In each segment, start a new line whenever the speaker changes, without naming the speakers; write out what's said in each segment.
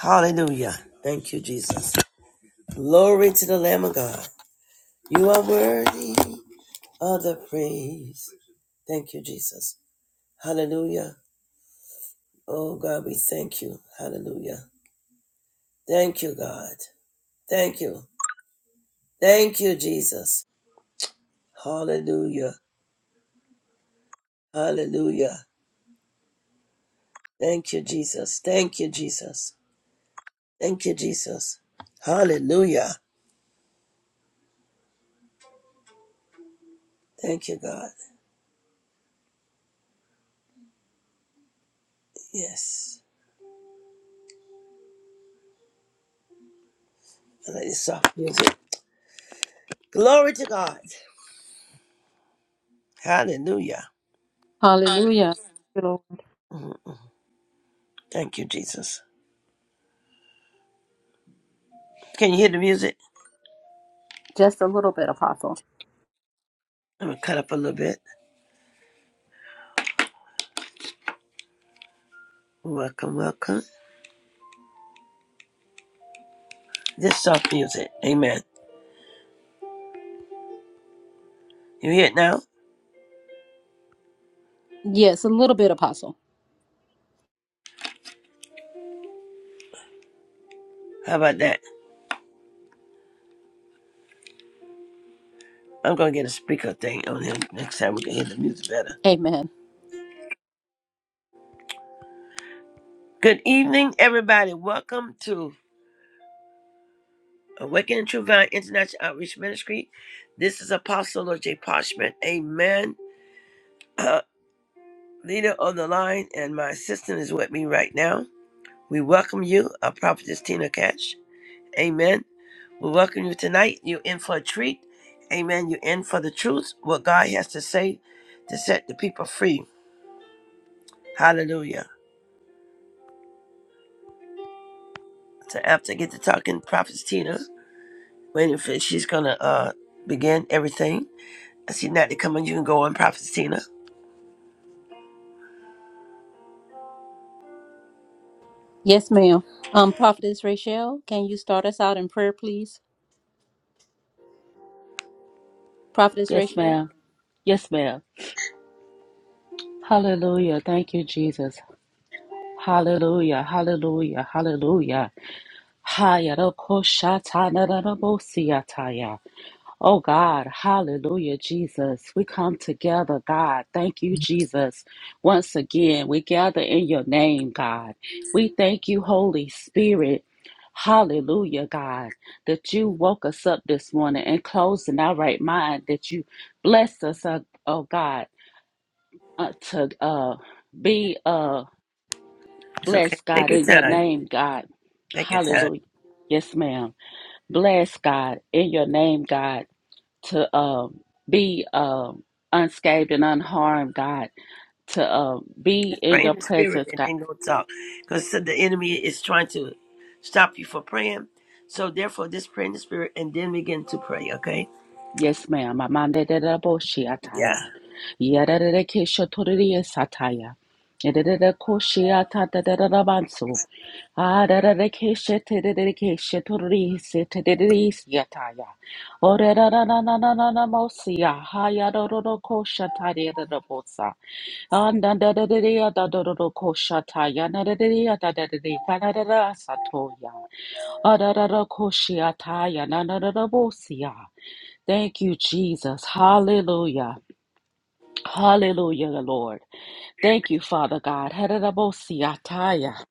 Hallelujah. Thank you, Jesus. Glory to the Lamb of God. You are worthy of the praise. Thank you, Jesus. Hallelujah. Oh, God, we thank you. Hallelujah. Thank you, God. Thank you. Thank you, Jesus. Hallelujah. Hallelujah. Thank you, Jesus. Thank you, Jesus. Thank you, Jesus. Hallelujah. Thank you, God. Yes. I like this soft music. Glory to God. Hallelujah.
Hallelujah. You know,
Mm. Thank you, Jesus. Can you hear the music?
Just a little bit, Apostle.
I'm gonna cut up a little bit. Welcome, welcome. This soft music. Amen. You hear it now?
Yes, a little bit, Apostle.
How about that? I'm gonna get a speaker thing on here next time we can hear the music better.
Amen.
Good evening, everybody. Welcome to Awakening True Vine International Outreach Ministry. This is Apostle Lord J. Parchment. Amen. Uh, leader on the line, and my assistant is with me right now. We welcome you, our prophetess Tina Cash. Amen. We welcome you tonight. You're in for a treat. Amen. You're in for the truth, what God has to say to set the people free. Hallelujah. So after I get to talking, Prophet Tina, waiting for she's gonna uh begin everything. I see Natalie coming, you can go on, Prophet Tina.
Yes, ma'am. Um, Prophetess Rachel, can you start us out in prayer, please? Prophetess
Yes,
Rachel?
ma'am. Yes, ma'am. Hallelujah. Thank you, Jesus. Hallelujah. Hallelujah. Hallelujah. Hayarokoshatanarabosiataya. Oh God, hallelujah, Jesus. We come together, God. Thank you, Jesus. Once again, we gather in your name, God. We thank you, Holy Spirit. Hallelujah, God, that you woke us up this morning and closed in our right mind, that you blessed us, oh oh God uh, to uh, be uh,
It's okay.
blessed, God,
Take your
in your
time.
name, God.
Take your time.
Hallelujah. Yes, ma'am. Bless God in your name, God, to um, be um, unscathed and unharmed, God, to um, be
Just
in
Pray
your
in the spirit
presence,
and
God.
then go talk. Because the enemy is trying to stop you from praying. So therefore just pray in the spirit and then begin to pray, okay?
Yes, ma'am. Amandedede boshi ataya.
Yeah.
Yadadede kesho toririye sataya. Yadadede koshi atadadada banso. Adadede keshe tedede keshe toririye se tedede yataya. Oredadadadadadada mosiya. Hayadododo kosha tadedede bosa. Andadadadede adadododo kosha taya. Nadadede adadede kanadada satoya. Adadada koshi ataya. Nadadada bosiya. Thank you, Jesus. Hallelujah. Hallelujah, Lord. Thank you, Father God. Hererabosiataya.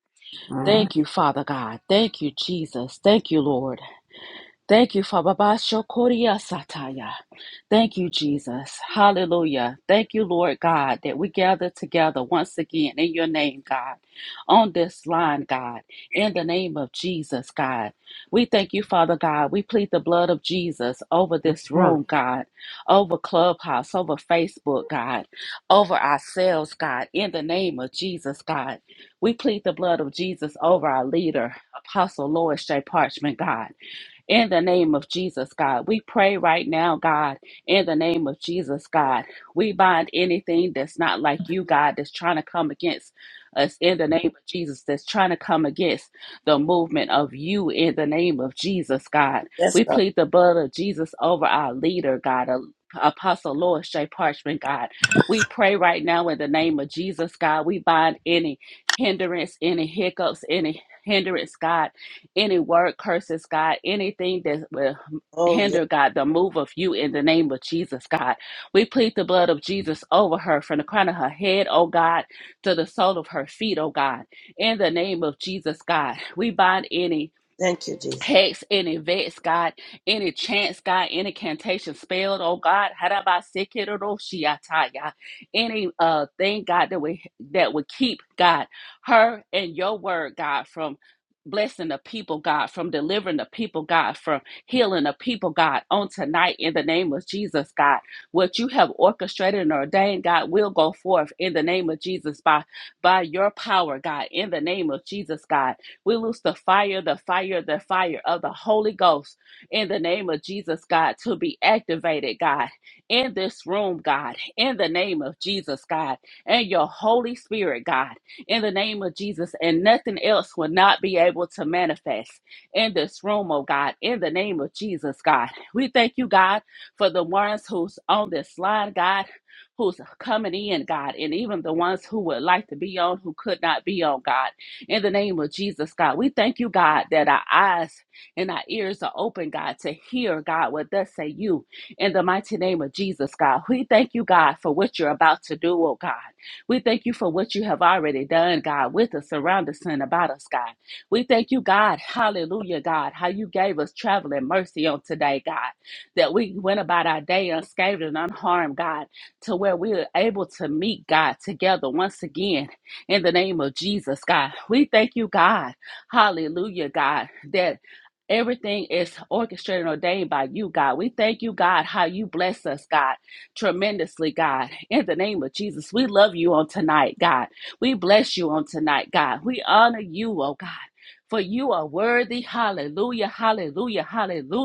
Mhm.
Thank you, Father God. Thank you, Jesus. Thank you, Lord. Thank you, Father. Basho koria Sataya. Thank you, Jesus. Hallelujah. Thank you, Lord God, that we gather together once again in your name, God, on this line, God, in the name of Jesus, God. We thank you, Father God. We plead the blood of Jesus over this room, God, over Clubhouse, over Facebook, God, over ourselves, God, in the name of Jesus, God. We plead the blood of Jesus over our leader, Apostle Lois J. Parchment, God. In the name of Jesus, God, we pray right now, God, in the name of Jesus, God, we bind anything that's not like you, God, that's trying to come against us in the name of Jesus, that's trying to come against the movement of you in the name of Jesus, God.
Let's
We
go.
plead the blood of Jesus over our leader, God. a Apostle Lord J. Parchman, God. We pray right now in the name of Jesus, God. We bind any hindrance, any hiccups, any hindrance, God any word curses, God, anything that will
Oh
hinder, God, the move of you in the name of Jesus, God. We plead the blood of Jesus over her from the crown of her head, oh God, to the sole of her feet, oh God. In the name of Jesus, God, we bind any
Thank you, Jesus.
hex, any vex, God, any chance, God, any cantation spelled, oh God, Harabasekeroshiataya. any uh thing, God, that we that would keep God, her and your word, God, from blessing the people, God, from delivering the people, God, from healing the people, God, on tonight in the name of Jesus, God. What you have orchestrated and ordained, God, will go forth in the name of Jesus by by your power, God, in the name of Jesus, God we lose the fire, the fire, the fire of the Holy Ghost in the name of Jesus, God, to be activated, God, in this room, God, in the name of Jesus, God, and your Holy Spirit, God, in the name of Jesus, and nothing else will not be able to manifest in this room, oh God, in the name of Jesus, God. We thank you, God, for the ones who's on this line, God, who's coming in, God, and even the ones who would like to be on who could not be on, God in the name of Jesus, God. We thank you, God, that our eyes and our ears are open, God, to hear, God, what thus say you in the mighty name of Jesus, God. We thank you, God, for what you're about to do, oh God. We thank you for what you have already done, God, with us, around us, and about us, God. We thank you, God, hallelujah, God, how you gave us traveling mercy on today, God, that we went about our day unscathed and unharmed, God, to where we are able to meet, God, together once again in the name of Jesus, God. We thank you, God. Hallelujah, God, that everything is orchestrated and ordained by you, God. We thank you, God, how you bless us, God, tremendously, God. In the name of Jesus, we love you on tonight, God. We bless you on tonight, God. We honor you, oh God. For you are worthy. Hallelujah. Hallelujah.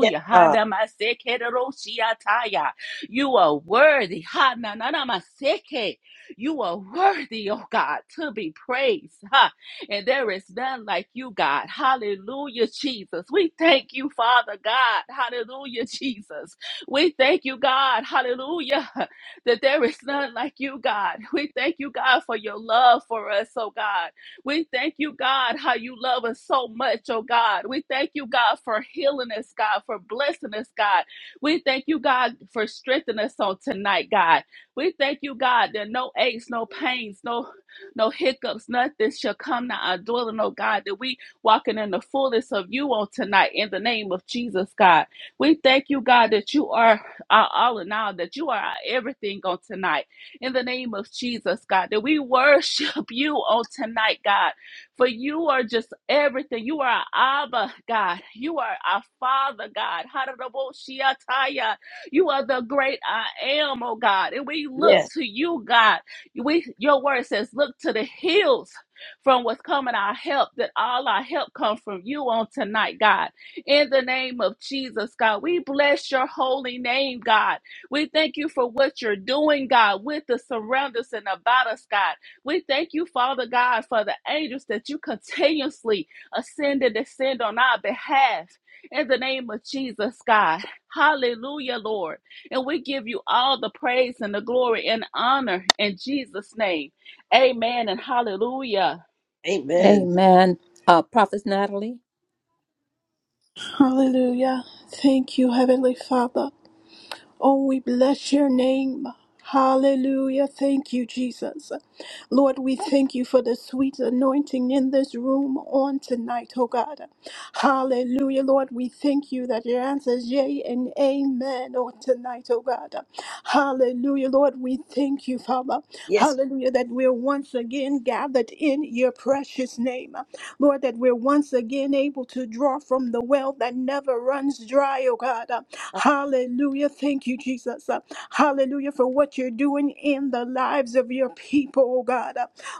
Yes, God.
Hadamasekeroshiataya. You are worthy. Hanananamaseke. You are worthy, oh God, to be praised. Huh? And there is none like you, God. Hallelujah, Jesus. We thank you, Father God. Hallelujah, Jesus. We thank you, God. Hallelujah. That there is none like you, God. We thank you, God, for your love for us, oh God. We thank you, God, how you love us so much, oh God. We thank you, God, for healing us, God, for blessing us, God. We thank you, God, for strengthening us on tonight, God. We thank you, God, that no aches, no pains, no no hiccups, nothing shall come to our dwelling, oh God, that we walking in the fullness of you on tonight in the name of Jesus, God. We thank you, God, that you are our all in all, that you are our everything on tonight in the name of Jesus, God, that we worship you on tonight, God, for you are just everything. You are our Abba, God. You are our Father, God. Hallelujah. You are the great I am, oh God. And we look
Yes.
to you, God. We your word says, look to the hills from what's coming our help, that all our help comes from you on tonight, God. In the name of Jesus, God, we bless your holy name, God. We thank you for what you're doing, God, with the surround us and about us, God. We thank you, Father God, for the angels that you continuously ascend and descend on our behalf. In the name of Jesus, God. Hallelujah, Lord. And we give you all the praise and the glory and honor in Jesus' name. Amen and hallelujah.
Amen.
Amen. Uh, Prophet Natalie.
Hallelujah. Thank you, Heavenly Father. Oh, we bless your name. Hallelujah. Thank you, Jesus. Lord, we thank you for the sweet anointing in this room on tonight, oh God. Hallelujah. Lord, we thank you that your answer is yea and amen on tonight, oh God. Hallelujah. Lord, we thank you, Father.
Yes.
Hallelujah, that we're once again gathered in your precious name. Lord, that we're once again able to draw from the well that never runs dry, oh God. Hallelujah. Thank you, Jesus. Hallelujah, for what you're doing in the lives of your people, oh God.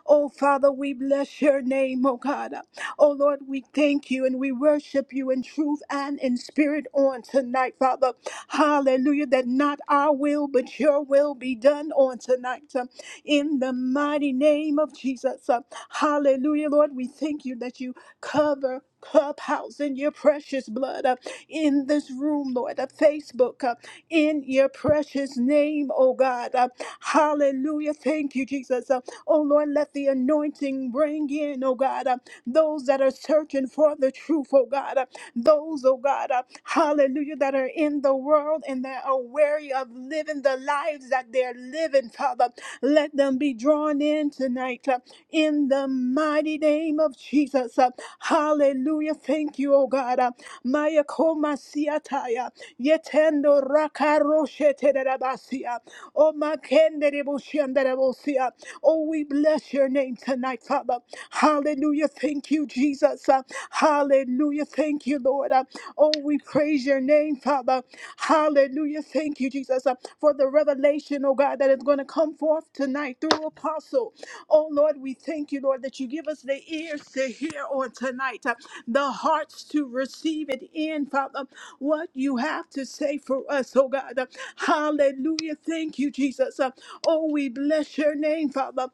Oh, Father, we bless your name, oh God. Oh Lord, we thank you and we worship you in truth and in spirit on tonight, Father. Hallelujah. That not our will, but your will be done on tonight. uh, In the mighty name of Jesus. Uh, Hallelujah, Lord. We thank you that you cover. Clubhouse in your precious blood, uh, in this room, Lord, uh, Facebook, uh, in your precious name, oh God. Uh, hallelujah. Thank you, Jesus. Uh, oh Lord, let the anointing bring in, oh God. uh, those that are searching for the truth, oh God, uh, those, oh God, uh, hallelujah, that are in the world and that are wary of living the lives that they're living, Father. Let them be drawn in tonight uh, in the mighty name of Jesus. uh, Hallelujah. Thank you, oh God. uh, Maya koma siataya, yetendo rakaroshe terebasia, o makende reboshianda rebosia. Oh, we bless your name tonight, Father. Hallelujah. Thank you, Jesus. Uh, Hallelujah. Thank you, Lord. Uh, Oh, we praise your name, Father. Hallelujah. Thank you, Jesus, uh, for the revelation, oh God, that is going to come forth tonight through Apostle. So, oh Lord, we thank you, Lord, that you give us the ears to hear on tonight, uh, the hearts to receive it in, Father, what you have to say for us, oh God. Uh, Hallelujah. Thank you, Jesus. Uh, Oh, we bless your name, Father.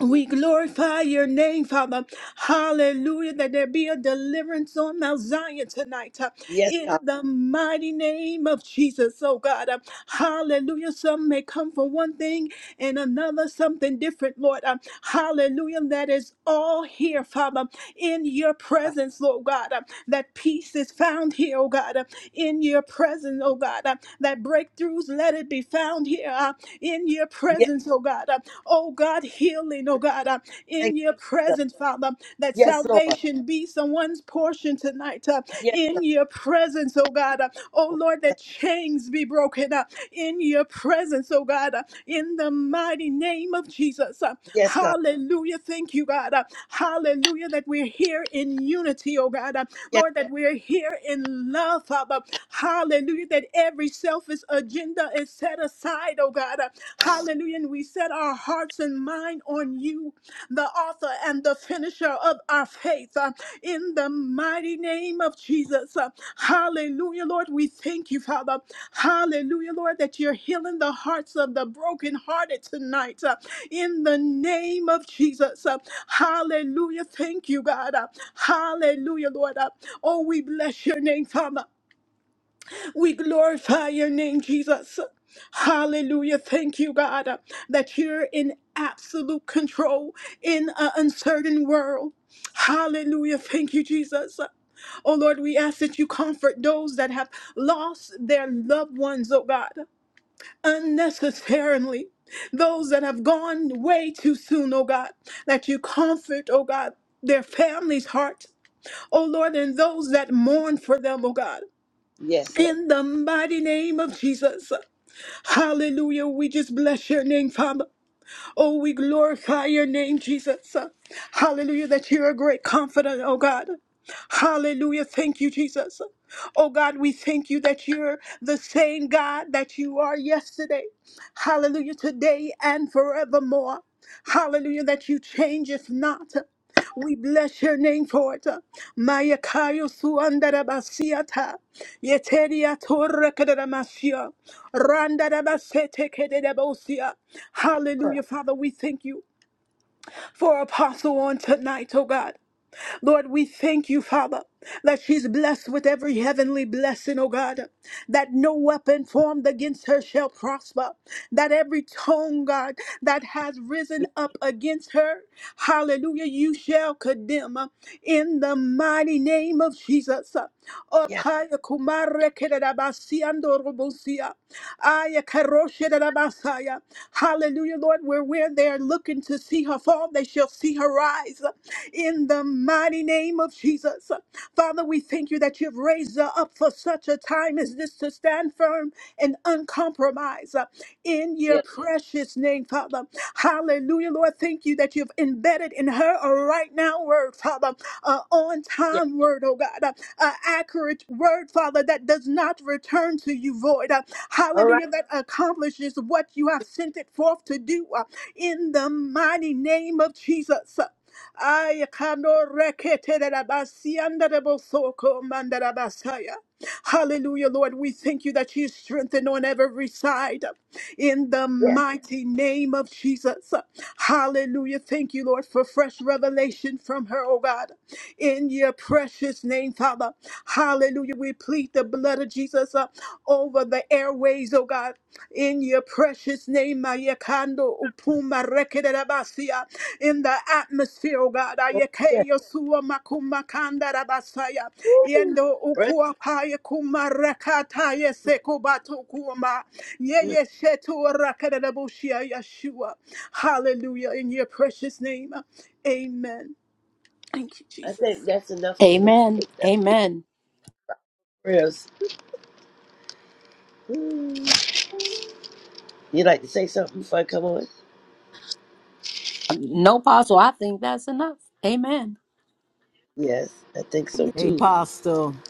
We glorify your name, Father. Hallelujah. That there be a deliverance on Mount Zion tonight. uh,
Yes,
In
God.
the mighty name of Jesus, oh God. Uh, Hallelujah. Some may come for one thing and another something different, Lord. Um, hallelujah. That is all here, Father, in your presence, Lord God. Um, that peace is found here, oh God, um, in your presence, oh God. Um, that breakthroughs, let it be found here uh, in your
Yes.
presence, oh God. Um, oh God, healing, oh God, um,
Thank
in your
you, sir.
presence, Father. That
Yes, Lord.
salvation be someone's portion tonight. uh,
Yes.
in your presence, oh God. Uh, Oh Lord,
Yes.
that chains be broken up in your presence, oh God, uh, in the mighty name of Jesus. Uh,
Yes, God.
Hallelujah. Thank you, God. Uh, Hallelujah, that we're here in unity, oh God. Uh,
Yes.
Lord, that we're here in love, Father. Hallelujah, that every selfish agenda is set aside, oh God. Uh, Hallelujah. And we set our hearts hearts and mind on you, the author and the finisher of our faith, uh, in the mighty name of Jesus. Uh, Hallelujah, Lord. We thank you, Father. Hallelujah, Lord, that you're healing the hearts of the brokenhearted tonight. uh, in the name of Jesus. Uh, Hallelujah. Thank you, God. Uh, Hallelujah, Lord. Uh, Oh, we bless your name, Father. We glorify your name, Jesus. Hallelujah. Thank you, God, uh, that you're in absolute control in an uncertain world. Hallelujah. Thank you, Jesus. Oh Lord, we ask that you comfort those that have lost their loved ones, oh God, unnecessarily. Those that have gone way too soon, oh God, that you comfort, oh God, their families' hearts, oh Lord, and those that mourn for them, oh God.
Yes.
In the mighty name of Jesus. Hallelujah. We just bless your name, Father. Oh, we glorify your name, Jesus. Hallelujah. That you're a great confidant, oh God. Hallelujah. Thank you, Jesus. Oh God, we thank you that you're the same God that you are yesterday. Hallelujah. Today and forevermore. Hallelujah. That you changeth not. We bless your name for it. Maya kayo suandara basiata. Yeteria torre kedamasia. Randara basete kededabosia.
Sure.
Hallelujah, Father. We thank you for Apostle on tonight, oh God. Lord, we thank you, Father, that she's blessed with every heavenly blessing, oh God, that no weapon formed against her shall prosper, that every tongue, God, that has risen
Yes.
up against her, hallelujah, you shall condemn uh, in the mighty name of Jesus. Uh,
Yes.
Opaya kumare kedadabasi andorobosia. Aya karoshe dadabasaya. Hallelujah, Lord, where, where they're looking to see her fall, they shall see her rise in the mighty name of Jesus. Father, we thank you that you've raised us up for such a time as this to stand firm and uncompromised uh, in your
Yes.
precious name, Father. Hallelujah, Lord. Thank you that you've embedded in her a right now word, Father, a on
Yes.
time word, oh God, uh, a accurate word, Father, that does not return to you void. uh,
All right.
Hallelujah, that accomplishes what you have sent it forth to do uh, in the mighty name of Jesus. Ay, kano rekete de la basianda de bosoko mandara basaya. Hallelujah, Lord. We thank you that you strengthen on every side in the
Yes.
mighty name of Jesus. Hallelujah. Thank you, Lord, for fresh revelation from her, oh God, in your precious name, Father. Hallelujah. We plead the blood of Jesus uh, over the airways, oh God, in your precious name. Mayekando Marekederabasia, in the atmosphere, oh God.
Lord. Yes.
Ayeke Yosua Makuma Kandarabasaya.
Woo.
Yendo
Right.
Ukua Paya Kuma Rekata Yesekubatu Kuma.
Mm.
Yeye Shetu Rakadabushia Yeshua. Hallelujah. In your precious name. Amen. Thank you,
I think
Jesus.
that's enough, Tina.
Amen.
That's
Amen.
prayers. Mm. You like to say something before I come on?
Um, No, Apostle, I think that's enough. Amen.
Yes, I think so too.
Apostle.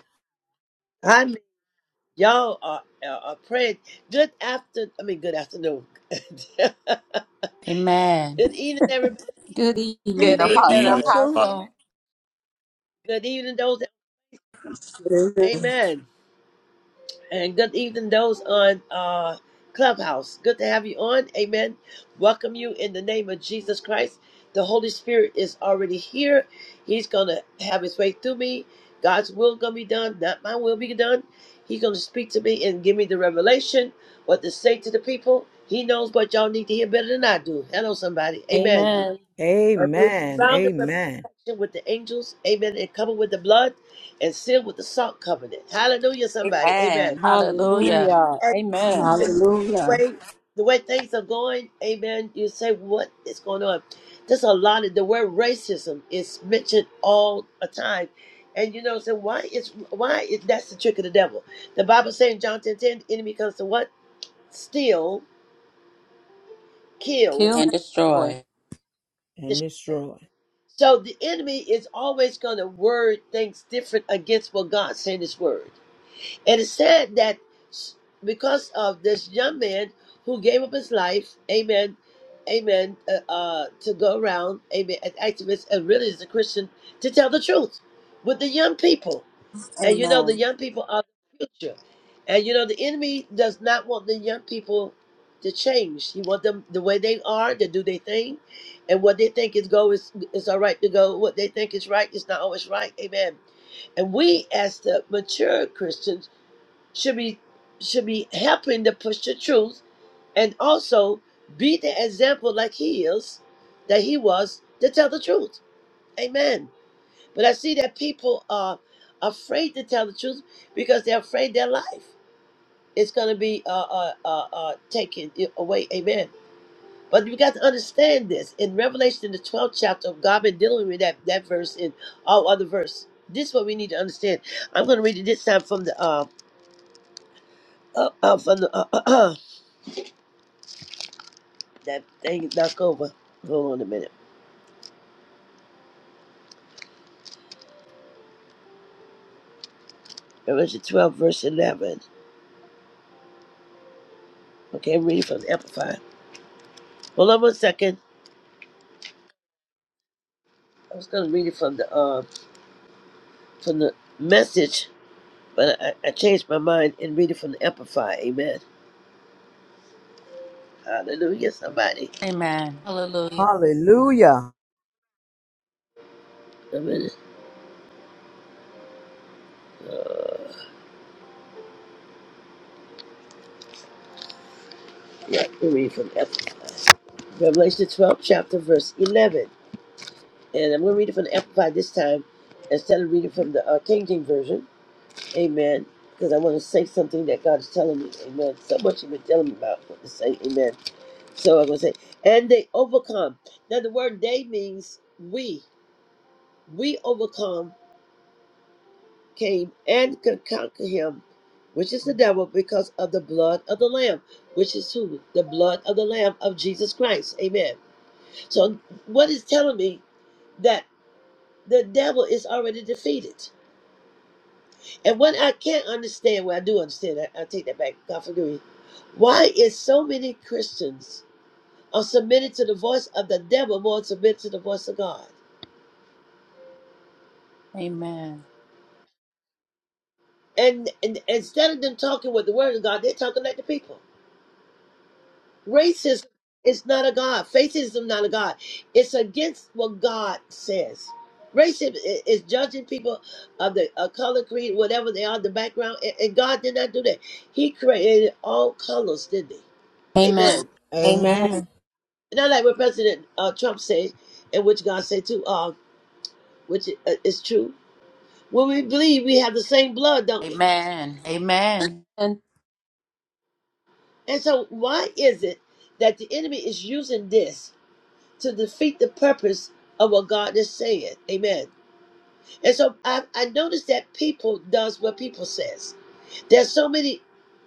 Y'all are, are, are praying. Good after, I mean, good afternoon. good evening, everybody.
Good evening,
Good
Good
Amen,
evening,
evening,
Apostle.
Apostle.
Apostle.
Apostle.
Good evening, those. Amen. And good evening, those on uh, Clubhouse. Good to have you on. Amen. Welcome you in the name of Jesus Christ. The Holy Spirit is already here. He's going to have his way through me. God's will going to be done, not my will be done. He's going to speak to me and give me the revelation, what to say to the people. He knows what y'all need to hear better than I do. Hello, somebody. Amen.
Amen.
And we're
Amen.
surrounded with
Amen.
protection with the angels. Amen. And covered with the blood and sealed with the salt covenant. Hallelujah, somebody. Amen
Amen.
Hallelujah.
Hallelujah.
Hallelujah. Amen.
the
Amen.
Hallelujah.
way the way things are going, amen, you say what is going on. There's a lot of the word racism is mentioned all the time. And you know, so why is why is that's the trick of the devil. The Bible saying in John 10 10, the enemy comes to what? Steal, kill,
Kill
And
and destroy.
destroy.
And
destroy.
destroy.
So the enemy is always gonna word things different against what God said in his word. And it said that because of this young man who gave up his life, amen, amen, uh, uh, to go around, amen, as activist and really as a Christian to tell the truth with the young people. And you know, the
Amen.
young people are the future. And you know, the enemy does not want the young people to change. He wants them the way they are to do their thing. And what they think is go is, is all right to go. What they think is right is not always right. Amen. And we, as the mature Christians, should be should be helping to push the truth and also be the example like he is that he was to tell the truth amen but i see that people are afraid to tell the truth because they're afraid their life is going to be uh, uh, uh, uh, taken away amen but you got to understand this in revelation the 12th chapter god been dealing with that, that verse and all other verse this is what we need to understand i'm going to read it this time from the uh, uh, uh, from the uh, that thing knock over. Hold on a minute. Revelation 12, verse 11. Okay, I'm reading from the Amplified. Hold on one second. I was going to read it from the uh, from the message, but I, I changed my mind and read it from the Amplified. Amen. Hallelujah, somebody.
Amen. Hallelujah.
Hallelujah.
A minute. Uh, yeah, we read reading from the Amplified. Revelation 12, chapter, verse 11. And I'm going to read it from the Amplified this time instead of reading from the uh, King James Version. Amen. Because I want to say something that God is telling me. Amen. So much you've been telling me about what to say. Amen. So I'm gonna say, and they overcome. Now the word they means we. We overcome, came and could conquer him, which is the devil, because of the blood of the Lamb, which is who? The blood of the Lamb of Jesus Christ. Amen. So what is telling me that the devil is already defeated. And what I can't understand, well, I do understand, I, I take that back, God forgive me. Why is so many Christians are submitted to the voice of the devil more than submitted to the voice of God?
Amen.
And, and instead of them talking with the word of God, they're talking like the people. Racism is not a God. Faithism not a God. It's against what God says. Racism i- is judging people of the uh, color, creed, whatever they are, the background. And, and God did not do that. He created all colors, didn't he?
Amen.
Amen.
Amen.
Amen.
And I like what President uh, Trump said, and which God said too, uh, which i- uh, is true. When we believe, we have the same blood, don't we?
Amen. Amen.
And
And so, why is it that the enemy is using this to defeat the purpose of what God is saying? Amen. And so, I, I noticed that people does what people says. There's so many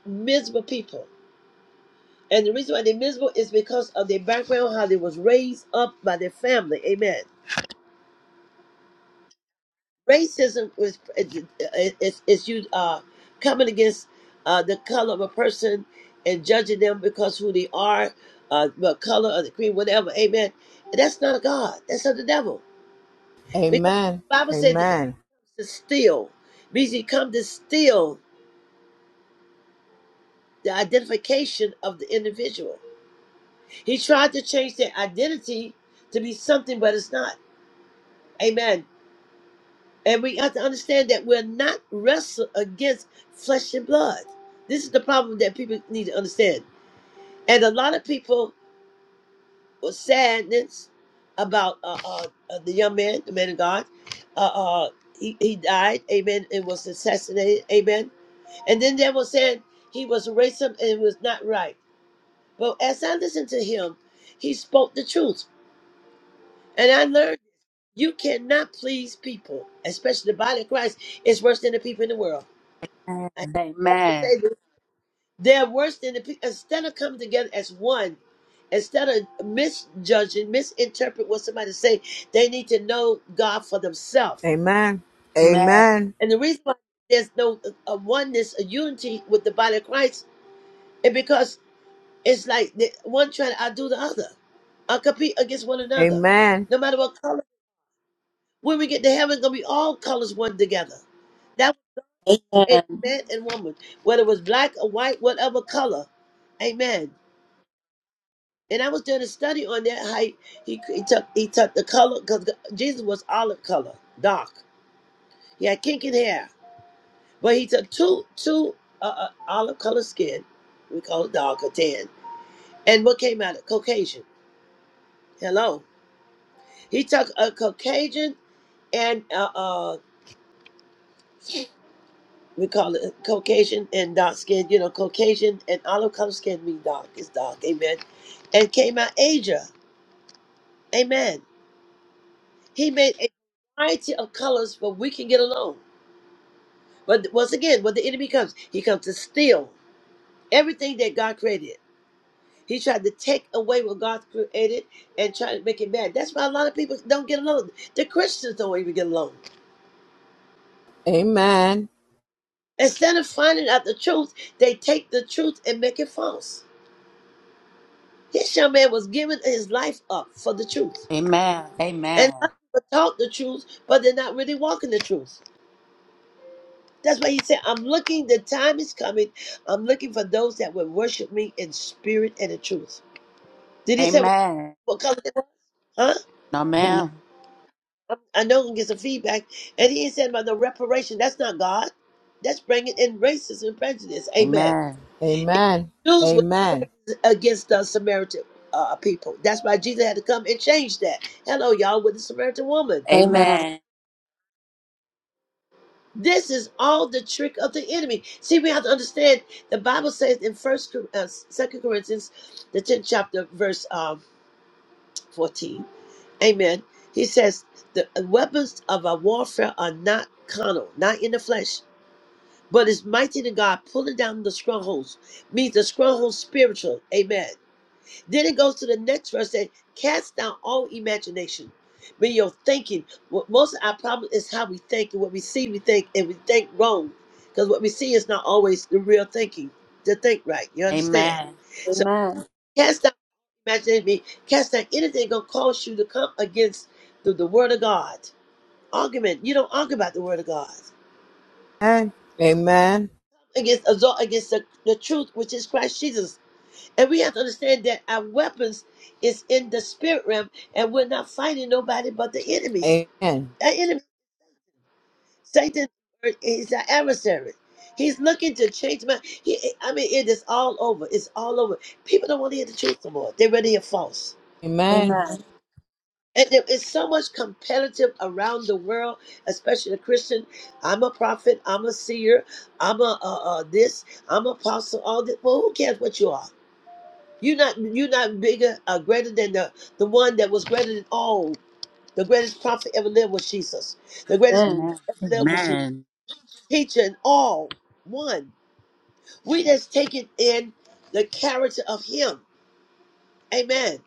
miserable people, and the reason why they're miserable is because of their background, how they was raised up by their family. Amen. racism was is is you uh, coming against uh, the color of a person and judging them because who they are, uh, the color or the creed, whatever. Amen. That's not of God. That's of the devil. Because
Amen.
the Bible said the enemy
Amen.
comes to steal means he come to steal the identification of the individual. He tried to change their identity to be something, but it's not. Amen. And we have to understand that we're not wrestle against flesh and blood. This is the problem that people need to understand. And a lot of people were sadness about uh, uh, uh, the young man, the man of God. Uh, uh, he, he died, amen, and was assassinated, amen. And then they were saying he was a racist and it was not right. But as I listened to him, he spoke the truth. And I learned you cannot please people, especially the body of Christ. It's worse than the people in the world.
Amen.
say They're worse than the people. Instead of coming together as one, instead of misjudging, misinterpret what somebody say, they need to know God for themselves.
Amen.
Amen.
Amen.
And the reason why there's no a oneness, a unity with the body of Christ, is because it's like the, one trying to outdo the other, or compete against one another,
Amen.
no matter what color. When we get to heaven, it's gonna be all colors one together. That was
amen.
a man and woman, whether it was black or white, whatever color. Amen. And I was doing a study on that height. He he he took he took the color because Jesus was olive color, dark. He had kinky hair, but he took two two uh, uh, olive color skin. We call it dark or tan. And what came out of it? Caucasian. Hello. He took a Caucasian and uh, uh we call it Caucasian and dark skin. You know, Caucasian and olive color skin mean dark. It's dark. Amen. And came out Asia. Amen. He made a variety of colors, but we can get along. But once again, when the enemy comes, he comes to steal everything that God created. He tried to take away what God created and try to make it bad. That's why a lot of people don't get along. The Christians don't even get along.
Amen.
Instead of finding out the truth, they take the truth and make it false. This young man was giving his life up for the truth.
Amen.
And a
Amen.
lot of people talk the truth, but they're not really walking the truth. That's why he said, I'm looking, the time is coming. I'm looking for those that will worship me in spirit and in truth. Did he say,
Amen.
Huh?
Amen.
amen.
Amen.
I know I'm gonna get some feedback. And he ain't said about no reparation. That's not God. That's bringing in racism and prejudice. Amen.
Amen.
Even
Amen.
Jews was
Amen.
against the Samaritan uh, people. That's why Jesus had to come and change that. Hello, y'all, with the Samaritan woman.
Amen.
This is all the trick of the enemy. See, we have to understand. The Bible says in First, Cor- uh, Second Corinthians, the tenth chapter, verse um, fourteen. Amen. He says the uh, weapons of our warfare are not carnal, not in the flesh But it's mighty to God, pulling down the strongholds, means the strongholds spiritual. Amen. Then it goes to the next verse that cast down all imagination. When you're thinking, what most of our problem is how we think and what we see, we think, and we think wrong. Because what we see is not always the real thinking to think right. You
Amen.
understand?
Amen.
So
Amen.
cast down imagination, mean cast down anything gonna cause you to come against the, the word of God. Argument. You don't argue about the word of God
Amen. Amen.
against against the, the truth, which is Christ Jesus. And we have to understand that our weapons is in the spirit realm, and we're not fighting nobody but the enemies.
Amen.
Our enemy, Satan, is our adversary. He's looking to change my. He, I mean, it is all over. It's all over. People don't want to hear the truth anymore. They rather hear false.
Amen.
Amen.
And there is so much competitive around the world, especially the Christian. I'm a prophet. I'm a seer. I'm a uh, uh, this. I'm an apostle. All this. Well, who cares what you are? You're not you're not bigger or greater than the, the one that was greater than all. The greatest prophet ever lived was Jesus. The greatest
Amen.
prophet ever lived was Jesus.
Amen.
Teacher and all one. We just taking in the character of him. Amen.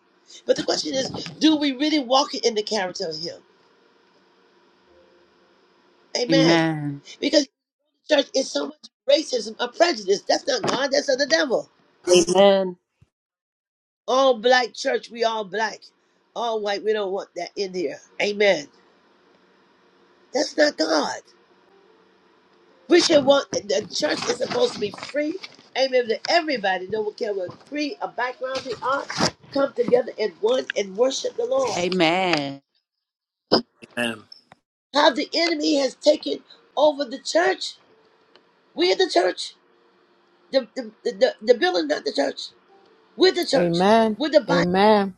But the question is, do we really walk in the character of him? Amen. Because church is so much racism or prejudice. That's not God, that's of the devil.
Amen.
All black church, we all black. All white, we don't want that in here. Amen. That's not God. We should want the church is supposed to be free. Amen. That everybody, no one care what free a background they are, come together in one and worship the Lord.
Amen.
Amen.
How the enemy has taken over the church. We're the church. The the, the, the, the building, not the church. We're the
Amen. Amen.
church.
Amen.
We're the body.
Amen.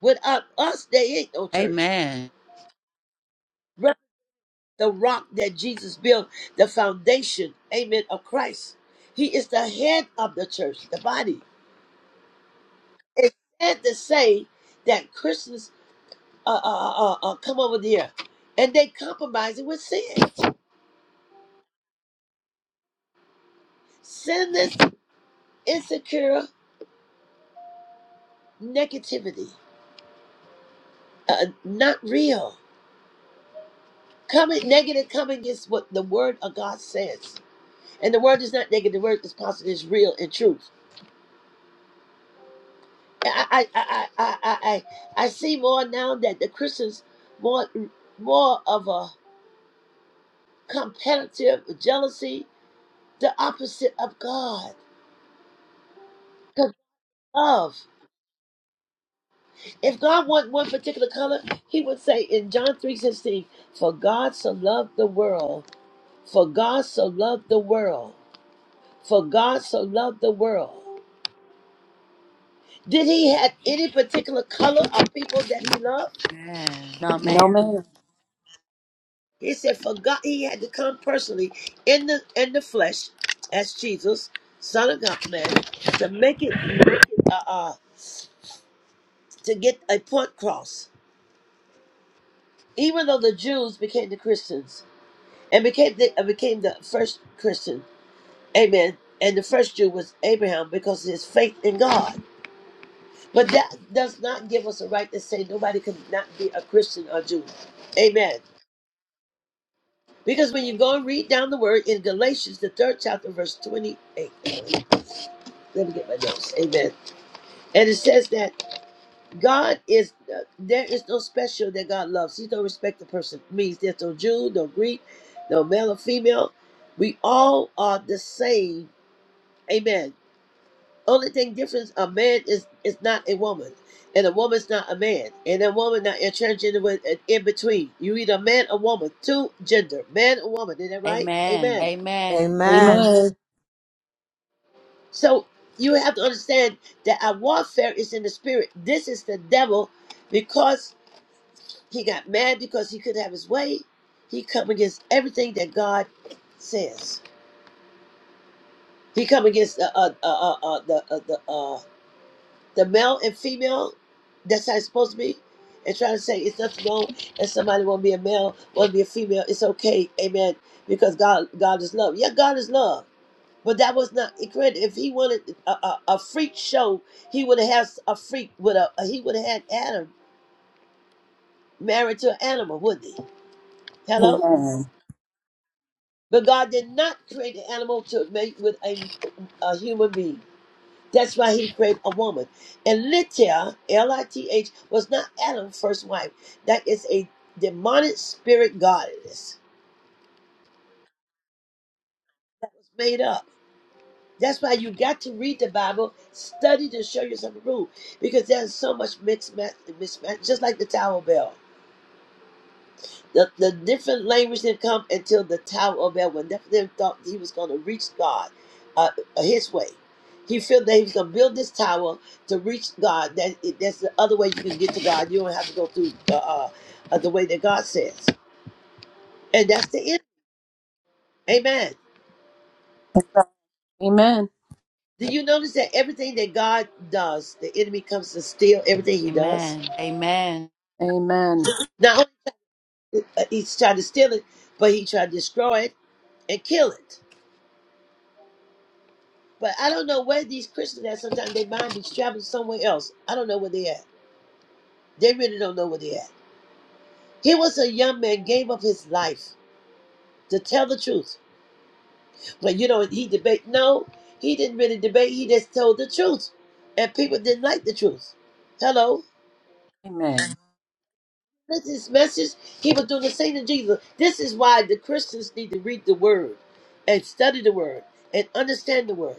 Without us, there ain't no church.
Amen.
Right? The rock that Jesus built, the foundation, amen, of Christ. He is the head of the church, the body. It's sad to say that Christians uh, uh, uh, uh, uh, come over here. And they compromise it with sin. Sinless, insecure negativity. Uh, not real. Coming negative coming against what the word of God says. And the word is not negative, the word is positive, it's real and truth. I I I I I I, I see more now that the Christians more more of a competitive jealousy, the opposite of God. 'Cause love. If God want one particular color, he would say in John 3 16, For God so loved the world, for God so loved the world, for God so loved the world. Did he have any particular color of people that he loved?
Amen.
No
Amen.
man.
He said for God he had to come personally in the in the flesh as Jesus, Son of God man, to make it uh, uh to get a point cross. Even though the Jews became the Christians and became the uh, became the first Christian Amen. And the first Jew was Abraham because of his faith in God. But that does not give us a right to say nobody can not be a Christian or Jew. Amen. Because when you go and read down the word in Galatians, the third chapter, verse 28. Let me get my notes. Amen. And it says that God is, uh, there is no special that God loves. He don't respect the person. means there's no Jew, no Greek, no male or female. We all are the same. Amen Only thing difference a man is is not a woman, and a woman's not a man, and a woman not a transgender with an in between. You either man or woman, two gender, man or woman. Is that right?
Amen.
Amen.
Amen. Amen. Amen.
Amen.
Amen.
So you have to understand that our warfare is in the spirit. This is the devil, because he got mad because he could have his way. He come against everything that God says. He come against the uh, uh, uh, uh, the uh, the uh, the male and female, that's how it's supposed to be. And trying to say it's nothing wrong if somebody want to be a male, want to be a female, it's okay, amen. Because God, God is love. Yeah, God is love. But that was not incredible. If he wanted a, a, a freak show, he would have had a freak with a. He would have had Adam married to an animal, wouldn't he? Hello.
Amen.
But God did not create an animal to mate with a, a human being. That's why he created a woman. And Lithia, L I T H, was not Adam's first wife. That is a demonic spirit goddess. It was made up. That's why you got to read the Bible, study to show yourself approved, because there's so much mixed match, mismatch, just like the Tower Bell. The, the different language didn't come until the Tower of Babel. Never them thought he was going to reach God uh, his way. He felt that he was going to build this tower to reach God. That That's the other way you can get to God. You don't have to go through uh, uh, uh, the way that God says. And that's the end. Amen.
Amen.
Do you notice that everything that God does, the enemy comes to steal everything he does?
Amen.
Amen.
Not only uh, he's trying to steal it, but he tried to destroy it and kill it. But I don't know where these Christians at. Sometimes they mind be traveling somewhere else. I don't know where they at. They really don't know where they at. He was a young man, gave up his life to tell the truth. But you know, he debate. No, he didn't really debate. He just told the truth, and people didn't like the truth. Hello,
Amen.
this is message. He was doing the same to Jesus. This is why the Christians need to read the Word, and study the Word, and understand the Word.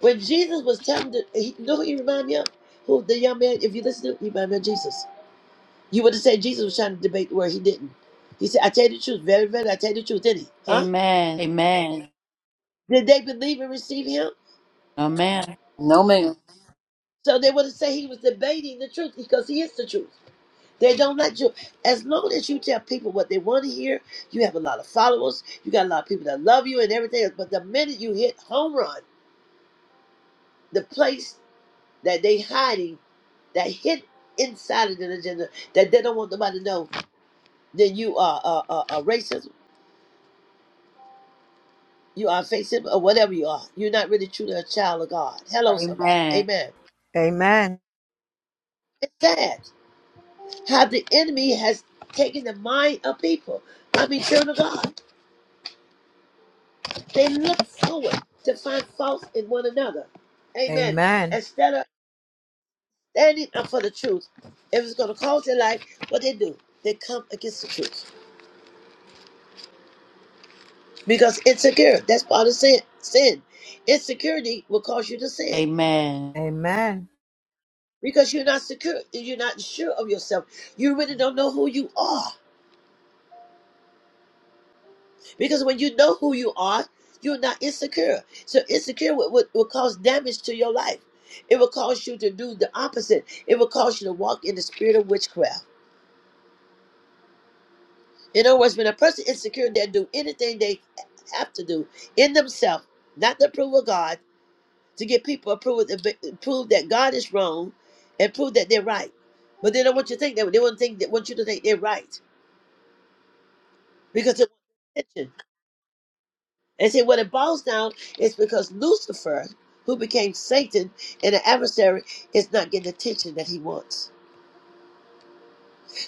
When Jesus was telling, the, he, you know who he reminded me of? Who the young man? If you listen to, him, he reminded me of Jesus. You would have said Jesus was trying to debate the word. He didn't. He said, I tell you the truth, very, very, I tell you the truth, didn't he? Huh?
Amen.
Did they believe and receive him?
Amen. Amen. Amen. No, ma'am.
No man.
So they would have said he was debating the truth because he is the truth. They don't let you, as long as you tell people what they want to hear, you have a lot of followers, you got a lot of people that love you and everything else. But the minute you hit home run, the place that they hiding, that hid inside of the agenda, that they don't want nobody to know, then you are a uh, uh, uh, racist, you are facing or whatever you are, you're not really truly a child of God. Hello, somebody.
Amen.
Amen. It's sad how the enemy has taken the mind of people. I mean, children of God. They look forward to find faults in one another. Amen.
Amen.
Instead of standing up for the truth, if it's going to cost their life, what they do, they come against the truth. Because insecure, that's part of sin. sin. Insecurity will cause you to sin.
Amen.
Because you're not secure, you're not sure of yourself. You really don't know who you are. Because when you know who you are, you're not insecure. So insecure would, would, would cause damage to your life. It will cause you to do the opposite. It will cause you to walk in the spirit of witchcraft. In other words, when a person is insecure, they'll do anything they have to do in themselves, not to approve of God, to get people approval, to prove that God is wrong and prove that they're right. But they don't want you to think that. They want to think that want you to think they're right because they want attention. And see, what it boils down is because Lucifer, who became Satan and an adversary, is not getting the attention that he wants.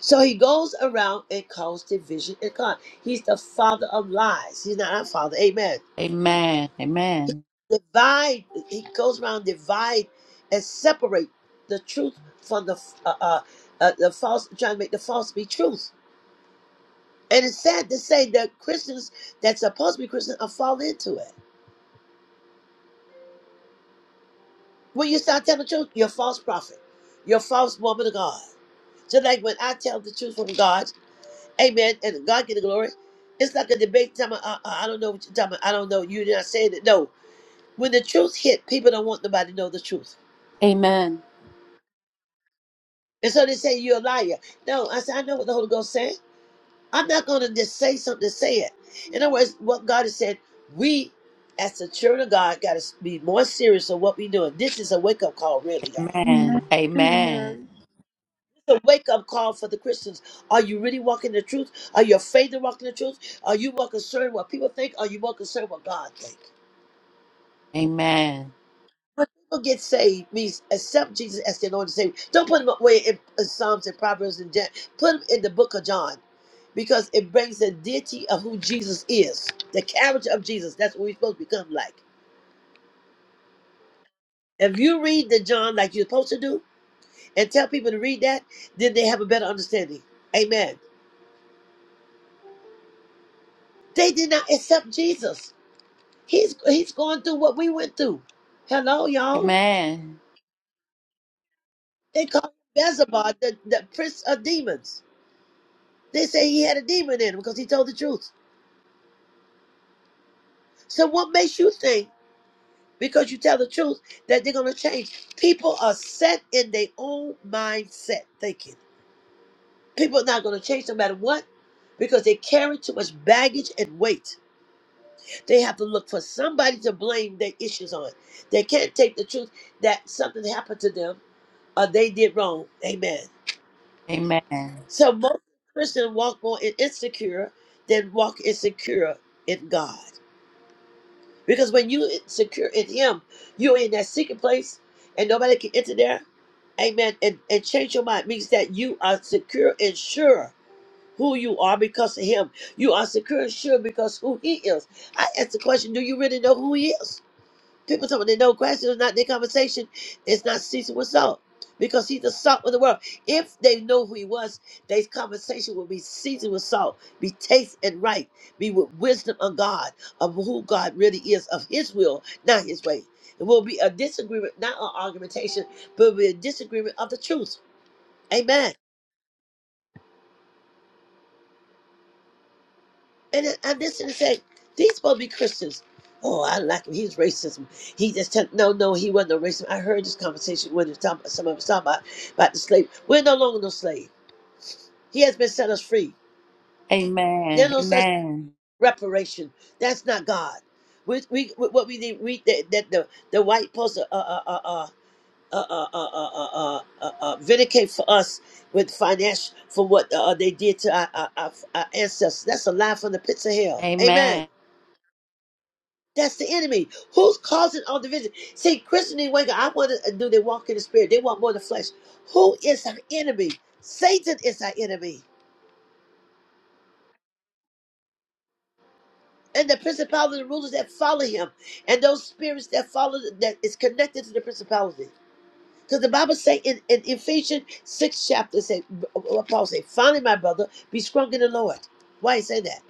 So he goes around and calls division and God. He's the father of lies. He's not our father. Amen.
Amen. Amen.
Divide. He goes around divide and separate the truth from the uh, uh, uh, the false. Trying to make the false be truth. And it's sad to say that Christians that's supposed to be Christian are falling into it. When you start telling the truth, you're a false prophet. You're a false woman of God. Just like when I tell the truth from God, amen, and God get the glory, it's like a debate. Tell me, uh, uh, I don't know what you're talking about. I don't know. You're not saying it. No. When the truth hit, people don't want nobody to know the truth.
Amen.
And so they say, you're a liar. No, I said, I know what the Holy Ghost said. I'm not going to just say something to say it. In other words, what God has said, we, as the children of God, got to be more serious of what we're doing. This is a wake-up call, really, y'all.
Amen. Amen.
wake up call for the Christians. Are you really walking the truth? Are your faith in walking the truth? Are you more concerned what people think? Are you more concerned what God thinks?
Amen.
People get saved means accept Jesus as their Lord and Savior. Don't put them away in, in Psalms and Proverbs and Jan- put them in the book of John because it brings the deity of who Jesus is, the character of Jesus. That's what we're supposed to become like. If you read the John like you're supposed to do and tell people to read that, then they have a better understanding. Amen. They did not accept Jesus. He's he's going through what we went through. Hello,
Amen.
y'all.
Amen.
They call him Beelzebub, the, the prince of demons. They say he had a demon in him because he told the truth. So what makes you think because you tell the truth that they're gonna change? People are set in their own mindset thinking. People are not gonna change no matter what because they carry too much baggage and weight. They have to look for somebody to blame their issues on. They can't take the truth that something happened to them or they did wrong. Amen.
Amen. Amen.
So most Christians walk more in insecure than walk insecure in God. Because when you secure in Him, you're in that secret place and nobody can enter there. Amen. And, and change your mind means that you are secure and sure who you are because of Him. You are secure and sure because who He is. I asked the question, do you really know who He is? People talking they no questions, not their conversation It's not ceasing with salt. Because he's the salt of the world. If they know who he was, their conversation will be seasoned with salt, be taste and right, be with wisdom of God, of who God really is, of his will, not his way. It will be a disagreement, not an argumentation, but it will be a disagreement of the truth. Amen. And I- I'm listening to say, these supposed to be Christians. Oh, I like him. He's racism. He just tell no, no, he wasn't no racism. I heard this conversation when he was talking, some of us talking about, about the slave. We're no longer no slave. He has been set us free. There's no such
Amen. Amen.
reparation. That's not God. We, we, we- what we need, we, that, that the, the white folks uh, uh, uh, uh, uh, uh, uh, uh, uh, uh, uh, uh, vindicate for us with financial for what uh, they did to our, our, our our ancestors. That's a lie from the pits of hell. Amen.
Amen.
That's the enemy. Who's causing all division? See, Christian didn't wake up. I want to do they walk in the spirit. They want more of the flesh. Who is our enemy? Satan is our enemy. And the principalities and rulers that follow him. And those spirits that follow that is connected to the principality. Because the Bible say in, in Ephesians 6 chapter say what Paul say, finally my brother, be strong in the Lord. Why he say that?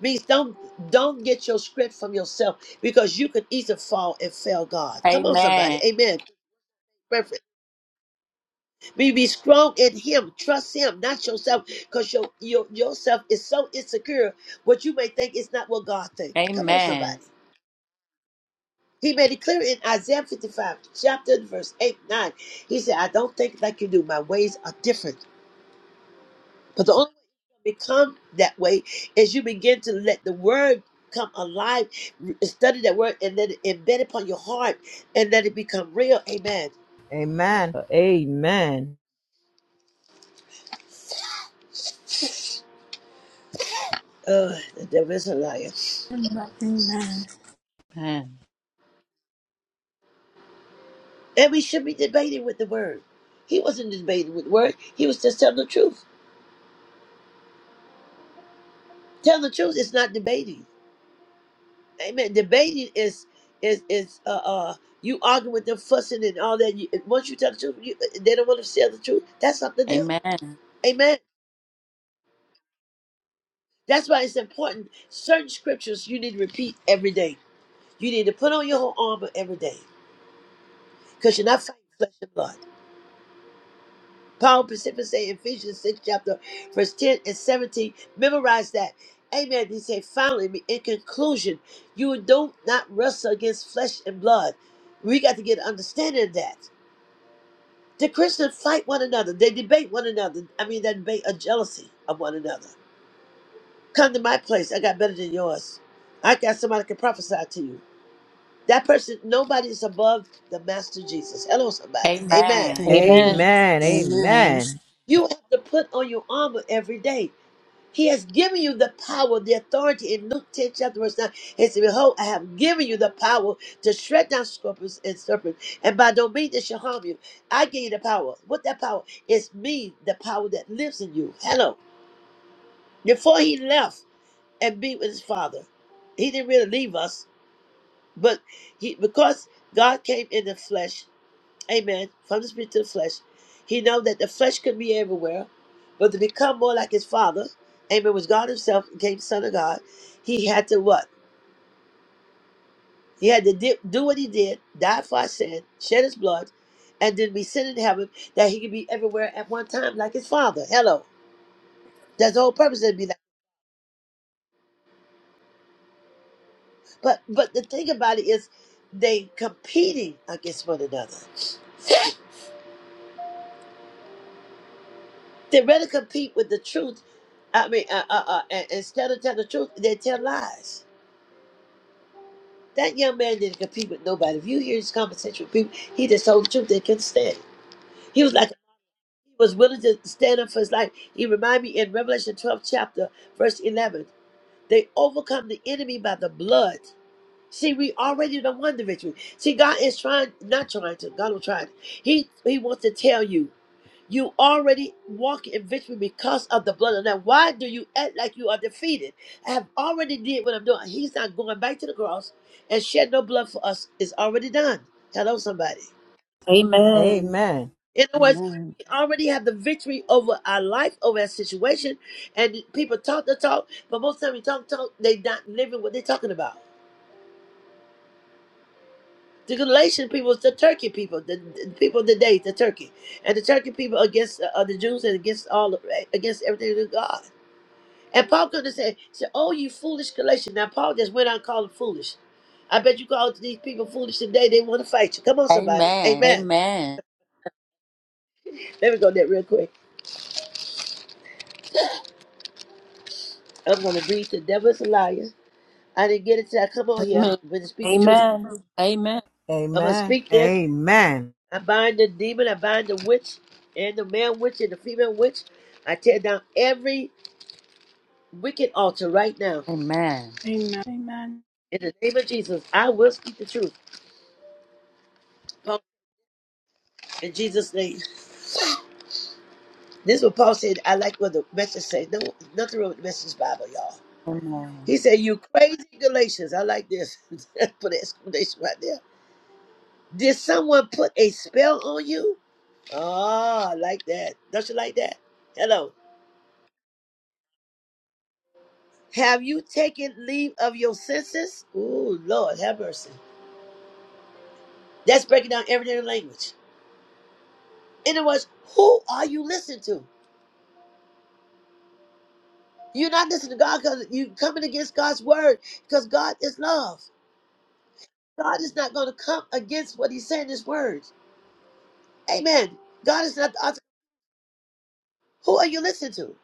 Means don't don't get your script from yourself because you could easily fall and fail God. Come on, somebody. Amen Be, be strong in him. Trust him, not yourself, because your, your yourself is so insecure. What you may think is not what God thinks. Come on, somebody.
Amen. Amen.
He made it clear in Isaiah 55, chapter and verse 8, 9. He said, I don't think like you do. My ways are different. But the only way to become that way is you begin to let the word come alive, re- study that word, and let it embed upon your heart and let it become real. Amen.
Amen.
Oh, the devil is a liar.
Amen.
And we should be debating with the word. He wasn't debating with the word. He was just telling the truth. Telling the truth is not debating. Amen. Debating is is is uh uh you arguing with them, fussing and all that. You, once you tell the truth, you, uh, they don't want to tell the truth. That's up to them.
Amen.
Amen. That's why it's important. Certain scriptures you need to repeat every day. You need to put on your whole armor every day because you're not fighting flesh and blood. Paul specifically say in Ephesians 6 chapter verse 10 and 17. Memorize that. Amen. He said, finally, in conclusion, you do not wrestle against flesh and blood. We got to get an understanding of that. The Christians fight one another. They debate one another. I mean, they debate a jealousy of one another. Come to my place. I got better than yours. I got somebody that can prophesy to you. That person, nobody is above the Master Jesus. Hello, somebody. Amen.
Amen.
Amen.
Amen.
Amen.
Amen.
You have to put on your armor every day. He has given you the power, the authority in Luke 10, chapter verse 9. it says, Behold, I have given you the power to shred down scorpions and serpents, and by no means they shall harm you. I gave you the power. What that power? It's me, the power that lives in you. Hello. Before he left and be with his father, he didn't really leave us, but he because God came in the flesh Amen. From the spirit to the flesh. He know that the flesh could be everywhere, but to become more like his father, Amen, was God himself, became the son of God. He had to what? He had to di- do what he did, die for our sin, shed his blood, and then be sent in heaven that he could be everywhere at one time like his father. Hello. That's the whole purpose of it. be like. But but the thing about it is they competing against one another. they rather compete with the truth. I mean, uh, uh, uh, and- instead of telling the truth, they tell lies. That young man didn't compete with nobody. If you hear his conversation with people, he just told the truth. They couldn't stand it. He was like, he was willing to stand up for his life. He reminded me in Revelation 12, chapter, verse 11, they overcome the enemy by the blood. See, we already done won the victory. See, God is trying, not trying to, God will try. to. He, he wants to tell you. You already walk in victory because of the blood of the Lamb. Why do you act like you are defeated? I have already did what I'm doing. He's not going back to the cross and shed no blood for us. It's already done. Hello, somebody.
Amen.
Amen.
In other words,
Amen.
we already have the victory over our life, over our situation. And people talk the talk, but most time you talk talk, they not living what they're talking about. The Galatian people, the Turkey people, the, the people of the day, the Turkey, and the Turkey people against uh, the Jews and against all against everything to God. And Paul could have said, said, Oh, you foolish Galatians. Now, Paul just went on calling foolish. I bet you called these people foolish today. They want to fight you. Come
Amen.
on, somebody.
Amen.
Amen.
Amen.
Let me go there real quick. I'm going to read the devil's liar. I didn't get it till I come on here.
Amen.
I'm going to speak the truth.
Amen. Amen.
I'm going to
Amen.
speak this.
Amen.
I bind the demon. I bind the witch and the man witch and the female witch. I tear down every wicked altar right now.
Amen.
Amen. Amen.
In the name of Jesus, I will speak the truth. Paul, In Jesus' name. This is what Paul said. I like what the message says. No, nothing wrong with the message Bible, y'all.
Amen.
He said, You crazy Galatians. I like this. Put an exclamation right there. Did someone put a spell on you? Ah, I like that. Don't you like that? Hello. Have you taken leave of your senses? Ooh, Lord, have mercy. That's breaking down everyday language. In other words, who are you listening to? You're not listening to God because you're coming against God's word because God is love. God is not going to come against what he said in his words. Amen. God is not the author. Who are you listening to?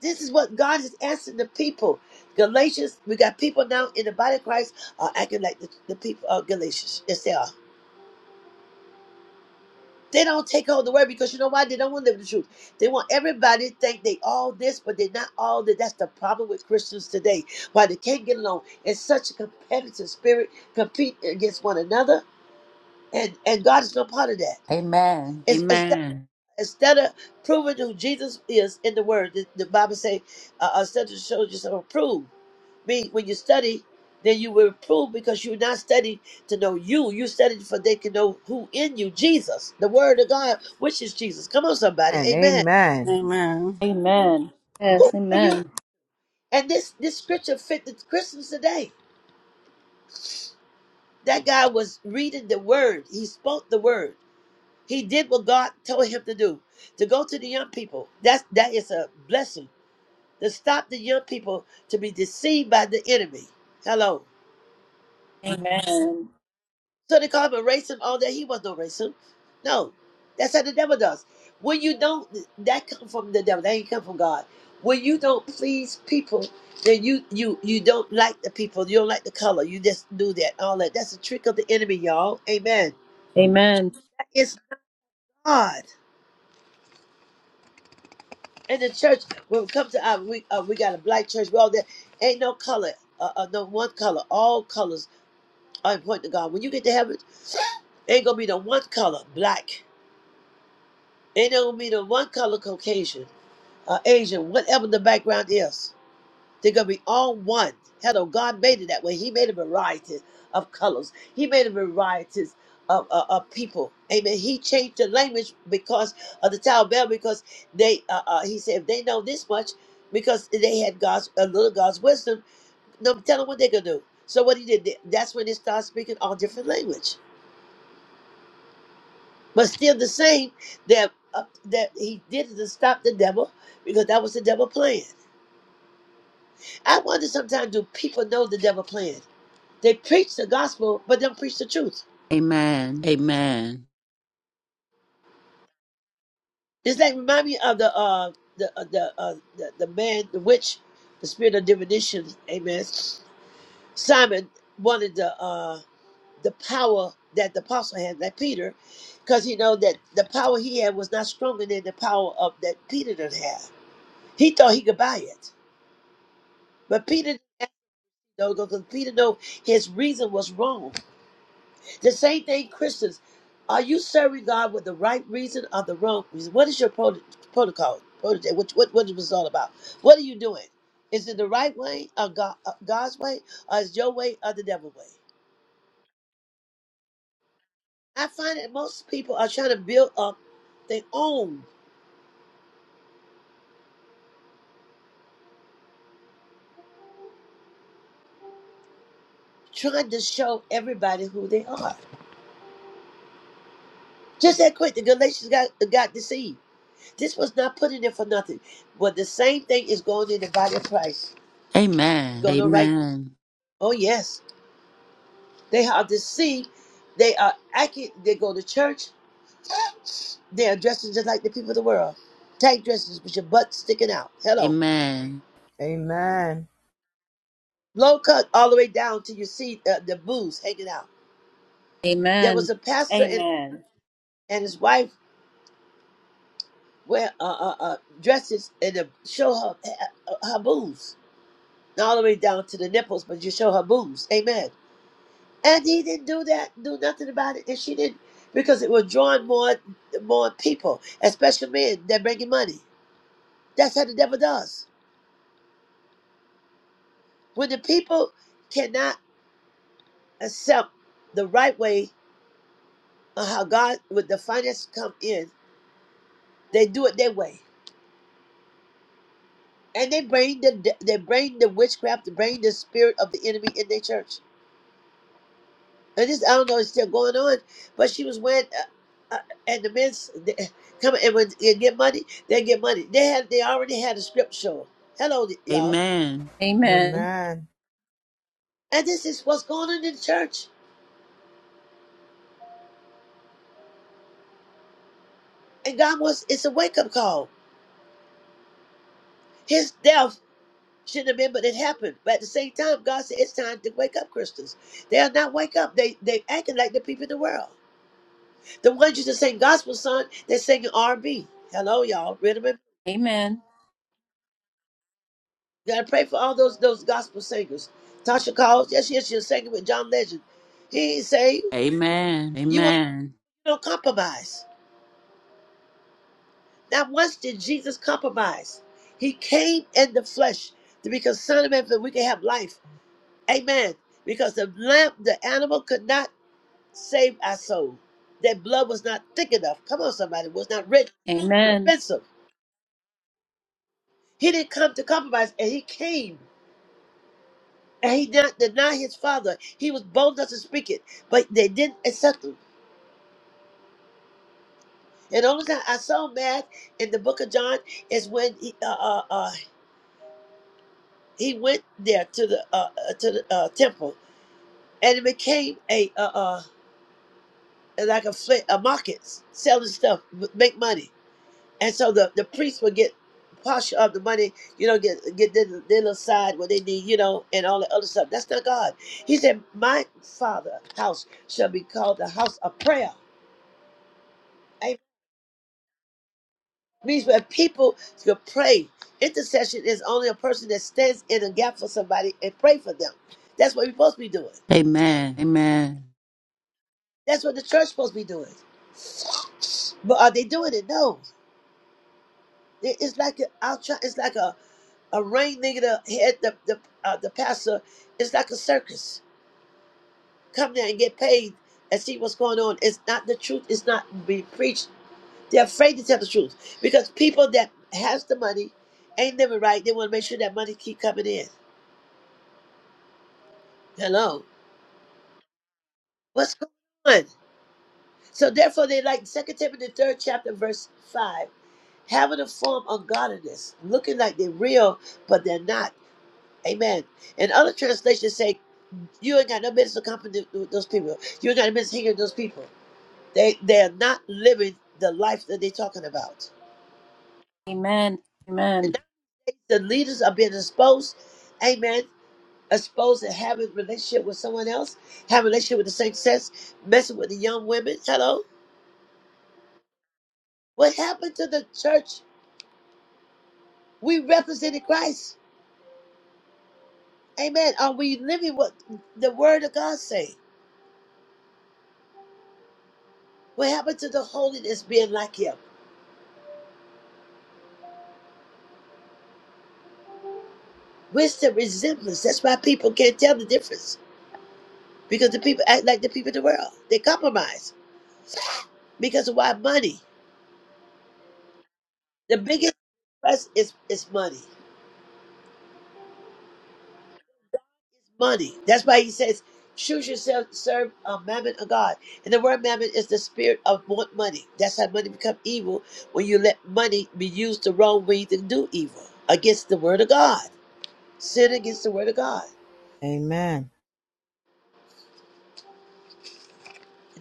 This is what God is asking the people. Galatians, we got people now in the body of Christ are acting like the, the people of Galatians. Yes, they are. They don't take hold of the word because you know why? They don't want to live the truth. They want everybody to think they all this, but they're not all that. That's the problem with Christians today. Why they can't get along. It's such a competitive spirit, compete against one another. And and God is no part of that.
Amen.
It's, it's
Amen.
instead of proving who Jesus is in the Word, the, the Bible say, uh, uh, "Instead of show yourself approved." Mean when you study, then you will prove because you're not studying to know you. You studying for they can know who in you, Jesus, the Word of God, which is Jesus. Come on, somebody,
And
Amen.
amen.
Amen.
Amen. Yes.
Are you?
Amen.
And this this scripture fit the Christians today. That guy was reading the Word. He spoke the Word. He did what God told him to do. To go to the young people. That's that is a blessing to stop the young people to be deceived by the enemy. Hello.
Amen.
So they call him a racist, all that. He was no racist. No. That's how the devil does. When you don't, that come from the devil. That ain't come from God. When you don't please people, then you you you don't like the people. You don't like the color. You just do that. All that. That's a trick of the enemy, y'all. Amen.
Amen.
It's God. And the church, when it comes to our, we, uh, we got a black church. We all there. Ain't no color. Uh, uh, no one color. All colors I point to God. When you get to heaven, ain't gonna be the one color black. Ain't gonna be the one color Caucasian, uh, Asian, whatever the background is. They're gonna be all one. Hello, God made it that way. He made a variety of colors. He made a variety of, uh, of people. Amen. He changed the language because of the Tower Bell because they. Uh, uh, he said if they know this much, because they had God's a little God's wisdom. No, tell them what they gonna do. So what he did, that's when they started speaking all different language. but still the same that uh, that he did it to stop the devil because that was the devil plan. I wonder sometimes do people know the devil plan? They preach the gospel but don't preach the truth.
Amen. Amen.
It's like remind me of the uh the uh, the, uh, the the man the witch, the spirit of divination. Amen. Simon wanted the uh the power that the apostle had, like Peter, because he know that the power he had was not stronger than the power of that Peter didn't have. He thought he could buy it. But Peter No, no, because Peter know his reason was wrong. The same thing, Christians. Are you serving God with the right reason or the wrong reason? What is your pro- protocol? Protege, what, what, what is it all about? What are you doing? Is it the right way or God, uh, God's way? Or is your way or the devil's way? I find that most people are trying to build up their own, trying to show everybody who they are. Just that quick, the Galatians got, got deceived. This was not put in there for nothing. But the same thing is going in the body of Christ.
Amen.
go to right.
Amen.
Oh yes, they are deceived. They are accurate. They go to church. They're dressed just like the people of the world. Tight dresses with your butt sticking out. Hello,
Amen.
low cut all the way down to your seat. Uh, the boobs hanging out. There was
Amen.
a pastor and,
Amen. Amen.
and his wife wear uh, uh, uh, dresses and uh, show her uh, her boobs, not all the way down to the nipples, but you show her boobs. Amen. And he didn't do that, do nothing about it, and she didn't, because it was drawing more more people, especially men that making money. That's how the devil does. When the people cannot accept the right way of how God with the finance come in, they do it their way, and they bring the they bring the witchcraft, they bring the spirit of the enemy in their church. I just I don't know it's still going on, but she was wearing uh, uh, and the men they, come and when you get money, they get money. They had they already had a strip show. Hello y'all,
Amen.
Amen.
Amen.
and this is what's going on in the church. And God was it's a wake up call. His death shouldn't have been, but it happened. But at the same time, God said it's time to wake up, Christians. They are not wake up. They they acting like the people in the world. The ones you just sing gospel song, they're singing R and B. Hello y'all, rhythm and
Amen.
You Gotta pray for all those those gospel singers. Tasha calls. Yes, yes, she's singing with John Legend. He say,
Amen. Amen.
"You want you don't compromise." Not once did Jesus compromise. He came in the flesh to be concerned man that we can have life. Amen. Because the lamb, the animal, could not save our soul. That blood was not thick enough. Come on, somebody, it was not rich,
Amen.
expensive. He didn't come to compromise, and he came, and he did not deny his father. He was bold enough to speak it, but they didn't accept him. And the only time I saw mad in the Book of John is when he, uh, uh, uh, he went there to the uh, uh, to the uh, temple, and it became a uh, uh, like a, fl- a market selling stuff, m- make money. And so the, the priests would get portion of the money, you know, get get their, their little side what they need, you know, and all the other stuff. That's not God. He said, "My Father house shall be called the house of prayer." means where people can pray. Intercession is only a person that stands in a gap for somebody and pray for them. That's what we're supposed to be doing.
Amen. Amen. Amen.
That's what the church is supposed to be doing. But are they doing it? No. It- It's like a, I'll try, it's like a, a rain nigga the head the the, uh, the pastor. It's like a circus. Come there and get paid and see what's going on. It's not the truth. It's not being preached. They're afraid to tell the truth because people that has the money ain't living right. They want to make sure that money keep coming in. Hello. What's going on? So therefore they like Second Timothy the third chapter, verse five, having a form of godliness, looking like they're real, but they're not. Amen. And other translations say, You ain't got no business to company with those people. You ain't got no business hanging with those people. They they're not living the life that they're talking about.
Amen.
And nowadays the leaders are being exposed, amen. Exposed to having a relationship with someone else, having a relationship with the same sex, messing with the young women. Hello. What happened to the church We represented Christ. Amen. Are we living what the word of God say? What happened to the holiness being like him? Where's the resemblance? That's why people can't tell the difference. Because the people act like the people of the world. They compromise. Because of why money. The biggest price is, is money. Money. That's why he says, choose yourself to serve a mammon of God. And the word mammon is the spirit of want money. That's how money become evil when you let money be used the wrong way to do evil against the word of God. sin against the word of God.
Amen.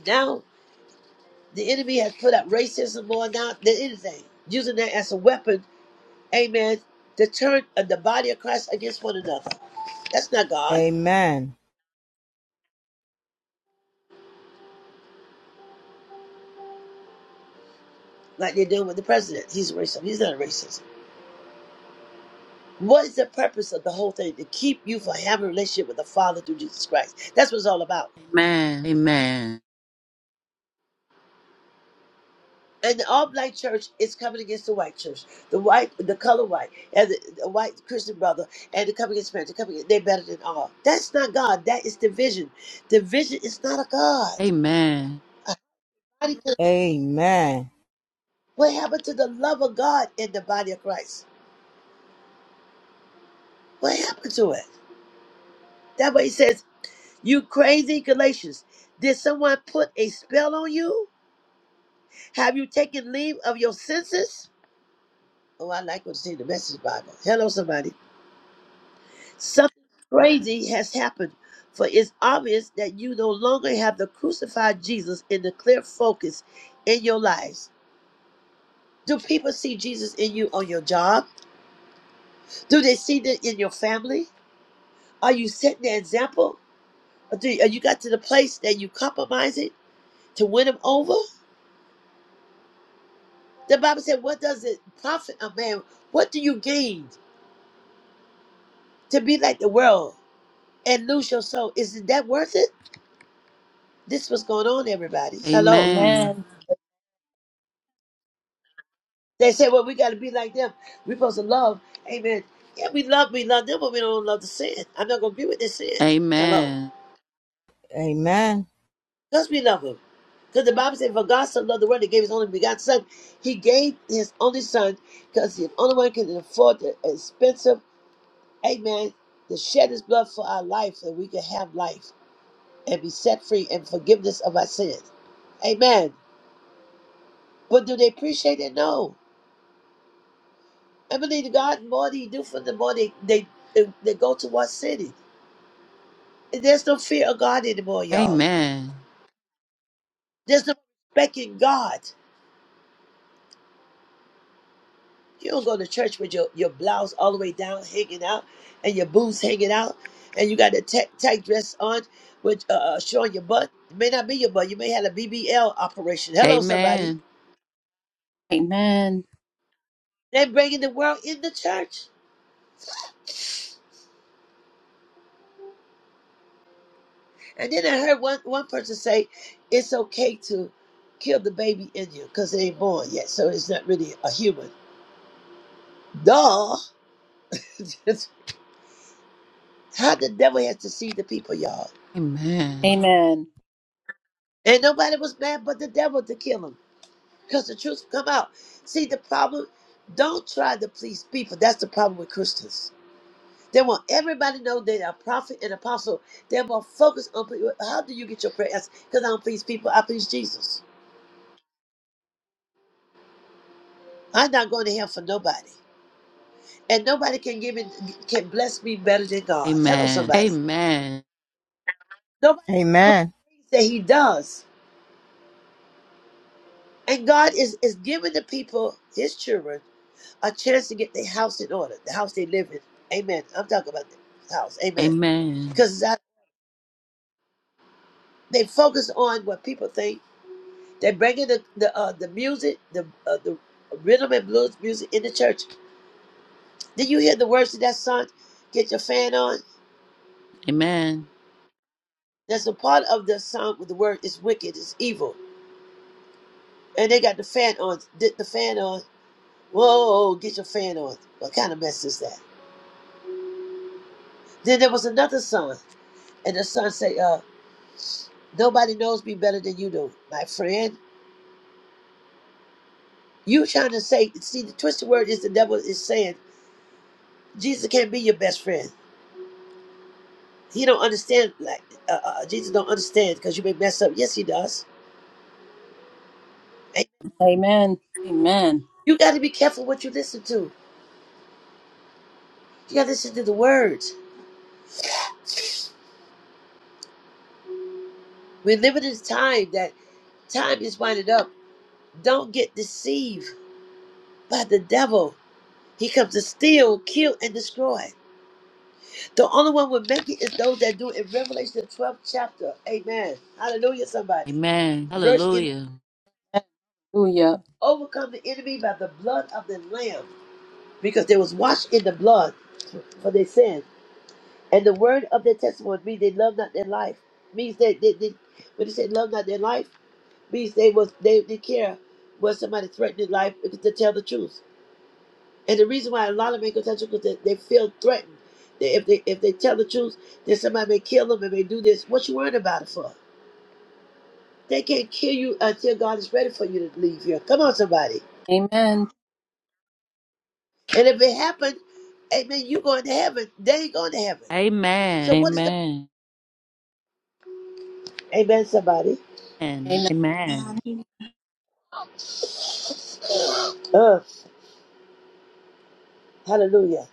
Now the enemy has put up racism more now than anything, using that as a weapon, amen, to turn uh, the body of Christ against one another. That's not God,
Amen.
like they're doing with the president. He's a racist. He's not a racist. What is the purpose of the whole thing? To keep you from having a relationship with the Father through Jesus Christ. That's what it's all about. and the all-black church is coming against the white church, the white, the color white, and the, the white Christian brother, and they're coming against parents. They're coming. They're better than all. That's not God. That is division. Division is not a God.
Amen.
Body
Amen.
What happened to the love of God in the body of Christ? What happened to it? That way he says, "You crazy Galatians, did someone put a spell on you? Have you taken leave of your senses?" Oh, I like what you see in the Message Bible. Hello, somebody. Something crazy has happened, for it's obvious that you no longer have the crucified Jesus in the clear focus in your lives. Do people see Jesus in you on your job? Do they see that in your family? Are you setting the example? Or do are you got to the place that you compromise it to win them over? The Bible said, What does it profit a man? What do you gain to be like the world and lose your soul? Isn't that worth it? This was going on, everybody. Hello.
Amen.
Amen.
They say, well, we got to be like them. We're supposed to love. Amen. Yeah, we love, we love them, but we don't love the sin. I'm not going to be with the sin. Hello.
Amen.
Amen.
Because we love them. Because the Bible said, for God so loved the world, he gave his only begotten son. He gave his only son because the only one can afford the expensive, amen, to shed his blood for our life that we can have life and be set free and forgiveness of our sins. Amen. But do they appreciate it? No. I believe God, the more they do for them, the more they, they, they, they go towards sinning. There's no fear of God anymore,
Amen. Amen. Amen.
y'all.
Amen.
There's no respecting God. You don't go to church with your, your blouse all the way down, hanging out, and your boots hanging out, and you got a tight tight dress on with uh, uh, showing your butt. It may not be your butt. You may have a BBL operation.
Amen.
Hello, somebody.
Amen.
Amen.
They're bringing the world in the church. And then I heard one, one person say, it's okay to kill the baby in you because it ain't born yet, so it's not really a human. Duh. How the devil has deceived the people, y'all.
Amen.
And nobody was mad but the devil to kill him because the truth come out. See, the problem, don't try to please people. That's the problem with Christians. They want everybody to know they are prophet and apostle. They want focus on people. How do you get your prayer answered? Because I don't please people. I please Jesus. I'm not going to hell for nobody. And nobody can give me, can bless me better than God. Hello, somebody.
Amen.
Nobody can do
Amen.
the things that he does. And God is, is giving the people, his children, a chance to get their house in order, the house they live in. Amen. I'm talking about the house. Amen.
Amen.
Because they focus on what people think. They bring in the the, uh, the music, the uh, the rhythm and blues music in the church. Did you hear the words of that song? Get your fan on.
Amen.
There's a part of the song with the word is wicked, it's evil. And they got the fan on. Did the fan on? Whoa, get your fan on. What kind of mess is that? Then there was another song, and the song say, uh, "Nobody knows me better than you do, my friend." You trying to say, see, the twisted word is the devil is saying Jesus can't be your best friend. He don't understand. Like uh, uh, uh, Jesus don't understand because you may mess up. Yes, he does. And
Amen. Amen.
you got to be careful what you listen to. You got to listen to the words. We're living in time that time is winding up. Don't get deceived by the devil. He comes to steal, kill, and destroy. The only one will make it is those that do it. In Revelation 12 chapter, Amen. Hallelujah. Somebody,
Amen.
verse
Hallelujah.
Hallelujah.
overcome the enemy by the blood of the Lamb, because they was washed in the blood for their sin. And the word of their testimony means they love not their life. Means that they, they, when they say love not their life, means they was they didn't care when somebody threatened their life because to tell the truth. And the reason why a lot of men go tell the truth because they, they feel threatened. They, if they if they tell the truth, then somebody may kill them and may do this. What you worried about it for? They can't kill you until God is ready for you to leave here. Come on, somebody.
Amen.
And if it happens, amen, you going to heaven. They going to heaven.
Amen.
So what is the
Amen.
Amen, somebody?
Amen.
Amen.
Amen.
Amen.
Uh, hallelujah.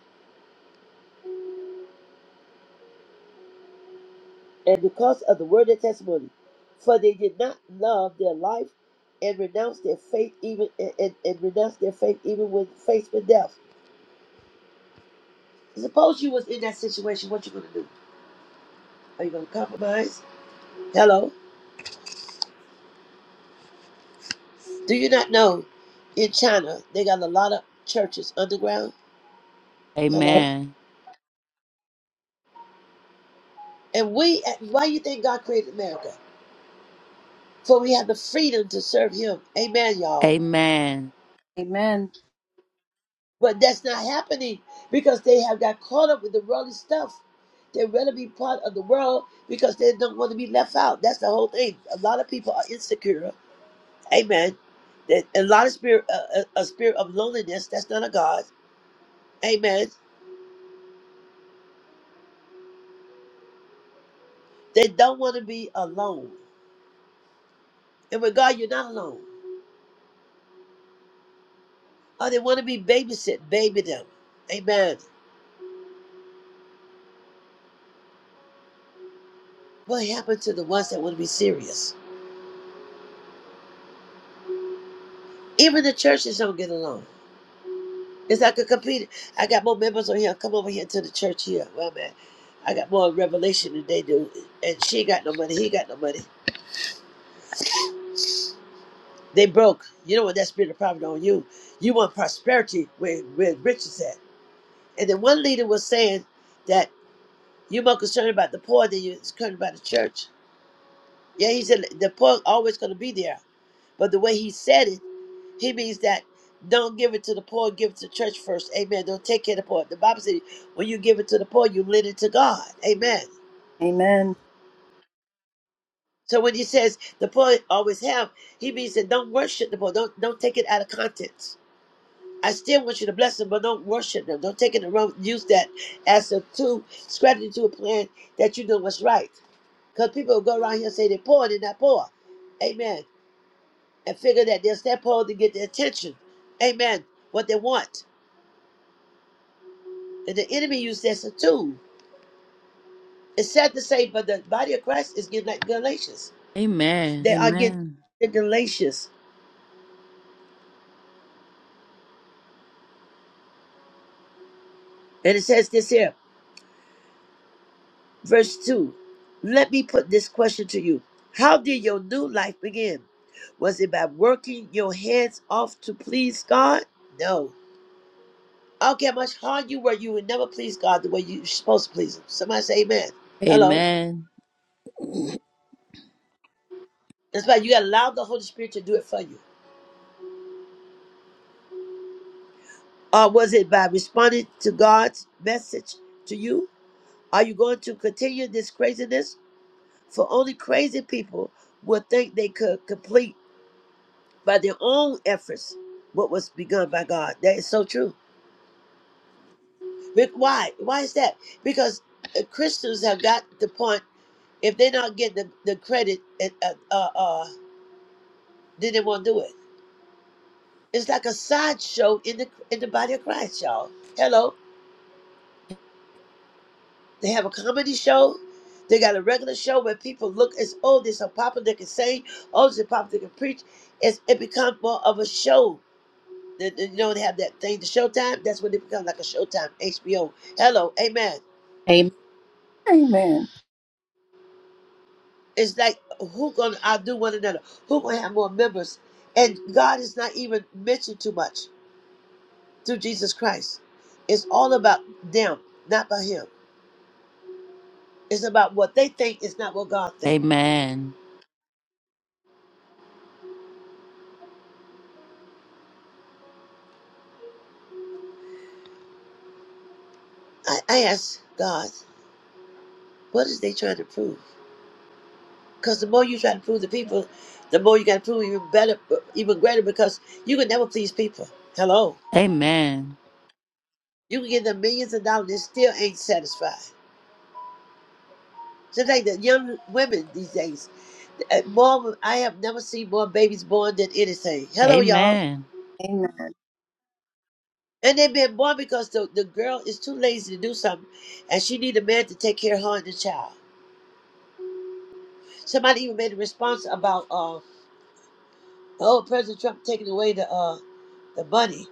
And because of the word of testimony, for they did not love their life and renounce their faith even and, and, and renounce their faith even when faced with death. Suppose you was in that situation, what you gonna do? Are you gonna compromise? Hello? Do you not know in China they got a lot of churches underground? Hello?
Amen.
And we why you think God created America? For we have the freedom to serve him. Amen, y'all.
Amen.
But that's not happening because they have got caught up with the worldly stuff. They'd rather be part of the world because they don't want to be left out. That's the whole thing. A lot of people are insecure. Amen. That a lot of spirit, uh, a, a spirit of loneliness. That's not a God. Amen. They don't want to be alone. And with God, you're not alone. Or they want to be babysit, baby them. Amen. What happened to the ones that want to be serious? Even the churches don't get along. It's like a competing. I got more members on here. Come over here to the church here. Well, man, I got more revelation than they do. And she ain't got no money. He ain't got no money. They broke. You know what? That spirit of poverty on you. You want prosperity where, where riches at. And then one leader was saying that you're more concerned about the poor than you're concerned about the church. Yeah, he said the poor always going to be there. But the way he said it, he means that don't give it to the poor, give it to the church first. Amen. Don't take care of the poor. The Bible says when you give it to the poor, you lend it to God. Amen.
Amen.
So when he says the poor always have, he means that don't worship the poor, Don't don't take it out of context. I still want you to bless them, but don't worship them. Don't take it and wrong. Use that as a tool, scratch it to a plan that you know what's right. Because people will go around here and say they're poor, they're not poor. Amen. And figure that they're step poor to get their attention. Amen. What they want. And the enemy used that as a tool. It's sad to say, but the body of Christ is getting like Galatians.
Amen.
They are getting
Amen.
like Galatians. And it says this here. Verse 2 Let me put this question to you How did your new life begin? Was it by working your hands off to please God? No. I don't care how much hard you work, you will never please God the way you're supposed to please Him. Somebody say Amen. Hello.
Amen.
That's why you got to allow the Holy Spirit to do it for you. Or was it by responding to God's message to you? Are you going to continue this craziness? For only crazy people would think they could complete. by their own efforts what was begun by God. That is so true. But why? Why is that? Because uh, Christians have got the point. If they're not getting the, the credit, and, uh, uh, uh, then they won't do it. It's like a sideshow in the in the body of Christ, y'all. Hello, they have a comedy show. They got a regular show where people look as oh, there's a popper that can sing, oh, there's a popper that can preach. It's, it becomes more of a show They, they- you know they have that thing, the Showtime. That's when they become like a Showtime, HBO. Hello, Amen.
Amen. Amen.
It's like who gonna outdo one another? Who gonna have more members? And God is not even mentioned too much through Jesus Christ. It's all about them, not about Him. It's about what they think. It's not what God think.
Amen.
I, I ask God, what is they trying to prove? Because the more you try to prove the people, the more you got to prove even better, even greater. Because you can never please people. Hello.
Amen.
You can get them millions of dollars and still ain't satisfied. Just like the young women these days. Uh, More, I have never seen more babies born than anything. Hello, y'all.
Amen.
Amen.
And they've been born because the, the girl is too lazy to do something, and she need a man to take care of her and the child. Somebody even made a response about uh, oh President Trump taking away the uh, the money.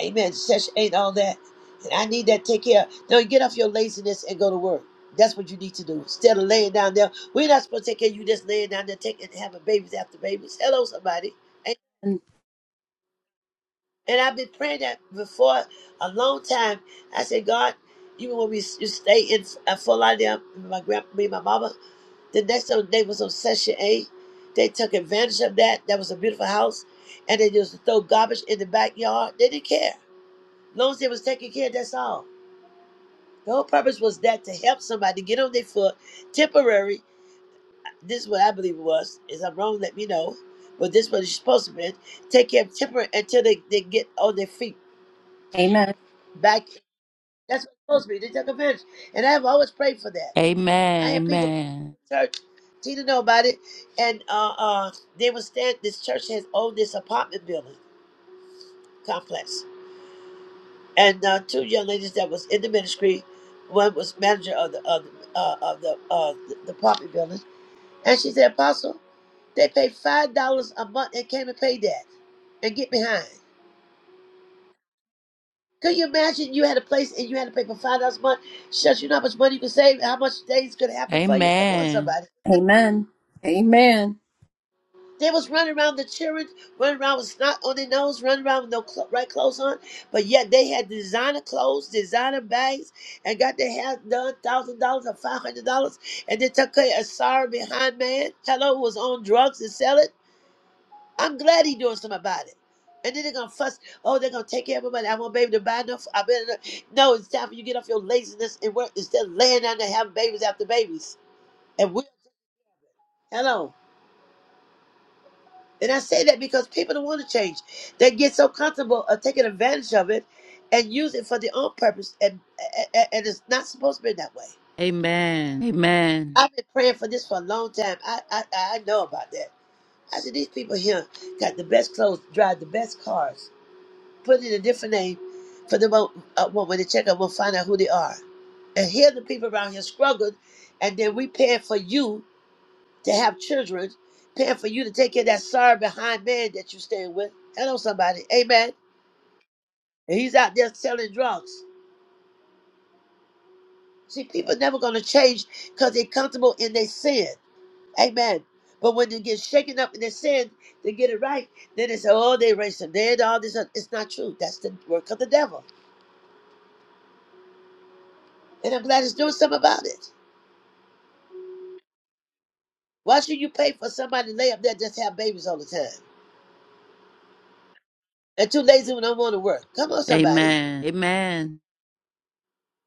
Amen. Session eight, all that. And I need that take care. Now get off your laziness and go to work. That's what you need to do. Instead of laying down there, we're not supposed to take care of you just laying down there taking having babies after babies. Hello, somebody. And,
Amen.
and I've been praying that before a long time. I said, God, even when we used to stay in uh, Fort Lauderdale, my grandma, me and my mama, the next door neighbors on Session A, they took advantage of that. That was a beautiful house. And they used to throw garbage in the backyard. They didn't care. As long as it was taking care that's all. The whole purpose was that to help somebody get on their foot, temporary. This is what I believe it was. Is I'm wrong, let me know. But this is what it's supposed to be. Take care of temporary until they, they get on their feet
Amen.
back. That's what it's supposed to be. They take advantage. And I have always prayed for that. I had people come to
Amen.
the church. Tina know about it. And uh, uh, they would stand, this church has owned this apartment building complex. And uh, two young ladies that was in the ministry, one was manager of the of, the- uh, of the, uh, the the apartment building And she said, Apostle, they pay five dollars a month and came and paid that and get behind. Could you imagine you had a place and you had to pay for five dollars a month? Shucks, you know how much money you could save, how much things could happen for you. Come on,
Amen. Amen.
somebody.
Amen.
They was running around the children, running around with snot on their nose, running around with no cl- right clothes on, but yet they had designer clothes, designer bags, and got their hair done one thousand dollars or five hundred dollars, and they took care of a sorry behind man. Hello, who was on drugs and selling. I'm glad he's doing something about it. And then they're gonna fuss. Oh, they're gonna take care of everybody. I want baby to buy enough. I better not. no. It's time for you to get off your laziness and work instead of laying down there having babies after babies. And we hello. And I say that because people don't want to change. They get so comfortable of taking advantage of it and use it for their own purpose. And and, and it's not supposed to be that way.
Amen. Amen.
I've been praying for this for a long time. I I, I know about that. I said these people here got the best clothes, drive the best cars put in a different name for the mo- uh, well, when they check up, we'll find out who they are. And here the people around here struggled, and then we paying for you to have children, paying for you to take care of that sorry behind man that you staying with. Hello, somebody. Amen. And he's out there selling drugs. See, people never gonna change because they're comfortable in their sin. Amen. But when they get shaken up in their sin, they get it right. Then they say, "Oh, they racist. They did all this." Other. It's not true. That's the work of the devil. And I'm glad he's doing something about it. Why should you pay for somebody to lay up there and just have babies all the time? They're too lazy and don't want to work. Come on, somebody.
Amen.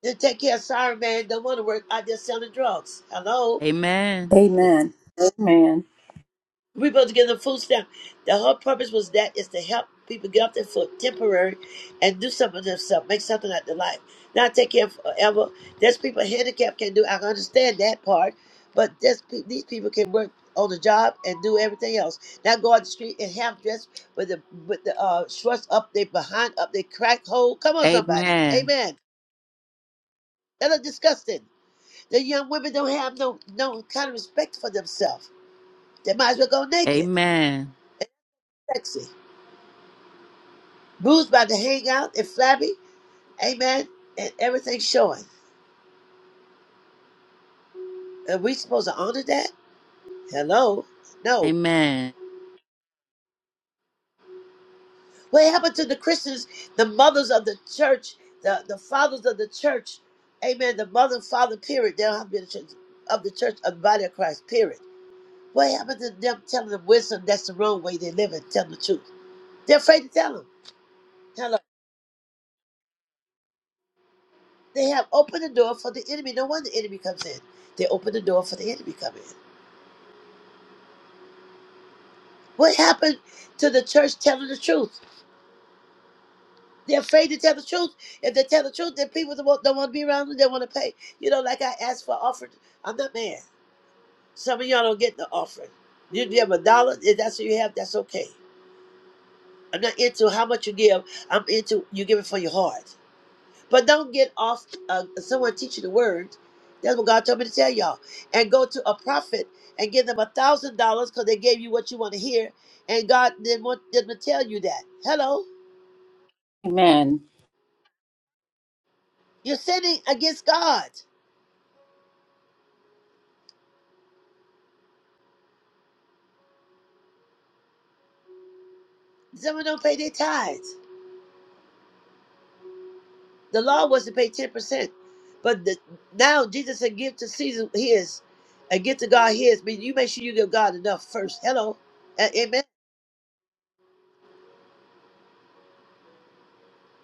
Just take care of sorry man, don't want to work, out there selling drugs. Hello?
Amen. Amen.
We're supposed to give them food stamp. The whole purpose was that is to help people get off their foot temporary and do something with themselves, make something out of their life. Not take care forever. There's people handicapped can do. I understand that part, but there's, pe- these people can work on the job and do everything else. Not go out the street and half dressed with the with the uh, shorts up, they behind up, they crack hole. Come
Amen. Amen. Amen.
on, somebody, amen. That look disgusting. The young women don't have no no kind of respect for themselves. They might as well go naked,
Amen.
sexy. Booze about to hang out and flabby, amen, and everything showing. Are we supposed to honor that? Hello?
Amen. Amen.
No.
Amen.
What happened to the Christians, the mothers of the church, the, the fathers of the church, amen, the mother and father, period, they don't have to be the church, of the church, of the body of Christ, period. What happened to them telling the wisdom that's the wrong way they live and telling the truth? They're afraid to tell them. Hello. They have opened the door for the enemy. No wonder the enemy comes in. They open the door for the enemy to come in. What happened to the church telling the truth? They're afraid to tell the truth. If they tell the truth, then people don't want, don't want to be around them. They want to pay. You know, like I asked for offering. I'm not mad. Some of y'all don't get the offering. You give a dollar, if that's what you have, that's okay. I'm not into how much you give. I'm into you give it for your heart. But don't get off uh, someone teaching the word. That's what God told me to tell y'all. And go to a prophet and give them a thousand dollars because they gave you what you want to hear. And God didn't want them to tell you that. Hello,
Amen.
you're sinning against God. Someone don't pay their tithes. The law was to pay ten percent, but the, now Jesus said, "Give to Caesar his, and give to God his." But you make sure you give God enough first. Hello, A- Amen.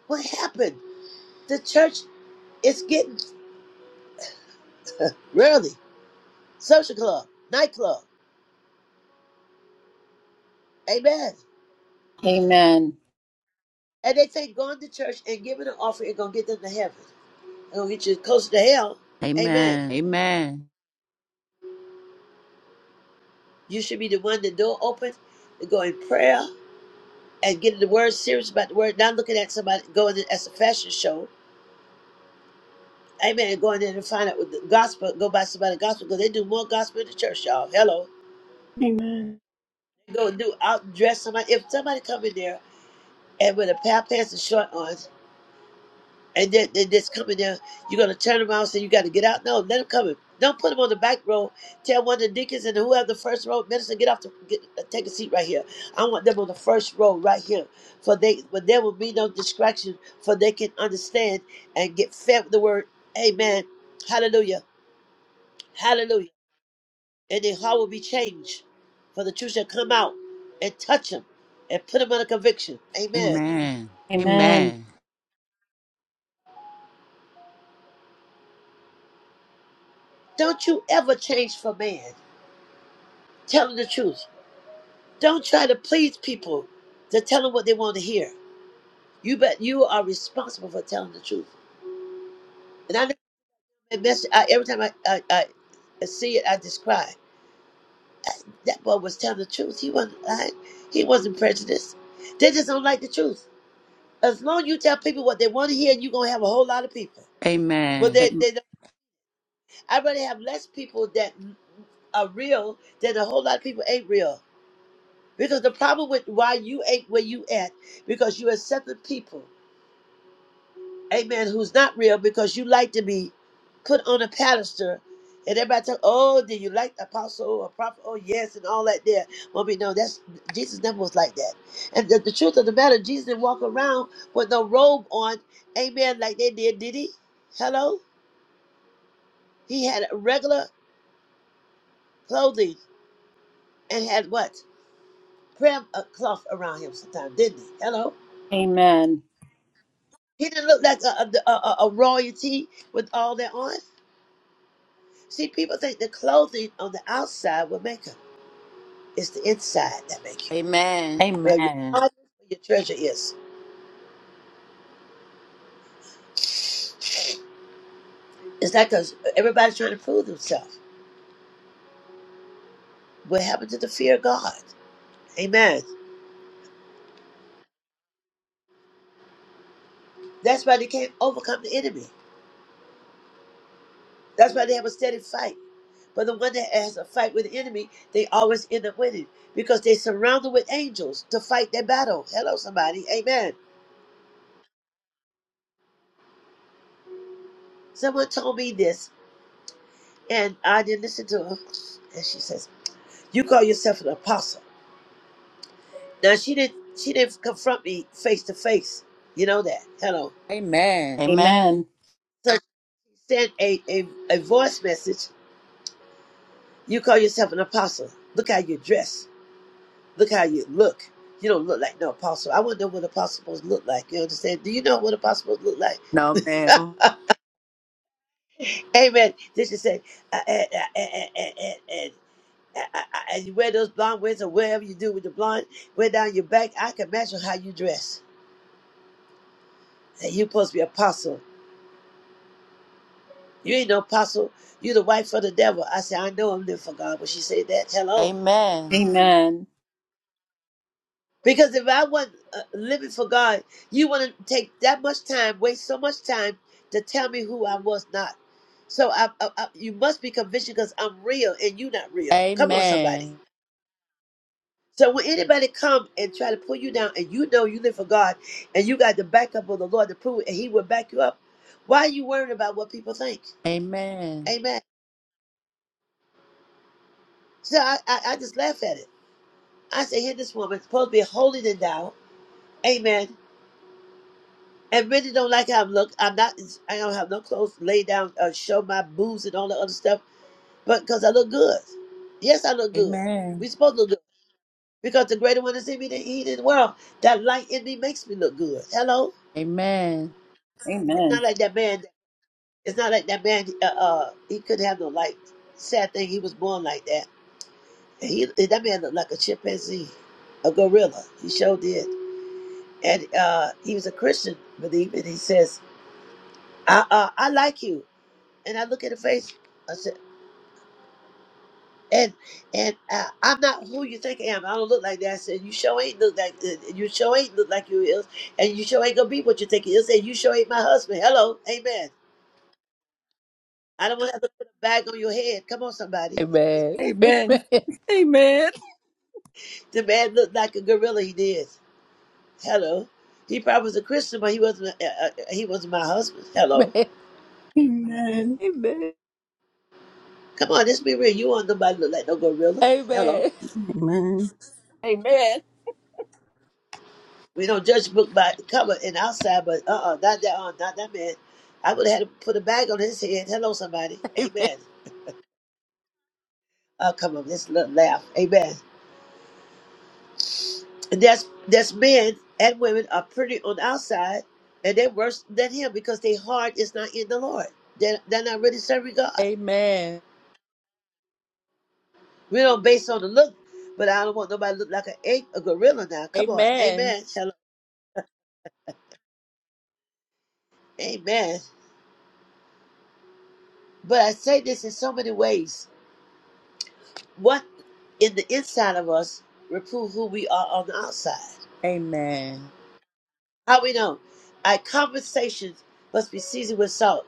What happened? The church is getting rarely. social club, nightclub. Amen.
Amen. Amen.
And they think going to church and giving an offering is gonna get them to heaven. It's gonna get you closer to hell.
Amen. Amen.
Amen.
Amen.
You should be the one the door open, to go in prayer and getting the word serious about the word, not looking at somebody going in as a fashion show Amen. Go in there and find out what the gospel, go by somebody gospel, because they do more gospel in the church, y'all. Hello.
Amen.
Go do out dress somebody. If somebody come in there and with a pair of pants and short on, and then they just come in there, you're gonna turn around and say you gotta get out. No, let them come in. Don't put them on the back row. Tell one of the deacons and whoever the first row minister, get off the get, uh, take a seat right here. I want them on the first row right here. For they but there will be no distraction, for they can understand and get fed with the word. Amen. Hallelujah. Hallelujah. and their heart will be changed. For the truth shall come out and touch them and put them under conviction. Amen.
Amen.
Don't you ever change for man. Tell them the truth. Don't try to please people to tell them what they want to hear. You bet you are responsible for telling the truth. And I never made mess I, every time I, I, I see it, I just cry. That boy was telling the truth. He wasn't lying. He wasn't prejudiced. They just don't like the truth. As long as you tell people what they want to hear, you're gonna have a whole lot of people.
Am-
But they, they I'd rather have less people that are real than a whole lot of people ain't real. Because the problem with why you ain't where you at, because you accepted people, amen, who's not real because you like to be put on a pedestal. And everybody talk, oh, did you like the apostle or prophet? Oh, yes, and all that there. Well, we know that's Jesus never was like that. And the, the truth of the matter, Jesus didn't walk around with no robe on, amen, like they did, did he? Hello? He had regular clothing and had what? prayer uh, cloth around him sometimes, didn't he? Hello?
Amen.
He didn't look like a, a, a, a royalty with all that on. See, people think the clothing on the outside will make him. It's the inside that makes you.
Amen.
Where your heart is, where your treasure is. It's like a, everybody's trying to prove themselves. What happened to the fear of God? Amen. That's why they can't overcome the enemy. That's why they have a steady fight. But the one that has a fight with the enemy, they always end up winning because they're surrounded with angels to fight their battle. Hello, somebody. Amen. Someone told me this, and I didn't listen to her. And she says, "You call yourself an apostle." Now she didn't. She didn't confront me face to face. You know that. Hello.
Amen. Amen.
Amen.
Amen.
So she sent a, a a voice message. You call yourself an apostle. Look how you dress. Look how you look. You don't look like no apostle. I want to know what apostle supposed to look like. You understand? Do you know what apostle supposed to look like?
No man.
Amen. Then she said, uh, uh, uh, uh, uh, uh, uh, uh, I- as you wear those blonde wigs or whatever you do with the blonde wear down your back, I can imagine how you dress. And you supposed to be apostle. You ain't no apostle. You the wife of the devil. I said, I know I'm living for God, but she said that. Hello.
Amen.
Amen.
Because if I wasn't uh, living for God, you wouldn't take that much time, waste so much time to tell me who I was not. So I, I, I, you must be convinced because I'm real and you not real. Come on, somebody.
Amen.
So when anybody come and try to pull you down, and you know you live for God, and you got the backup of the Lord to prove it, and He will back you up, why are you worried about what people think?
Amen.
Amen. So I, I, I just laugh at it. I say, here, this woman supposed to be holier than thou. Amen. And really don't like how I'm look. I'm not. I don't have no clothes. Lay down. Uh, show my boobs and all that other stuff. But because I look good. Yes, I look good.
Amen.
We supposed to look good because the greater one is in me than he in the world. That light in me makes me look good. Hello.
Amen.
It's not like that man. It's not like that man. Uh, uh he could have no like. Sad thing, he was born like that. He that man looked like a chimpanzee, a gorilla. He sure did. And uh, he was a Christian, believe, and he says, "I uh, I like you." And I look at the face. I said, "And and uh, I'm not who you think I am. I don't look like that." I said, "You sure ain't look like uh, you sure ain't look like you is, and you sure ain't gonna be what you think you is, and you sure ain't my husband." Hello, amen. I don't want to have to put a bag on your head. Come on, somebody.
Amen.
Amen. Amen. Amen. Amen.
Amen.
Amen.
The man looked like a gorilla. He did. Hello. He probably was a Christian, but he wasn't. A, Uh, uh, he wasn't my husband. Hello.
Amen. Amen.
Come on, let's be real. You want nobody look like no gorilla?
Amen.
Hello.
Amen.
We don't judge book by the cover and outside, but uh, uh not that, uh, not that man. I would have had to put a bag on his head. Hello, somebody.
Amen.
Amen. Oh, come on, let's l- laugh. Amen. And that's that's men and women are pretty on the outside, and they're worse than him because their heart is not in the Lord. They're, they're not really serving God.
Amen. Amen.
We don't base on the look, but I don't want nobody to look like a, ape- a gorilla now. Come on.
Amen.
Amen. Shalom. Amen. But I say this in so many ways. What in the inside of us reprove who we are on the outside.
Amen.
How we know? Our conversations must be seasoned with salt.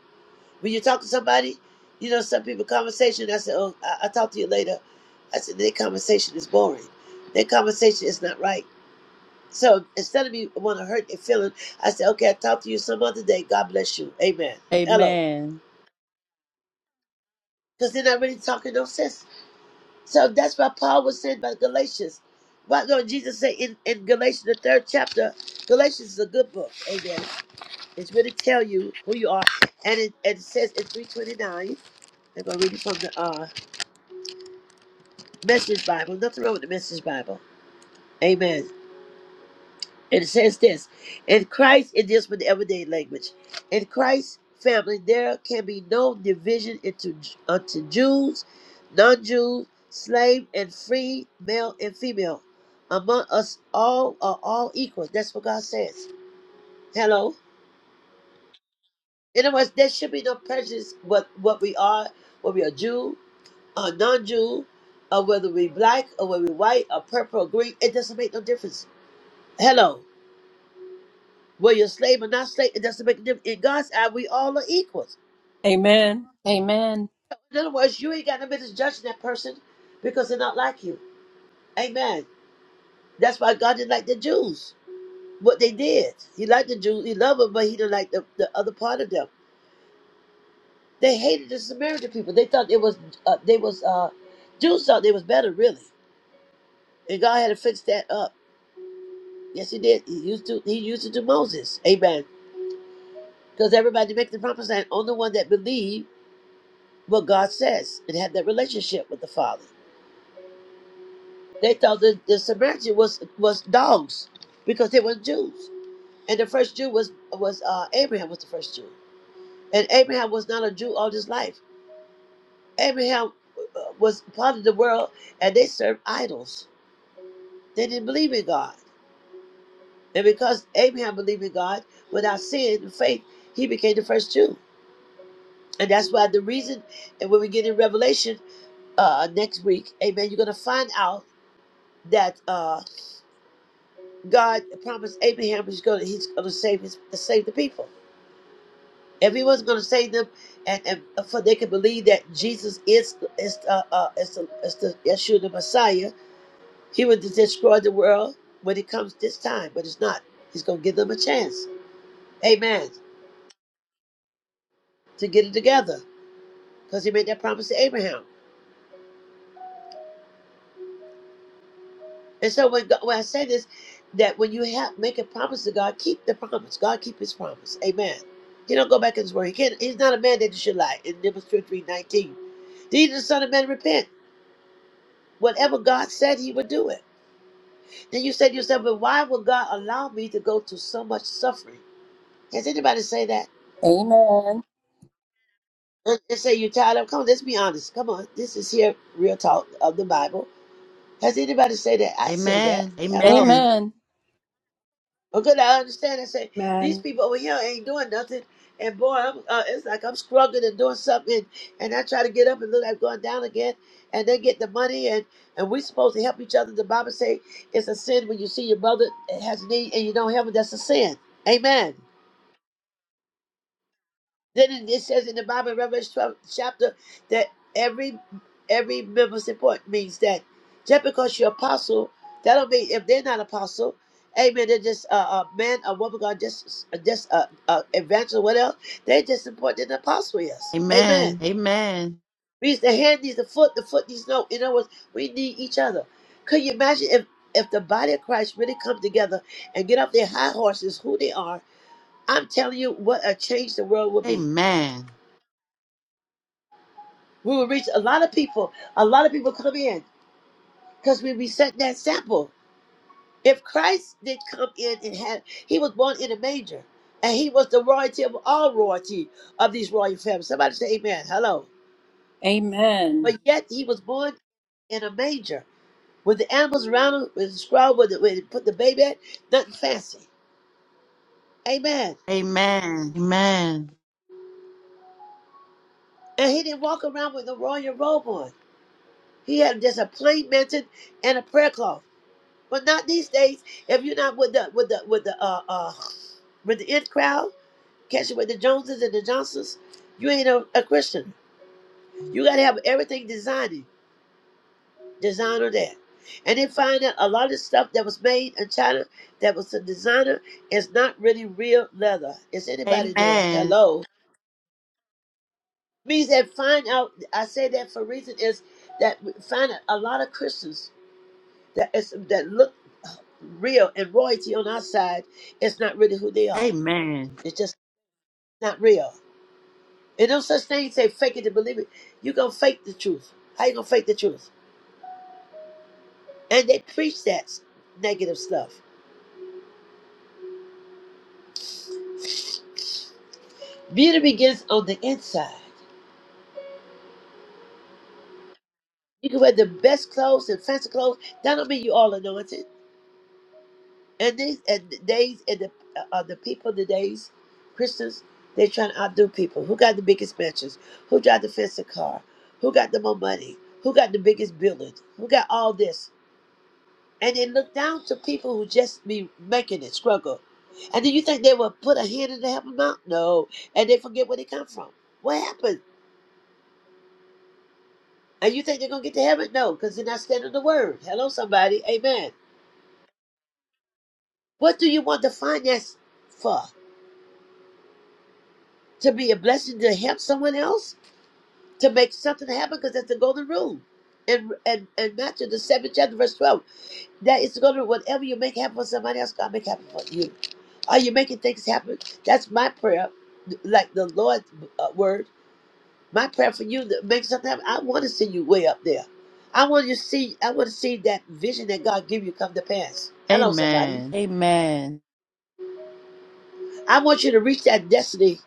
When you talk to somebody, you know, some people conversation, I say, oh, I- I'll talk to you later. I said, their conversation is boring. Their conversation is not right. So instead of me want to hurt your feeling, I said, okay, I'll talk to you some other day. God bless you. Amen. Hello.
Amen.
Because they're not really talking no sense. So that's why Paul was saying about Galatians. Why don't Jesus say in, in Galatians, the third chapter, Galatians is a good book. Amen. It's really tell you who you are. And it, and it says in 329, I'm going to read it from the uh, Message Bible. Nothing wrong with the Message Bible. Amen. And it says this in Christ, it deals with the everyday language. In Christ's family, there can be no division into unto Jews, non Jews, slave and free, male and female. Among us all are all equal. That's what God says. Hello. In other words, there should be no prejudice what what we are, whether we are Jew or non Jew, or whether we black or whether we white or purple or green. It doesn't make no difference. Hello. Well, you're a slave or not slave, it doesn't make a difference. In God's eye, we all are equals.
Amen.
In other words, you ain't got no business judging that person because they're not like you. Amen. That's why God didn't like the Jews, what they did. He liked the Jews, he loved them, but he didn't like the, the other part of them. They hated the Samaritan people. They thought it was, uh, they was, uh, Jews thought they was better, really. And God had to fix that up. Yes, he did. He used to, he used it to Moses. Amen. Because everybody make the promised land, only one that believed what God says and had that relationship with the Father. They thought the, the Samaritan was was dogs because they were Jews, and the first Jew was was uh, Abraham was the first Jew, and Abraham was not a Jew all his life. Abraham uh, was part of the world, and they served idols. They didn't believe in God, and because Abraham believed in God without sin and faith, he became the first Jew, and that's why the reason. And when we get in Revelation uh, next week, Amen, you're gonna find out that uh, God promised Abraham he's gonna he's gonna save his save the people. Everyone's going to save them, and, and for they can believe that Jesus is is uh, uh is, the, is the Yeshua the Messiah. He would destroy the world when it comes this time, but it's not. He's going to give them a chance, Amen, to get it together, because He made that promise to Abraham. And so when God, when I say this, that when you have make a promise to God, keep the promise. God keep His promise, Amen. He don't go back in His word. He can't. He's not a man that he should lie. In Numbers three nineteen, these the Son of Man repent. Whatever God said, He would do it. Then you said to yourself, but why would God allow me to go through so much suffering? Has anybody say that? They they say you're tired of. Come on, let's be honest. Come on, this is here real talk of the Bible. Has anybody say that? I say
Amen.
that. Hello. Okay, I understand. I say these
Amen.
people over here ain't doing nothing, and boy, I'm, uh, it's like I'm struggling and doing something, and I try to get up and look like going down again, and they get the money, and and we supposed to help each other. The Bible say it's a sin when you see your brother has need and you don't help him. That's a sin. Amen. Then it it says in the Bible, Revelation 12 chapter, that every every member is important means that just because you're apostle, that don't mean if they're not apostle, amen, they're just a, a man, a woman, God, just just a, a evangelist, what else? They're just important than the apostle is.
Amen.
Amen.
Amen. Amen.
Means the hand needs the foot, the foot needs no. In other words, we need each other. Could you imagine if if the body of Christ really come together and get off their high horses, who they are? I'm telling you, what a change the world will be.
Amen.
We will reach a lot of people. A lot of people come in because we reset that sample. If Christ did come in and had, he was born in a manger, and he was the royalty of all royalty of these royal families. Somebody say Amen. Hello. But yet he was born in a manger with the animals around him, with the scroll, with the, where they put the baby at, nothing fancy. Amen.
Amen. Amen.
And he didn't walk around with a royal robe on. He had just a plain mantle and a prayer cloth. But not these days. If you're not with the with the with the uh uh with the in crowd, catching with the Joneses and the Johnsons, you ain't a, a Christian. You gotta have everything designing, designer there. And they find out a lot of the stuff that was made in China that was a designer is not really real leather. Is anybody there? Hello. Means that find out I say that for a reason is that we find out a lot of Christians that is that look real and royalty on our side is not really who they are. It's just. not real. And no such thing say fake it to believe it. You gonna fake the truth. How you gonna fake the truth? And they preach that negative stuff. Beauty begins on the inside. You can wear the best clothes and fancy clothes. That don't mean you all anointed. And these and the days and the uh, uh, the people today's Christians, they trying to outdo people. Who got the biggest mansions? Who drive the fancy car? Who got the more money? Who got the biggest building? Who got all this? and they look down to people who just be making it struggle. And then you think they will put a hand in to help them out? No. And they forget where they come from. What happened? And you think they're gonna get to heaven? No, because they're not standing the word. Hello, somebody. Amen. What do you want the finance for? To be a blessing to help someone else? To make something happen? Because that's the golden rule. And and and Matthew the seventh chapter, verse twelve. That is going to whatever you make happen for somebody else, God make happen for you. Are you making things happen? That's my prayer, like the Lord's uh, word. My prayer for you to make something happen. I want to see you way up there. I want you to see. I want to see that vision that God give you come to pass.
Amen.
Hello, somebody.
Amen. Amen.
I want you to reach that destiny.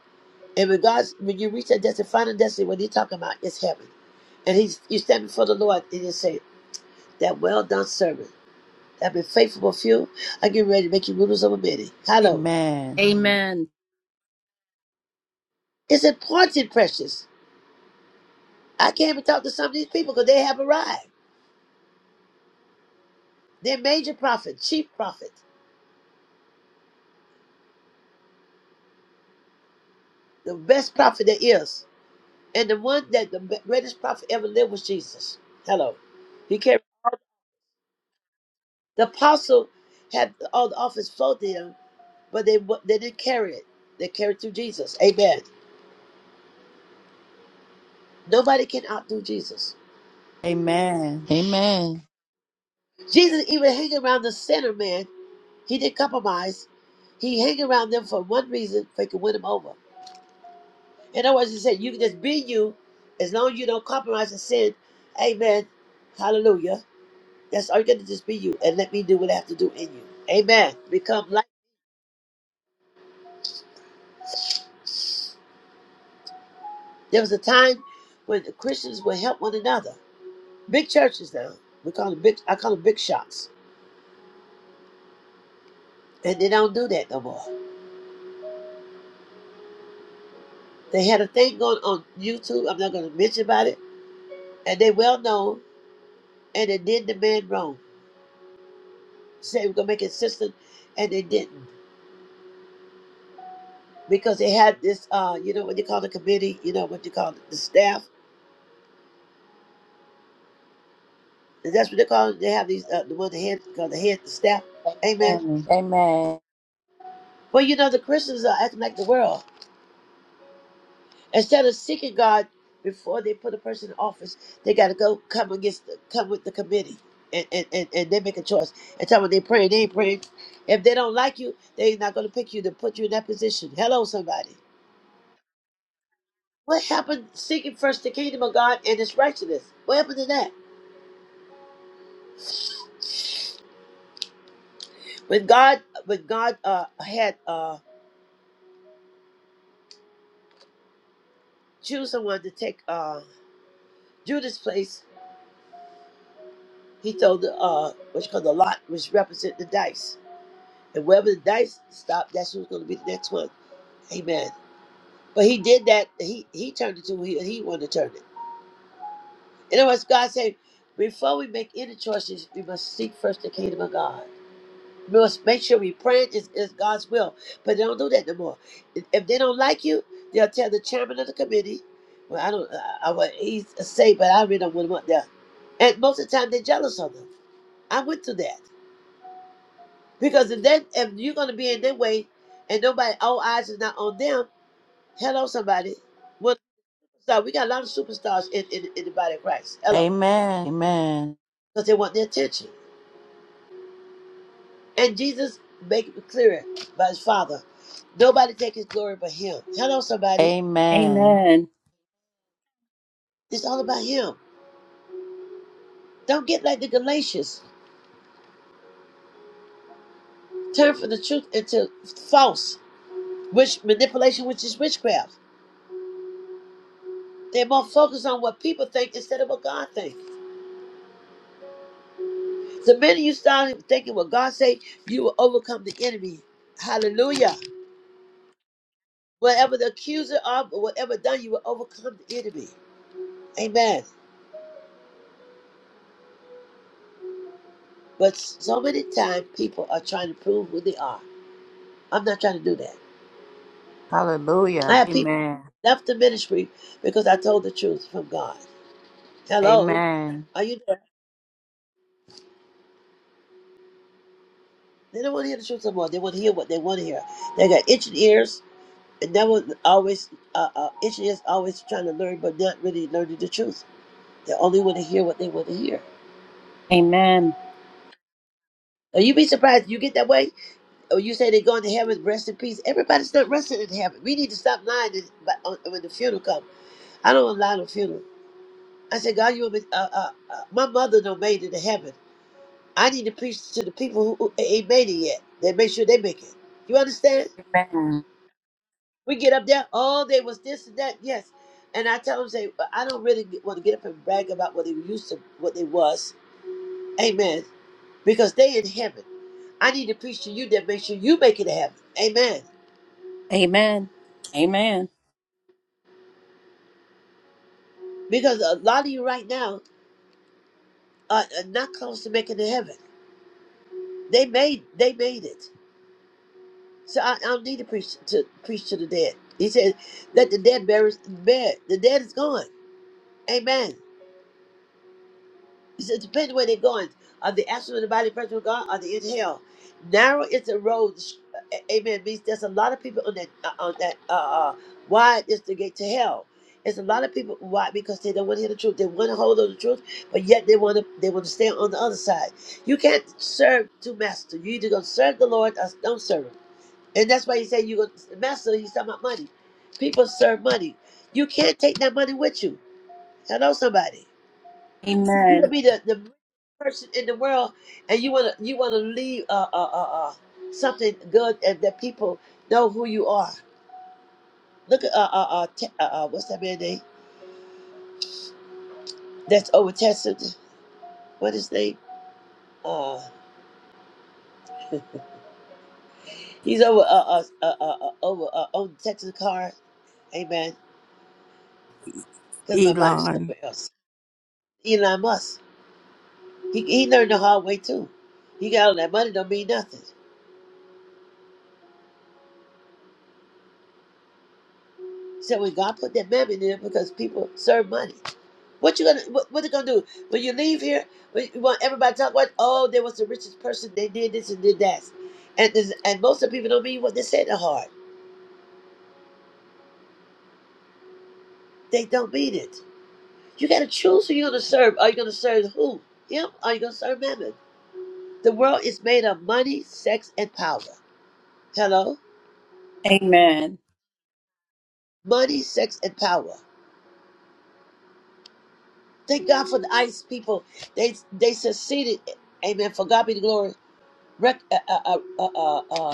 And when God's, when you reach that destiny, final destiny, what He's talking about is heaven. And He's you stand before the Lord and you say, "That well done servant, that been faithful with few, I get ready to make you rulers over many." Hello.
Amen. Amen. Amen. Amen.
It's important, precious. I came and talked to some of these people because they have arrived. They're major prophet, chief prophet, the best prophet there is. And the one that the be- greatest prophet ever lived was Jesus. Hello. He carried all- the apostle had all the office flowed to him, but they wa- they didn't carry it. They carried through Jesus. Amen. Nobody can outdo Jesus.
Amen. Amen.
Jesus even hang around the sinner man. He didn't compromise. He hang around them for one reason, so he could win them over. In other words, he said, you can just be you as long as you don't compromise and sin. Amen. Hallelujah. That's all you got to just be you and let me do what I have to do in you. Amen. Become like. There was a time when the Christians would help one another. Big churches now. We call them big, I call them big shots. And they don't do that no more. They had a thing going on YouTube. I'm not going to mention about it. And they well known. And they did the man wrong. Said we're going to make it sister. And they didn't. because they had this, uh, you know, what they call the committee, you know, what they call the staff. And that's what they call it. They have these, uh, the one the head, called the head, the staff. Amen.
Amen. Amen.
But you know, the Christians are acting like the world. Instead of seeking God before they put a person in office, they got to go come against, the, come with the committee. And, and, and, and they make a choice. And time when they praying, they ain't praying. If they don't like you, they're not going to pick you to put you in that position. Hello, somebody. What happened seeking first the kingdom of God and his righteousness? What happened to that? when God when God uh had uh choose someone to take uh Judas place, he told the uh what's called the lot which represent the dice. And wherever the dice stopped, that's who's gonna be the next one. Amen. But he did that, he he turned it to who he, he wanted to turn it. In other words, God said, before we make any choices, we must seek first the kingdom of God. We must make sure we pray it is, is God's will. But they don't do that no more. If if they don't like you, they'll tell the chairman of the committee. Well, I don't. I, I what he's say, but I really don't want him up there. And most of the time, they're jealous of them. I went through that because if that if you're gonna be in their way, and nobody, all eyes is not on them. Hello, somebody. Well, so we got a lot of superstars in, in, in the body of Christ. Hello,
Amen. Amen.
because they want their attention. And Jesus make it clear by his Father, nobody take his glory but Him. Hello, somebody.
Amen.
Amen.
It's all about him. Don't get like the Galatians. Turn from the truth into false, which manipulation, which is witchcraft. They're more focused on what people think instead of what God thinks. The minute you start thinking what God say, you will overcome the enemy. Hallelujah. Whatever the accuser of, or whatever done, you will overcome the enemy. Amen. But so many times people are trying to prove who they are. I'm not trying to do that. I
Hallelujah.
have people
Amen.
left the ministry because I told the truth from God. Hello.
Amen.
Are you there? They don't want to hear the truth no more. They want to hear what they want to hear. They got itching ears, and that was always uh, uh, itching ears, always trying to learn, but not really learning the truth. They only want to hear what they want to hear.
Amen.
Now you be surprised you get that way, or you say they're going to heaven, rest in peace. Everybody's not resting in heaven. We need to stop lying this- but on- when the funeral comes. I don't want to lie on the funeral. I said, God, you want me, uh, uh, uh, my mother don't made it to heaven. I need to preach to the people who, who ain't made it yet. They make sure they make it. You understand?
Amen.
We get up there, oh, they was this and that, yes. And I tell them, say, "But I don't really get- want to get up and brag about what they were used to, what they was. Amen. Because they in heaven. I need to preach to you that make sure you make it to heaven. Amen.
Amen. Amen.
Because a lot of you right now are, are not close to making it to heaven. They made, they made it. So I, I don't need to preach to preach to the dead. He said, "Let the dead bury bed. The dead is gone. Amen. So it depends where they're going. Are they astral the body present with God? Are they in hell? Narrow is the road. sh- a- Amen. Means there's a lot of people on that. Uh, on that. Uh, uh, wide is the gate to hell. It's a lot of people why because they don't want to hear the truth. They want to hold on to the truth, but yet they want to they want to stay on the other side. You can't serve two masters. You either gonna serve the Lord or don't serve him. And that's why he said you gonna master. He's talking about money. People serve money. You can't take that money with you. Hello, somebody. You could
Amen.
be the, the richest person in the world, and you wanna you wanna leave uh uh uh, uh something good and that people know who you are. Look at uh uh uh, Te- uh, uh what's that man's name? That's over Texas. What is his name? Uh, he's over uh uh uh, uh uh, over uh, on Texas car. Amen. Because my mind is
Elon.
somewhere else. Elon Musk. He he learned the hard way too. He got all that money don't mean nothing. So when God put that mammon in, there, because people serve money. What you gonna what, what they gonna do when you leave here? When you want everybody to talk about oh there was the richest person they did this and did that, and this, and most of the people don't mean what they say in their heart. They don't mean it. You gotta choose who you're gonna serve. Are you gonna serve who? Him? Or are you gonna serve Mammon? The world is made of money, sex, and power. Hello,
Amen.
money, sex, and power. Thank God for the ICE people. They they succeeded. Amen. For God be the glory. Rec- uh, uh, uh, uh, uh, uh,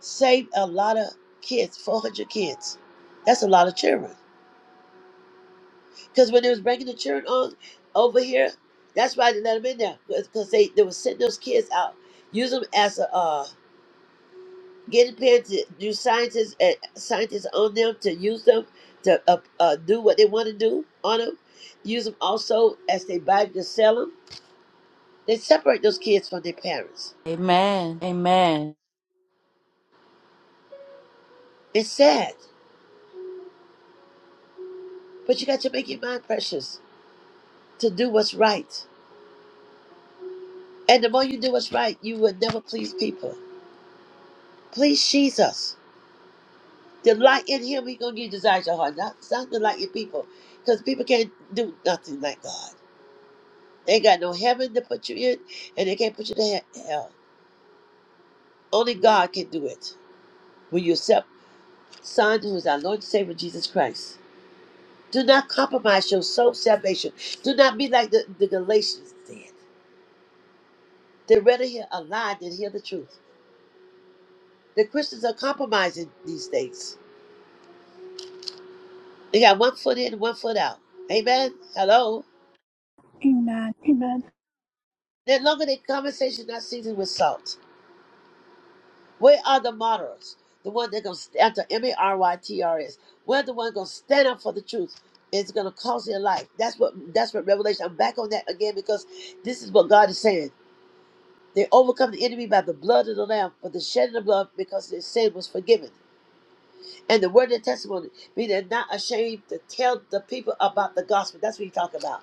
saved a lot of kids, 400 kids. That's a lot of children. Because when they was breaking the children on over here, that's why they let them in there. Because they, they was sending those kids out, use them as a uh, guinea pigs, to do scientists and scientists on them to use them to uh, uh, do what they want to do on them. Use them also as they buy to sell them. They separate those kids from their parents.
Amen. Amen.
It's sad, but you got to make your mind precious to do what's right. And the more you do what's right, you will never please people. Please Jesus. Delight in him, He gonna give you desires of your heart. Not it's not delight in people. Because people can't do nothing like God. They ain't got no heaven to put you in, and they can't put you in hell. Only God can do it. When you accept Son, who is our Lord and Savior Jesus Christ. Do not compromise your soul salvation. Do not be like the, the Galatians did. They rather hear a lie than hear the truth. The Christians are compromising these days They got one foot in, and one foot out. Amen. Hello.
Amen. Amen.
They longer their conversation not seasoned with salt. Where are the martyrs? The one that gonna stand to M A R Y T R S. Where the one gonna stand up for the truth? It's gonna cost their life. That's what that's what Revelation. I'm back on that again because this is what God is saying. They overcome the enemy by the blood of the Lamb, but the shedding of blood because their sin was forgiven. And the word of testimony, be they not ashamed to tell the people about the gospel. That's what he's talking about.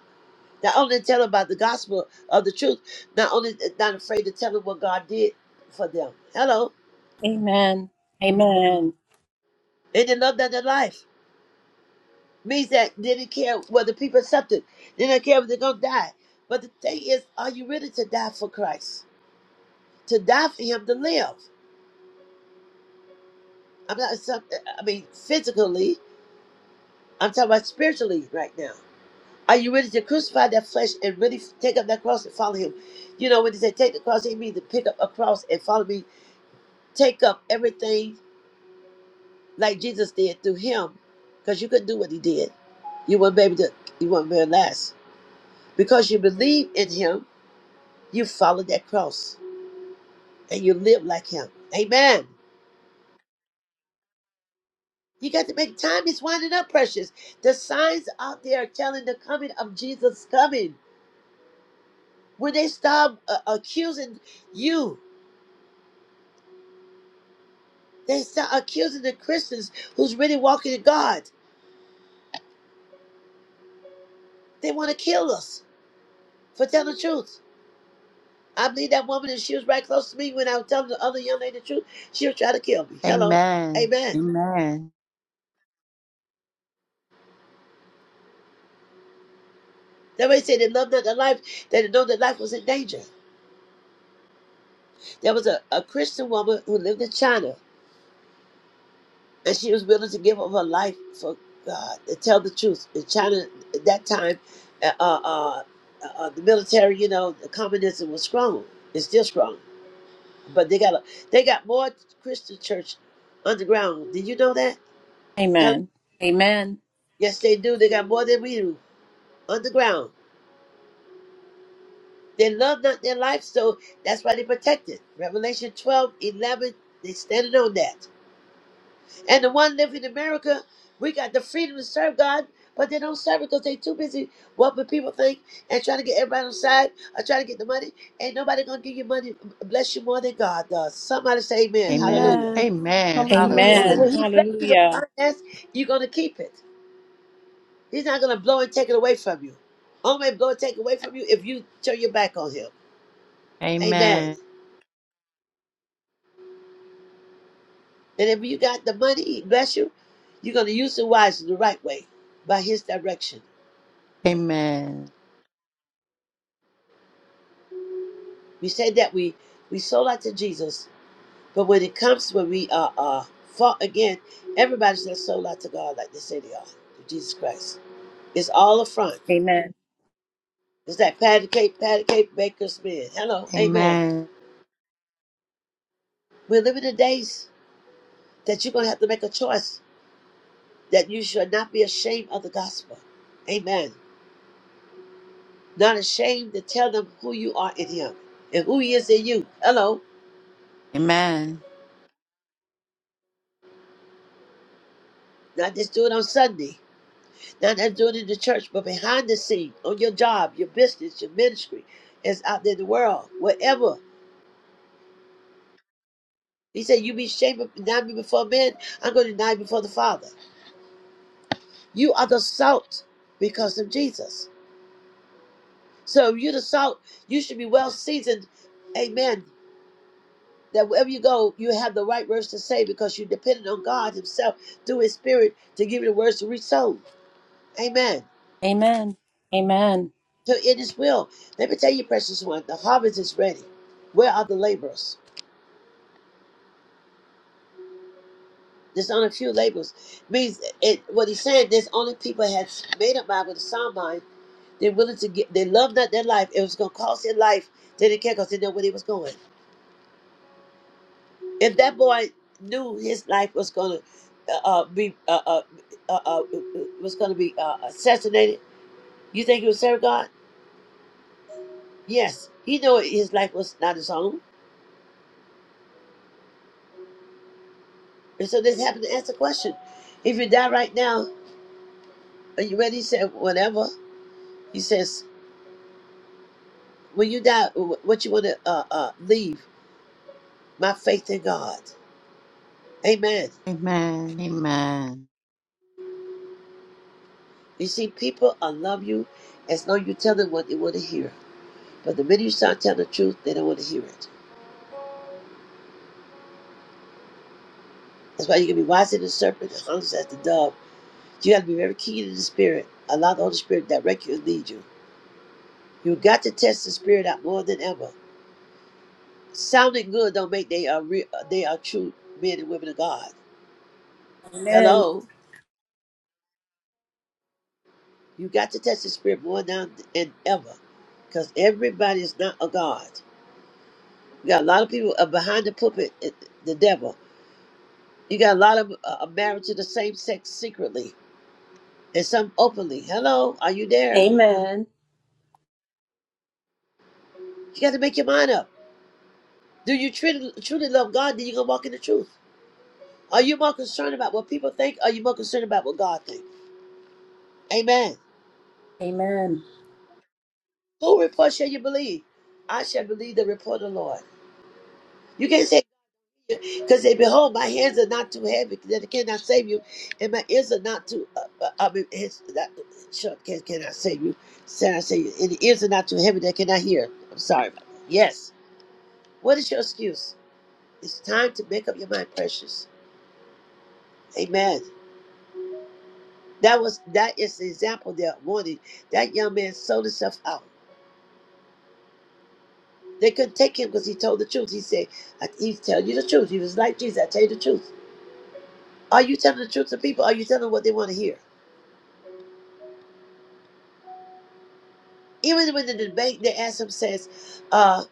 Not only to tell them about the gospel of the truth, not only eh, not afraid to tell them what God did for them. Hello.
Amen. Amen.
And they didn't love that their life. Means that they didn't care whether people accepted. They didn't care if they're gonna die. But the thing is, are you ready to die for Christ? To die for him to live. I'm not some- eh, I mean physically, I'm talking about spiritually right now. Are you ready to crucify that flesh and really take up that cross and follow him? You know, when they say take the cross, they mean to pick up a cross and follow me. Take up everything like Jesus did through him, because you couldn't do what he did. You weren't able to, you weren't very last. Because you believe in him, you follow that cross and you live like him. Amen. You got to make time. It's winding up, precious. The signs out there are telling the coming of Jesus coming. When they stop uh, accusing you, they start accusing the Christians who's really walking in God. They want to kill us for telling the truth. I believe that woman, and she was right close to me when I was telling the other young lady the truth. She was trying to kill me. Hello.
Amen.
Amen.
Amen.
That way, said they loved not their life, they didn't know that life was in danger. There was a, a Christian woman who lived in China, and she was willing to give up her life for God to tell the truth. In China, at that time, uh, uh, uh, uh, the military, you know, the communism was strong. It's still strong, but they got a, they got more Christian church underground. Did you know that? Hello.
Amen. Amen.
Yes, they do. They got more than we do underground. They loved not their life, so that's why they protected. Revelation 12 11, they standing on that. And the one living in America, we got the freedom to serve God, but they don't serve because they too busy what would people think and trying to get everybody on side or trying to get the money. Ain't nobody gonna give you money, bless you more than God does. Somebody say amen.
Amen.
Hallelujah.
Amen.
Amen.
Hallelujah.
And
Amen.
when
Hallelujah.
he bless you with
Hallelujah.
finance, you're gonna keep it. He's not gonna blow and take it away from you. Only blow and take away from you if you turn your back on him. Amen.
Amen.
And if you got the money, bless you, you're going to use it wisely the right way by His direction.
Amen.
We say that we we sold out to Jesus, but when it comes when we are uh, fought again, everybody's not sold out to God like they say they are to Jesus Christ. It's all a front.
Amen.
It's that patty cake, patty cake baker's man. Hello, Amen.
Amen.
We're living in days that you're going to have to make a choice that you should not be ashamed of the gospel. Amen. Not ashamed to tell them who you are in Him and who He is in you. Hello.
Amen.
Not just do it on Sunday. Not just do it in the church, but behind the scene, on your job, your business, your ministry, it's out there in the world, wherever. He said, You be ashamed of deny me before men, I'm going to deny you before the Father. You are the salt because of Jesus. So if you're the salt, you should be well seasoned. Amen. That wherever you go, you have the right words to say because you're dependent on God Himself through His Spirit to give you the words to reach souls. Amen.
Amen. Amen.
So it is well. Let me tell you, precious one, the harvest is ready. Where are the laborers? There's only a few laborers. Means it what he's saying, there's only people that has made up mind with a sound mind. They're willing to get they love not their life. It was gonna cost their life. They didn't care because they know where they was going. If that boy knew his life was gonna uh, uh, be uh, uh, uh, uh, was gonna be uh, assassinated, you think he would serve God? Yes. He knew his life was not his own. And so this happened to answer the question. If you die right now, Are you ready? He said, whatever. He says, when you die, wh- what you want to uh, uh, leave? My faith in God. Amen.
Amen. Amen.
You see, people uh, love you as long as you tell them what they want to hear. But the minute you start telling the truth, they don't want to hear it. That's why you can be wise as the serpent and harmless as the dove. You got to be very keen to the Spirit. Allow the Holy Spirit to direct you and lead you. You got to test the Spirit out more than ever. Sounding good don't make they are re- they are true men and women of God. Hello. You got to touch the spirit more now than ever, because everybody is not a god. You got a lot of people uh, behind the pulpit, uh, the devil. You got a lot of uh, uh, married to the same sex secretly, and some openly. Hello, are you there?
Amen.
You got to make your mind up. Do you truly, truly love God? Then you gonna walk in the truth. Are you more concerned about what people think? Or are you more concerned about what God thinks? Amen.
Amen. Amen.
Who report shall you believe? I shall believe the report of the Lord. You can't say Because they behold, my hands are not too heavy that I cannot save you, and my ears are not too. Uh, uh, I mean, it's not, sure, can cannot save you. Said I save you, and the ears are not too heavy that I cannot hear. I'm sorry. about that. Yes. What is your excuse? It's time to make up your mind, precious. Amen. That was that is the example there. Warning. That young man sold himself out. They couldn't take him because he told the truth. He said, I, "He's telling you the truth." He was like Jesus. I tell you the truth. Are you telling the truth to people? Are you telling them what they want to hear? even when the debate, the asked says, uh,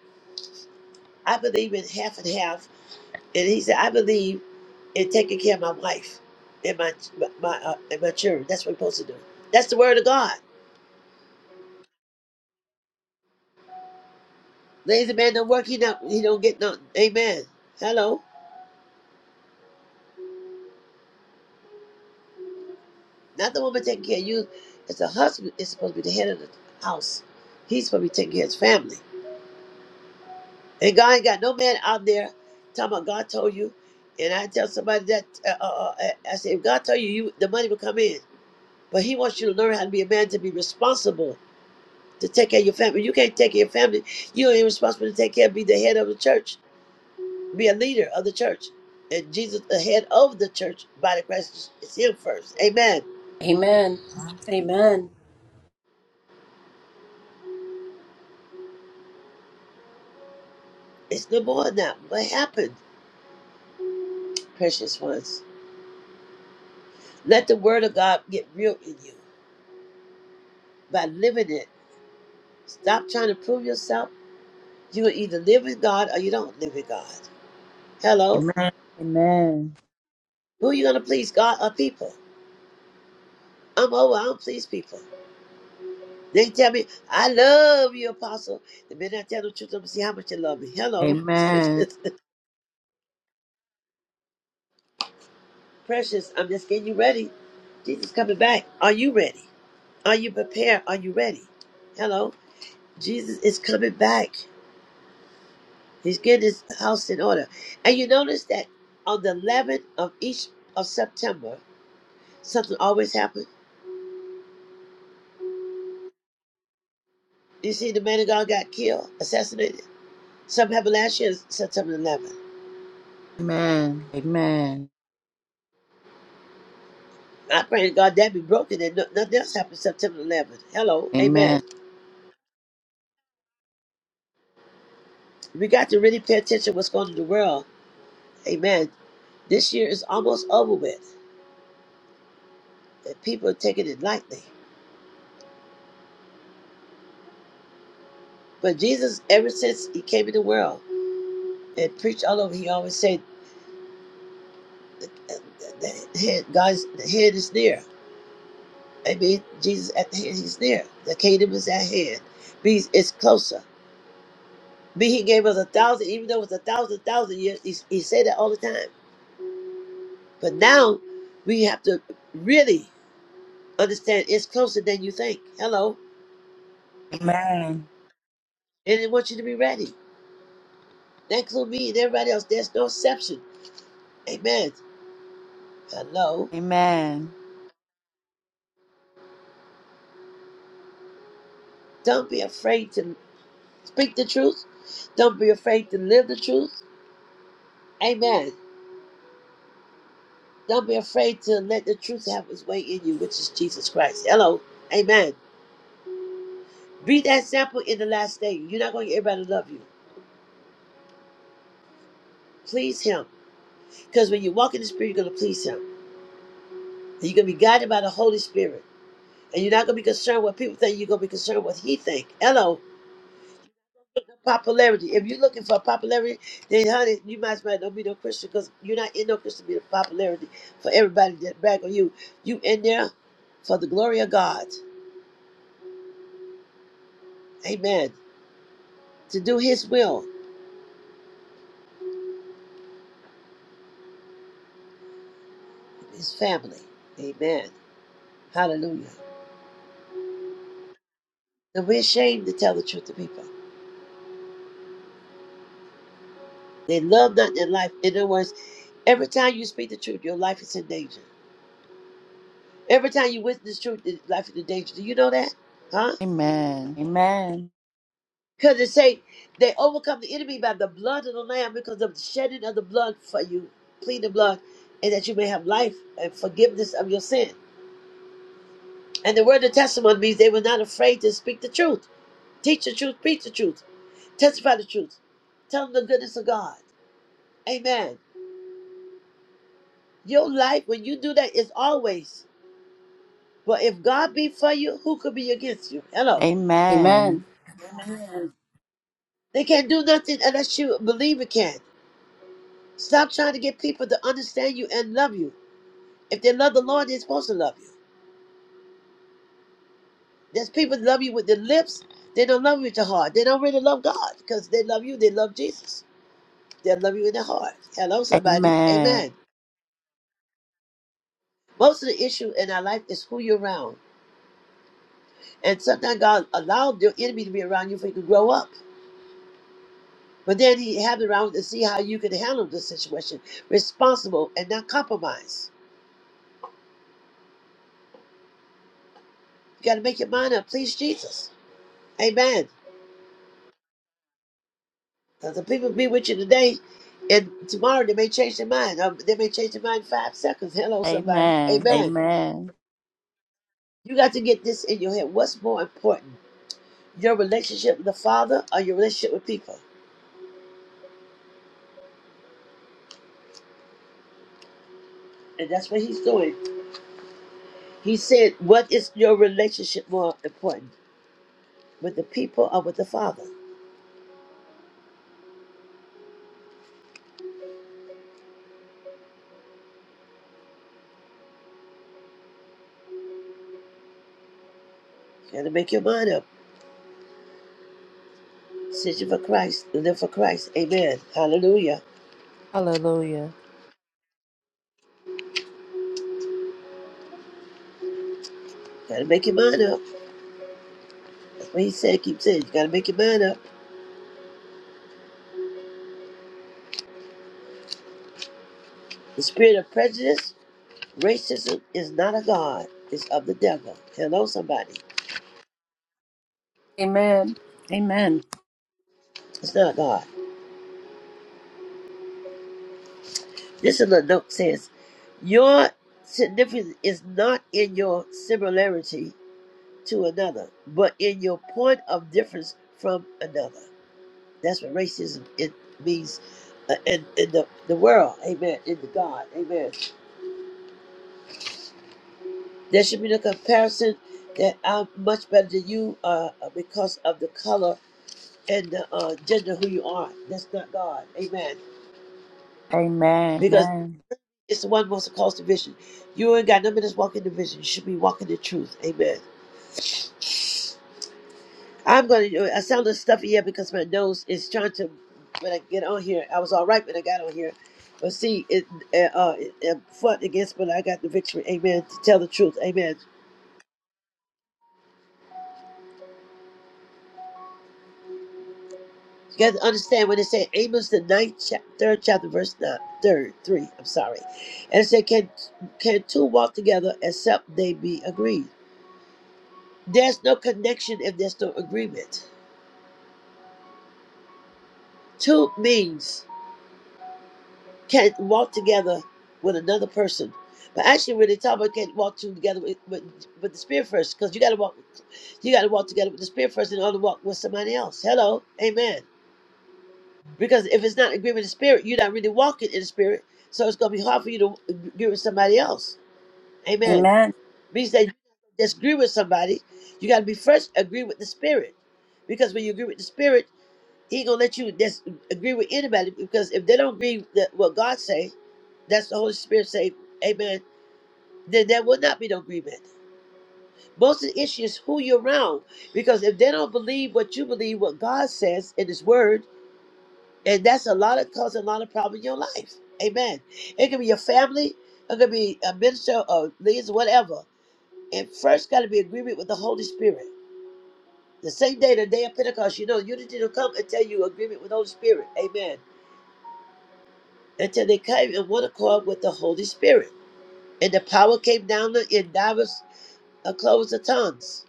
I believe in half and half. And he said, I believe in taking care of my wife and my my uh, and my children. That's what we're supposed to do. That's the word of God. Lazy man don't work, he don't, he don't get nothing. Amen. Hello. Not the woman taking care of you. It's the husband is supposed to be the head of the house. He's supposed to be taking care of his family. And God ain't got no man out there talking about God told you. And I tell somebody that, uh, uh, uh, I I say, if God told you, you the money will come in. But he wants you to learn how to be a man to be responsible, to take care of your family. You can't take care of your family. You ain't responsible to take care, of, be the head of the church, be a leader of the church. And Jesus, the head of the church, body of Christ, is him first. Amen.
Amen. Amen.
It's no more than that. What happened, precious ones? Let the word of God get real in you by living it. Stop trying to prove yourself. You will either live with God or you don't live with God. Hello?
Amen. Amen.
Who are you going to please, God or people? I'm over. I don't please people. They tell me, I love you, Apostle. The minute I tell the truth, I'm going to see how much you love me. Hello.
Amen.
Precious, I'm just getting you ready. Jesus coming back. Are you ready? Are you prepared? Are you ready? Hello. Jesus is coming back. He's getting his house in order. And you notice that on the 11th of each of September, something always happens. You see, the man of God got killed, assassinated. Something happened last year, September 11th.
Amen.
I pray to God that be broken and no- nothing else happens September 11th. Hello,
Amen.
amen. We got to really pay attention to what's going on in the world. Amen. This year is almost over with, and people are taking it lightly. But Jesus, ever since he came in the world and preached all over, he always said, uh, the the hand, God's the hand is near. I mean, Jesus at the hand, he's near. The kingdom is at hand. Means it's closer. Me, he gave us a thousand, even though it was a thousand, thousand years. He, he said that all the time. But now we have to really understand it's closer than you think. Hello.
Amen.
And they want you to be ready. That includes me and everybody else. There's no exception. Amen. Hello.
Amen.
Don't be afraid to speak the truth. Don't be afraid to live the truth. Amen. Don't be afraid to let the truth have its way in you, which is Jesus Christ. Hello. Amen. Be that example in the last day. You're not going to get everybody to love you. Please Him. Because when you walk in the Spirit, you're going to please Him. And You're going to be guided by the Holy Spirit. And you're not gonna be concerned what people think. You're gonna be concerned what he think. Hello, popularity. If you're looking for popularity, then honey, you might as well not be no Christian because you're not in no Christian to be the popularity for everybody that brag on you. You in there for the glory of God. Amen. To do His will, His family. Amen. Hallelujah. And we're ashamed to tell the truth to people. They love nothing in life. In other words, every time you speak the truth, your life is in danger. Every time you witness the truth, your life is in danger. Do you know that? Huh?
Amen. Amen. Amen.
Because it say they overcome the enemy by the blood of the Lamb because of the shedding of the blood for you. Plead the blood, and that you may have life and forgiveness of your sin. And the word of testimony means they were not afraid to speak the truth. Teach the truth, preach the truth, testify the truth. Tell them the goodness of God. Amen. Your life, when you do that, is always. But if God be for you, who could be against you? Hello.
Amen.
Amen. Amen.
They can't do nothing unless you believe it can. Stop trying to get people to understand you and love you. If they love the Lord, they're supposed to love you. There's people that love you with their lips, they don't love you with your heart. They don't really love God because they love you, they love Jesus. They love you in their heart. Hello, somebody.
Amen.
Amen. Most of the issue in our life is who you're around. And sometimes God allowed your enemy to be around you for you to grow up. But then he had it around to see how you can handle the situation. Responsible and not compromise. You got to make your mind up. Please, Jesus. Amen. Because the people be with you today, and tomorrow they may change their mind. Um, they may change their mind in five seconds. Hello, somebody.
Amen.
Amen.
Amen.
You got to get this in your head. What's more important, your relationship with the Father or your relationship with people? And that's what he's doing. He said, What is your relationship more important, with the people or with the Father? You got to make your mind up. Sit you for Christ, and live for Christ. Amen. Hallelujah.
Hallelujah.
You got to make your mind up. That's what he said. Keep saying, You got to make your mind up. The spirit of prejudice Racism is not a God, it's of the devil. Hello, somebody.
Amen. Amen.
It's not God. This is what the note says Your significance is not in your similarity to another, but in your point of difference from another. That's what racism it means uh, in, in the, the world. Amen. In the God. Amen. There should be no comparison that I'm much better than you uh, because of the color and the uh, gender who you are. That's not God. Amen
Amen.
Because
Amen.
It's the one most cause division. You ain't got no business walking division. You should be walking the truth. Amen. I'm gonna. I sound a little stuffy here because my nose is trying to. When I get on here, I was all right when I got on here, but see, it uh, uh it, it fought against, but I got the victory. Amen. To tell the truth. Amen. You got to understand when they say, Amos the ninth chap third chapter verse nine, third three. I'm sorry, and it said can can two walk together except they be agreed. There's no connection if there's no agreement. Two means can't walk together with another person. But actually, when they talk about can't walk two together with, with, with the spirit first, because you got to walk, you got to walk together with the spirit first in order to walk with somebody else. Hello, amen. Because if it's not agreement with the spirit, you're not really walking in the spirit. So it's gonna be hard for you to agree with somebody else. Amen.
Amen.
Means that you disagree with somebody, you got to be first agree with the spirit, because when you agree with the spirit. He gonna let you dis- agree with anybody because if they don't agree that what God say, that's the Holy Spirit say, Amen. Then there will not be no agreement. Most of the issue is who you're around because if they don't believe what you believe, what God says in His Word, and that's a lot of cause a lot of problem in your life. Amen. It can be your family, it could be a minister or leaders, whatever. And first, got to be agreement with the Holy Spirit. The same day, the day of Pentecost, you know, unity will come until you agreement with the Holy Spirit. Amen. until they came in one accord with the Holy Spirit. And the power came down in divers uh, clothes of tongues.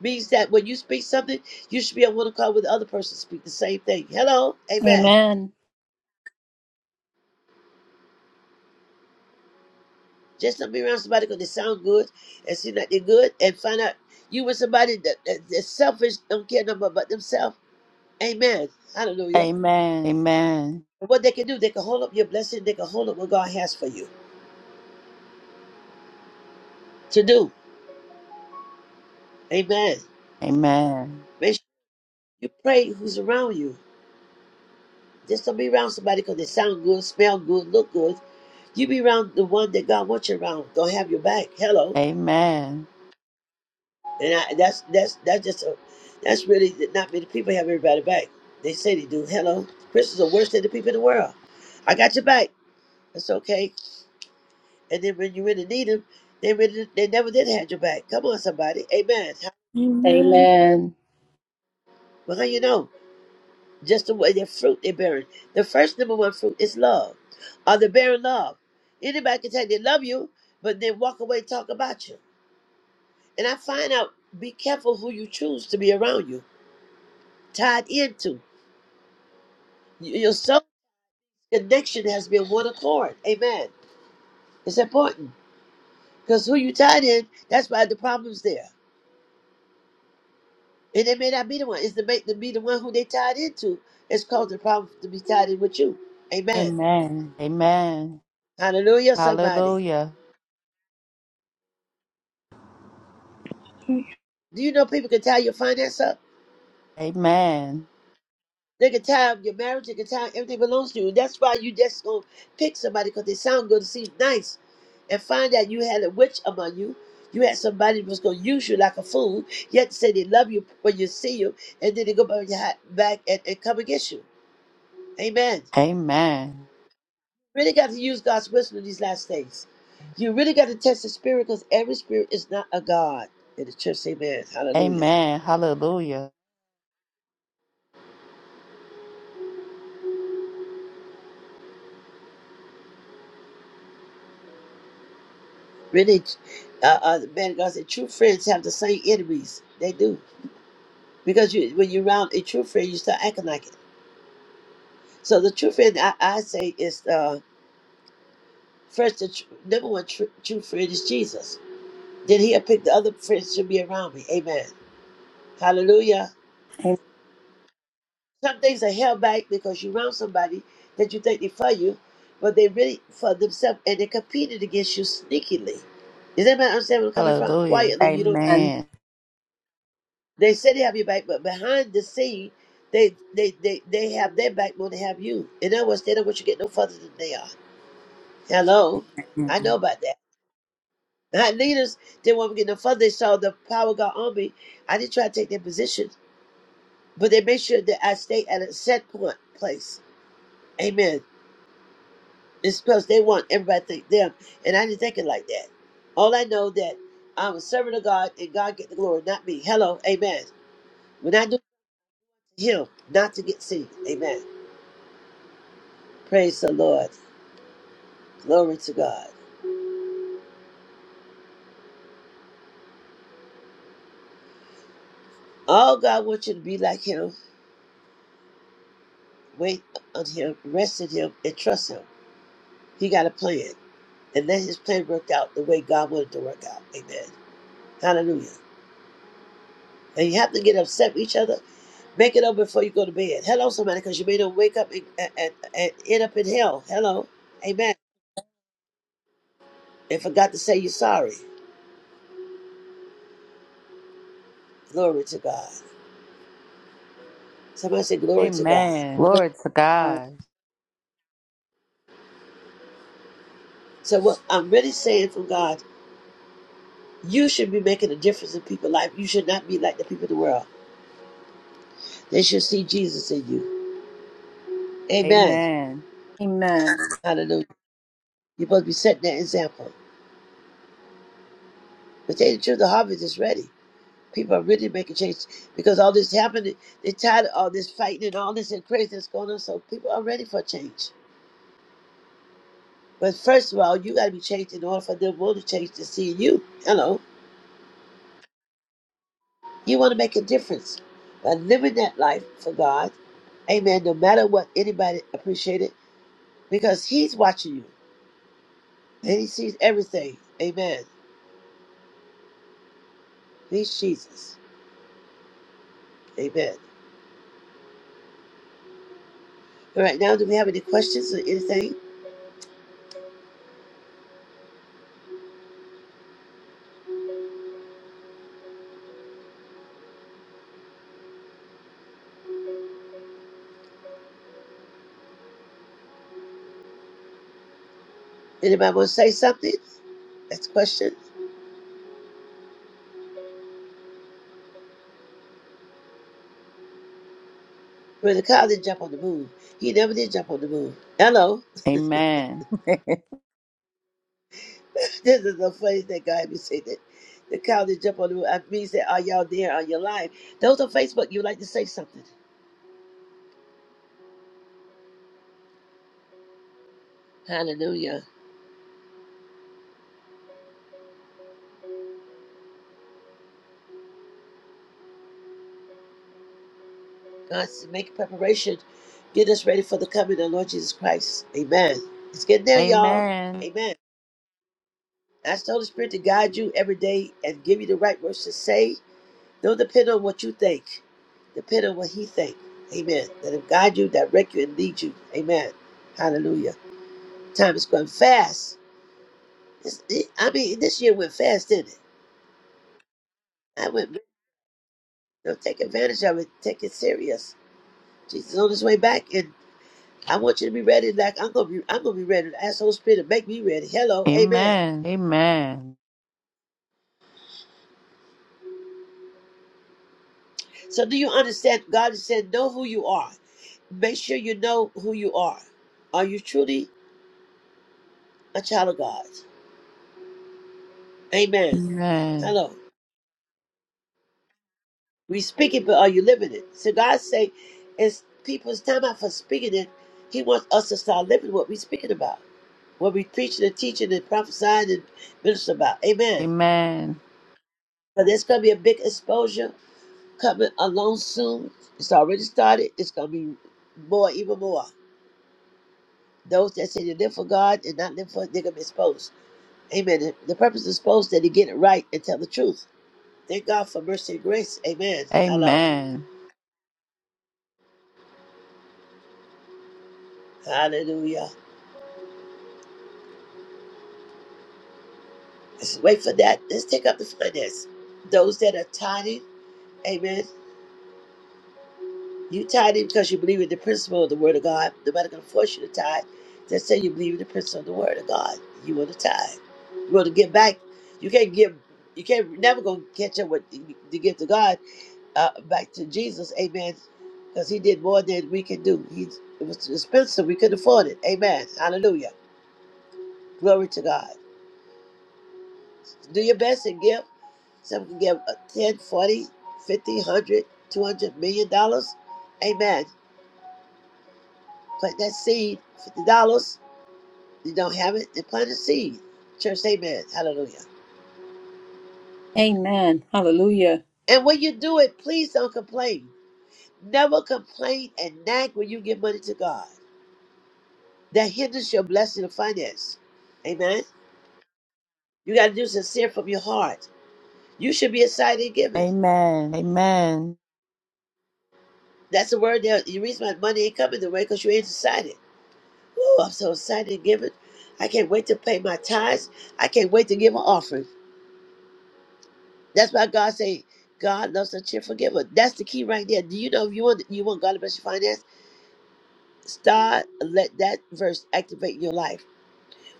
Means that when you speak something, you should be on one accord with the other person speak the same thing. Hello, amen. Just don't be around somebody because they sound good and seem like they're good and find out you with somebody that, that, that's selfish, don't care no more about themselves. Amen. Hallelujah.
Amen.
And what they can do, they can hold up your blessing, they can hold up what God has for you to do. Amen.
Amen.
Make sure you pray who's around you. Just don't be around somebody because they sound good, smell good, look good. You be around the one that God wants you around. Gonna have your back.
Amen.
Hello,
Amen.
and I, that's that's that's just a, that's really not many people have everybody back. They say they do. Hello, Christians are worse than the people in the world. I got your back. That's okay. And then when you really need them, they really they never did have your back. Come on, somebody. Amen.
Amen.
Well, how you know? just the way their fruit they're bearing. The first number one fruit is love. Are they bearing love? Anybody can tell you they love you, but then walk away talk about you. And I find out be careful who you choose to be around you, tied into. Y- Your soul connection has been one accord. Amen. It's important because who you tied in, that's why the problem's there. And it may not be the one. It's the make to be the one who they tied into. It's caused the problem to be tied in with you. Amen.
Amen. Amen.
Hallelujah, somebody.
Hallelujah.
Do you know people can tie your finance up?
Amen.
They can time your marriage, they can tie everything belongs to you. That's why you just gonna pick somebody because they sound good, and seem nice, and find out you had a witch among you. You had somebody that was gonna use you like a fool. You had to say they love you when you see you, and then they go behind your hi- back and, and come against you. Amen.
Amen.
Really got to use God's wisdom in these last days. You really got to test the spirit because every spirit is not a god. In the church, amen. Hallelujah.
Amen. Hallelujah.
Really, uh, uh, the man of God said, true friends have the same enemies. They do. because you when you're around a true friend, you start acting like it. So the true friend I, I say is uh, first the tr- number one tr- true friend is Jesus. Then he'll pick the other friends to be around me. Amen. Hallelujah.
Amen.
Some things are held back because you're around somebody that you think they're for you, but they really for themselves and they competed against you sneakily. Does anybody understand where I'm coming from?
Hallelujah.
Quietly, you don't.
Amen.
Amen.
They say they have your back, but behind the scene, they they they, they have their back more than they have you. In other words, they don't want you to get no further than they are. Hello. I know about that. Our leaders didn't want me to get no further. They saw the power of God on me. I didn't try to take their position, but they made sure that I stay at a set point place. Amen. It's because they want everybody to think them, and I didn't think it like that. All I know that I'm a servant of God, and God get the glory, not me. Hello. Amen. When I do it to Him, not to get seen. Amen. Praise the Lord. Glory to God. All God wants you to be like Him. Wait on Him, rest in Him, and trust Him. He got a plan. and let his plan work out the way God wanted to work out. Amen. Hallelujah. And you have to get upset with each other. Make it up before you go to bed. Hello, somebody, because you may not wake up and, and, and end up in hell. Hello. Amen. And forgot to say you're sorry. Glory to God. Somebody say glory to God.
Amen.
Lord.
Glory to God.
So what I'm really saying from God, you should be making a difference in people's life. You should not be like the people of the world. They should see Jesus in you. Amen.
Amen.
Amen.
Hallelujah. You're supposed to be setting that example. But tell you the truth, the harvest is ready. People are really making change because all this happened. They're tired of all this fighting and all this and crazy going on. So people are ready for change. But first of all, you got to be changed in order for them want to change to see you. Hello, you want to make a difference by living that life for God. Amen. No matter what anybody appreciate it, because He's watching you and He sees everything. Amen. He's Jesus. Amen. All right. Now, do we have any questions or anything? Anybody want to say something? That's a question. But the cow didn't jump on the moon. He never did jump on the moon. Hello.
Amen.
this is the funny thing God be saying that the cow didn't jump on the moon. I mean that are y'all there? Are you alive? Those on Facebook, you would like to say something. Hallelujah. God said, make preparation. Get us ready for the coming of the Lord Jesus Christ. Amen. It's getting there, y'all.
Amen.
Amen. Ask the Holy Spirit to guide you every day and give you the right words to say Don't depend on what you think. Depend on what he think. Amen. Let him guide you, direct you, and lead you. Amen. Hallelujah. Time is going fast. It's, it, I mean, this year went fast, didn't it? I went, you know, take advantage of it. Take it serious. Jesus is on his way back, and I want you to be ready. Like I'm gonna be, I'm gonna be ready. Ask Holy Spirit to make me ready.
Amen.
Hello, Amen.
Amen.
So, do you understand? God is saying, know who you are. Make sure you know who you are. Are you truly a child of God? Amen.
Amen.
Hello. We speak it, but are you living it? So God say, it's people's time out for speaking it. He wants us to start living what we speaking about, what we preaching and teaching and prophesying and ministering about. Amen.
Amen.
But there's going to be a big exposure coming along soon. It's already started. It's going to be more, even more. Those that say they live for God and not live for it, they're going to be exposed. Amen. The the purpose is exposed that they get it right and tell the truth. Thank God for mercy and grace. Amen. Hello.
Amen.
Hallelujah. wait for that. Let's take up the finance. Those that are tithing, amen. You tithing because you believe in the principle of the word of God. Nobody gonna force you to tithe. Just say you believe in the principle of the word of God. You want to tithe. You want to give back. You can't give. You can't never gonna catch up with the the gift of God uh, back to Jesus, amen. Because He did more than we can do. He it was expensive. We couldn't afford it. Amen. Hallelujah. Glory to God. Do your best and give. Some can give a 10, forty, fifty, one hundred, two hundred million dollars. Amen. Plant that seed, $50. You don't have it, then plant a seed. Church, amen. Hallelujah.
Amen. Hallelujah.
And when you do it, please don't complain. Never complain and nag when you give money to God. That hinders your blessing of finance. Amen. You got to do sincere from your heart. You should be excited and giving.
Amen. Amen.
That's the word there. The reason why money ain't coming the way because you ain't excited. Woo, I'm so excited to give it. I can't wait to pay my tithes. I can't wait to give an offering. That's why God say, God loves a cheerful giver. That's the key right there. Do you know if you want you want God to bless your finance? Start let that verse activate your life.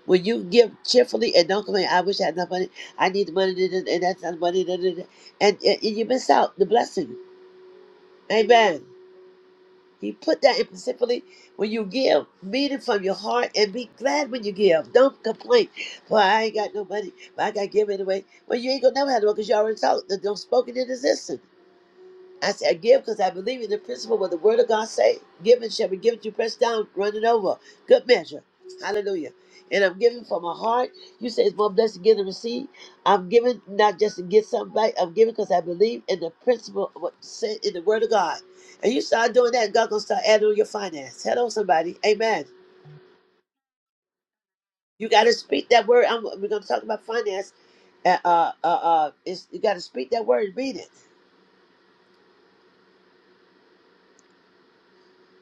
When you give cheerfully and don't complain, I wish I had enough money. I need the money, da- da- da- and that's not the money, da- da- da," and, and you miss out the blessing. Amen. He put that in specifically when you give, mean it from your heart and be glad when you give. Don't complain. Well, I ain't got no money, but I got to give it away. Well, you ain't going to never have no because you already talked. don't spoken in existence. I said, I give because I believe in the principle what the word of God say. Giving shall be given to you, pressed down, running over. Good measure. Hallelujah. And I'm giving from my heart. You say it's more blessed to give than receive. I'm giving not just to get something back. I'm giving because I believe in the principle of what said in the word of God. And you start doing that, God gonna start adding on your finance. Hello, somebody. Amen. You gotta speak that word. I'm, we're gonna talk about finance. Uh, uh, uh, uh, it's, you gotta speak that word and read it.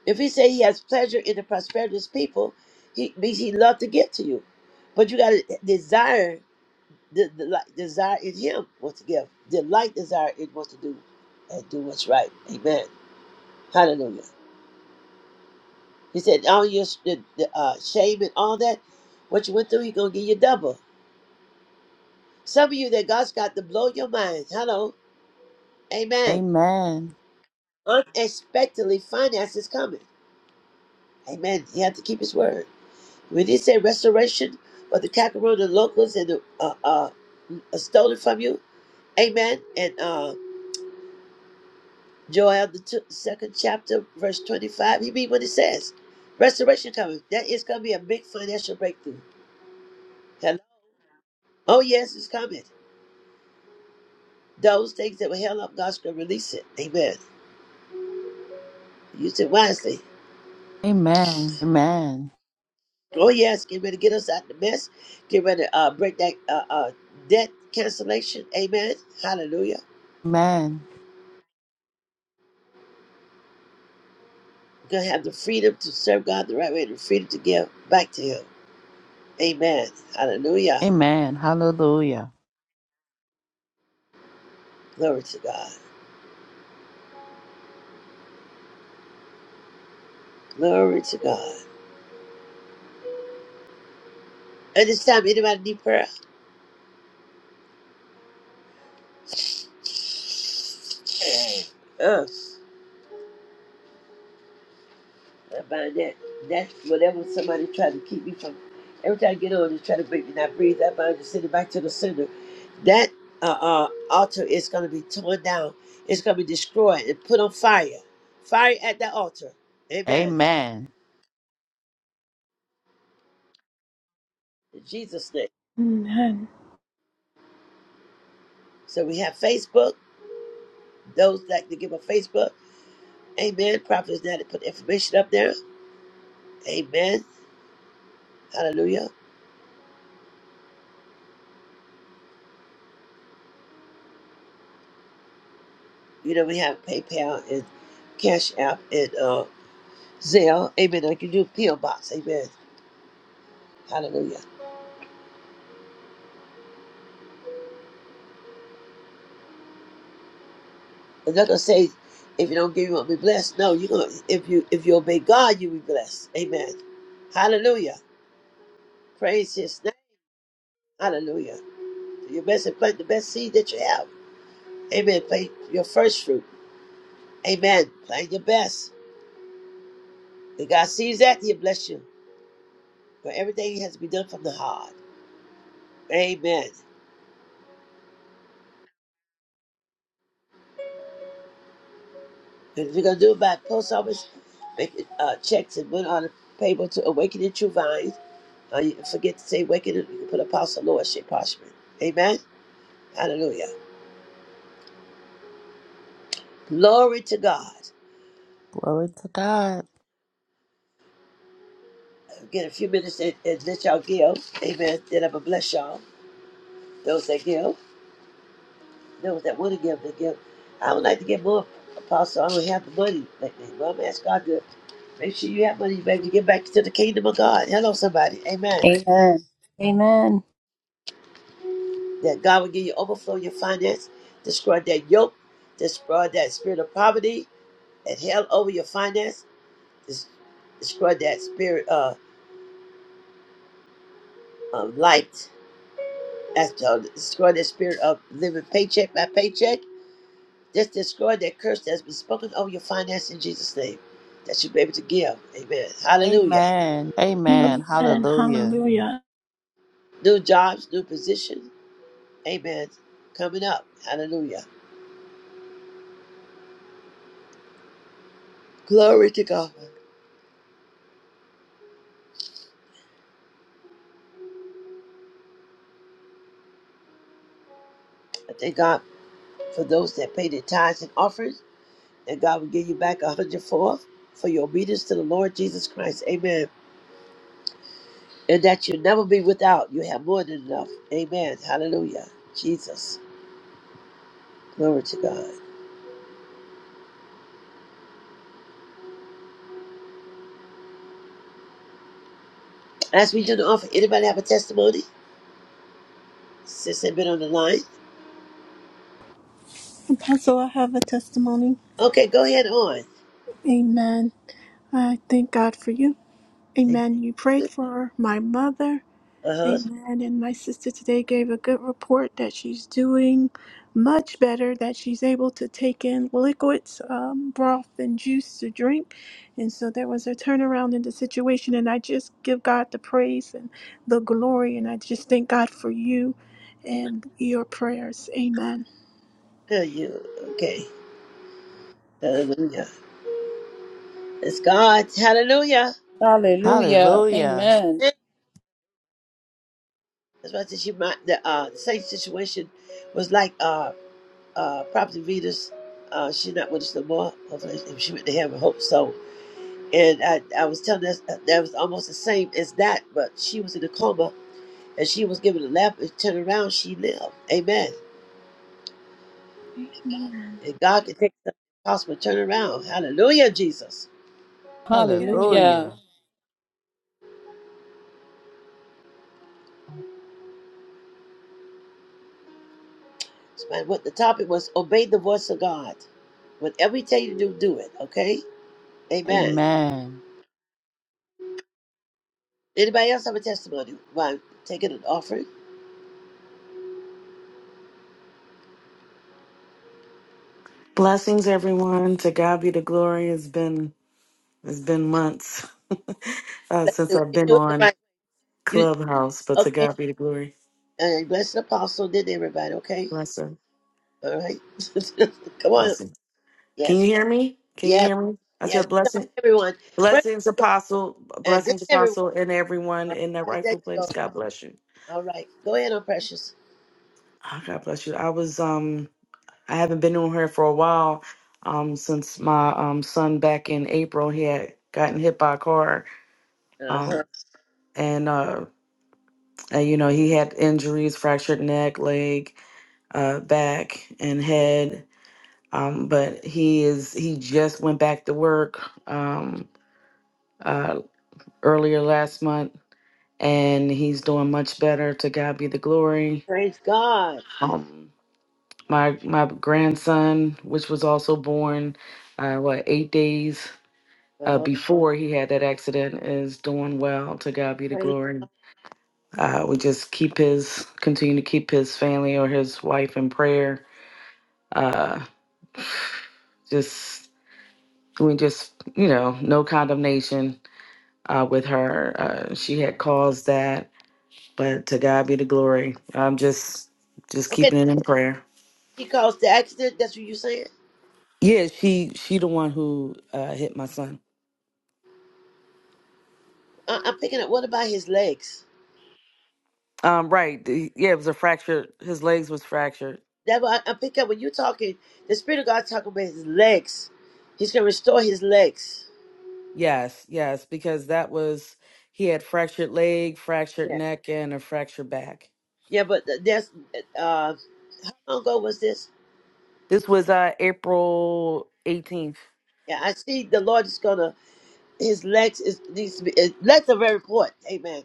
If he say he has pleasure in the prosperity of his people, he means he love to give to you. But you gotta desire the, the like, desire in him what to give. Delight desire in what to do and do what's right. Amen. Hallelujah. He said, all your sh- the, the, uh, shame and all that, what you went through, he gonna give you double. Some of you that God's got to blow your mind. Hello. Amen.
Amen.
Unexpectedly finance is coming. Amen. He had to keep his word. When he said restoration, but the cockroach, the locusts, and the uh, uh, uh, stolen from you. Amen. And uh, Joel, the two, second chapter, verse 25, he mean what it says. Restoration coming. That is going to be a big financial breakthrough. Hello? Oh, yes, it's coming. Those things that were held up, God's going to release it. Amen. Use it wisely.
Amen. Amen.
Oh, yes. Get ready to get us out of the mess. Get ready to uh, break that uh, uh, debt cancellation. Amen. Hallelujah.
Amen.
gonna have the freedom to serve God the right way, the freedom to give back to Him. Amen. Hallelujah.
Amen. Hallelujah.
Glory to God. Glory to God. At this time, anybody need prayer? Us. I bind that. That's whatever somebody tried to keep me from. Every time I get on, they try to make me not breathe. I bind and send it back to the center. That uh, uh, altar is going to be torn down. It's going to be destroyed and put on fire. Fire at that altar. Amen.
Amen.
In Jesus' name.
Amen.
So we have Facebook. Those like to give a Facebook, amen. Prophets now to put information up there, amen. Hallelujah. You know, we have PayPal and Cash App and uh, Zelle, amen. Like you do P.O. Box, amen. Hallelujah. I'm not gonna say if you don't give, you won't be blessed. No, you're gonna if you if you obey God, you'll be blessed. Amen. Hallelujah. Praise His name. Hallelujah. Do Your best and plant the best seed that you have. Amen. Plant your first fruit. Amen. Plant your best. If God sees that, He'll bless you. but everything has to be done from the heart. Amen. And if you're gonna do it by post office, make it, uh, checks and put it on the paper to awaken the true vine. Uh, you forget to say awaken it, you can put apostle lordship parchment. Amen. Hallelujah. Glory to God.
Glory to God.
I'll Get a few minutes and, and let y'all give. Amen. Then I'm gonna bless y'all. Those that give, those that want to give, they give. I would like to give more apostle. I don't have the money lately. Well, I'm asking God to make sure you have money, baby, to get back to the kingdom of God. Hello, somebody. Amen.
Amen. Amen.
that God will give you overflow your finance, destroy that yoke, destroy that spirit of poverty and hell over your finance, des- destroy that spirit of, of light, that's, uh, destroy that spirit of living paycheck by paycheck. Just destroy that curse that's been spoken over your finance in Jesus' name, that you be able to give. Amen. Hallelujah.
Amen. Amen.
Amen.
Hallelujah.
Hallelujah.
New jobs, new positions. Amen. Coming up. Hallelujah. Glory to God. I thank God for those that pay their tithes and offerings. and God will give you back a hundredfold for your obedience to the Lord Jesus Christ. Amen. And that you'll never be without. You have more than enough. Amen. Hallelujah. Jesus. Glory to God. As we do the offer, anybody have a testimony? Since they've been on the line.
Apostle, I have a testimony.
Okay, go ahead on.
Amen. I thank God for you. Amen. You prayed for my mother.
Uh-huh.
Amen. And my sister today gave a good report that she's doing much better, that she's able to take in liquids, um, broth, and juice to drink. And so there was a turnaround in the situation. And I just give God the praise and the glory. And I just thank God for you and your prayers. Amen.
Tell you. Okay. Hallelujah. It's God. Hallelujah.
Hallelujah.
Hallelujah.
Amen.
That's why I said she might the uh same situation was like uh, uh, Prophet Venus. Uh, she's not with us no more. Hopefully, if she went to heaven, hope so. And I, I was telling us that that was almost the same as that, but she was in a coma and she was given a lap and turn around, she lived. Amen.
Amen.
And God can take the possible turn around. Hallelujah, Jesus.
Yeah, Je-
Hallelujah.
Hallelujah.
And what the topic was obey the voice of God. Whatever He tell you to do, do it. Okay? Amen.
Amen.
Anybody else have a testimony? Why taking an offering?
Blessings, everyone. To God be the glory. It's been it's been months uh,
Let's
since
do it.
I've
You
been
do it the
on
right. You
Clubhouse, but to
okay?
God be the glory.
All right, bless the apostle, did everybody, okay?
Blessing,
All right. Come on.
blessing. Can
Yes,
you hear me? Can you
yes,
hear me? I
yes.
said
Come on,
blessing,
everyone. Precious,
blessings,
go-
apostle,
and then
blessings,
everyone.
apostle, and everyone
All
in that
right, there you
rightful
go.
place. God bless you.
All right, go ahead on precious.
Oh, God bless you. I was um I haven't been on here for a while um since my um son back in April he had gotten hit by a car
Uh
um
huh.
and uh Uh, you know, he had injuries, fractured neck, leg, uh, back, and head. Um, but he is he just went back to work um, uh, earlier last month, and he's doing much better. To God be the glory.
Praise God.
Um, my my grandson, which was also born, uh, what eight days
Uh
uh,
huh.
before he had that accident, is doing well. To God be the
Praise.
glory. Uh, we just keep his continue to keep his family or his wife in prayer Uh, just we just you know no condemnation uh, with her. Uh, she had caused that, but to God be the glory. I'm just just
Okay,
keeping it in prayer.
she caused the accident. That's what you saying?
Yeah, she she the one who uh, hit my son.
I- I'm picking up. What about his legs?
Um, right. the- Yeah, it was a fracture. His legs was fractured.
That what I, I pick up when you talking. The Spirit of God talking about his legs. He's gonna restore his legs.
Yes, yes, because that was he had fractured leg, fractured
Yeah.
neck, and a fractured back.
Yeah, but th- that's uh, how long ago was this?
This was uh April 18th.
Yeah, I see the Lord is gonna his legs is needs to be his legs are very important. Amen.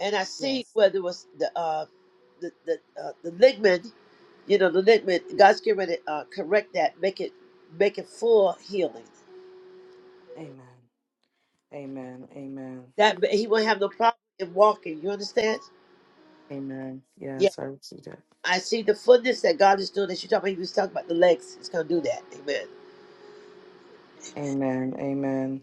And I see
Yes.
whether it was the uh the the uh, the ligament, you know, the ligament, God's getting ready to uh, correct that, make it make it full healing.
Amen. Amen. Amen.
That he won't have no problem in walking, you understand?
Amen.
Yeah.
Yes, I received that.
I see the fullness that God is doing that you talking about, he was talking about the legs, he's gonna do that. Amen.
Amen. Amen.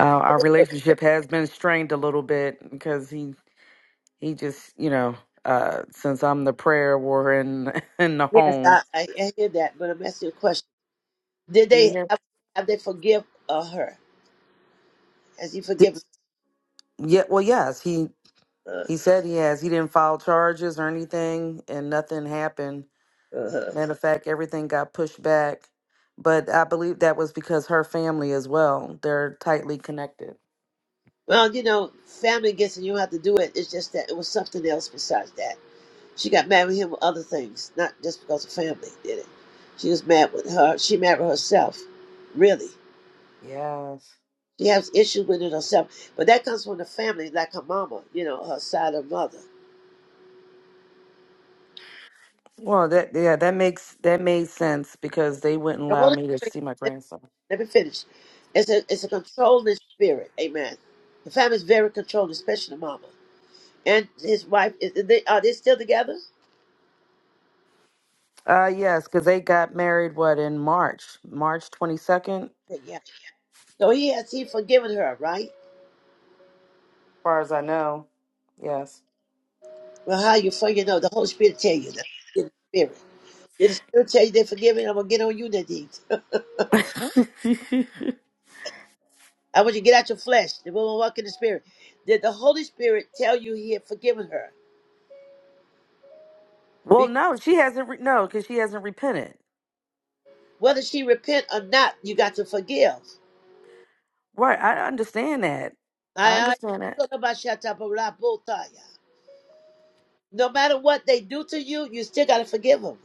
Uh, our relationship has been strained a little bit because he he just you know uh, since I'm the prayer warrior in in the
Yes,
home.
I, I, I hear that, but I'm asking a question. Did
Can you
they have, have they forgive uh, her? Has he
Did,
forgiven
yeah. Well, yes. He
her?
he said he has. He didn't file charges or anything, and nothing happened.
Uh-huh.
Matter of fact, everything got pushed back. But I believe that was because her family as well. They're tightly connected.
Well, you know, family gets and you don't have to do it. It's just that it was something else besides that. She got mad with him with other things, not just because of family did it. She was mad with her. She married herself, really.
Yes.
She has issues with it herself, but that comes from the family, like her mama, you know, her side of mother.
Well, that yeah, that makes that made sense because they wouldn't
The
allow
Holy Ghost
me to
makes-
see my
let, me,
grandson.
let me finish. It's a it's a controlling spirit, amen. The family is very controlling, especially the mama and his wife. Is, they, are they still together?
Uh, yes, because they got married what in March, March twenty second, as
Yeah. So he has he forgiven her, right?
far as I know. Yes.
Well, how you for you know? The Holy Spirit tell you that. the Spirit. Did the Spirit tell you they're forgiving? I'm gonna get on you, That Nadine. I want you to get out your flesh. The woman walk in the Spirit. Did the Holy Spirit tell you He had forgiven her?
well,
Because
no, she hasn't. Re- no, because she hasn't repented.
whether she repent or not, you got to forgive.
Right, I understand that. I
I, I
understand that.
no matter what they do to you, you still got to forgive them.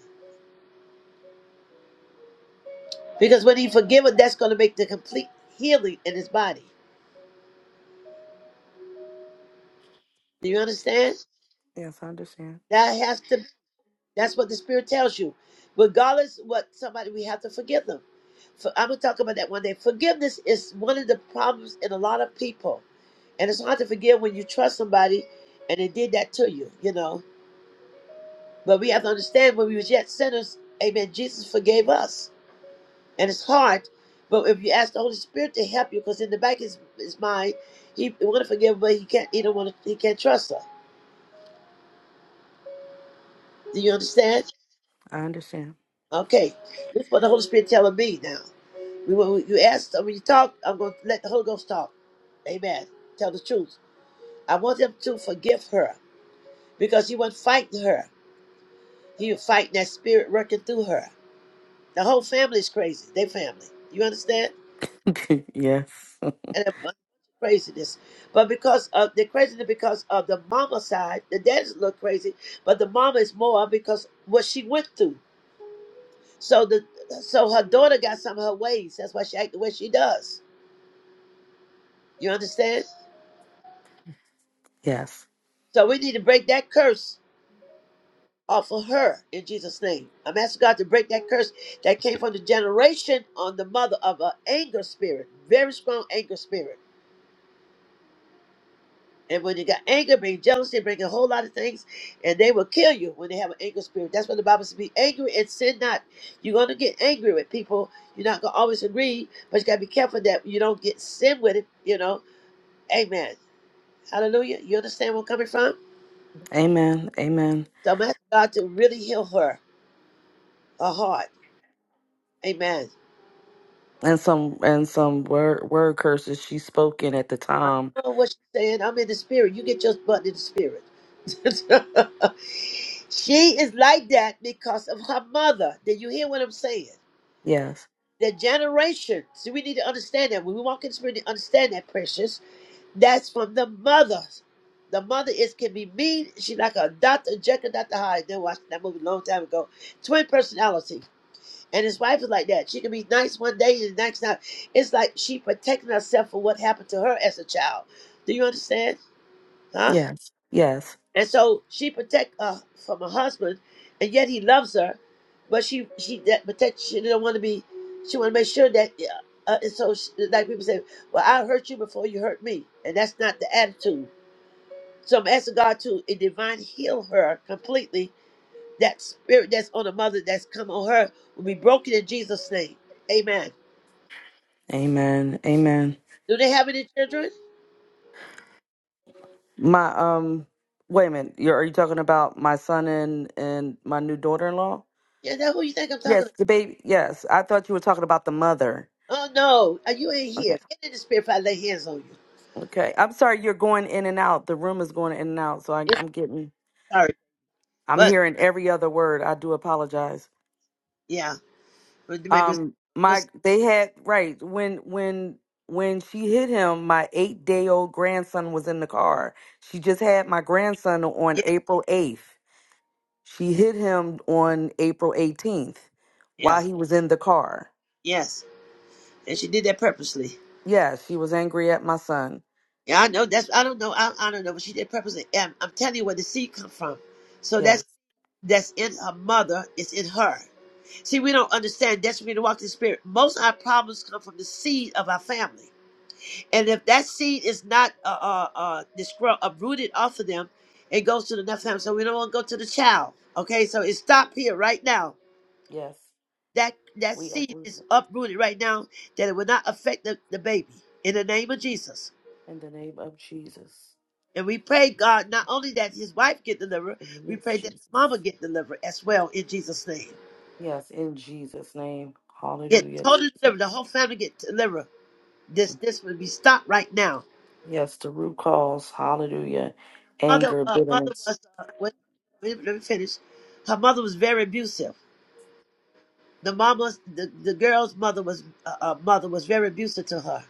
Because when he forgive them, that's going to make the complete healing in his body. Do you understand?
Yes, I understand.
That has to be. That's what the Spirit tells you. Regardless what somebody, we have to forgive them. For, I'm gonna talk about that one day. Forgiveness is one of the problems in a lot of people, and it's hard to forgive when you trust somebody and they did that to you. You know, but we have to understand when we was yet sinners, Amen. Jesus forgave us, and it's hard. But if you ask the Holy Spirit to help you, because in the back is his his mind, he want to forgive, but he can't. He don't want to. He can't trust her. Do you understand?
I understand.
Okay, this is what the Holy Spirit telling me now. We, when you ask, uh, when you talk, I'm going to let the Holy Ghost talk. Amen. Tell the truth. I want him to forgive her because he wasn't fighting her. He was fighting that spirit working through her. The whole family is crazy. They family. You understand?
yes.
And a bunch of craziness. But because of the craziness, because of the mama side, the dad's a little crazy, but the mama is more because what she went through. So the so her daughter got some of her ways. That's why she act the way she does. You understand?
Yes.
So we need to break that curse off of her in Jesus' name. I'm asking God to break that curse that came from the generation on the mother of an anger spirit, very strong anger spirit. And when you got anger, bring jealousy, bring a whole lot of things, and they will kill you when they have an anger spirit. That's what the Bible says: be angry and sin not. You're gonna get angry with people. You're not gonna always agree, but you gotta be careful that you don't get sin with it. You know, Amen. Hallelujah. You understand where I'm coming from?
Amen. Amen.
So I'm asking God to really heal her, her heart. Amen.
And some and some word word curses she spoken at the time.
know what she's saying. I'm in the spirit. You get your butt in the spirit. she is like that because of her mother. Did you hear what I'm saying?
Yes.
The generation. See, we need to understand that. When we walk in the spirit, we understand that, precious. That's from the mother. The mother is can be mean. She like a Dr. Jekyll, Dr. Hyde. They watched that movie a long time ago. Twin personality. And his wife is like that. She can be nice one day and the next night. It's like she protecting herself for what happened to her as a child. Do you understand? Huh?
Yes. Yes.
And so she protect uh, from her husband, and yet he loves her, but she she that protect she don't want to be. She want to make sure that. Uh, uh, and so, she, like people say, well, I hurt you before you hurt me, and that's not the attitude. So I'm asking God to in divine heal her completely. That spirit that's on the mother that's come on her will be broken in Jesus' name. Amen.
Amen. Amen.
Do they have any children?
My um wait a minute. You're, are you talking about my son and and my new daughter-in-law?
Yeah, that who you think I'm talking
Yes,
about?
the baby. Yes. I thought you were talking about the mother.
Oh no, uh, you ain't
Okay.
here. Get in the spirit if I lay hands on you.
Okay. I'm sorry you're going in and out. The room is going in and out, so I
Yeah,
I'm getting
Sorry,
I'm
but
hearing every other word. I do apologize.
yeah. Or maybe it's
Um
your
my
side.
they had right when when when she hit him, my 8-day-old grandson was in the car. She just had my grandson on
Yeah,
April 8th She hit him on April 18th
yeah,
while he was in the car.
yes. And she did that purposely.
Yeah, she was angry at my son.
Yeah, I know. That's I don't know. I, I don't know, but she did purposely. And I'm telling you where the seed come from. So
Yes,
that's that's in her mother. It's in her. See, we don't understand. That's when we walk in the spirit. Most of our problems come from the seed of our family. And if that seed is not uh uh, uh disgru- uprooted off of them, it goes to the next family. So we don't want to go to the child. Okay, so it stop here right now
yes.
That that
We
seed
uproot
is
it
uprooted right now, that it will not affect the, the baby. In the name of Jesus.
in the name of Jesus.
And we pray, God, not only that his wife get delivered,
In the
we
name of
pray that the mama
Jesus.
get delivered as well in Jesus' name.
Yes, in Jesus' name.
Get
Hallelujah,
totally
Jesus.
delivered. The whole family get delivered. This this will be stopped right now.
Yes, the root cause. Hallelujah.
Mother
Anger,
uh, mother
bitterness.
was uh, wait, wait, let me finish. Her mother was very abusive the mama's the, the girl's mother was uh, uh, mother was very abusive to her.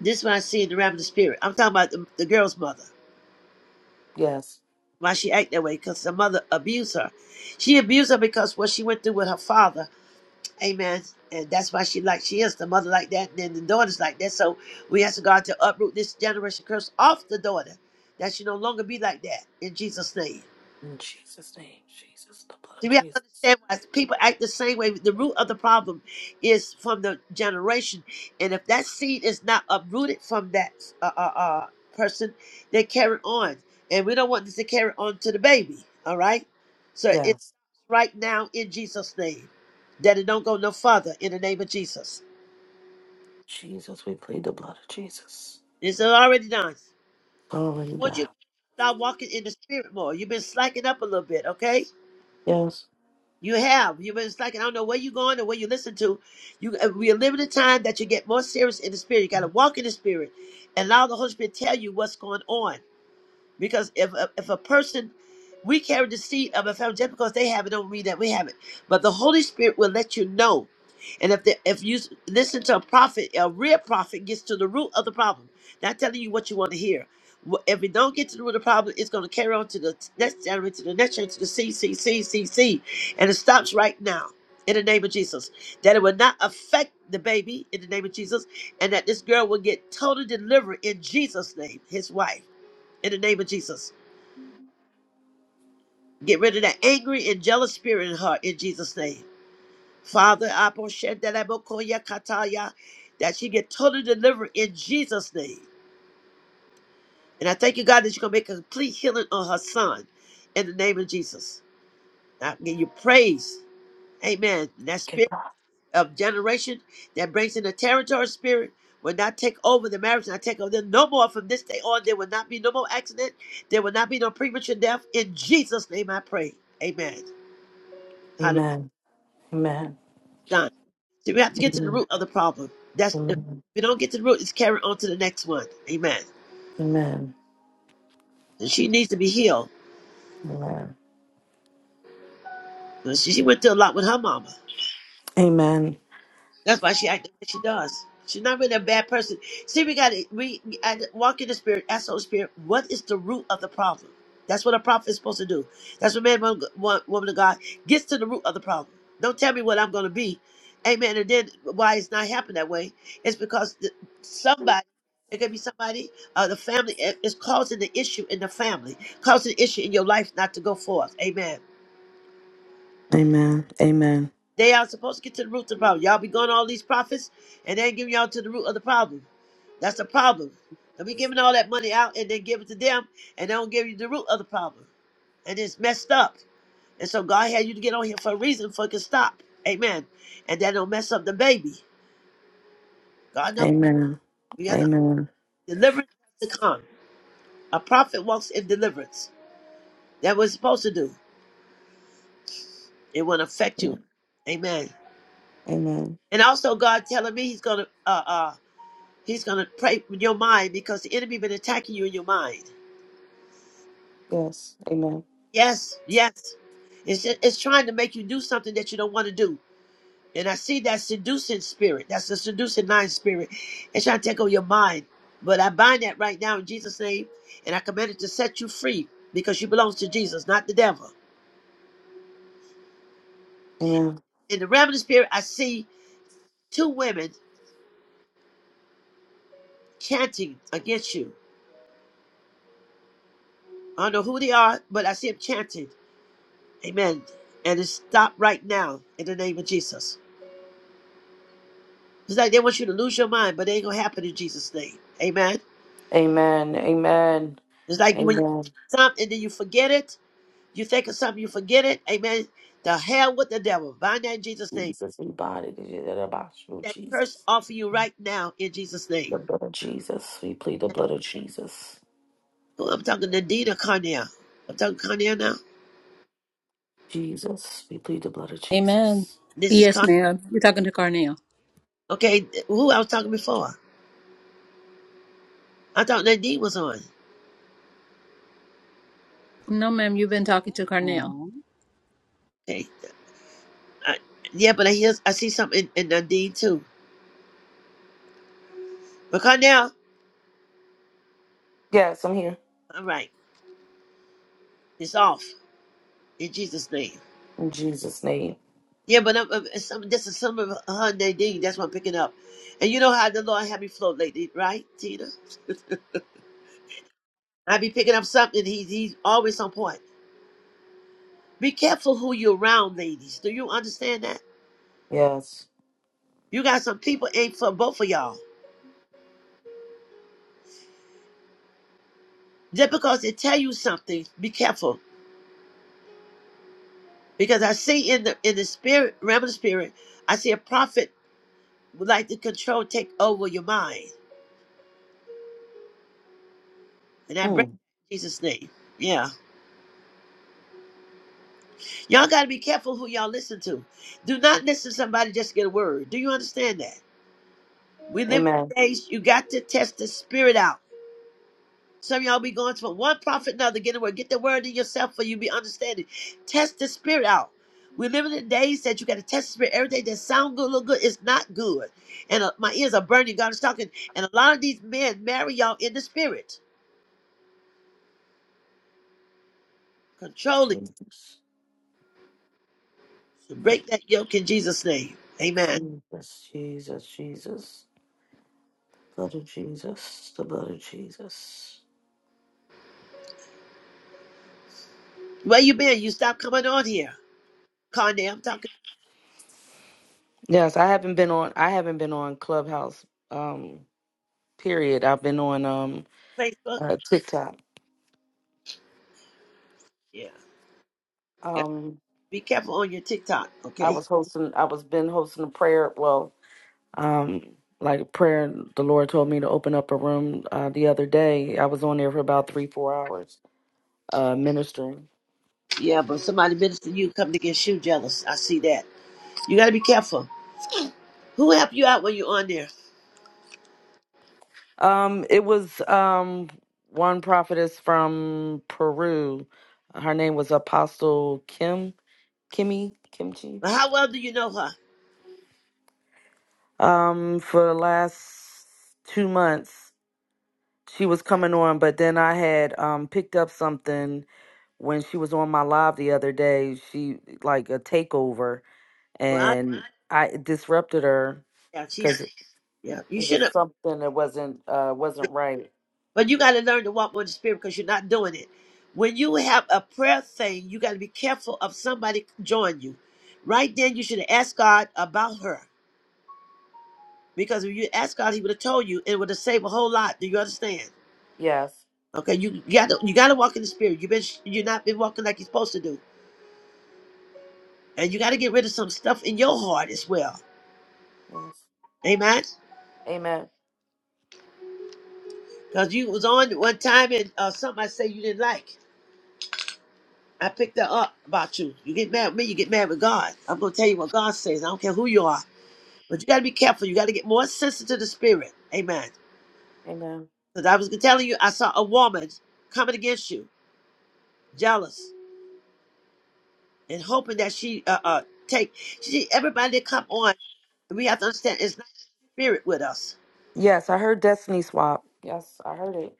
This is what I see in the realm of the spirit. I'm talking about the, the girl's mother.
Yes.
why she act that way because the mother abused her. She abused her because what she went through with her father. Amen. And that's why she like she is the mother like that, and then the daughter's like that. So we ask God to uproot this generation curse off the daughter, that she no longer be like that in Jesus' name.
In Jesus' name. Jesus, the blood of
See, we have to
Jesus.
understand why people act the same way. The root of the problem is from the generation, and if that seed is not uprooted from that uh, uh, uh, person, they carry on, and we don't want this to carry on to the baby. All right, so it's
Yes.
right now in Jesus' name that it don't go no further in the name of Jesus.
Jesus, we plead the blood of Jesus.
It's already done. I
Already
want you
done.
to start walking in the spirit more. You've been slacking up a little bit, okay?
Yes.
You have. You it's like I don't know where you going or where you listen to. You uh, we are living in a time that you get more serious in the spirit. You got to walk in the spirit and allow the Holy Spirit tell you what's going on. Because if a, if a person, we carry the seed of a family, just because they have it don't mean that we have it. But the Holy Spirit will let you know. And if the, if you s- listen to a prophet, a real prophet gets to the root of the problem, not telling you what you want to hear. Wh- If we don't get to the root of the problem, it's going to carry on to the t- next generation, to the next generation, to the C, C, C, C, C. And it stops right now in the name of Jesus. That it will not affect the baby in the name of Jesus. And that this girl will get total delivery in Jesus' name, his wife in the name of Jesus. Get rid of that angry and jealous spirit in her in Jesus' name. Father, I pray that I will call ya kataya, that she get totally delivered in Jesus' name. And I thank you, God, that you're going to make a complete healing on her son in the name of Jesus. I give you praise. Amen. And that
Okay.
spirit of generation that brings in the territory spirit will not take over the marriage and I take over them no more from this day on. There will not be no more accident. There will not be no premature death. In Jesus' name I pray. Amen. Hallelujah.
Amen. Amen.
done. So we have to get to the
Amen.
root of the problem. That's if
Amen.
we don't get to the root, it's carried on to the next one. Amen.
Amen.
And she needs to be healed. She, she went through a lot with her mama.
Amen. Amen.
That's why she acts the way she does. She's not really a bad person. See, we got to we we got walk in the spirit, ask the Holy Spirit, what is the root of the problem? That's what a prophet is supposed to do. That's what man, woman, wo- woman of God gets to the root of the problem. Don't tell me what I'm going to be, Amen. And then why it's not happening that way? It's because the, somebody. It could be somebody, uh, the family is causing the issue in the family, causing the issue in your life not to go forth. Amen.
Amen. Amen.
They are supposed to get to the root of the problem. Y'all be going to all these prophets, and they ain't giving y'all to the root of the problem. That's the problem. They be giving all that money out, and they give it to them, and they don't give you the root of the problem. And it's messed up. And so God had you to get on here for a reason, for it can stop. Amen. And that don't mess up the baby. God knows
Amen.
we have to,
Amen.
deliverance has to come. A prophet walks in deliverance. That was supposed to do. It won't affect you. Amen.
Amen.
And also God telling me he's going to uh, uh He's going to pray with your mind because the enemy been attacking you in your mind.
Yes. Amen.
Yes, yes. It's, it's trying to make you do something that you don't want to do. And I see that seducing spirit. That's the seducing mind spirit. It's trying to take over your mind. But I bind that right now in Jesus' name. And I command it to set you free because you belong to Jesus, not the devil.
Amen.
In the realm of the spirit, I see two women chanting against you. I don't know who they are, but I see them chanting. Amen. And it stop right now in the name of Jesus. It's like they want you to lose your mind, but it ain't gonna happen in Jesus' name. Amen.
Amen. Amen.
It's like when you think
Amen.
of something and then you forget it. You think of something, you forget it. Amen. The hell with the devil. Bind that in Jesus' name.
Jesus, we bind it. It is about you,
That curse
Jesus.
off of you right now in Jesus' name.
The blood of Jesus. We plead the blood of Jesus.
Oh, I'm talking to Nina Carnell. I'm talking Carnell now.
Jesus. We plead the blood of
Amen.
Jesus.
This is
Yes,
Carnell.
ma'am. You're talking to Carnell.
Okay, who I was talking before? I thought Nadine was on.
No, ma'am. You've been talking to Carnell.
Okay. I, yeah, but I hear I see something in, in Nadine too. But Carnell,
Yes, I'm here.
all right, it's off in Jesus' name.
In Jesus' name.
Yeah, but I'm, I'm- it's some, this is some of Hyundai, Nadine. That's what I'm picking up. And you know how the Lord had me float lately, right, Tina? I be picking up something. He's he's always on point. Be careful who you're around, ladies. Do you understand that?
Yes.
You got some people ain't for both of y'all. Just because they tell you something, be careful. Because I see in the in the spirit realm of the spirit, I see a prophet would like to control, take over your mind, and I break
Mm.
in Jesus' name. Yeah. Y'all got to be careful who y'all listen to. Do not listen to somebody just to get a word. Do you understand that? We live
Amen.
in days you got to test the spirit out. Some of y'all be going from one prophet to another, get a word. Get the word in yourself for you be understanding. Test the spirit out. We live in the days that you got to test the spirit. Everything that sound good, look good, is not good. And uh, my ears are burning. God is talking. And a lot of these men marry y'all in the spirit, controlling
Jesus.
Break that yoke in Jesus' name. Amen.
Jesus, Jesus, Jesus. Blood of Jesus, the blood of Jesus.
Where you been? You stop coming on here. Carney, I'm talking.
Yes, I haven't been on. I haven't been on Clubhouse. Um, period. I've been on um
Facebook.
uh, TikTok.
Yeah. yeah.
Um,
Be careful on your TikTok,
I
okay?
was hosting. I was been hosting a prayer. Well, um, like a prayer. The Lord told me to open up a room uh, the other day. I was on there for about three, four hours, uh, ministering.
Yeah, but somebody minister to you come to get you jealous. I see that. You gotta be careful. Who help you out when you're on there?
Um, it was um one prophetess from Peru. Her name was Apostle Kim Kimmy Kimchi.
Well, how well do you know her?
Um, for the last two months she was coming on, but then I had um picked up something when she was on my live the other day. She like a takeover,
Well, I,
and What? I it disrupted her
yeah,
because
she's
it
yeah. You
it
should
was
have,
something that wasn't uh wasn't right.
but you gotta learn to walk with the spirit because you're not doing it. When you have a prayer thing, you gotta be careful of somebody join you. Right then, you should have asked God about her because if you asked God, He would have told you and it would have saved a whole lot. Do you understand?
Yes,
Okay, you, you gotta you gotta walk in the spirit. You've been you're not been walking like you're supposed to do, and you gotta get rid of some stuff in your heart as well.
yes.
Amen.
Amen.
Cause you was on one time and uh, something I say you didn't like. I picked that up about you. You get mad with me, you get mad with God. I'm gonna tell you what God says. I don't care who you are, but you gotta be careful. You gotta get more sensitive to the spirit. Amen.
Amen.
Cause I was telling you, I saw a woman coming against you, jealous and hoping that she uh, uh take. She everybody that come on, we have to understand it's not spirit with us.
Yes, I heard Destiny Swap. Yes, I heard it.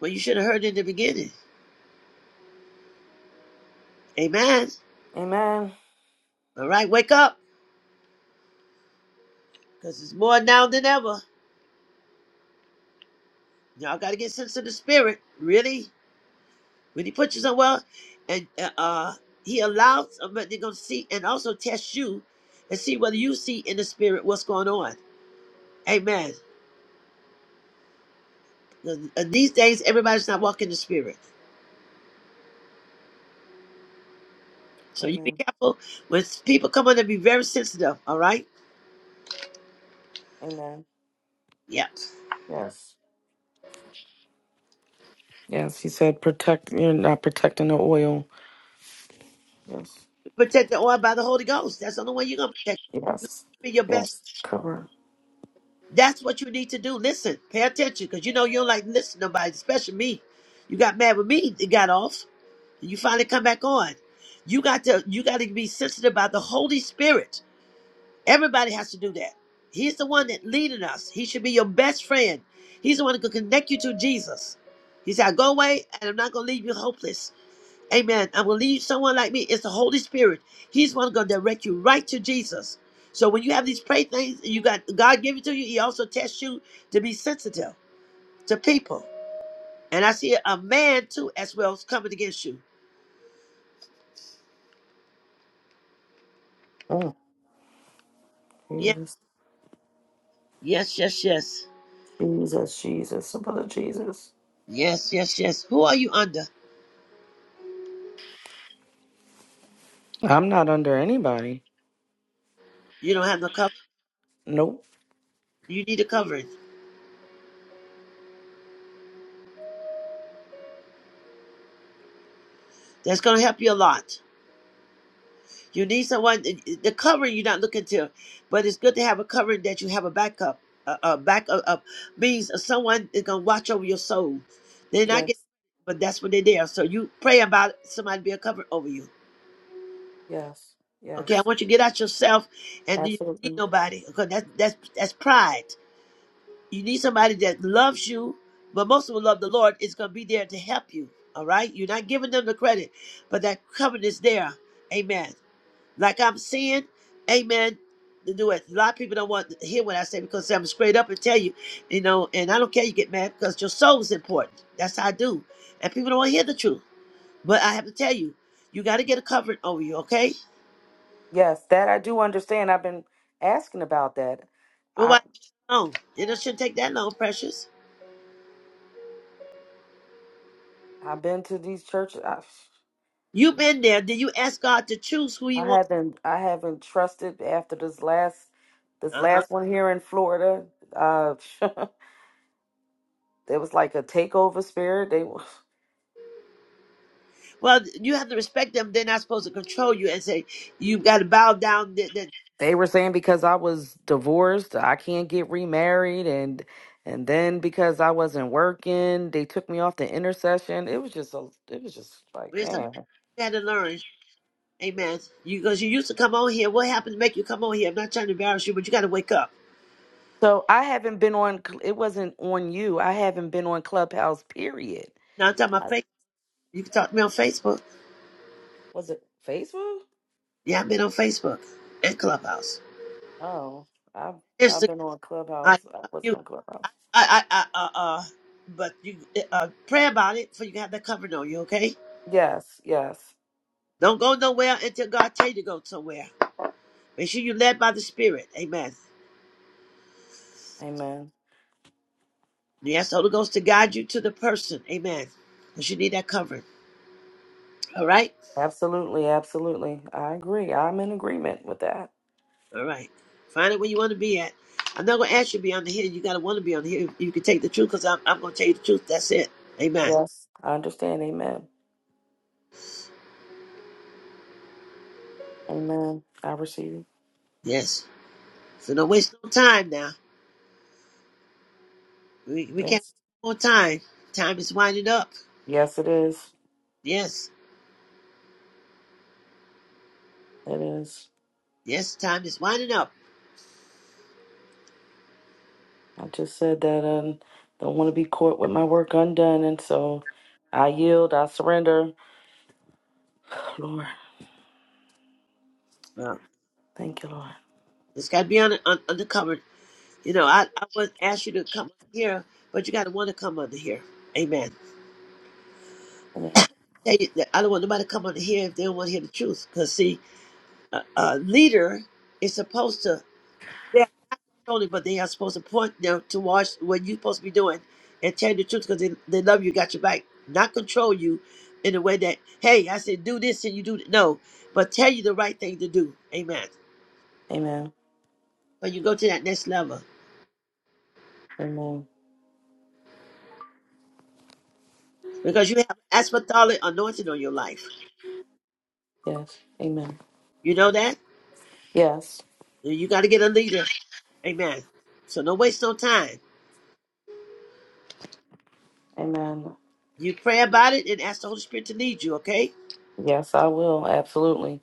Well, you should have heard it in the beginning. Amen.
Amen.
All right, wake up, because it's more now than ever. Y'all got to get sense of the spirit. Really? When he puts you somewhere, and uh, uh, he allows, uh, but they're going to see and also test you and see whether you see in the spirit what's going on. Amen. And and these days, everybody's not walking in the spirit. So you be
Amen.
careful. When s- people come on, and be very sensitive. All right?
Amen.
Yep.
Yes. Yes, he said protect you're not protecting the oil. Yes.
Protect the oil by the Holy Ghost. That's the only way you're going to protect.
Yes.
Be your best
Yes. Cover.
That's what you need to do. Listen, pay attention, because you know you don't like to listen to nobody, especially me. You got mad with me, it got off, and you finally come back on. You got to you got to be sensitive about the Holy Spirit. Everybody has to do that. He's the one that leading us. He should be your best friend. He's the one that can connect you to Jesus. He said, "Go away, and I'm not going to leave you hopeless." Amen. And will lead someone like me. It's the Holy Spirit. He's one going to direct you right to Jesus. So when you have these pray things, you got God give it to you. He also tests you to be sensitive to people. And I see a man too as well is coming against you.
Mm.
Yes,
Jesus.
yes, yes, yes,
Jesus. Jesus. The blood of Jesus.
yes, yes, yes. Who are you under?
I'm not under anybody.
You don't have no cover.
Nope.
You need a covering. That's going to help you a lot. You need someone. eh, eh, The covering you're not looking to, but it's good to have a covering that you have a backup. A, a backup up means someone is gonna watch over your soul. They're not
Yes.
getting, but that's what they're there. So you pray about it, somebody be a cover over you.
Yes.
Okay, I
Yes.
want you to get out yourself, and you don't need
Absolutely.
nobody because that's that's that's pride. You need somebody that loves you, but most of all love the Lord. Is gonna be there to help you. All right, you're not giving them the credit, but that covering is there. Amen like I'm seeing, amen. To do it. A lot of people don't want to hear what I say because I'm straight up and tell you, you know, and I don't care you get mad because your soul is important. That's how I do. And people don't want to hear the truth. But I have to tell you, you got to get a covering over you, okay?
Yes, that I do understand. I've been asking about that.
But
I
why long? It shouldn't take that long, precious.
I've been to these churches.
You've been there. Then you ask God to choose who
I
you want.
haven't I haven't trusted after this last this
Uh-huh.
last one here in Florida. Uh there was like a takeover spirit. They
Well, you have to respect them. They're not supposed to control you and say, you have got to bow down. That, that,
they were saying because I was divorced, I can't get remarried and and then because I wasn't working, they took me off the intercession. It was just a it was just like,
it's a
man.
you had to learn. Amen. You because you used to come on here. What happened to make you come on here? I'm not trying to embarrass you, but you got to wake up.
So I haven't been on Cl- it wasn't on you. I haven't been on Clubhouse period.
Now I'm talking about
I,
Facebook. You can talk to me on Facebook.
was it Facebook?
Yeah, I've been on Facebook and Clubhouse,
Oh, I've I've
Instagram.
been on
I
Clubhouse. I
you
wasn't on Clubhouse.
I I, I uh uh. But you uh pray about it for you have that covering on you. Okay.
Yes, yes.
Don't go nowhere until God tell you to go somewhere. Make sure you are led by the Spirit. Amen.
Amen.
You ask the Holy Ghost to guide you to the person. Amen. Because you need that covering. All right.
Absolutely, absolutely. I agree. I'm in agreement with that.
All right. Find it where you want to be at. I'm not going to ask you to be on the hill. You got to want to be on the hill. You can take the truth because I'm, I'm going to tell you the truth. That's it. Amen.
Yes, I understand. Amen. Amen. I receive. it.
Yes. So don't waste no time now. We, we can't
Yes.
waste no more time. Time is winding up.
Yes, it is.
Yes.
It is.
Yes, time is winding up.
I just said that I don't want to be caught with my work undone and so I yield, I surrender. Lord,
Well,
thank you, Lord.
it's got to be on, on undercover. You know, I, I wouldn't ask you to come here, but you got to want to come under here. Amen.
Amen.
Tell you that I don't want nobody to come under here if they don't want to hear the truth. Because, see, a, a leader is supposed to. only, but they are supposed to point them to watch what you're supposed to be doing and tell you the truth because they, they love you, got your back, not control you in a way that, hey, I said do this and you do th-" no, but tell you the right thing to do. Amen.
Amen.
When you go to that next level,
Amen.
because you have apostolic anointing on your life.
Yes. Amen.
You know that?
Yes.
You got to get a leader. Amen. So don't waste no time.
Amen.
You pray about it and ask the Holy Spirit to lead you, okay?
Yes, I will. Absolutely.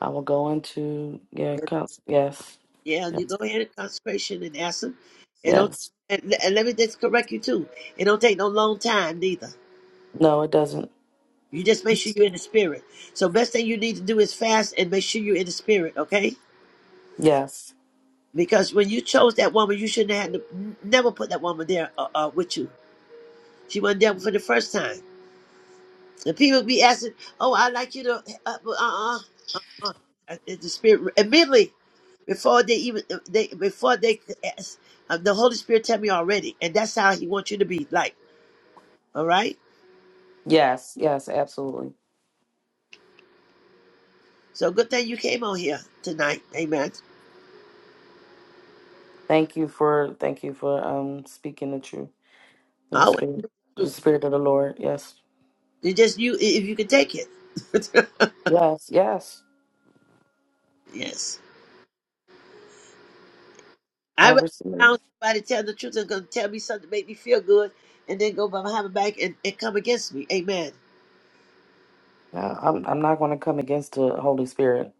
I will go into, yeah, cons- yes,
Yeah, and you
yes,
go ahead and consecration and ask them. And don't
yes.
and, and let me just correct you too. It don't take no long time neither.
No, it doesn't.
You just make sure you're in the spirit. So best thing you need to do is fast and make sure you're in the spirit, okay?
Yes,
Because when you chose that woman, you shouldn't have had to, never put that woman there uh, uh, with you. She wasn't there for the first time. And people be asking, "Oh, I'd like you to," uh, uh-uh. on. Uh, It's the Spirit immediately before they even uh, they before they ask, uh, the Holy Spirit tell me already, and that's how He wants you to be like. All right.
yes, yes, absolutely.
So good thing you came on here tonight. Amen.
Thank you for, thank you for um speaking the truth in the
Always
spirit, the
true.
spirit of the Lord. Yes,
It just you if you can take it.
yes, yes.
yes. I
I
rather
receive
be
it.
around somebody tell the truth and gonna tell me something to make me feel good, and then go behind my back and, and come against me. Amen.
No, I'm, I'm not going to come against the Holy Spirit.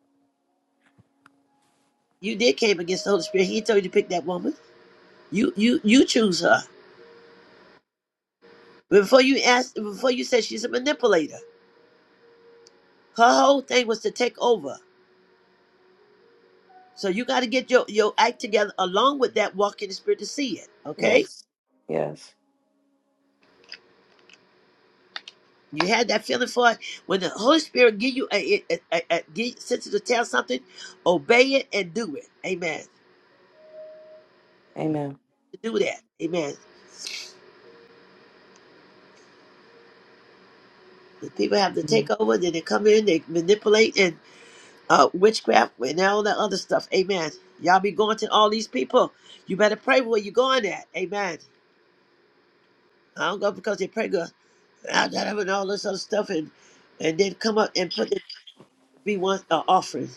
You did came against the Holy Spirit. He told you to pick that woman. You you you choose her. Before you asked, before you said she's a manipulator. Her whole thing was to take over. So you got to get your, your act together along with that walk in the spirit to see it. Okay,
Yes, yes.
you had that feeling for it when the Holy Spirit give you a, a, a, a, a sense to tell something, obey it and do it. Amen.
Amen.
Do that. Amen. The people have to take
Mm.
over, then they come in, they manipulate and uh, witchcraft and all that other stuff. Amen. Y'all be going to all these people. You better pray where you're going at. Amen. I don't go because they pray good. I got up and all this other stuff, and and then come up and put the be one uh, offering.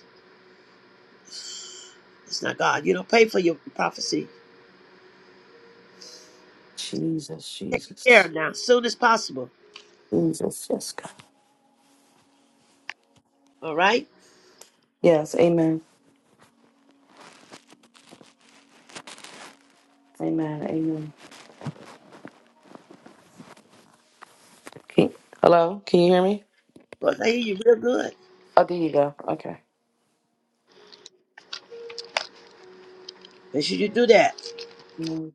It's not God. You don't pay for your prophecy.
Jesus,
Take care
Jesus,
of now, as soon as possible.
Jesus. Yes, God.
All right.
Yes, amen. Amen. Amen. Can- Hello, can you hear me?
because I hear you real good.
Oh, there you go. Okay.
Make sure you do that.
Mm.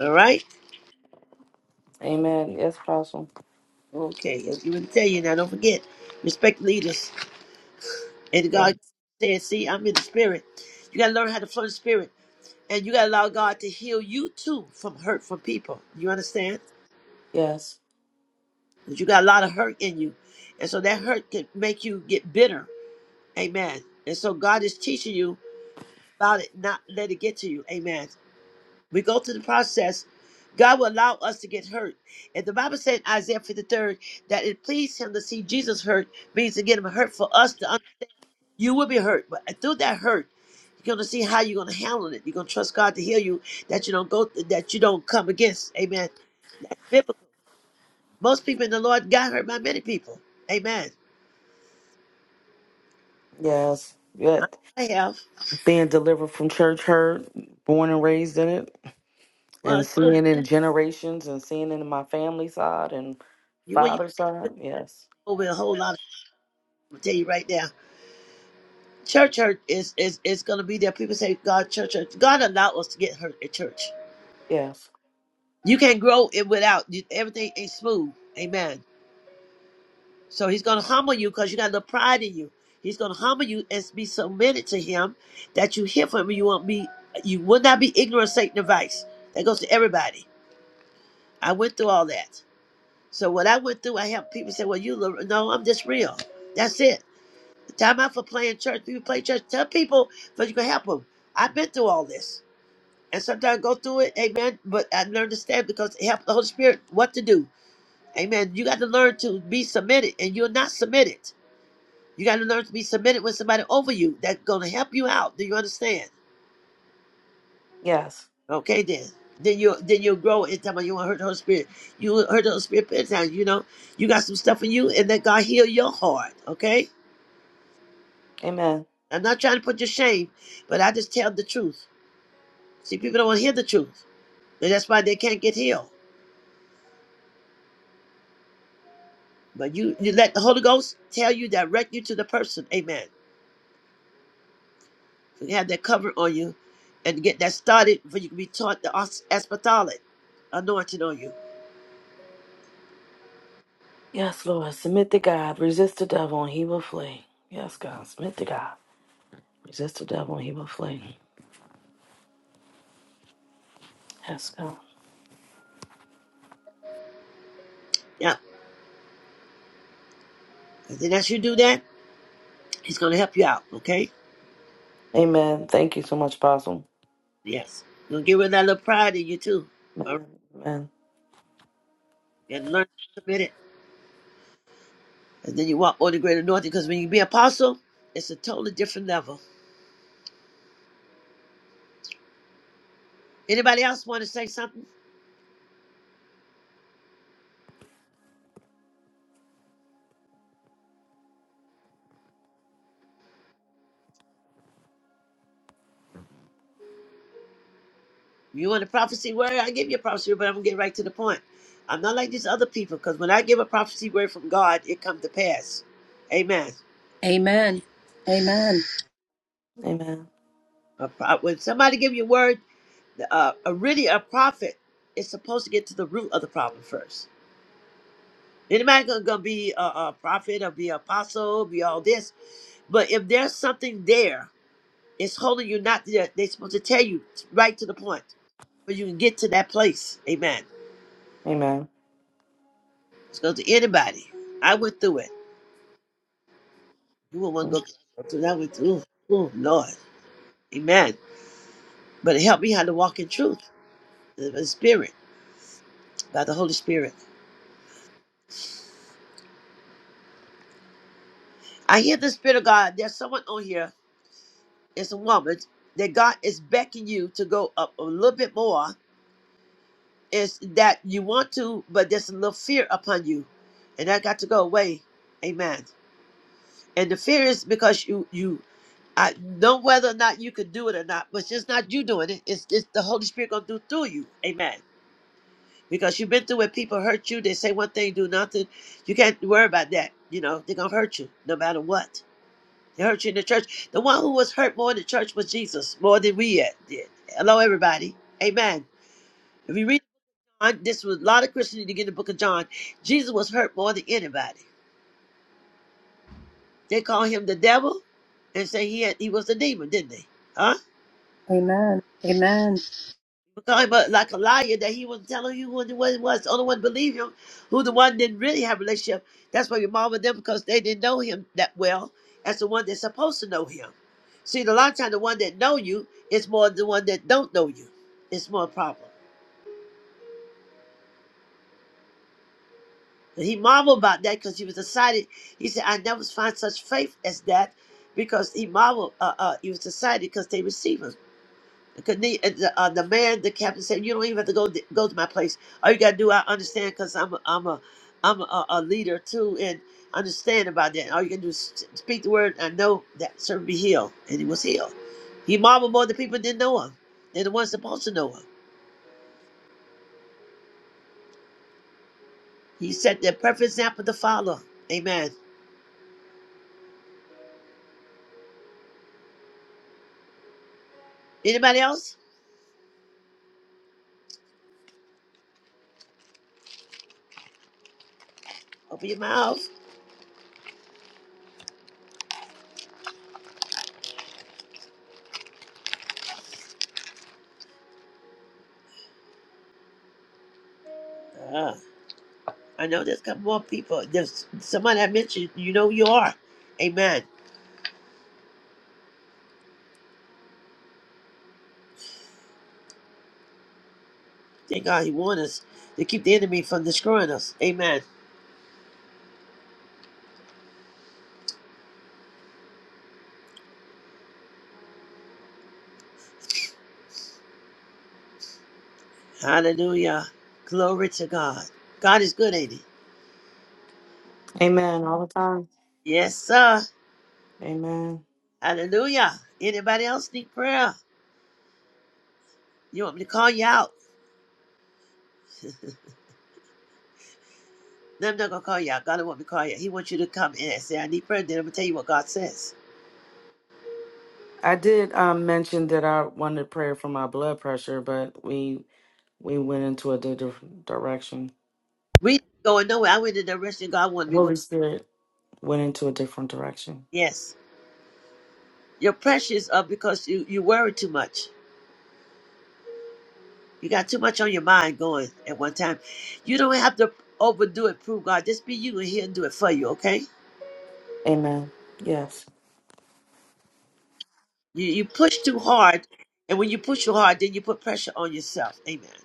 All right.
Amen. Yes, Apostle.
Okay. I'm going to tell you now, don't forget. Respect leaders. And
Yes.
God said, "See, I'm in the spirit. You gotta learn how to flow in the spirit, and you gotta allow God to heal you too from hurt from people. You understand?
Yes.
Because you got a lot of hurt in you, and so that hurt can make you get bitter Amen. And so God is teaching you about it, not let it get to you. Amen. We go through the process. God will allow us to get hurt. And the Bible said in Isaiah 53 that it pleased him to see Jesus hurt means to get him hurt for us to understand. You will be hurt, but through that hurt, you're gonna see how you're gonna handle it. You're gonna trust God to heal you that you don't go that you don't come against. Amen. That's biblical. Most people in the Lord got hurt by many people. Amen.
Yes. Yet
I have.
being delivered from church hurt, born and raised in it, and
Well,
seeing in generations and seeing in my family side and
you when you
father's side. Yes.
over a whole lot of I'll tell you right now. Church hurt is is is gonna be there. People say God church hurt. God allowed us to get hurt at church.
Yes.
You can't grow it without you, everything ain't smooth. Amen. So He's gonna humble you because you got a little pride in you. He's gonna humble you and be submitted to Him that you hear from Him. You won't be you will not be ignorant of Satan advice. That goes to everybody. I went through all that. So what I went through, I helped people say, "Well, you little-" no, I'm just real. That's it. Time out for playing church. People play church. Tell people that you can help them. I've been through all this. and sometimes go through it, amen. But I learned to stand because it helps the Holy Spirit what to do, amen. You got to learn to be submitted, and you're not submitted. You got to learn to be submitted with somebody over you that's going to help you out. Do you understand?
Yes.
Okay, then. Then you then you'll grow in time. You won't hurt the Holy Spirit. You won't hurt the Holy Spirit plenty of times. You know you got some stuff in you, and let God heal your heart. Okay.
Amen.
I'm not trying to put you shame, but I just tell the truth. See, people don't want to hear the truth, and that's why they can't get healed. But you, you let the Holy Ghost tell you, direct you to the person. Amen. So you have that cover on you and get that started for you can be taught the os- apostolic anointing on you.
Yes, Lord. Submit to God. Resist the devil and he will flee. Yes, God. Submit to God. Resist the devil and he will flee. Yes, God.
Yeah. And then as you do that, he's going to help you out. Okay?
Amen. Thank you so much, Apostle.
Yes. You're going to get rid of that little pride in you too. All right?
Amen. Amen.
And learn to submit it. And then you walk on the great anointing because when you be apostle, it's a totally different level. Anybody else want to say something? You want a prophecy word? I give you a prophecy word, but I'm gonna get right to the point. I'm not like these other people because when I give a prophecy word from God, it come to pass. Amen.
Amen. Amen.
Amen.
A pro- When somebody give you a word, uh, a really a prophet is supposed to get to the root of the problem first. Anybody gonna, gonna be a, a prophet or be an apostle, be all this, but if there's something there, it's holding you not there. They're supposed to tell you right to the point, but you can get to that place. Amen.
Amen.
It's going to anybody. I went through it. You will not want to go through, through that with ooh, ooh, Lord. Amen. But help me how to walk in truth, uh, in the Spirit, by the Holy Spirit. I hear the Spirit of God. There's someone on here, it's a woman, that God is beckoning you to go up a little bit more. Is that you want to, but there's a little fear upon you. And that got to go away. Amen. And the fear is because you, you, I know whether or not you could do it or not, but it's just not you doing it. It's, it's the Holy Spirit going to do through you. Amen. because you've been through it. People hurt you. They say one thing, do nothing. You can't worry about that. You know they're gonna hurt you no matter what. They hurt you in the church. The one who was hurt more in the church was Jesus, more than we yet did. Hello, everybody. Amen. If you read John, this was a lot of Christianity to get the book of John. Jesus was hurt more than anybody. They call him the devil and say he had, he was a demon, didn't they? Huh?
Amen. Amen.
talking about like a liar that he was telling you what, what it was. was. The only one believe him, who the one didn't really have a relationship. That's why your mom and them because they didn't know him that well as the one that's supposed to know him. See, a lot of times the one that know you is more than the one that don't know you. It's more a problem. And he marveled about that because he was excited. He said, "I never find such faith as that," because he marveled. Uh, uh, he was excited because they received him. Cause the, and the, uh, the man, the captain said, "You don't even have to go to, go to my place. All you gotta do, I understand, cause I'm a, I'm a I'm a, a leader too, and understand about that. All you can do is s- speak the word. I know that servant be healed, and he was healed. He marveled more than people didn't know him, than the ones supposed to know him. He set the perfect example to follow. Amen. Anybody else? Open your mouth. Ah, I know there's a couple more people. There's somebody I mentioned. You know who you are. Amen. Thank God he warned us to keep the enemy from destroying us. Amen. Hallelujah. Glory to God. God is good, ain't he?
Amen. All the time.
Yes, sir.
Amen.
Hallelujah. Anybody else need prayer? You want me to call you out? No, I'm not gonna call you out. God don't want me to call you out. He wants you to come in and say, I need prayer. Then I'm gonna tell you what God says.
I did um, mention that I wanted prayer for my blood pressure, but we we went into a di- different direction.
We ain't going nowhere. I went in the direction God wanted
The
me to go.
Holy Spirit went into a different direction.
Yes. Your pressures are because you, you worry too much. You got too much on your mind going at one time. You don't have to overdo it, prove God. Just be you and he'll do it for you, okay?
Amen. Yes.
You you push too hard, and when you push too hard, then you put pressure on yourself. Amen.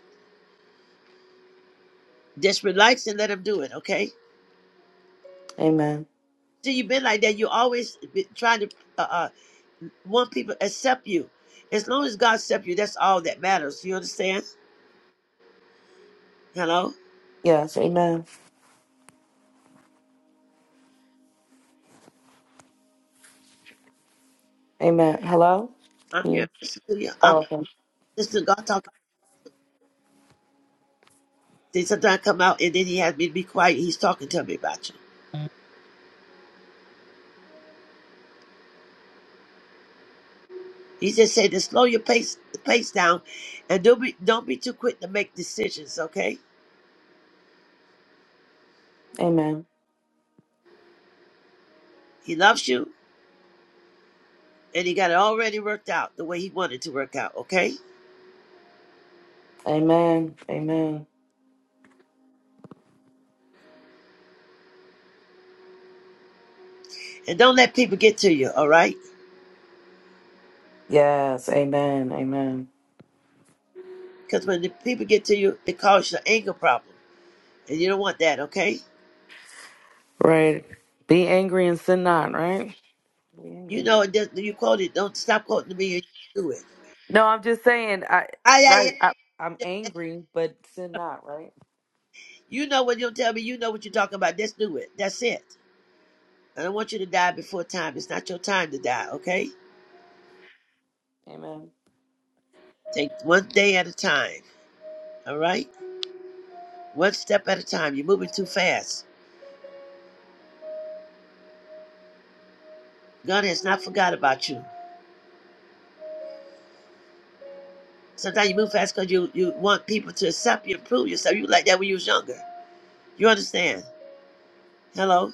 Just relax and let him do it. Okay.
Amen.
See, you've been like that. You always be trying to uh, uh, want people to accept you. As long as God accepts you, that's all that matters. You understand? Hello.
Yes. Amen. Amen. Hello.
I'm
Can
here.
you-
Listen to you.
Oh,
I'm
okay.
listening to God talking. Then sometimes I come out and then He has me to be quiet. He's talking to me about you. He just said to slow your pace pace down, and don't be don't be too quick to make decisions. Okay.
Amen.
He loves you. and he got it already worked out the way he wanted to work out, okay?
Amen. Amen.
And don't let people get to you, all right?
Yes. Amen. Amen.
Because when the people get to you, it causes an anger problem, and you don't want that, okay?
Right. Be angry and sin not. Right. Be angry.
You know it doesn't. You quote it. Don't stop quoting me and do it.
No, I'm just saying. I
I, I, I-
right. I, I'm angry, but sin not. Right.
you know when you don't tell me, you know what you're talking about. Just do it. That's it. I don't want you to die before time. It's not your time to die, okay?
Amen.
Take one day at a time, all right? One step at a time. You're moving too fast. God has not forgot about you. Sometimes you move fast because you, you want people to accept you, prove yourself. You were like that when you was younger. You understand? Hello?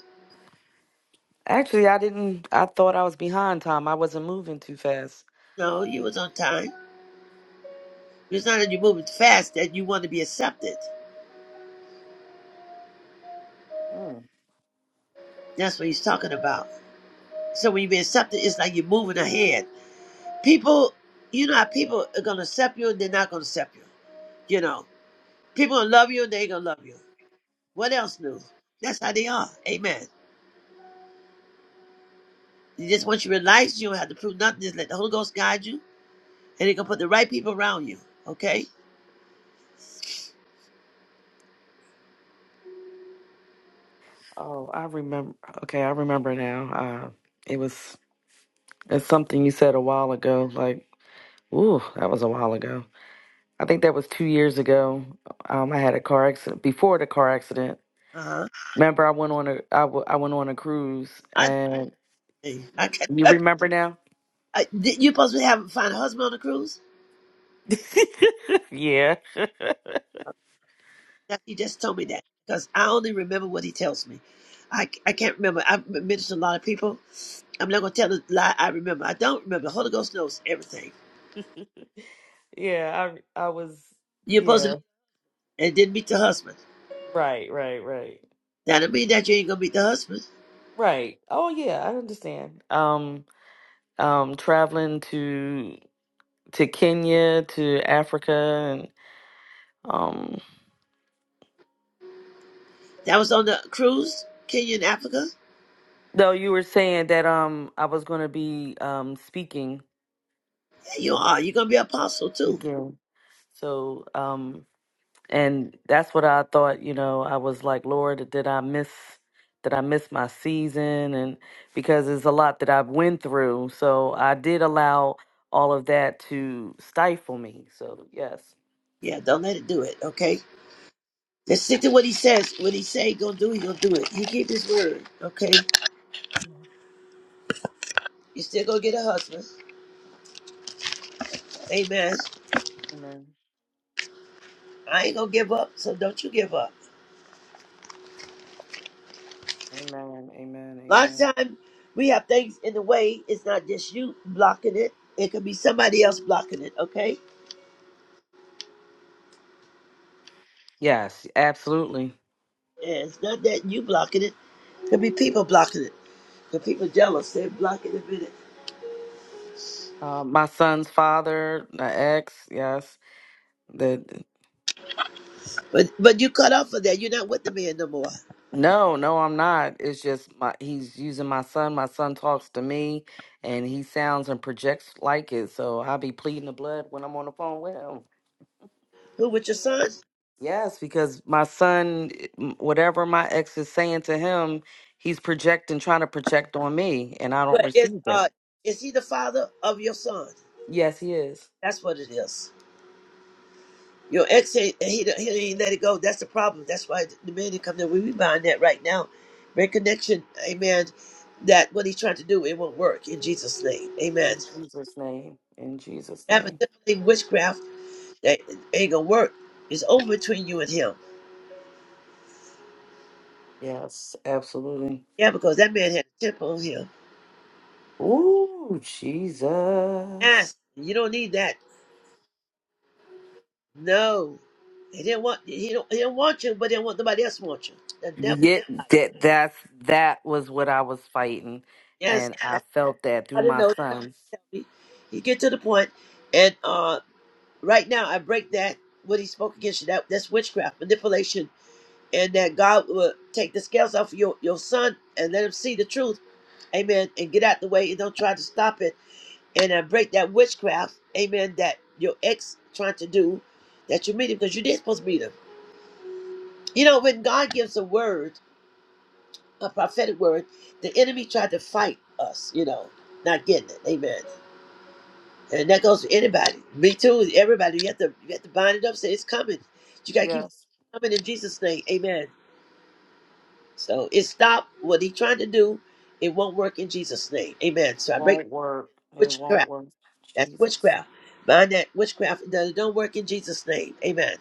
Actually, I didn't. I thought I was behind time. I wasn't moving too fast.
No, you was on time. It's not that you're moving fast that you want to be accepted.
Mm.
That's what he's talking about. So when you be accepted, it's like you're moving ahead. People, you know how people are going to accept you and they're not going to accept you. You know, people going to love you and they ain't going to love you. What else new? That's how they are. Amen. You just once you realize you don't have to prove nothing, just let the Holy Ghost guide you and they going to put the right people around you. Okay?
Oh, I remember. Okay, I remember now. Uh, it was it's something you said a while ago. Like, ooh, that was a while ago. I think that was two years ago. Um, I had a car accident before the car accident.
Uh-huh.
Remember, I went on a I, w- I went on a cruise, and
Hey, I can't,
you
I,
remember now?
I- did you supposed to have find a husband on the cruise?
yeah.
Now, he just told me that because I only remember what he tells me. I, I can't remember. I've ministered to a lot of people. I'm not gonna tell a lie. I remember. I don't remember. The Holy Ghost knows everything.
Yeah, I I was
You're supposed to
yeah,
meet and didn't meet the husband.
right, right, right.
That don't mean that you ain't gonna meet the husband.
Right. Oh yeah, I understand. Um um traveling to to Kenya, to Africa and um
That was on the cruise, Kenya and Africa.
though you were saying that um I was going to be um speaking
Yeah, you are. You're gonna be an apostle too.
speaking. So um and that's what I thought. You know, I was like, Lord, did I miss? Did I miss my season? And because it's a lot that I've went through, so I did allow all of that to stifle me. So yes,
Yeah, don't let it do it. Okay. Just stick to what he says. What he say he gonna do, he gonna do it. You keep his word. Okay.
Yeah.
You still gonna get a husband. Amen.
amen,
I ain't gonna give up, so don't you give up.
amen, amen,
A lot of
amen.
time we have things in the way. It's not just you blocking it. It could be somebody else blocking it. Okay,
Yes, absolutely.
and it's not that you blocking it. It could be people blocking it. The people jealous. They're blocking a minute.
Uh, my son's father, the ex, yes, that.
But but you cut off of that. You're not with the man no more.
No, no, I'm not. It's just my he's using my son. My son talks to me and he sounds and projects like it. So I'll be pleading the blood when I'm on the phone with him.
Who with your son?
Yes, because my son, m- whatever my ex is saying to him, he's projecting, trying to project on me, and I don't
But it's
receive
uh,
that.
is he the father of your son?
Yes, he is.
That's what it is. Your ex ain't he, don't- he ain't let it go. That's the problem. That's why the man didn't come there. We we buying that right now. Make connection, amen. That what he's trying to do, it won't work in Jesus' name. Amen.
In Jesus' name. In Jesus'
That
name.
manipulating witchcraft that ain't gonna work. It's over between you and him.
Yes, absolutely.
Yeah, because that man had a temple on him.
Ooh, Jesus.
Yes, you don't need that. No. He didn't want he don't he didn't want you, but he didn't want nobody else to want you. The devil's
Yeah,
a liar.
that that's that was what I was fighting,
Yes,
and I
that's
felt that through
how to
my
know.
son.
He he get to the point and uh right now I break that what he spoke against you. That that's witchcraft, manipulation, and that God will take the scales off of your your son and let him see the truth. Amen. And get out the way and don't try to stop it. And I break that witchcraft. Amen. That your ex trying to do that you meet him because you did supposed to meet him. You know when God gives a word, a prophetic word, the enemy tried to fight us. You know, not getting it. Amen. And that goes for anybody. Me too. Everybody. You have to you have to bind it up. Say it's coming. You gotta keep
Yes,
coming in Jesus' name. Amen. So it stopped what he trying to do. It won't work in Jesus' name. Amen. So I break
won't work. It won't
witchcraft.
work.
That's
Jesus,
witchcraft. Bind that witchcraft. It don't don't work in Jesus' name. Amen.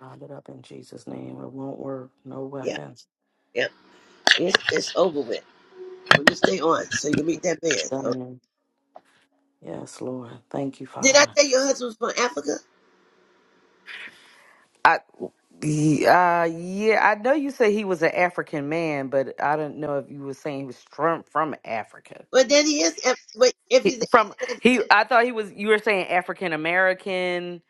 bind it up in Jesus' name. It won't work. No
Yeah.
weapons.
Yeah. It's, it's over with. When you stay on, so you meet that man. Oh.
Done. Yes, Lord. Thank you,
Did I
Father.
tell your husband's from Africa?
I he- uh yeah, I know you said he was an African man, but I don't know if you were saying he was from from Africa.
Well, then he is. Af- Wait, if
He-
he's
From
Af-
he, I thought he was. You were saying African American,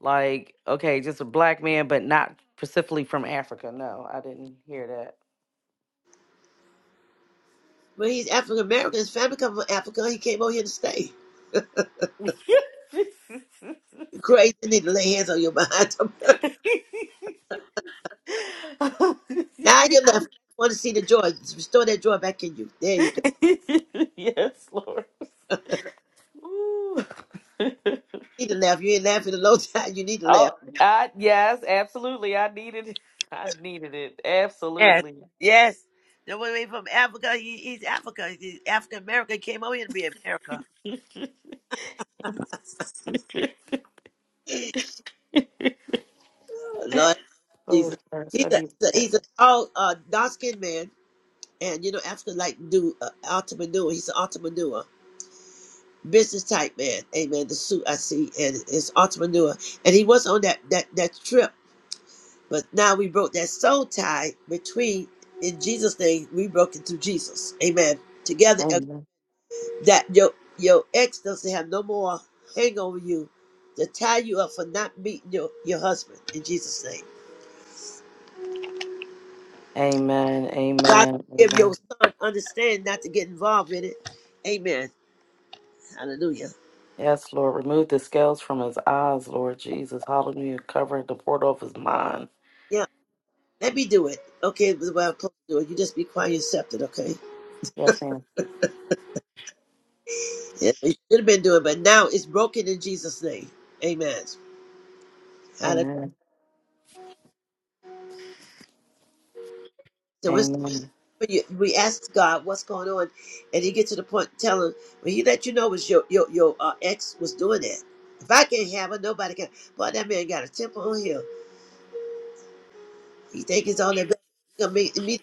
like okay, just a black man, but not specifically from Africa. No, I didn't hear that.
well, he's African American. His family come from Africa. He came over here to stay. Crazy need to lay hands on your behind. Now you're laughing. want to see the joy. Restore that joy back in you. There you go.
yes, Lord. Ooh.
You need to laugh. You ain't laughing in a long time. You need to laugh.
oh, I, yes, absolutely. I needed. I needed it
Yes,
absolutely.
yes. The one way from Africa, he, he's Africa. He's African American came over here to be America. Lord
Oh
Jesus.
gosh,
He's
I
a,
needed
he's a,
that.
he's a tall, uh, dark skinned man. And, you know, Africa like do uh, entrepreneur. He's an entrepreneur. Business type man. Amen. The suit I see and it's entrepreneur. And he was on that, that, that trip. But now we broke that soul tie between in Jesus' name. We broke it through Jesus. Amen. Together, uh,
Amen.
that your your ex doesn't have no more hang over you to tie you up for not meeting your your husband in Jesus' name.
Amen.
God
Amen.
give
Amen.
your son understand not to get involved in it. Amen. Hallelujah.
Yes, Lord. Remove the scales from his eyes, Lord Jesus. Hallelujah. Covering the portal of his mind.
Yeah. Let me do it. Okay, this is what I'm supposed to do You just be quiet and accept it, okay?
Yes, ma'am.
Yeah, you should have been doing it, but now it's broken in Jesus' name. Amen. Hallelujah.
Amen. Amen.
you- we ask God what's going on, and He get to the point telling when He let you know was your your your uh, ex was doing that. If I can't have her, nobody can. Boy, that man got a temper on him. He think he's on that. bad- He gonna make me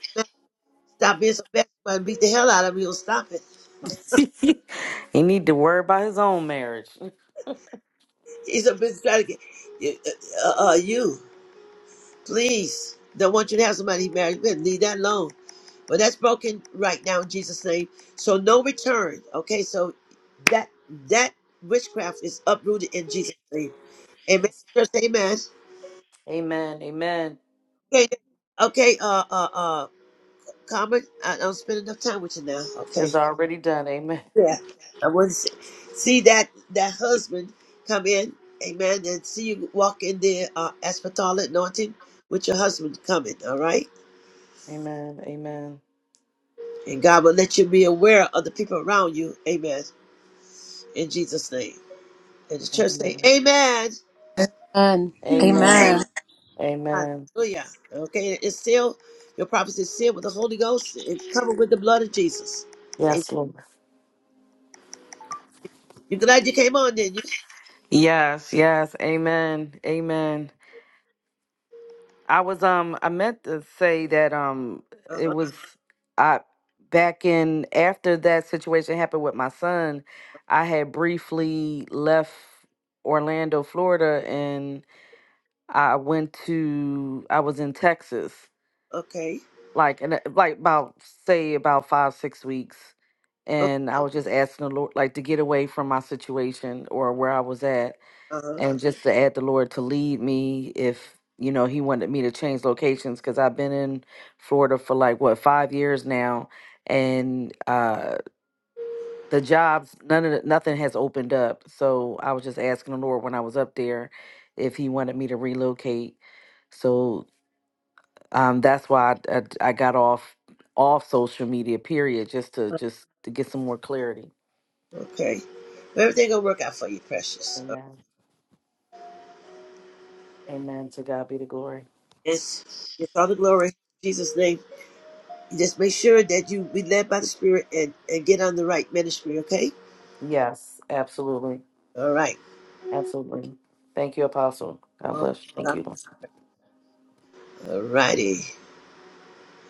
stop being so bad and beat the hell out of me. He'll stop it.
he need to worry about his own marriage.
He's a business trying to get uh, uh, uh, you. Please, don't want you to have somebody married. Leave that alone. But that's broken right now in Jesus' name. So no return. Okay, so that that witchcraft is uprooted in Jesus' name. Amen.
Yes.
Just amen.
Amen. Amen.
Okay, okay, uh uh uh Carmen, I don't spend enough time with you now. Okay.
It's already done. Amen.
Yeah. I want to see, see that that husband come in, amen, and see you walk in the uh aspatol anointing with your husband coming, all right?
Amen. Amen.
And God will let you be aware of the people around you, amen, in Jesus' name. And the church say,
Amen.
Amen.
Amen.
Amen.
Amen.
Amen.
Amen.
Hallelujah. Okay, it's still your prophecy is sealed with the Holy Ghost and covered with the blood of Jesus. Amen.
Yes, Lord.
You're glad you came on, didn't you?
Yes, yes. Amen. Amen. I was um I meant to say that um it
Uh-huh.
was I back in after that situation happened with my son, I had briefly left Orlando, Florida and I went to I was in Texas
Okay.
like and uh, like about say about 5 6 weeks and I was just asking the Lord like to get away from my situation or where I was at
Uh-huh.
and just to add the Lord to lead me if you know He wanted me to change locations because I've been in Florida for like what five years now, and uh, the jobs none of the, nothing has opened up. So I was just asking the Lord when I was up there if He wanted me to relocate. So um, that's why I, I, I got off off social media. Period, just to just to get some more clarity.
Okay. Everything gonna work out for you, precious. Uh,
Amen. Amen. To God be the glory.
Yes. Yes, all the glory. In Jesus' name. just make sure that you be led by the Spirit and, and get on the right ministry, okay?
Yes, absolutely.
All right.
Absolutely. Thank you, Apostle. God
All
bless you. Thank you.
righty.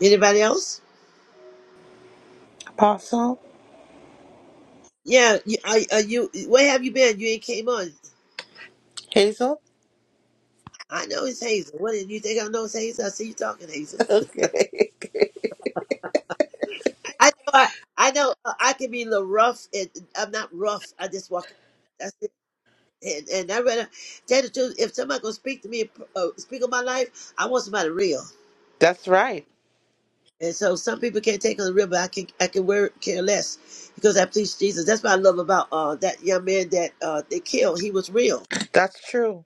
Anybody else?
Apostle
Yeah, you, are, are you? Where have you been? You ain't came on.
Hazel?
I know it's Hazel. What did you think? I know it's Hazel. I see you talking, Hazel.
Okay.
I know. I, I know. uh, I can be a little rough, and I'm not rough. I just walk. in. That's it. And and I rather tell the truth. If somebody gonna speak to me, uh, speak on my life, I want somebody real.
That's right.
And so some people can't take on the real, but I can. I can wear care less because I please Jesus. That's what I love about uh that young man that uh they killed. He was real.
That's true.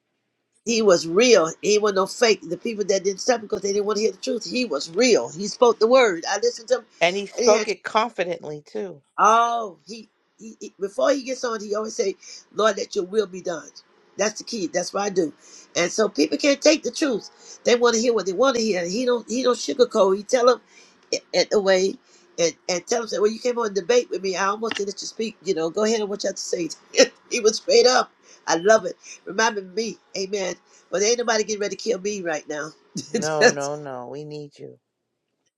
He was real. He wasn't no fake. The people that didn't stop because they didn't want to hear the truth. He was real. He spoke the word. I listened to
And he
him
spoke it confidently too.
Oh, he, he, he- before he gets on, he always say, "Lord, let Your will be done." That's the key. That's what I do. And so people can't take the truth. They want to hear what they want to hear. He don't. He don't sugarcoat. He tell them it, it away, and and tell them say, "Well, you came on a debate with me. I almost didn't let you speak. You know, go ahead and what you have to say." he was straight up. I love it. Reminded me, Amen. But ain't nobody getting ready to kill me right now.
No, no, no. We need you.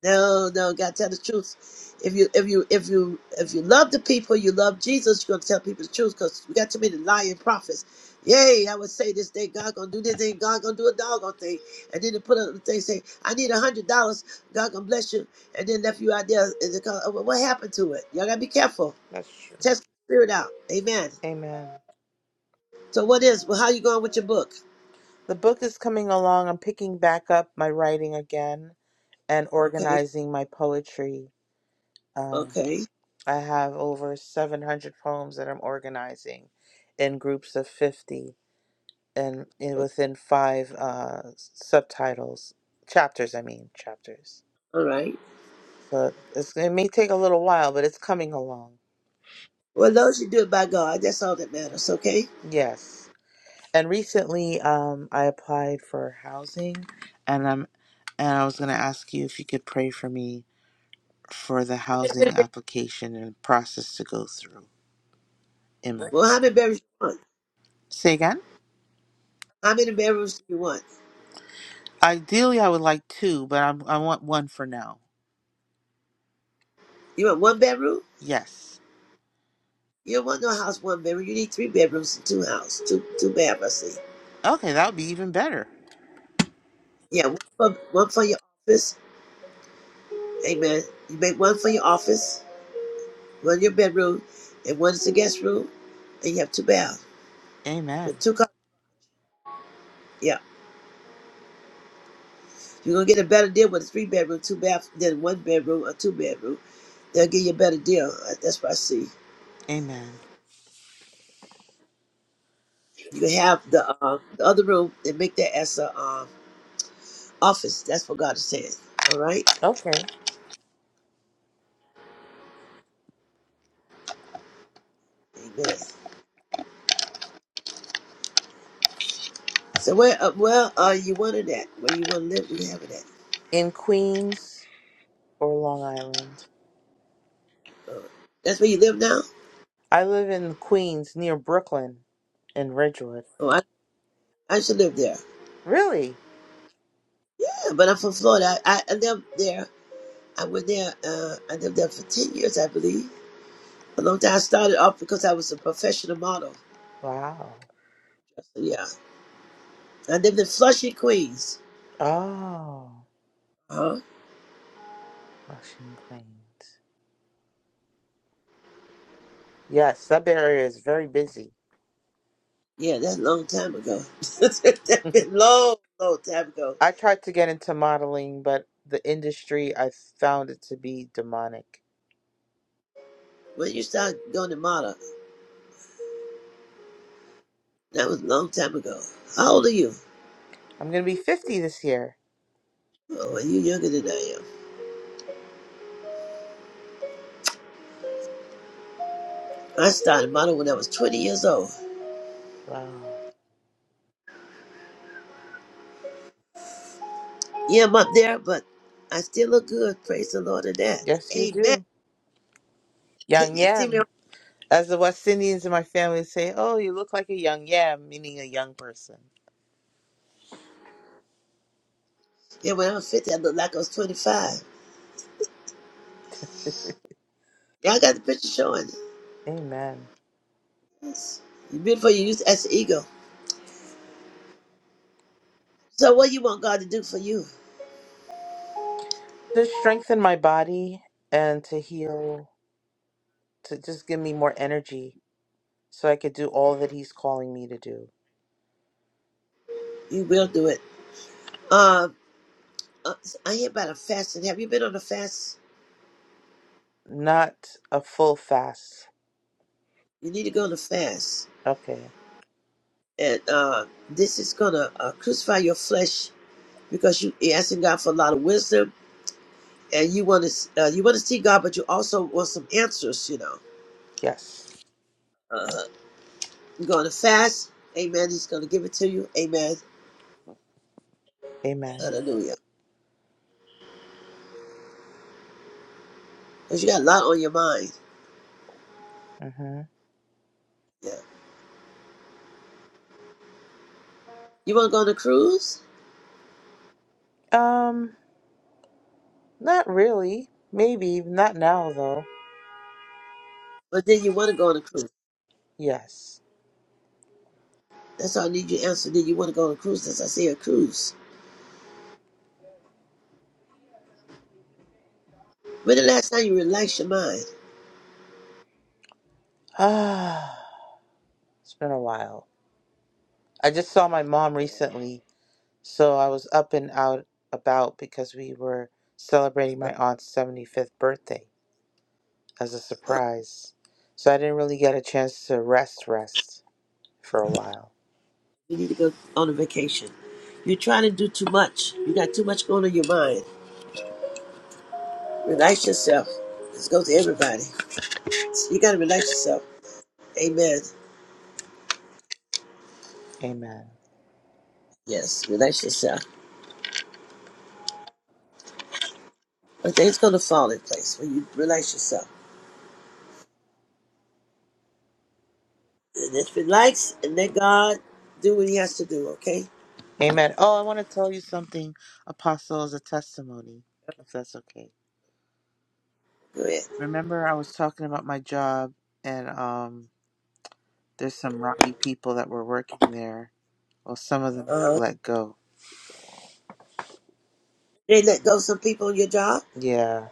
No, no, gotta tell the truth. If you if you if you if you love the people, you love Jesus, you're gonna tell people the truth because we got too many lying prophets. Yay, I would say this day God gonna do this thing, God gonna do a doggone thing. And then they put up the thing say, I need a hundred dollars, God gonna bless you, and then left you out there and they call, "Well, what happened to it? Y'all gotta be careful.
That's true.
Test the spirit out. Amen.
Amen.
So what is well how you going with your book?
The book is coming along. I'm picking back up my writing again and
Okay,
organizing my poetry. Um,
okay,
I have over 700 poems that I'm organizing in groups of 50 and in, within five uh, subtitles, chapters, I mean, chapters.
all right.
So it's, it may take a little while, but it's coming along.
Well as long as you do it by God, that's all that matters, okay?
Yes. And recently, um, I applied for housing, and I'm, and I was gonna ask you if you could pray for me for the housing application and process to go through. In my,
Well how many berries you want?
say again.
How many bedrooms do you want?
Ideally, I would like two, but I'm, I want one for now.
You want one bedroom?
Yes.
You don't want no house one bedroom. You need three bedrooms and two house, two two baths. I see.
Okay, that would be even better.
Yeah, one for, one for your office. Amen. You make one for your office, one your bedroom, and one is the guest room, and you have two baths.
Amen.
With two cars, yeah, you're gonna get a better deal with a three bedroom, two bath than one bedroom or two bedroom. They'll give you a better deal. Uh, That's what I see.
Amen.
You can have the uh, the other room and make that as a uh, office. That's what God is saying. All right.
Okay.
Amen. So where, uh, where are you wanted at? Where you want to live? We have it at.
In Queens or Long Island?
Uh, that's where you live now.
I live in Queens near Brooklyn in Ridgewood.
Oh, I, I should live there.
Really?
Yeah, but I'm from Florida. I, I, I lived there. I went there. Uh, I lived there for ten years, I believe. A long time. I started off because I was a professional model.
Wow.
So, Yeah, I lived in Flushing, Queens.
Oh,
Huh?
Washington, Queens. Yes, that area is very busy.
Yeah, that's a long time ago. that's been long, long time ago.
I tried to get into modeling, but the industry, I found it to be demonic.
When you started going to model, that was a long time ago. How old are you?
I'm going to be 50 this year.
Oh, well, you're younger than I am. I started model when I was 20 years old.
Wow.
Yeah, I'm up there, but I still look good. Praise the Lord of that.
Yes, you
Amen.
do. Young
You see me?
yam. As the West Indians in my family say, oh, you look like a young yam, meaning a young person.
Yeah, when I was 50, I looked like I was 25. Yeah, I got the picture showing.
Amen.
Yes. You're beautiful. You use as an ego. So, what you want God to do for you,
To strengthen my body and to heal to just give me more energy so I could do all that He's calling me to do.
you will do it. Uh, uh, I hear about a fasting. Have you been on a fast?
Not a full fast.
You need to go on a fast.
Okay.
And uh, this is going to uh, crucify your flesh because you you're asking God for a lot of wisdom and you want to uh, you want to see God, but you also want some answers, you know
Yes.
Uh, You're going to fast. Amen. He's going to give it to you. Amen.
Amen.
Hallelujah. Because you got a lot on your mind.
hmm
Yeah. You want to go on a cruise?
Um, not really. Maybe. Not now, though.
But then you want to go on a cruise.
Yes.
That's all I need you to answer. Then you want to go on a cruise. That's I say a cruise. When the last time you relaxed your mind?
Ah, it's been a while. I just saw my mom recently, so I was up and out about because we were celebrating my aunt's 75th birthday as a surprise. So I didn't really get a chance to rest, rest for a while.
You need to go on a vacation. You're trying to do too much. You got too much going on in your mind. Relax yourself. Let's go to everybody. You got to relax yourself. Amen.
Amen.
Yes, relax yourself. But things going to fall in place when you relax yourself. And if it likes, and let God do what He has to do. Okay,
Amen. Oh, I want to tell you something, Apostle, as a testimony, if that's okay.
go ahead.
Remember, I was talking about my job, and um, there's some rowdy people that were working there. Well, some of them got
Uh,
let go.
they let go some people on your job.
Yeah.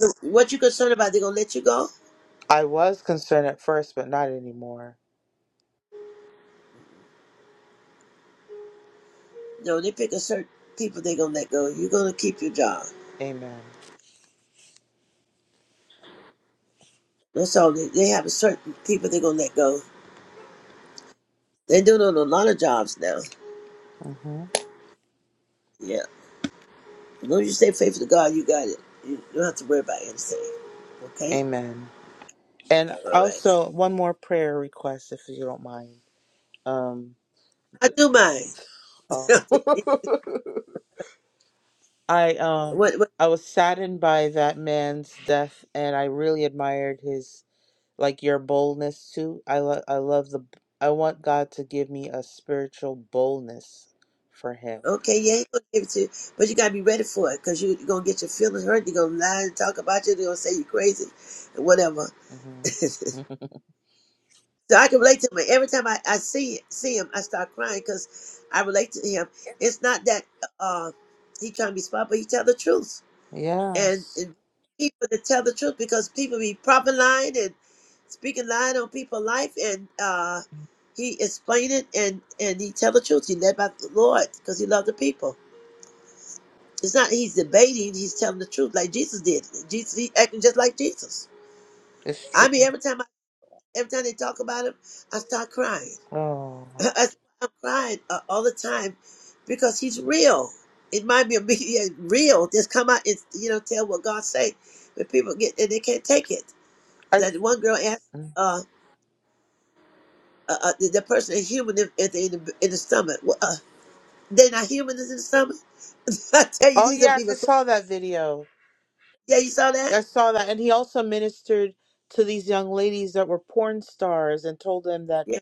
So what you concerned about? They gonna let you go?
I was concerned at first, but not anymore.
No, they pick a certain people they gonna let go. You're gonna keep your job.
Amen.
That's all. They, they have a certain people they gonna let go. They do it on a lot of jobs now.
hmm
Yeah, as long as you stay faithful to God, you got it. You don't have to worry about anything. Okay,
Amen. And
all right.
also, one more prayer request, if you don't mind. Um,
I do mine.
oh. I um
what?
I was saddened by that man's death, and I really admired his like your boldness too. I lo- I love the I want God to give me a spiritual boldness for Him.
Okay, yeah, he gonna give it to you, but you gotta be ready for it because you're gonna get your feelings hurt. They're gonna lie and talk about you. They're gonna say you're crazy and whatever.
hmm
So I can relate to him. Every time I, I see see him, I start crying because I relate to him. It's not that uh he trying to be smart, but he tell the truth and,
yes,
and people that tell the truth because people be prophesying and speaking lying on people's life and uh he explain it and and he tell the truth. He led by the Lord because he loved the people. It's not he's debating, he's telling the truth like Jesus did. Jesus he acting just like Jesus.
it's
I mean
true.
every time I, every time they talk about him, I start crying.
Oh,
I, am crying uh, all the time because he's real. It might be a media real. Just come out and you know tell what God say, but people get and they can't take it.
I
That one girl asked,
mm.
uh, uh, uh the, the person is human if, if they in the in the stomach. Well, uh, they not human is in the stomach. I tell you,
oh
these are
yes, I
people. cra-
saw that video.
Yeah, you saw that.
I saw that, and he also ministered to these young ladies that were porn stars and told them that
Yeah,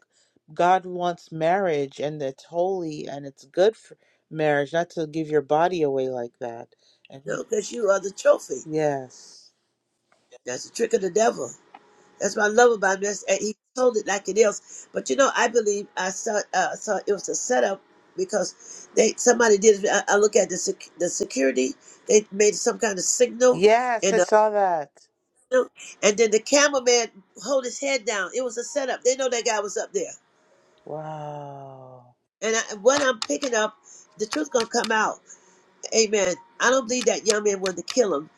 God wants marriage and it's holy and it's good for marriage, not to give your body away like that. And he,
no, because you are the trophy.
yes.
That's a trick of the devil. That's what I love about this. And he told it like it is. But you know, I believe I saw uh, saw it was a setup because they somebody did. I, I look at the sec, the security. They made some kind of signal,
Yes, I
and the,
saw that.
and then the cameraman hold his head down. It was a setup. They know that guy was up there.
Wow.
And I, what I'm picking up, the truth gonna come out. Amen. I don't believe that young man wanted to kill him.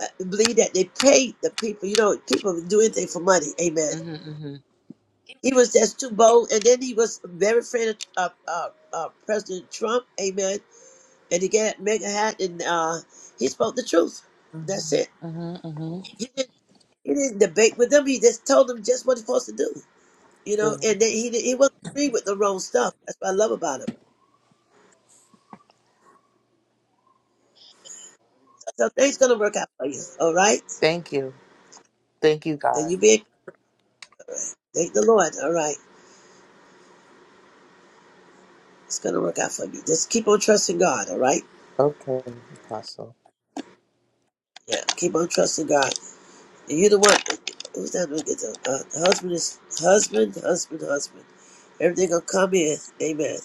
I believe that they paid the people. You know, people do anything for money. Amen
Mm-hmm, mm-hmm.
He was just too bold, and then he was very afraid of uh, uh, uh, President Trump. Amen. And he got mega hat, and uh, he spoke the truth. That's it.
Mm-hmm, mm-hmm, mm-hmm.
He didn't. He didn't debate with them. He just told them just what he's supposed to do. You know, and then he didn't- he wasn't agree with the wrong stuff. That's what I love about him. So things gonna work out for you. All right.
Thank you. Thank you, God.
And you be thank the Lord. All right. It's gonna work out for you. Just keep on trusting God. All right.
Okay, Apostle.
Yeah. Keep on trusting God. You the one. Who's that? Look at them. Uh, husband is husband, husband, husband. Everything gonna come in. Amen.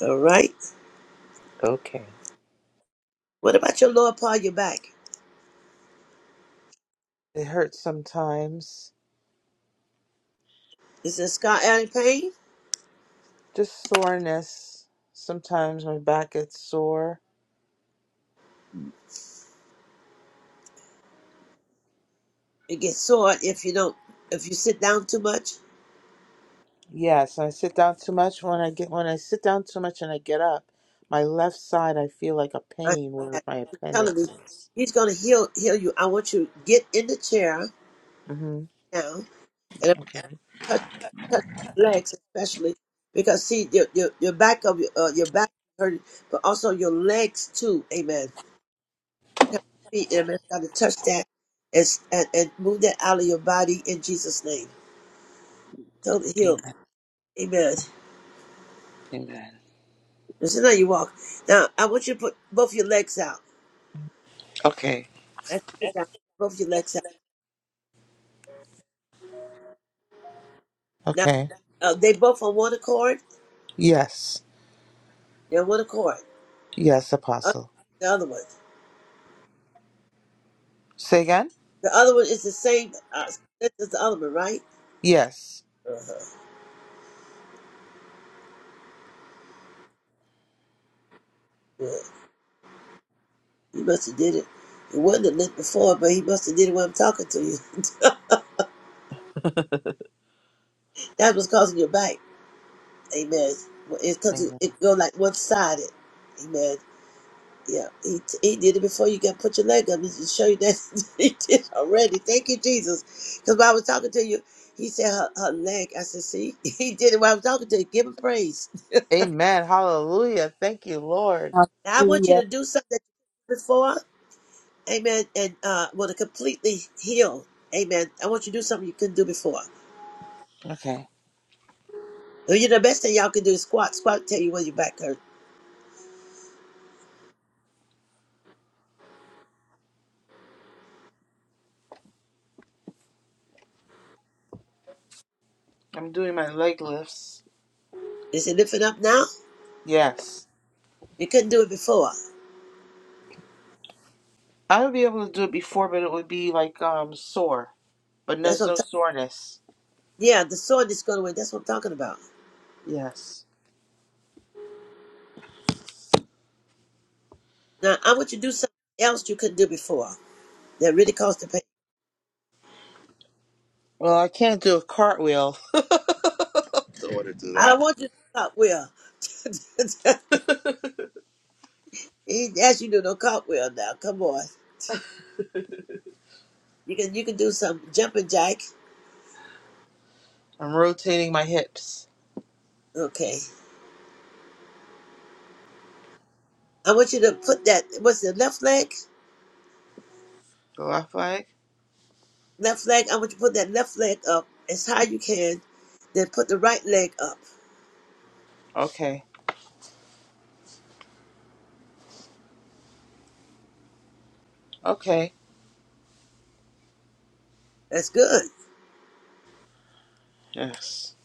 All right.
Okay.
What about your lower part of your back?
It hurts sometimes.
Is it scar adding pain?
Just soreness. Sometimes my back gets sore.
It gets sore if you don't if you sit down too much.
Yes, I sit down too much. When I get when I sit down too much and I get up, my left side I feel like a
I
pain
I'm
where my
telling me,
appendix is.
he's gonna heal heal you. I want you to get in the chair
hmm
now and I'm
Okay.
gonna touch touch your legs especially because see your your, your back of your uh, your back hurting, but also your legs too. Amen Come to your feet and let's try to touch that and, s- and, and move that out of your body in Jesus' name. Total heal.
Amen.
Amen.
Amen.
And so now you walk. Now, I want you to put both your legs out.
Okay.
As you sit down, both your legs out. Now,
Okay.
uh, they both on one accord.
Yes.
They're on one accord.
Yes,
Other-
Apostle.
The other one.
Say again.
The other one is the same. Uh, this is the other one, right?
Yes.
Uh-huh. Yeah. He must have did it. It wasn't a lift before, but he must have did it when I'm talking to you. That's what's causing your back. Amen. Well, It's because it
Amen.
it go like one sided. Amen. Yeah, he, he did it before you got put your leg up. He should show you that he did already. Thank you, Jesus. Because when I was talking to you, he said her, her leg. I said, see, he did it while I was talking to you. Give him praise.
Amen. Hallelujah. Thank you, Lord.
Now, I want you
Hallelujah.
to do something that you did before. Amen. And uh, want to completely heal. Amen. I want you to do something you couldn't do before.
Okay.
Well, You know, the best thing y'all can do is squat. Squat tell you when your back hurt.
I'm doing my leg lifts.
Is it lifting up now?
Yes.
You couldn't do it before.
I would be able to do it before, but it would be like um sore. But
That's
there's
what I'm
no soreness.
Yeah, the sword is going away. That's what I'm talking about.
Yes.
Now, I want you to do something else you couldn't do before that really caused the pain.
Well, I can't do a cartwheel. in order to do
I
that.
don't want you to cartwheel. he asked you to do no cartwheel now. Come on. You can you can do some jumping jack.
I'm rotating my hips.
Okay. I want you to put that, what's the left leg?
The left leg.
Left leg. I want you to put that left leg up as high you can, then put the right leg up.
Okay. Okay.
That's good.
Yes.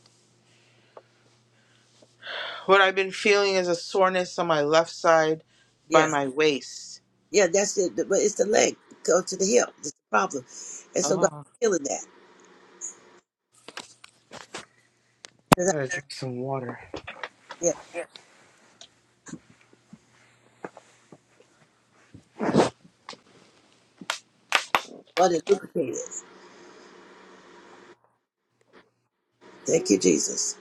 What I've been feeling is a soreness on my left side by
Yeah.
my waist.
Yeah, that's it. But it's the leg. Go to the hip. That's the problem. And so God
Oh,
is healing that.
I
'Cause
gotta drink some water.
I- Yeah. Well, they lubricated. Thank you, Jesus.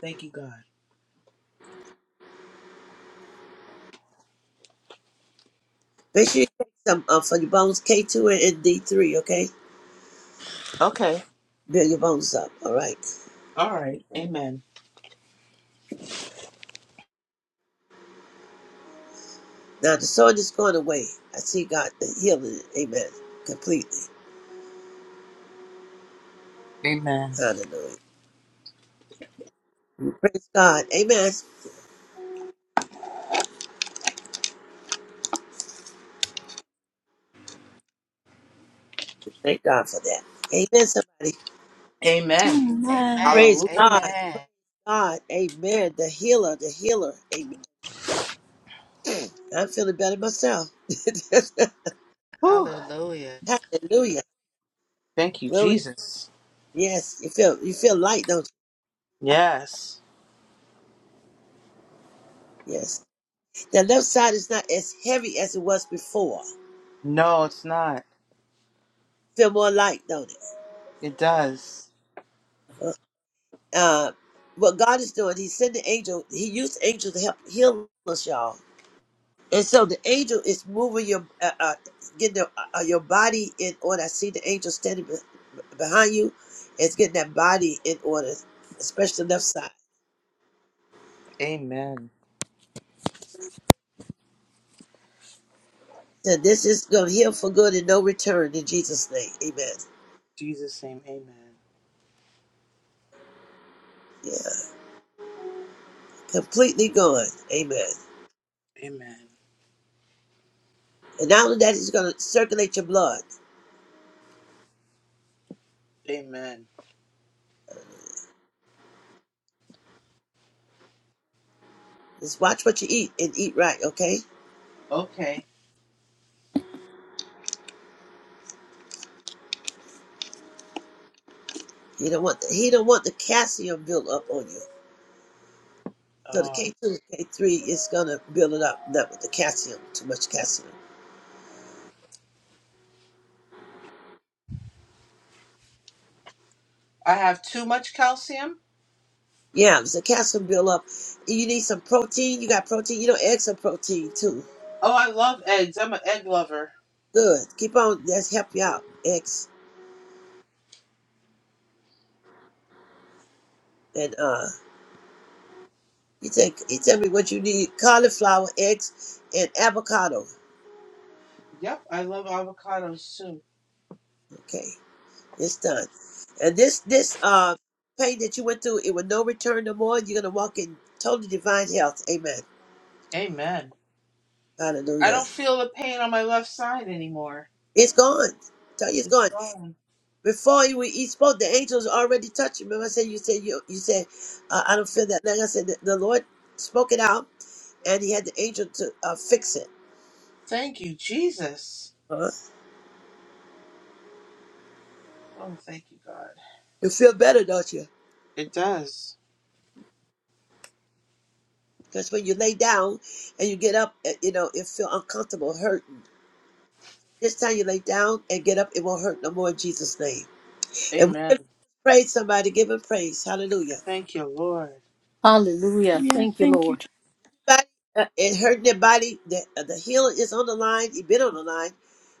Thank you, God.
Make sure you take some uh, for your bones K2 and D3, okay?
Okay.
Build your bones up, all right?
All right. Amen.
Now, the sword is going away. I see God healing it. Amen. Completely.
Amen.
Hallelujah. Praise God. Amen. Thank God for that. Amen, somebody.
Amen.
Amen.
Amen.
Praise
Hallelujah.
God.
Amen.
Praise God. Amen. The healer, the healer. Amen. I'm feeling better myself.
Whew.
Hallelujah.
Hallelujah.
Thank you,
Glory.
Jesus.
Yes. You feel you feel light, don't
Yes.
you? Yes. The left side is not as heavy as it was before.
No, it's not.
Feel more light, don't it?
It does.
Uh, uh, what God is doing, He sent the angel. He used the angel to help heal us, y'all. And so the angel is moving your, uh, uh, getting the, uh, uh, your body in order. I see the angel standing be- behind you. It's getting that body in order, especially the left side.
Amen.
So this is going to heal for good and no return in Jesus' name. Amen.
Jesus' name. Amen.
Yeah, completely gone. Amen.
Amen.
And not only that, it's going to circulate your blood.
Amen.
Just watch what you eat and eat right, okay?
Okay.
He don't want the, he don't want the calcium build up on you. So the
Oh.
K two, and K three is gonna build it up, not with the calcium, too much calcium.
I have too much calcium.
Yeah, it's the calcium build up. You need some protein. You got protein. You know, eggs are protein too.
Oh, I love eggs. I'm an egg lover.
Good. Keep on. That's help you out. Eggs and uh, you take you tell me what you need: cauliflower, eggs, and avocado.
Yep, I love avocados too.
Okay. It's done. And this this uh pain that you went through, it will no return no more. You're gonna walk in total divine health. Amen.
Amen. I
Hallelujah.
don't feel the pain on my left side anymore.
It's gone. Tell you it's
It's
gone.
gone.
Before you he spoke, the angels already touched you. Remember, I said you said you you said uh, I don't feel that. Like I said, the, the Lord spoke it out, and He had the angel to uh, fix it.
Thank you, Jesus.
huh
Oh, thank you, God.
You feel better, don't you?
It does.
Because when you lay down and you get up, uh, you know it feel uncomfortable, hurting. This time you lay down and get up, it won't hurt no more in Jesus' name. And we
Amen.
give praise somebody, give him praise. Hallelujah.
Thank you, Lord.
Hallelujah.
Hallelujah.
Thank you,
Thank you.
Lord.
Je-
Everybody, uh, it hurt their body. The, uh, the healer is on the line. He been on the line.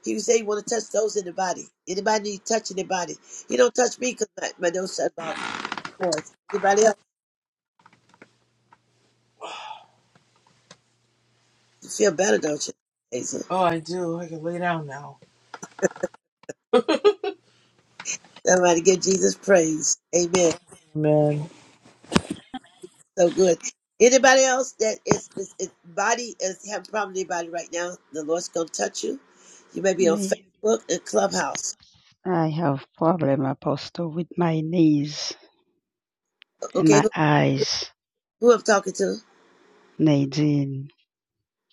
He was saying he want to touch those in the body. Anybody need touching their body. He don't touch me because my, my nose shut off. Anybody else you feel better, don't you? Praise him.
Oh, I do. I can lay down now.
Somebody give Jesus praise. Amen.
Amen.
So good. Anybody else that is, is, is body is having a problem with their body right now, the Lord's gonna touch you. You may be on
Me,
Facebook and Clubhouse.
I have problem, Apostle, with my knees and
Okay,
my
who,
eyes.
who I'm talking to?
Nadine,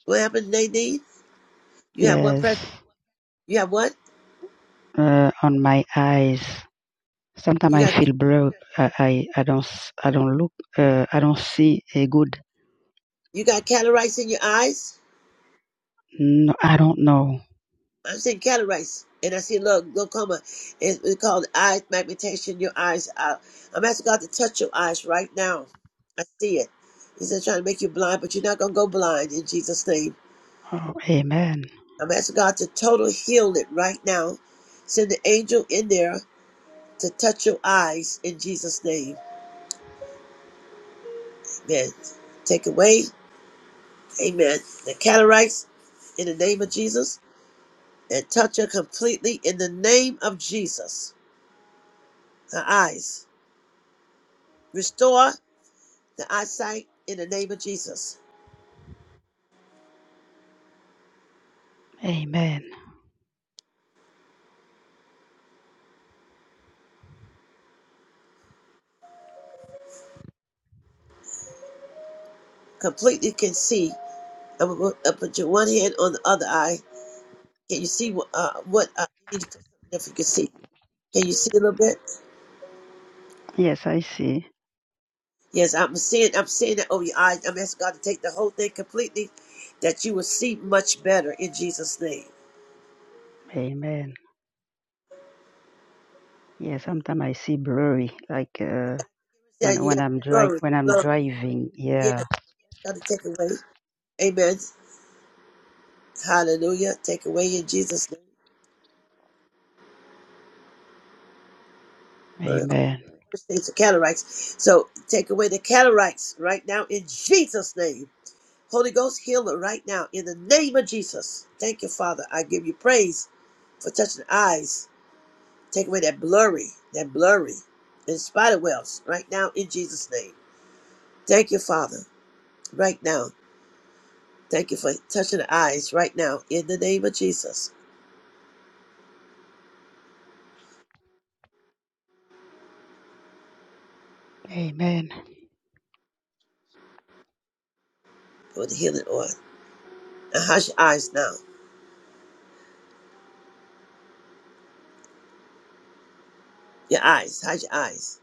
What happened, Nadine? You have what
yes,
pressure? You have what?
uh, on my eyes. Sometimes
You
I
got
feel broke. I, I, I don't, s- I don't look. Uh, I don't see a good.
you got cataracts in your eyes?
No, I don't know.
I'm seeing cataracts, and I see a little glaucoma. It's, it's called eye magnification. Your eyes out. I'm asking God to touch your eyes right now. I see it. He said trying to make you blind, but you're not gonna go blind in Jesus' name.
Oh, amen,
I'm asking God to total heal it right now. Send the angel in there to touch your eyes in Jesus' name. Amen. Take away, Amen. The cataracts in the name of Jesus and touch her completely in the name of Jesus. Her eyes. Restore the eyesight in the name of Jesus.
amen.
Completely can see. I'm going to put your one hand on the other eye. Can you see what, uh, what uh, you need to put something there if you can see? Can you see a little bit?
Yes, I see.
Yes, I'm seeing, I'm seeing that over your eyes. I'm asking God to take the whole thing completely that you will see much better in Jesus' name.
Amen. Yeah, sometimes I see blurry, like uh,
Yeah,
when
you got
when
to
I'm dri-
blurry,
when I'm
blurry.
driving.
Yeah,
Yeah.
it's got to take away. Amen. Hallelujah. Take away in Jesus' name.
Amen.
first things are cataracts. So take away the cataracts right now in Jesus' name. Holy Ghost heal healer right now in the name of Jesus. Thank you, Father. I give you praise for touching the eyes. Take away that blurry, that blurry, and spider webs right now in Jesus' name. Thank you, Father, right now. Thank you for touching the eyes right now in the name of Jesus
Amen.
with the healing oil. Now, how's your eyes now? Your eyes, how's your eyes?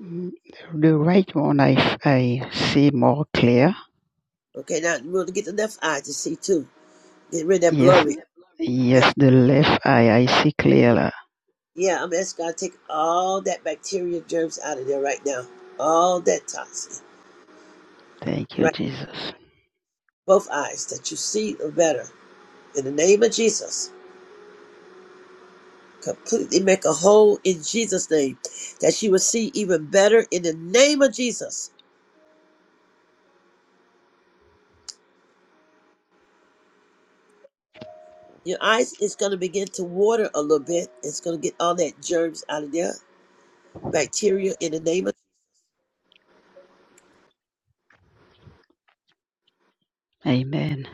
Mm, The right one, I, f- I see more clear.
Okay, now you want to get the left eye to see too. Get rid of that
Yes,
blurry.
yes, the left eye, I see clearer.
Yeah, I'm asking God to take all that bacteria germs out of there right now. All that toxin.
Thank you,
Right.
Jesus.
Both eyes that you see are better. In the name of Jesus. Completely make a hole in Jesus' name. That you will see even better in the name of Jesus. Your eyes is gonna begin to water a little bit. It's gonna get all that germs out of there. Bacteria in the name of
Amen.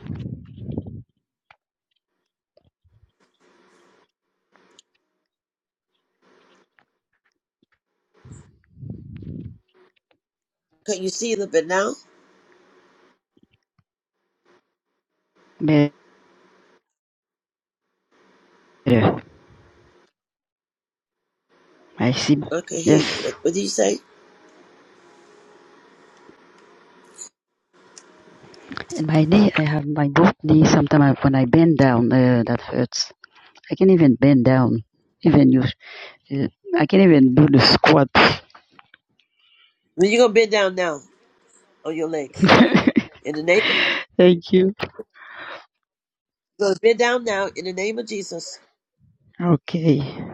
Can you see a little bit now?
Better. I see.
I can hear you.
Yes.
What what do you say?
In my knee, I have my both knees. Sometimes when I bend down, uh, that hurts. I can't even bend down. Even you, uh, I can't even do the squat.
Well, You're gonna bend down now on your legs. In the name
Thank you.
Because bend down now in the name of Jesus.
Okay.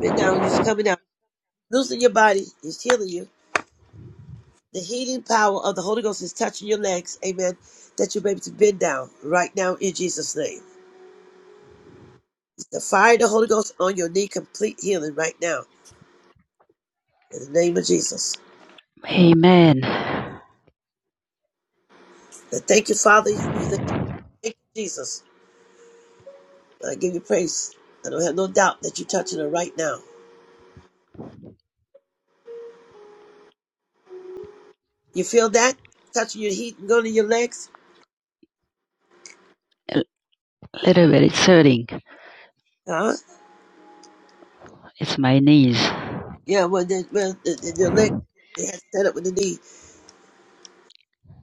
Bend down. He's coming out. Loosen your body. He's healing you. The healing power of the Holy Ghost is touching your legs. Amen. That you'll be able to bend down right now in Jesus' name. The fire of the Holy Ghost on your knee, complete healing right now in the name of Jesus.
Amen.
And thank you, Father. You the healer. Thank you, Jesus. I give you praise. I don't have no doubt that you're touching her right now. You feel that? Touching your heat and going to your legs?
little bit. It's hurting.
Huh?
It's my knees.
Yeah, well, then, well the, the, your leg, they had set up with the knee.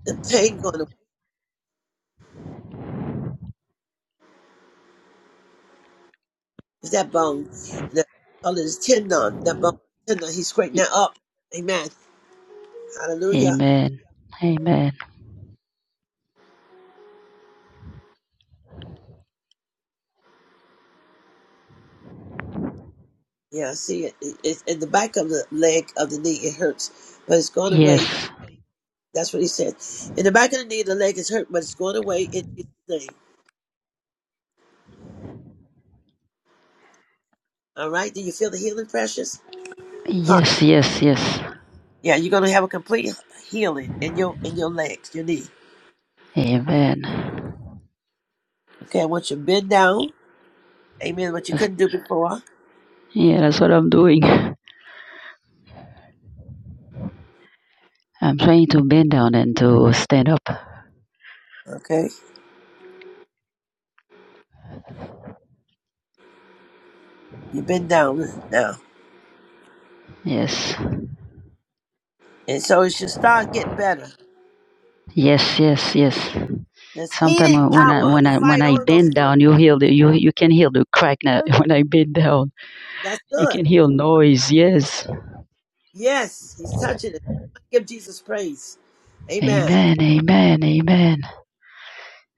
the pain going away. Is that bone? The color is tendon. That bone tendon. He's scraping that up. Amen. Hallelujah.
Amen. Amen.
Yeah, I see it. It- It's in the back of the leg of the knee. It hurts, but it's going away.
Yes.
That's what he said. In the back of the knee, the leg is hurt, but it's going away in Jesus' name. All right. Do you feel the healing, precious? Hot.
Yes, yes, yes.
Yeah, you're gonna have a complete healing in your in your legs, your knee.
Amen.
Okay. I want you to bend down. Amen. What you
That's,
couldn't do before.
yeah, that's what I'm doing. I'm trying to bend down and to stand up.
Okay. You bend down now,
Yes.
and so it should start getting better.
Yes, yes, yes.
This healing
Sometimes when I
power of
when
the
I
fire
when
of the
I
Holy Ghost
bend
is on you
down, you hear the you you can hear the crack now. When I bend down,
That's
you
good.
can hear noise. Yes.
Yes, he's touching it. Give Jesus praise. Amen.
Amen. Amen. Amen.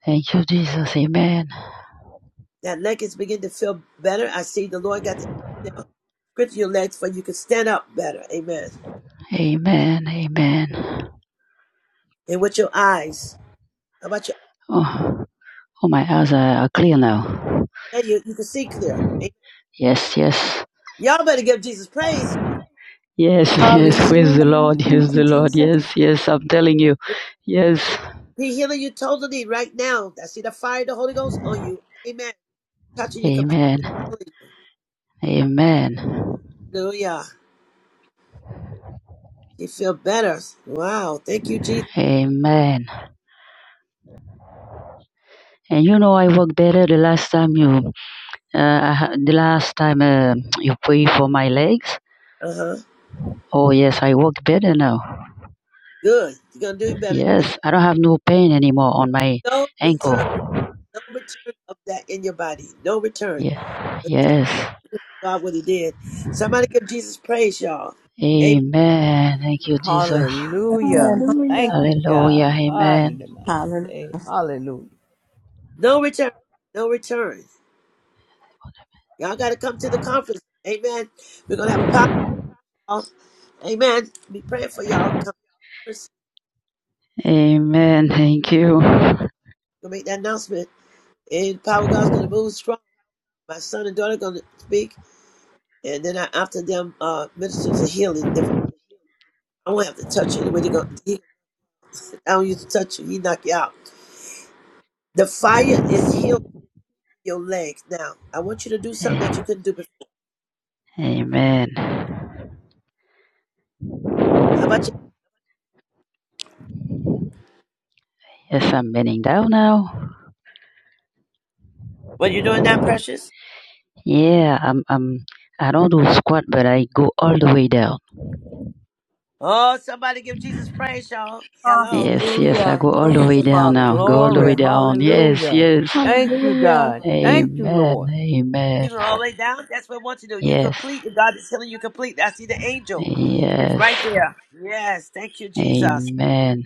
Thank you, Jesus. Amen.
That leg is beginning to feel better. I see the Lord got the angel grip your legs for you can stand up better. Amen.
Amen. Amen.
And with your eyes. How about your
Oh, oh, my eyes are, are clear now.
yeah, you, you can see clear. Amen.
Yes, yes,
Y'all better give Jesus praise.
yes, yes.
Hallelujah.
Praise the
Hallelujah.
Lord. Yes,
Thank
the
you,
Lord.
Jesus.
Yes, yes. I'm telling you. Yes.
He healing you totally right now. I see the fire of the Holy Ghost on you. Amen. Touching you completely.
Amen. Amen.
Hallelujah. You feel better. Wow. Thank you, Jesus.
Amen. And you know, I work better the last time you, uh, I ha- the last time uh, you prayed for my legs.
Uh-huh.
Oh yes, I work better now.
Good. You're gonna do better.
Yes, I don't have no pain anymore on my
No
ankle.
return. No return of that in your body. No return.
Yeah.
But
Yes.
thank God what he did. Somebody give Jesus praise, y'all. Amen.
Amen. Thank you, Jesus.
Hallelujah. Thank
Hallelujah.
you,
Hallelujah.
God.
Amen.
Hallelujah.
Hallelujah.
Say Hallelujah.
No return. No return. Y'all gotta come to the conference. Amen. We're gonna have a power call. Amen. Be praying for y'all. Conference.
Amen. Thank you.
Gonna make that announcement. And power of God's gonna move strong. My son and daughter gonna speak. And then I, after them, uh, ministers of healing. Divine. I won't have to touch you anyway. They gonna, he, I don't use to touch you. He knock you out. The fire is healed. your legs. Now, I want you to do something that you couldn't do before.
Amen.
How about you?
Yes, I'm bending down now.
What you doing now, precious?
Yeah, I'm, I'm, I don't do squat, but I go all the way down.
Oh, somebody give Jesus praise, y'all. Hello.
Yes, yes, I
Hallelujah.
go all the
Praise
way
your
down
Father.
now. Go all the way
Glory.
down. Yes,
Hallelujah.
yes.
Thank you,
Hallelujah.
God. Thank you,
Amen.
Lord.
Amen.
You going all the way down? That's what I want you to do. You
Yes.
complete. and God is healing you complete. I see the angel. It's
Yes.
right there. Yes. Thank you, Jesus.
Amen.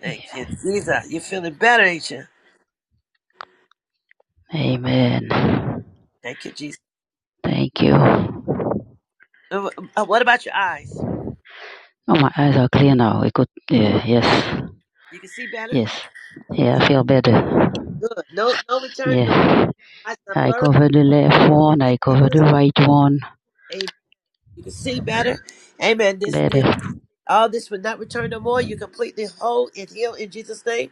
Thank you, Jesus. You're feeling better, ain't you?
Amen.
Thank you, Jesus.
Thank you. Oh,
Uh, uh, What about your eyes?
my eyes are clear now. I could, yeah, yes.
You can see better?
Yes. Yeah, I feel better.
Good. No no return, no
Yeah.
eyes are
I
blurry.
cover the left
Thank
one,
you,
I cover the right one
Jesus. You can see better. Amen. This,
better.
this all this will not return no more. You're completely whole and healed in Jesus' name.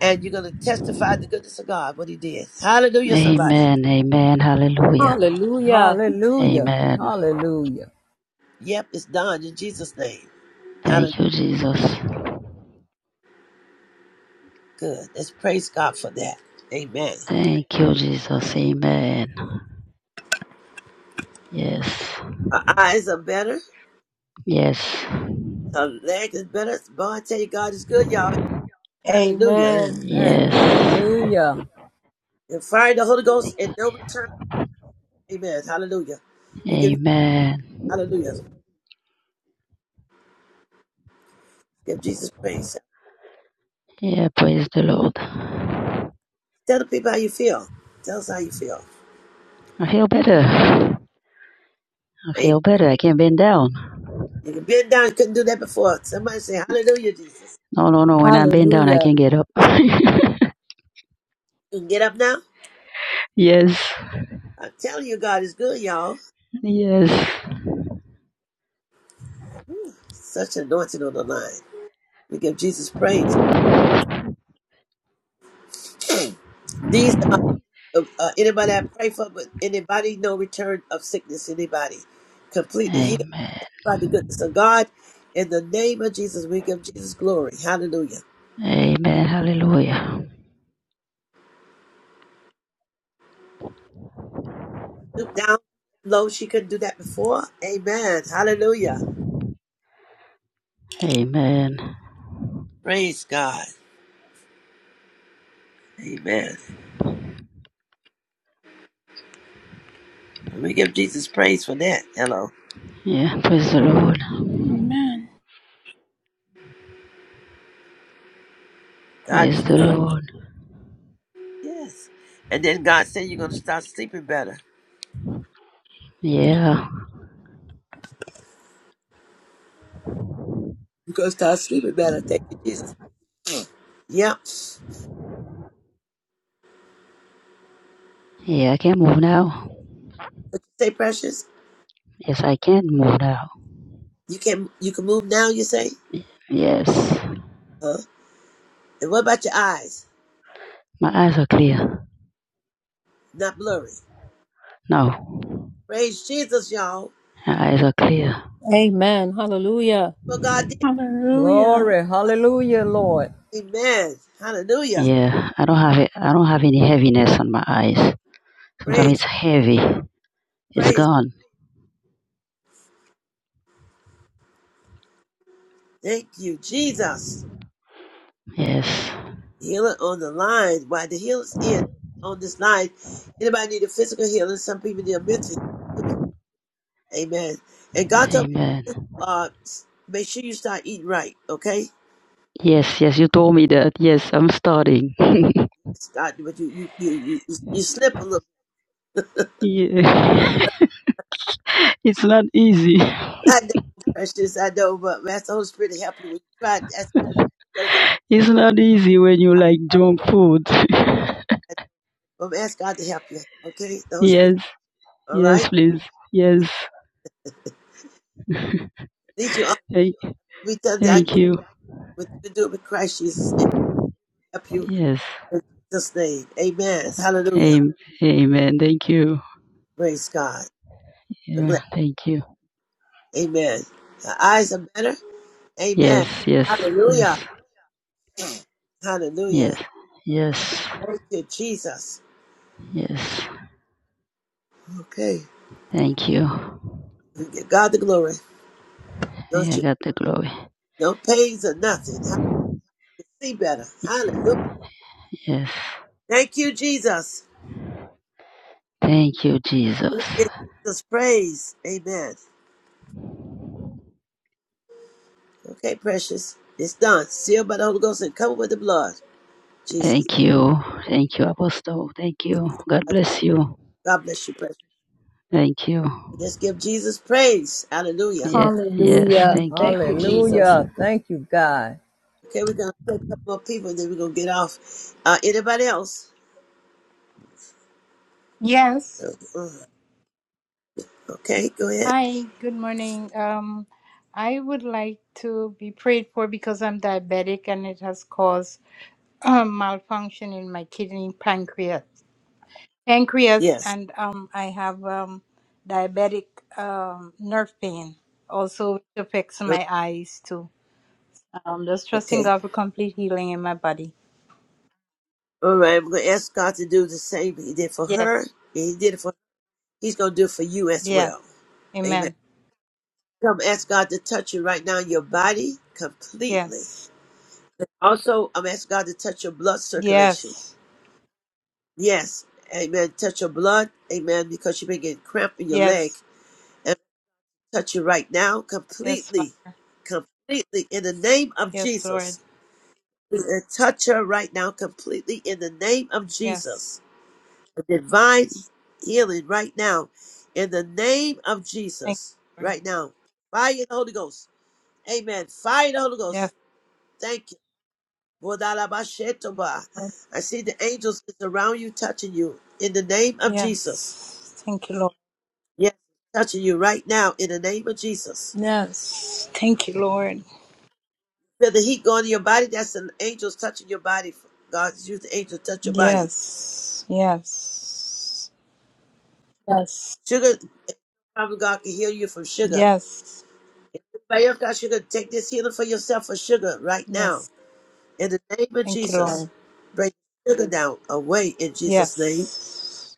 And you're gonna testify the goodness of God, what he did. Hallelujah, somebody.
Amen. Amen. Hallelujah.
Hallelujah.
Hallelujah.
Amen.
Hallelujah.
Yep, it's done in Jesus' name. Hallelujah.
Thank you, Jesus.
Good. Let's praise God for that. Amen.
Thank you, Jesus. Amen. Yes.
Our eyes are better.
Yes.
Our leg is better. Boy, I tell you, God is good, y'all. Hallelujah.
Amen.
Amen.
Yes.
Hallelujah.
And fire the Holy Ghost and no return. Amen. Hallelujah. We give you
Amen.
hallelujah. Give Jesus praise.
Yeah, praise the Lord. I
Tell the people how you feel. Tell us how you feel.
feel better. I feel better. I can't bend down.
You can bend down. You couldn't do that before. Somebody say, Hallelujah, Jesus.
No, no, no. When I bend down, I
Hallelujah.
can't get up.
You can get up now.
yes.
I'm telling you, God is good, y'all.
Yes.
Such anointing on the line. We give Jesus praise. These are uh, uh, anybody I pray for, but anybody, no return of sickness, anybody completely healed
Amen.
by the goodness of God. In the name of Jesus, we give Jesus glory. Hallelujah.
Amen. Hallelujah.
Stoop down low. She couldn't do that before. Amen. Hallelujah.
Amen.
Praise God. Amen. And we give Jesus praise for that. Hello.
Yeah. Praise the Lord.
Amen.
God is
Praise the
good.
Lord.
Yes. And then God said you're going to start sleeping better.
Yeah.
You're going to start sleeping better. Thank you, Jesus. Mm. Yeah.
Yeah. I can move now.
What you say, precious?
Yes, I can move now.
You can you can move now. You say,
Yes.
huh? And what about your eyes?
My eyes are clear.
Not blurry.
No.
Praise Jesus, y'all.
My eyes are clear.
Amen. Hallelujah.
What God did.
Hallelujah.
Glory. Hallelujah, Lord.
Amen. Hallelujah.
Yeah. I don't have it. I don't have any heaviness on my eyes. Sometimes it's
Praise,
heavy. It's
praise.
gone.
Thank you, Jesus.
Yes.
Healer on the line. Why the healer's in on this line? Anybody need a physical healing? Some people need a mental. healing. Amen. And God told
Amen.
uh, s- make sure you start eating right, okay?
Yes, yes, you told me that. Yes, I'm starting.
Start, but you you you you, you you slip a little.
yeah. it's not easy.
I know, precious. I know, but ask the Holy Spirit to help you when you try. That's what I'm I
It's not easy when you like
know,
junk food.
I know, but ask God to help you, okay? The Holy Spirit,
yes,
all right.
yes, please. Yes,
These you are
thank,
we tell that
thank
you
you.
what you do with Christ Jesus and help you
Yes,
in Jesus' name. Amen. Hallelujah.
Am- amen. Thank you.
Praise God.
Yeah, thank you.
Amen. The eyes are better. Amen.
Yes, yes, yes,
Hallelujah. Hallelujah.
yes, yes,
Thank you, Jesus.
yes.
Okay.
Thank you.
We give God the glory.
May
Don't
I
you,
got the glory.
no pains or nothing. I can see better. Hallelujah.
Yes.
Thank you, Jesus.
Thank you, Jesus.
We give Jesus praise. Amen. Okay, precious. It's done. Sealed by the Holy Ghost and covered with the blood. Jesus.
Thank you. Thank you, Apostle. Thank you. God bless you.
God bless you, precious.
Thank you.
Let's give Jesus praise. Hallelujah.
Yes, yes,
Hallelujah. Thank
thank
you,
you.
Jesus.
Hallelujah. Thank you, God.
Okay, we're gonna pray a couple more people and then we're gonna get off. Uh anybody else?
Yes.
Uh, uh, Okay, go ahead.
Hi, good morning. Um, I would like to be prayed for because I'm diabetic and it has caused um, malfunction in my kidney, pancreas, pancreas,
Yes.
and um, I have um, diabetic um, nerve pain. Also, it affects
Uh,
my eyes too. Um, just trusting
Okay.
God for complete healing in my body.
All right, I'm gonna ask God to do the same He did for
Yes.
her. and He did it for He's going to do it for you as
Yes.
well. Amen.
Amen.
Come ask God to touch you right now, your body completely.
Yes.
Also, I'm asking God to touch your blood circulation.
Yes.
Yes. Amen. Touch your blood. Amen. Because you've been getting cramp in your leg.
Yes.
And touch you right now
Yes,
completely.
Father.
Completely. In the name of
Yes, Lord.
Jesus. And touch her right now completely in the name of
Yes.
Jesus. A divine healing right now. In the name of
Thank
Jesus.
you, Lord.
Right now. Fire in the Holy Ghost. Amen. Fire the Holy
Yes,
Ghost. Thank you. Bodalabashetoba.
Lord.
I see the angels is around you, touching you in the name of Jesus.
Yes. Thank you, Lord.
Yes, touching you right now in the name of Jesus.
Yes. Thank you, Lord.
Feel the heat going to your body. That's the angels touching your body. God use the angels to touch your body.
Yes. Yes. Yes.
Sugar, probably God can heal you from sugar.
Yes.
Anybody else got sugar? Take this healing for yourself for sugar right now
Yes.
in the name of
Thank you,
Jesus.
Lord.
Break sugar down away in Jesus' name.
Yes.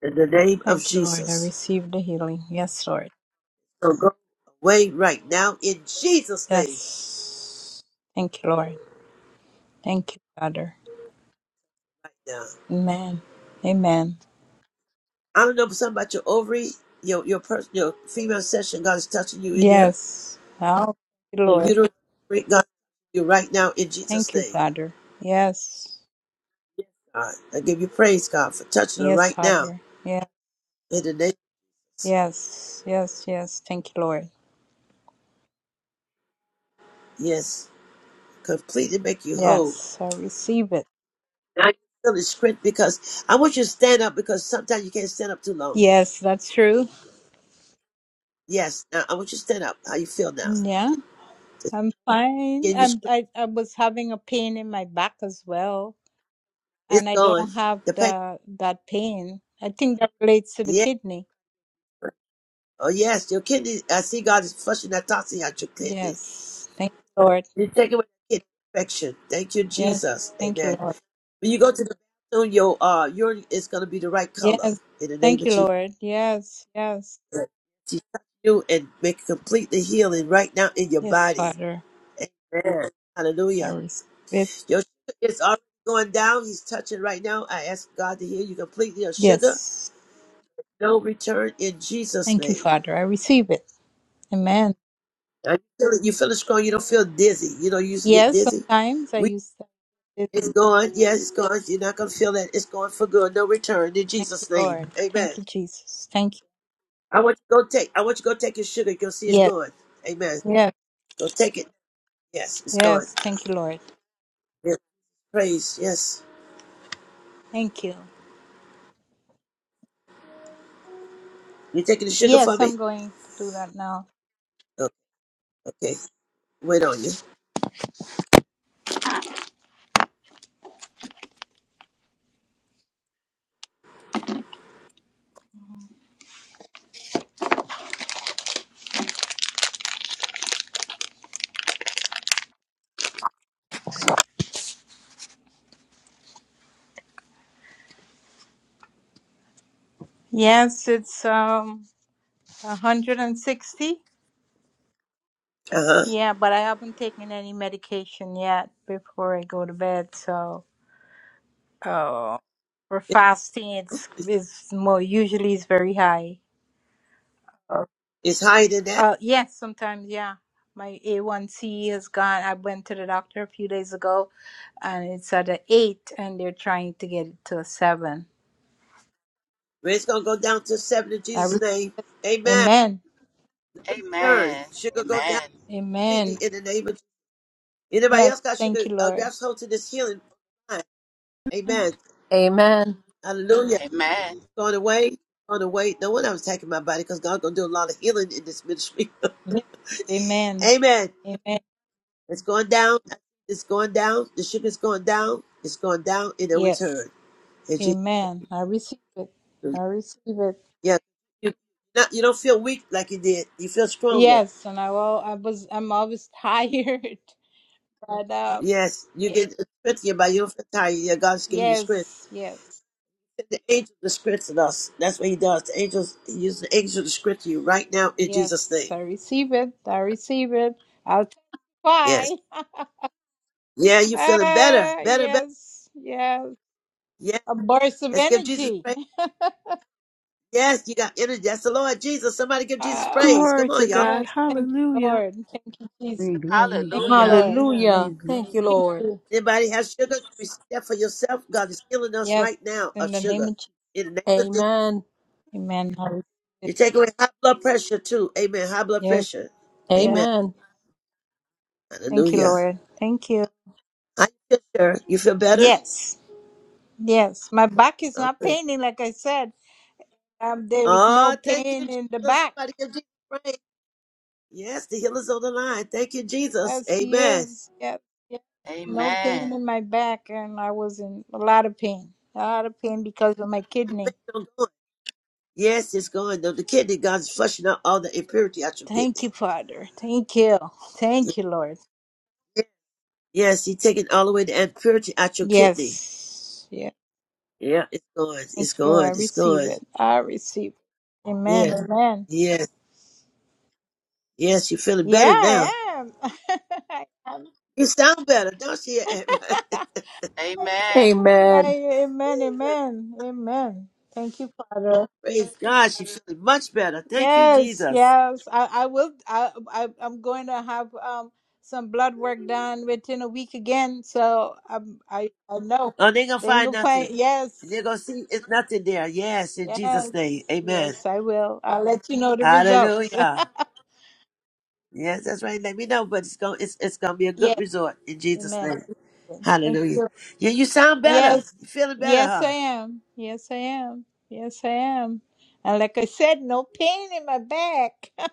In the name of
Thank you, Lord. I
Jesus.
received the healing. Yes, Lord.
So go away right now in Jesus' name.
Yes. Thank you, Lord. Thank you, Father.
Now,
Amen. Amen.
I don't know if something about your ovary, your your person, your female session. God is touching you in there.
Yes. Oh, thank you,
Your
Lord.
uterus, ovary, God, you right now in Jesus'
Thank you,
name.
Father. Yes.
God, I give you praise, God, for touching her
Yes,
right now
Father.
in the name.
Yes, yes, yes. Thank you, Lord.
Yes, completely make you whole.
Yes, I receive it.
Now you feel the strength because I want you to stand up because sometimes you can't stand up too long.
Yes, that's true.
Yes, now I want you to stand up. How you feel now?
Yeah,
The
I'm fine.
skin, your
I'm,
strength,
I I was having a pain in my back as well,
it's
and I
gone.
don't have
The pain,
the that pain. I think that relates to the
yeah.
kidney.
Oh yes, your kidney. I see God is flushing that toxin out your kidney.
Yes, thank you, Lord.
You take away that kidney infection. Thank you,
Yes,
Jesus.
thank you,
Amen.
Lord.
When you go to the bathroom, your uh urine is gonna be the right color
Yes,
in the name
thank
of
you,
Jesus.
Lord. Yes, yes,
To touch you and make complete the healing right now in your
yes,
body.
Father.
Amen.
I
Hallelujah.
receive it.
Your sugar is already going down. He's touching right now. I ask God to heal you completely of sugar.
Yes,
No return in Jesus'
thank you,
name.
Father. I receive it. Amen.
Now, You feel it, you feel it strong. You don't feel dizzy. You know, you used to get
Yes,
dizzy.
sometimes I
We.
use that. Yes,
It's gone. Yes, it's gone. You're not gonna feel that. It's gone for good. No return in
Thank you,
Jesus' name.
Lord.
Amen.
Thank you, Jesus. Thank you.
I want you to go take. I want you to go take your sugar. You'll see it's
Yes,
gone. Amen.
yes,
Go take it. Yes, it's gone.
yes. Thank you, Lord.
Yes. Praise. Yes.
Thank you.
You taking the sugar for
Yes,
me?
I'm going to do that now.
Oh, okay. Wait on you.
Yes, it's um 160.
Uh huh.
Yeah, but I haven't taken any medication yet before I go to bed. So, oh, for
It,
fasting, it's, it's more usually it's very high.
it's higher than that.
Uh, yes, sometimes, yeah. My A1C has gone. I went to the doctor a few days ago, and it's at a eight, and they're trying to get it to a seven.
But it's gonna go down to seven in
I re-
Jesus' name. Amen.
Amen.
Turn.
Amen.
Sugar go down
Amen.
Amen.
completely in the name of. Jesus. Anybody
Yes,
else got sugar?
thank you,
Uh,
Lord.
grabs hold to this healing. Amen.
Amen.
Hallelujah.
Amen.
Going away, going away. No one was attacking my body because God's going to do a lot of healing in this ministry.
Yes. Amen.
Amen.
Amen.
It's going down. It's going down. The sugar's going down. It's going down in a
Yes.
return. In Jesus'
Amen. I receive it.
name.
I receive it.
Yeah. You, not, you don't feel weak like you did. You feel stronger.
Yes, and I will. I was. I'm always tired, but um,
Yes. You
y-
get strength in your body. You don't feel tired. Yeah, God's giving you strength.
yes, yes.
The angels are strengthening us. That's what he does. The angels, he uses the angels to strengthen you right now in Jesus'
Yes,
name.
I receive it. I receive it. I'll
Yes.
testify.
Yeah, you're feeling better.
Ah,
Better, better.
yes, yes.
Yeah.
A burst of
Let's give Jesus
energy.
praise. Yes, you got energy. That's the Lord Jesus. Somebody give Jesus
Ah,
praise.
Glory
Come
to
on, y'all.
God.
yes. Thank you,
Hallelujah.
Lord. Thank you, Jesus.
Glory, glory,
Thank you,
glory,
Hallelujah.
Lord.
glory,
Hallelujah. Thank you,
glory.
Thank
Lord.
you.
Anybody have sugar? Receive that for yourself. God is healing us
Yes,
right now
in
of
the name
sugar.
of Jesus.
In the name of Jesus.
Amen.
Amen. I receive it.
You take away high blood pressure too. Amen. High blood
Yes,
pressure.
yes.
Amen.
Amen.
Thank you,
Hallelujah.
Lord. Thank you.
How you feel, sir? You feel better?
Yes, yes. My back is not
Okay.
paining, like I said. Um, there is no
Oh, thank you,
pain
Jesus.
in the back.
Somebody give Jesus praise. Yes, the healer's on the line. Thank you, Jesus.
Yes, he
Amen.
is. Yes, yes. No pain
Amen.
in my back, and I was in a lot of pain. A lot of pain because of my
The pain
kidney.
don't go. Yes, it's going. The the kidney, God's flushing out all the impurity out your
Thank
kidney.
you, Father. Thank you.
Yeah.
Thank you, Lord.
Yes, he taking all the way the impurity out your kidney.
Yes. Yeah.
Yeah, it's gone.
Thank
It's
you.
gone.
I
It's
receive
gone.
it. I receive it. Amen.
Yes,
Amen.
yes, yes. You're feeling
Yeah,
better now.
I am. I am.
You sound better, don't you?
I,
Amen.
Amen.
I- amen. Amen. Amen. Thank you, Father.
Praise God, she's feeling much better. Thank you,
Yes,
Jesus.
yes. I, I will. I, I, I'm going to have um some blood work done within a week again. So I'm, I, I know.
Oh, they're gonna
They
find
can find.
nothing. And
Yes,
they're gonna see it's nothing there. Yes, in Jesus' name.
yes,
Amen.
yes. I will. I'll let you know the results.
Hallelujah. Yes, that's right. Let me know, but it's gonna it's, it's gonna be a good
yes.
resort in Jesus'
Amen. I
name.
receive it. Thank
Hallelujah.
you.
Yeah, you sound better.
Yes.
You're feeling better,
Yes,
huh?
I am. Yes, I am. Yes, I am. And like I said, no pain in my back.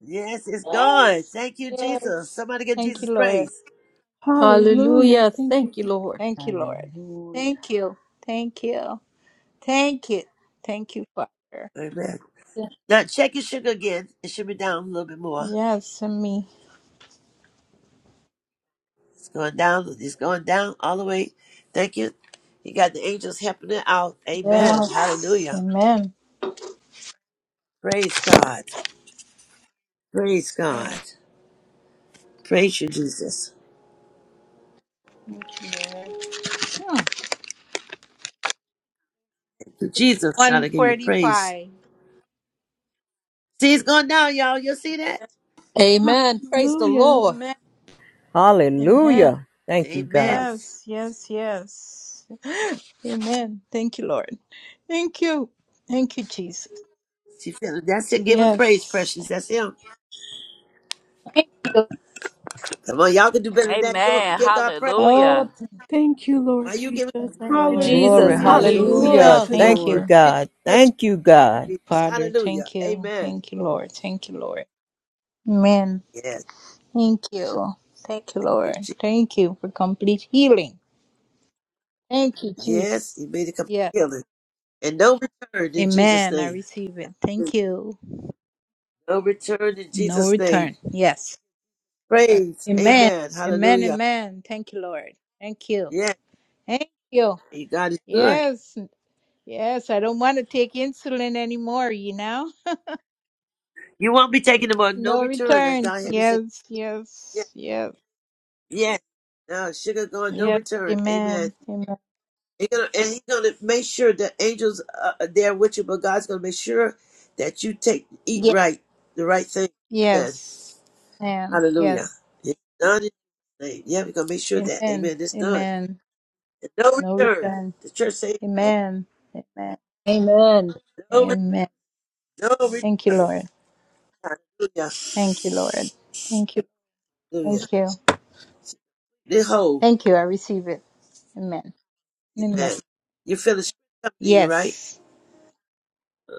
Yes, it's gone.
yes.
Thank you, Jesus.
Yes.
Somebody give
Thank
Jesus
you, Lord.
praise.
Hallelujah.
Hallelujah.
Thank you.
Thank you, Lord.
Thank you, Lord.
Hallelujah.
Thank you. Thank you. Thank you. Thank you, Father.
Amen.
Yeah.
Now check your sugar again. It should be down a little bit more.
Yes, and me.
It's going down. It's going down all the way. Thank you. You got the angels helping it out. Amen.
Yes.
Hallelujah.
Amen.
Praise God. Praise
Oh,
God. Praise you, Jesus.
Thank you, Lord. Hmm.
To Jesus, gotta give you praise.
145.
See, it's going down, y'all. You see that?
Lord.
Amen. Praise the
Hallelujah.
Lord.
Amen. Amen.
Hallelujah. Thank you, God.
Amen.
Yes, yes, yes. Amen. Thank you, Lord. Thank you. Thank you, Jesus.
See, feel- that's it. Give him praise,
Yes.
precious. That's him.
Thank you.
Come on, y'all can do better than that. Give, him,
Amen.
give God praise.
Oh,
Hallelujah.
thank
Thank you, Lord
Why you giving?
Jesus.
you,
Thank you,
Lord.
Glory.
Jesus.
Thank you,
Hallelujah.
Hallelujah.
Glory
Hallelujah.
Jesus.
Thank
Hallelujah.
to
you,
God.
Thank
Thank you,
you.
Lord.
Be
God.
touch
Thank you, God.
your Jesus.
Father,
Hallelujah.
thank you.
Amen.
Thank you, Lord. Thank you, Lord. Amen.
Yes.
Thank you. Thank you,
You,
Lord.
Jesus.
Thank you for complete healing. Thank you, Jesus.
Yes. He made a complete
Yeah.
healing. And no return in Jesus'
Amen. I
name.
receive it. Thank you.
No return in
No
Jesus' name.
return. Yes.
Praise.
Amen.
Amen.
Amen.
Hallelujah.
Amen. Thank you, Lord. Thank you.
Yes.
Thank you.
He- God is good.
Yes. Yes. I don't want to take insulin anymore, you know?
You won't be taking them on no
No
return. That's
return.
God having said.
Yes.
Yes.
Yes. Yes.
Yes. Now, sugar going no
Yes.
return. Amen.
Amen. Amen.
He gonna, and he's going to make sure the angels uh, are there with you, but God's going to make sure that you take eat
Yeah.
right, the right thing. Amen.
Yes. Amen. Yes.
Hallelujah. It's done in Jesus' name. Yeah, we're gonna make sure that.
Amen.
Amen. It's done.
Amen.
And no
No
return.
return.
The church say amen.
Amen. Amen.
Amen.
No, re-
Amen.
no
Thank you,
return.
Lord.
Hallelujah.
Thank you, Lord. Thank you.
Hallelujah.
Thank you.
They whole.
Thank you. I receive it. Amen. Amen.
Amen. You feel the strength coming in you, right?
Yes.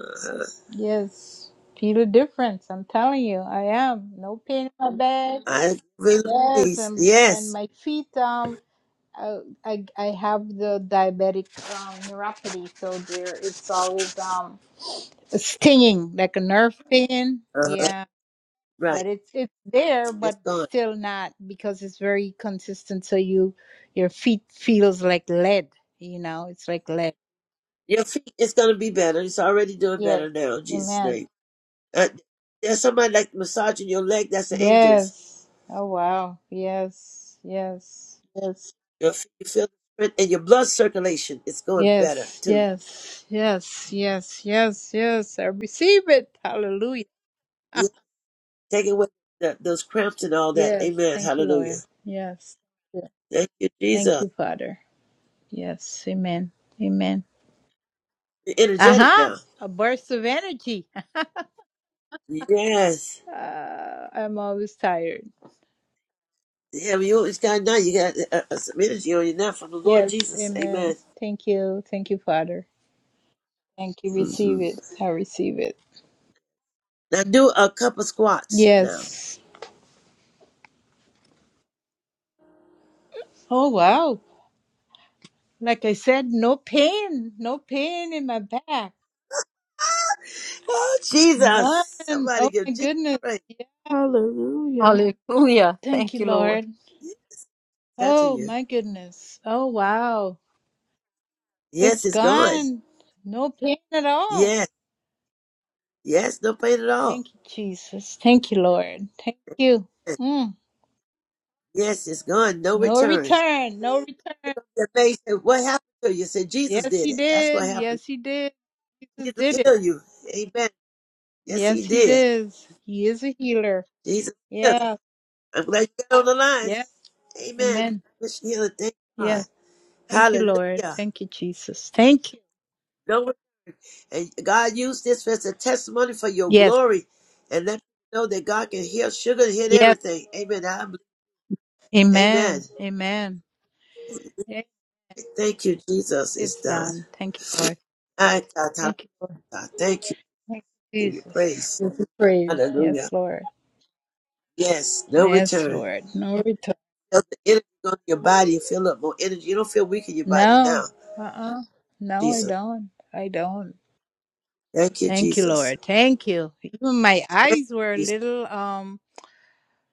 Uh-huh.
Yes. Feel the difference. I'm telling you, I am. No pain in my back.
I really
Yes,
praise.
and and
Yes.
my feet. Um, I I, I have the diabetic um, neuropathy, so there it's always um stinging like a nerve pain
Uh-huh.
yeah
Right.
but it's it's there
It's
but
gone.
still not because it's very consistent so you your feet feels like lead you know it's like lead
Your feet it's gonna be better. It's already doing
yes
better now in Jesus'
amen
name. Uh, there's somebody like massaging your leg, that's the angels.
yes oh wow yes yes yes
You'll f- You feel the strength and your blood circulation is going better
yes
too.
yes yes yes yes yes i receive it hallelujah
Yeah, Take away that, those cramps and all that.
yes
Amen.
thank you
Hallelujah.
lord yes Yeah.
Thank you,
thank
Jesus.
you father yes amen amen
You're energetic
Uh-huh.
now.
A burst of energy.
Yes.
Uh, I'm always tired.
Yeah, you always got now. You got uh, uh, uh, some energy on you now from the Lord
Yes,
Jesus. Amen.
amen. Thank you. Thank you, Father. Thank you.
hmm
Receive it. I receive it.
Now do a couple squats now.
Yes. Oh, wow. Like I said, no pain. No pain in my back.
Oh,
None.
Jesus. Somebody
Oh,
give
my
Jesus
goodness.
praise.
Yeah.
Hallelujah.
Hallelujah.
Thank
Thank
you,
you, Lord.
Lord.
Yeah, Touching
Oh,
you.
my goodness. Oh, wow.
Yes,
It's
it's gone.
gone. No pain at all.
Yes. Yes, no pain at all.
Thank you, Jesus. Thank you, Lord. Thank you. Mm.
Yes, it's gone. No
No
returns.
return. No return.
Their face said, What happened to you? Said Jesus
Yes,
did
he
it. That's what
did.
happened.
Yes, he did. Jesus
Jesus
did it.
healed you. Amen. Yes, he
Yes, he
did.
does. He is a healer.
Jesus healed.
Yeah.
I'm glad you got on the line.
Yeah.
Amen.
Amen.
Miss healing. Thank God.
Yeah. Thank you, Lord.
Hallelujah.
Thank you, Jesus. Thank you.
No, and God used this as a testimony for your
Yes.
glory. And let you know that God can heal sugar, heal
Yes.
everything. Amen. I believe- Amen.
Amen. Amen. Yeah,
Thank you, Jesus. It's
It's
done.
done. Thank you, Lord.
I, I, I,
Thank you, Lord.
I thank you.
Thank you,
Give you
Jesus.
praise.
Give you praise. Yes,
Hallelujah.
Lord.
Yes, no
Yes,
return.
Lord. No return.
Feel the energy go to your body. You feel up more energy. You don't feel weak in your body now.
No. Uh-uh. No, I
Jesus.
don't. I don't.
Thank you,
Thank you,
Jesus.
Lord. Thank you. Even my
Thank
eyes were a
you, Jesus.
little um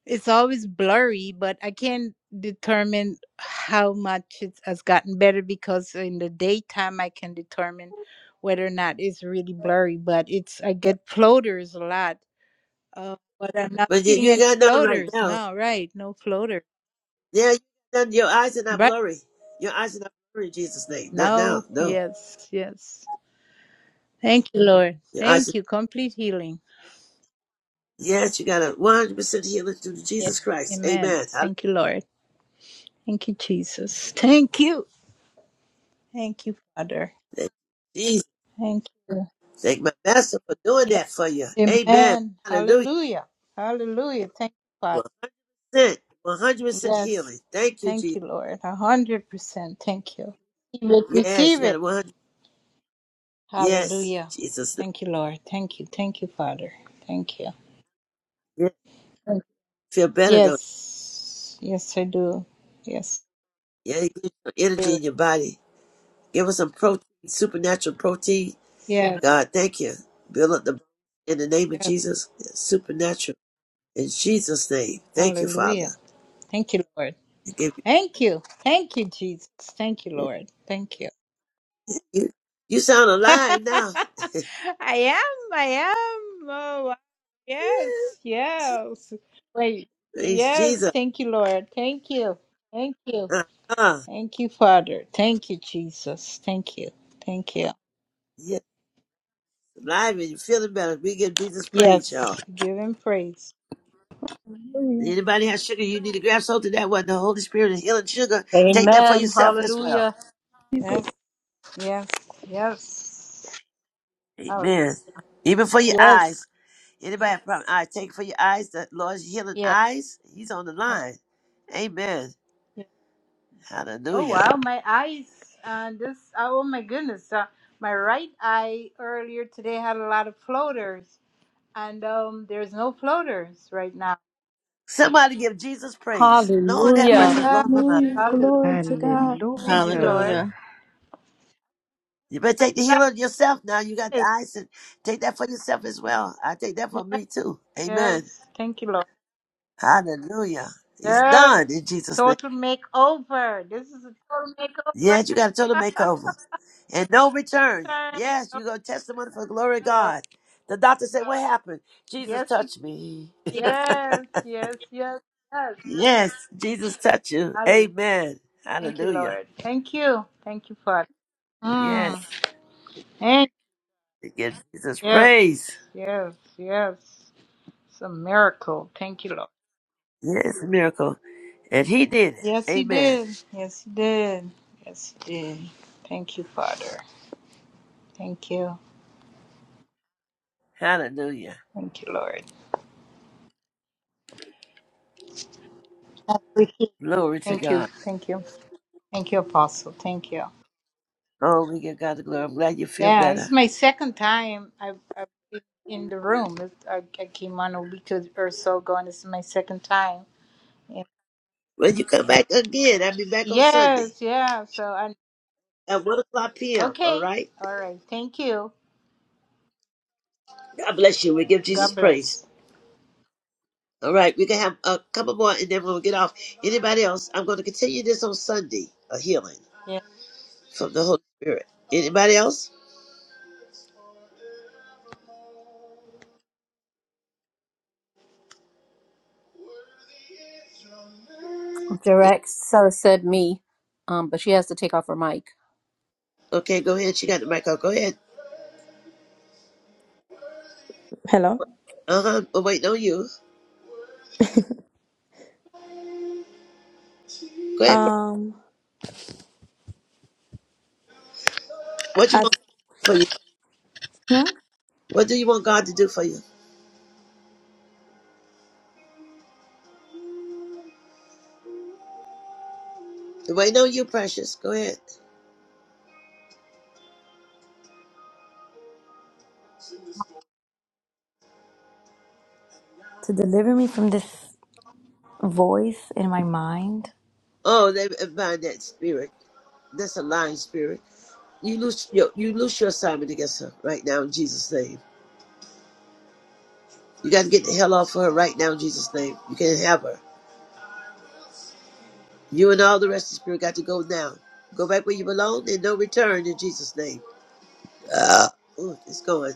it's always blurry, but I can't determine how much it has gotten better because in the daytime I can determine whether or not it's really blurry, but it's I get floaters a lot. Uh, but I'm not
But you,
seeing
you
any
ain't got none right
floaters.
now.
No, right. No floater.
Yeah, you got none. your eyes are not
Right.
blurry. Your eyes are not blurry in Jesus' name. Not now.
No.
No.
Yes. Yes. Thank you, Lord.
Your eyes
Thank
are,
you. Complete healing.
yes, you got a 100% healing through
Yes.
Jesus Christ.
Amen.
Amen. Hallelujah.
Thank you, Lord. Thank you, Jesus. Thank you. Thank you, Father.
Thank you, Jesus.
Thank you.
Thank my master for doing
Yes,
that for you. Amen.
amen.
Hallelujah.
Hallelujah. Hallelujah. Thank you, Father.
100%. 100%
Yes.
healing. Thank you,
Thank
Jesus.
you, Lord. A hundred percent. Thank you. Receive it.
Yes,
Receive
you got a
it.
100. Yes,
Hallelujah.
Jesus.
Thank you, Lord. Thank you. Thank you, Father. Thank you.
Yes.
Thank you.
Feel better though.
Yes. Yes, I do. Yes.
Yeah, give you some energy
Yes.
in your body. Give us some protein, supernatural protein.
Yes.
God, thank you. Build up the in the name of
yes.
Jesus. Supernatural. In Jesus' name. Thank you,
Hallelujah.
Father.
Thank you, Lord.
I give
Thank you. Thank you, Jesus. Thank you,
you
Lord. Thank you.
you, you sound
I
alive now.
am. I am. Oh, wow.
Yeah.
yes. Yes. Wait.
Praise
Yes.
Jesus.
Thank you, Lord. Thank you. Thank you.
Uh-huh.
Thank you, Father. Thank you, Jesus. Thank you. Thank you.
Yes, alive and you're feeling better. We give Jesus praise, y'all.
Yes. Give him praise.
Hallelujah.
Anybody has sugar, you need to grab something that one. The Holy Spirit is healing sugar. Take that for
Amen.
yourself as well.
Hallelujah.
Give it.
Yes. Yes. Yes. Oh,
Amen. Even for your
yes.
eyes. Anybody have a problem? I take it for your eyes. The Lord's healing
Yeah.
eyes. He's on the line. Amen.
Oh,
Hallelujah.
wow. My eyes. Uh, this. Oh, my goodness. Uh, my right eye earlier today had a lot of floaters. and um, there's no floaters right now.
Somebody give Jesus praise. Lord have mercy.
Hallelujah.
He
Yes,
blowing my mind.
Hallelujah.
hallelujah.
Glory to
Hallelujah.
God.
Thank you, Lord.
Hallelujah.
You better take the
Like
healing yourself now. You got the
this.
eyes and take that for yourself as well. I take that for
Yes,
me too. Amen.
yes. Thank you, Lord.
Hallelujah. It's
Yes.
done in Jesus' name.
Total makeover. This is a total makeover.
Yes, you got a total makeover. And no return.
Turn.
Yes,
Oh,
you go testimony for the glory of
Lord.
God. The doctor said, What happened? Jesus
Yes, you-
touched me.
yes, yes, yes, yes.
Yes, Jesus touch you.
Hallelujah.
Amen.
Thank you,
Hallelujah.
Lord. Thank you. Thank you, Father.
Yes.
Mm. Thank
To give Jesus
Yes,
praise.
yes, yes. It's a miracle. Thank you, Lord.
Yes, miracle. And he did it.
Yes, he
Amen.
did. Yes, he did. Yes, he did. Thank you, Father. Thank you.
Hallelujah.
Thank you, Lord. Thank you.
Glory to God.
Thank you. Thank you, Apostle. Thank you.
Oh, we give God the glory. I'm glad you feel
Yeah, this
better.
is my second time I've, I've been in the room. It- I, I came on a week or so ago, and this is my second time. Yeah.
When you come back again, I'll be back on Sunday
Yes, yeah. So, i
at 1 o'clock p.m. All
okay.
right?
All right. Thank you.
God bless you. We give Jesus
God
praise.
bless.
All right, we can have a couple more and then we'll get off. Anybody else? I'm going to continue this on Sunday, a healing
Yeah.
from the Holy Spirit. Anybody else?
Direct Sarah said me, um, but she has to take off her mic.
Okay, go ahead. She got the mic out. Go ahead.
Hello.
Uh huh. I'm waiting on you. Go ahead. Pre-
Um,
What you
I,
want for you?
hmm?
What do you want God to do for you? I'm waiting on you, precious. Go ahead.
to deliver me from this voice in my mind.
Oh, they bind that spirit. That's a lying spirit. You lose your you lose your assignment against her right now in Jesus' name. You got to get the hell off of her right now in Jesus' name. You can't have her. You and all the rest of the spirit got to go now. Go back where you belong and no return in Jesus' name. Ah, oh, it's going.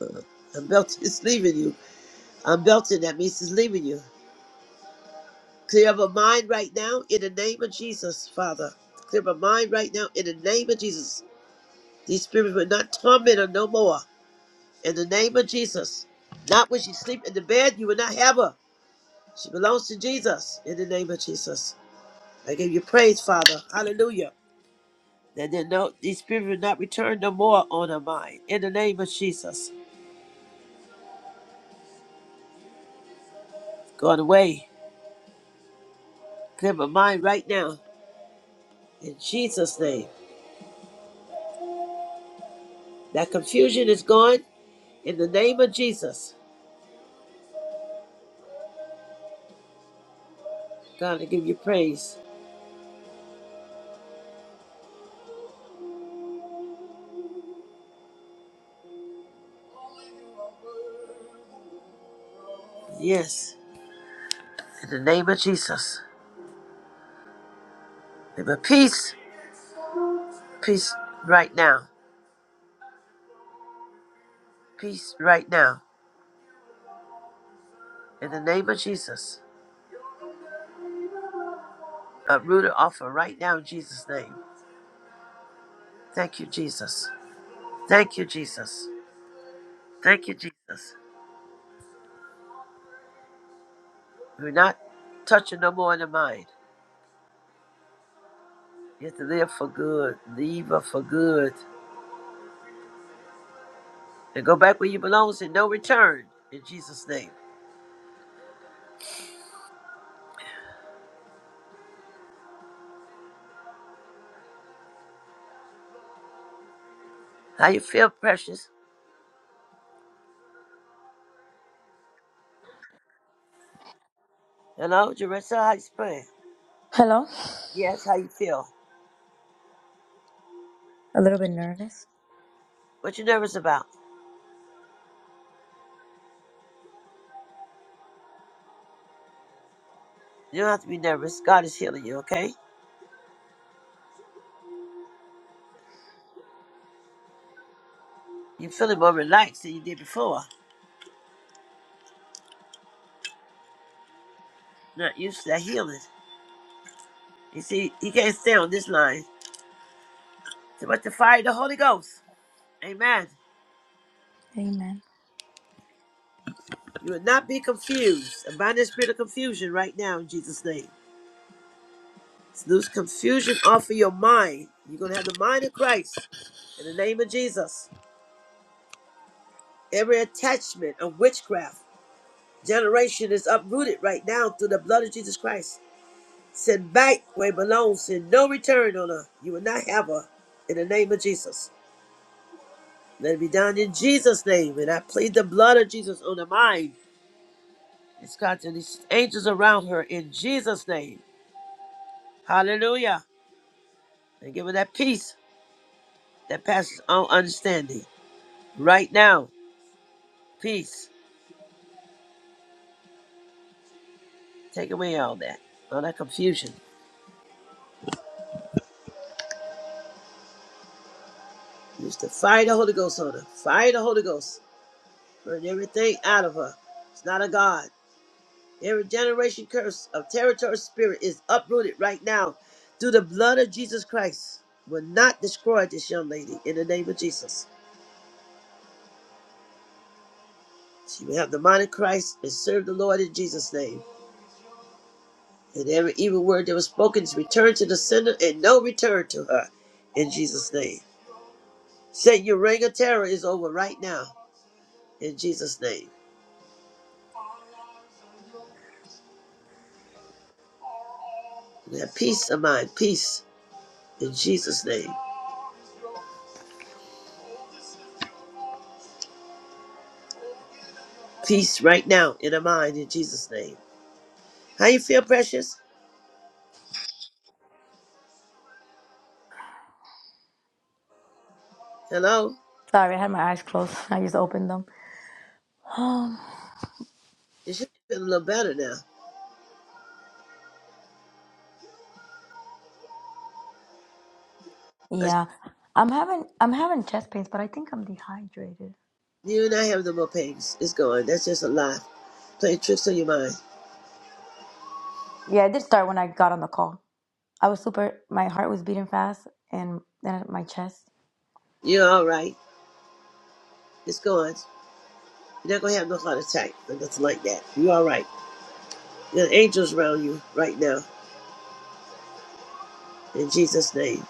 Uh, I'm belting. It's leaving you. I'm belting. That means it's leaving you. Clear my mind right now in the name of Jesus, Father. Clear my mind right now in the name of Jesus. These spirits will not torment her no more. In the name of Jesus. Not when she sleep in the bed, you will not have her. She belongs to Jesus. In the name of Jesus. I give you praise, Father. Hallelujah. That they no these spirits will not return no more on her mind. In the name of Jesus. Going away. Clear my mind right now. In Jesus' name. That confusion is gone. In the name of Jesus. God, I give you praise. Yes, in the name of Jesus. Name of peace, peace right now, peace right now. In the name of Jesus, uproot it off of right now in Jesus' name. Thank you, Jesus. Thank you, Jesus. Thank you, Jesus. We're not touching no more in the mind. You have to live for good, leave her for good, and go back where you belong and no return in Jesus' name. How you feel, precious? Hello, Jerissa, how you feeling?
Hello.
Yes, how you feel?
A little bit nervous.
What you nervous about? You don't have to be nervous. God is healing you, okay? You feeling more relaxed than you did before. Not used to that healing. You see, you can't stay on this line. So much the fire of the Holy Ghost. Amen.
Amen.
You will not be confused. I bind the spirit of confusion right now in Jesus' name. So lose confusion off of your mind. You're gonna have the mind of Christ in the name of Jesus. Every attachment of witchcraft generation is uprooted right now through the blood of Jesus Christ. Send back where it belongs, and no return on her. You will not have her. In the name of Jesus. Let it be done in Jesus' name. And I plead the blood of Jesus on her mind. It's got to these angels around her in Jesus' name. Hallelujah. And give her that peace that passes all understanding. Right now, peace. Take away all that, all that confusion. Use the fire of the Holy Ghost on her. Fire of the Holy Ghost. Burn everything out of her. It's not a God. Every generation curse of territory spirit is uprooted right now through the blood of Jesus Christ. Will not destroy this young lady in the name of Jesus. She will have the mind of Christ and serve the Lord in Jesus' name. And every evil word that was spoken is returned to the sender and no return to her in Jesus' name. Satan, your reign of terror is over right now in Jesus' name. And have peace of mind, peace in Jesus' name. Peace right now in her mind in Jesus' name. How you feel, precious? Hello?
Sorry, I had my eyes closed. I just opened them. Um,
It should be feeling a little better now. I s
yeah, I'm having I'm having chest pains, but I think I'm dehydrated.
you and I have no more pains. It's gone. That's just a lie. Playing tricks on your mind.
Yeah, it did start when I got on the call. I was super. My heart was beating fast, and then my chest.
You're all right. It's gone. You're not going to have no heart attack or nothing like that. You're all right. There are angels around you right now in Jesus' name.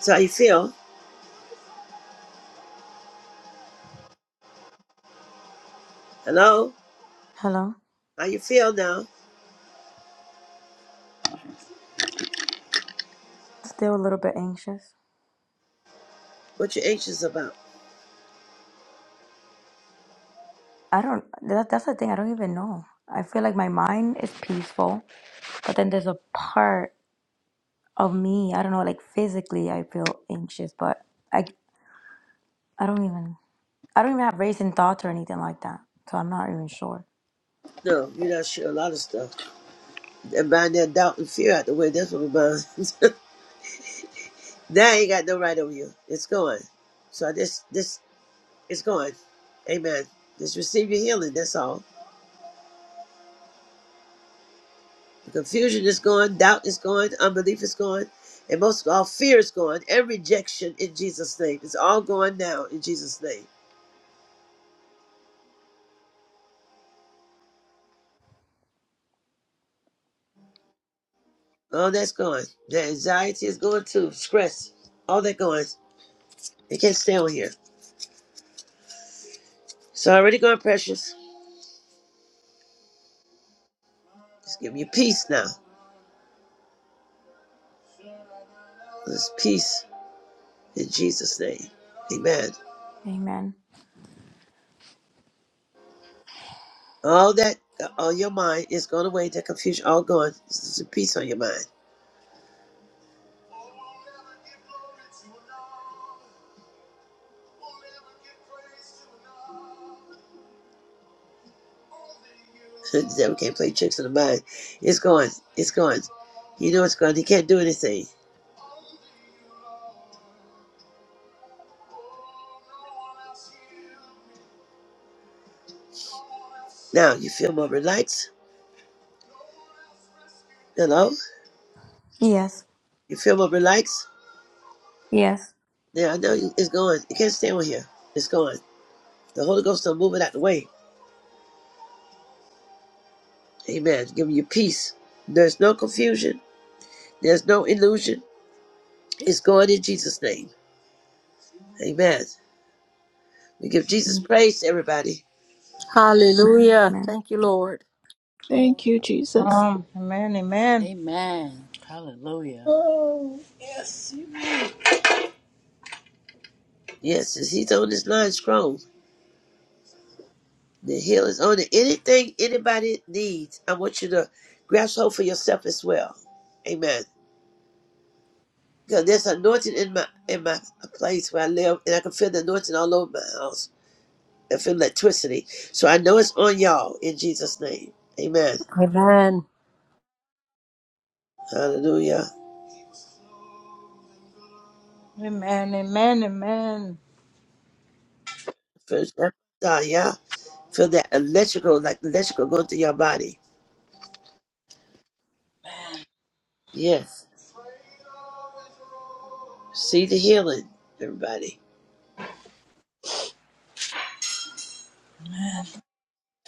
So how you feel? Hello?
Hello.
How you feel now?
Still a little bit anxious.
What you anxious about?
I don't. That, that's the thing. I don't even know. I feel like my mind is peaceful. But then there's a part of me, I don't know, like physically I feel anxious, but I I don't even I don't even have racing thoughts or anything like that. So I'm not even sure.
No, you're not sure. A lot of stuff. And buying that doubt and fear out the way. That's what we bind. now you ain't got no right over you. It's gone. So this, this, it's gone. Amen. Just receive your healing. That's all. Confusion is gone, doubt is gone, unbelief is gone, and most of all, fear is gone, and rejection in Jesus' name. It's all gone now in Jesus' name. All that's gone. The anxiety is gone too, stress, all that gone. It can't stay on here. It's already gone, precious. Just give me peace now. There's peace in Jesus' name. Amen.
Amen.
All that on your mind is gone away, that confusion all gone. There's a peace on your mind. The devil can't play tricks on the mind. It's gone. It's gone. You know it's gone. He can't do anything. Now you feel more relaxed. Hello?
Yes.
You feel more relaxed?
Yes.
Now I know you, it's gone. You can't stay on here. It's gone. The Holy Ghost will move it out the way. Amen. Giving you peace. There's no confusion. There's no illusion. It's gone in Jesus' name. Amen. We give Jesus praise, everybody.
Hallelujah.
Amen.
Thank you, Lord.
Thank you, Jesus.
Um, amen. Amen.
Amen. Hallelujah.
Oh, yes.
Yes, he's on this line strong. The hill is on it. Anything anybody needs, I want you to grasp hold for yourself as well. Amen. Because there's anointing in my in my place where I live, and I can feel the anointing all over my house. I feel electricity. So I know it's on y'all in Jesus' name. Amen.
Amen.
Hallelujah.
Amen, amen, amen.
Feel that, uh, yeah. Feel that electrical, like electrical going through your body. Yes. See the healing, everybody.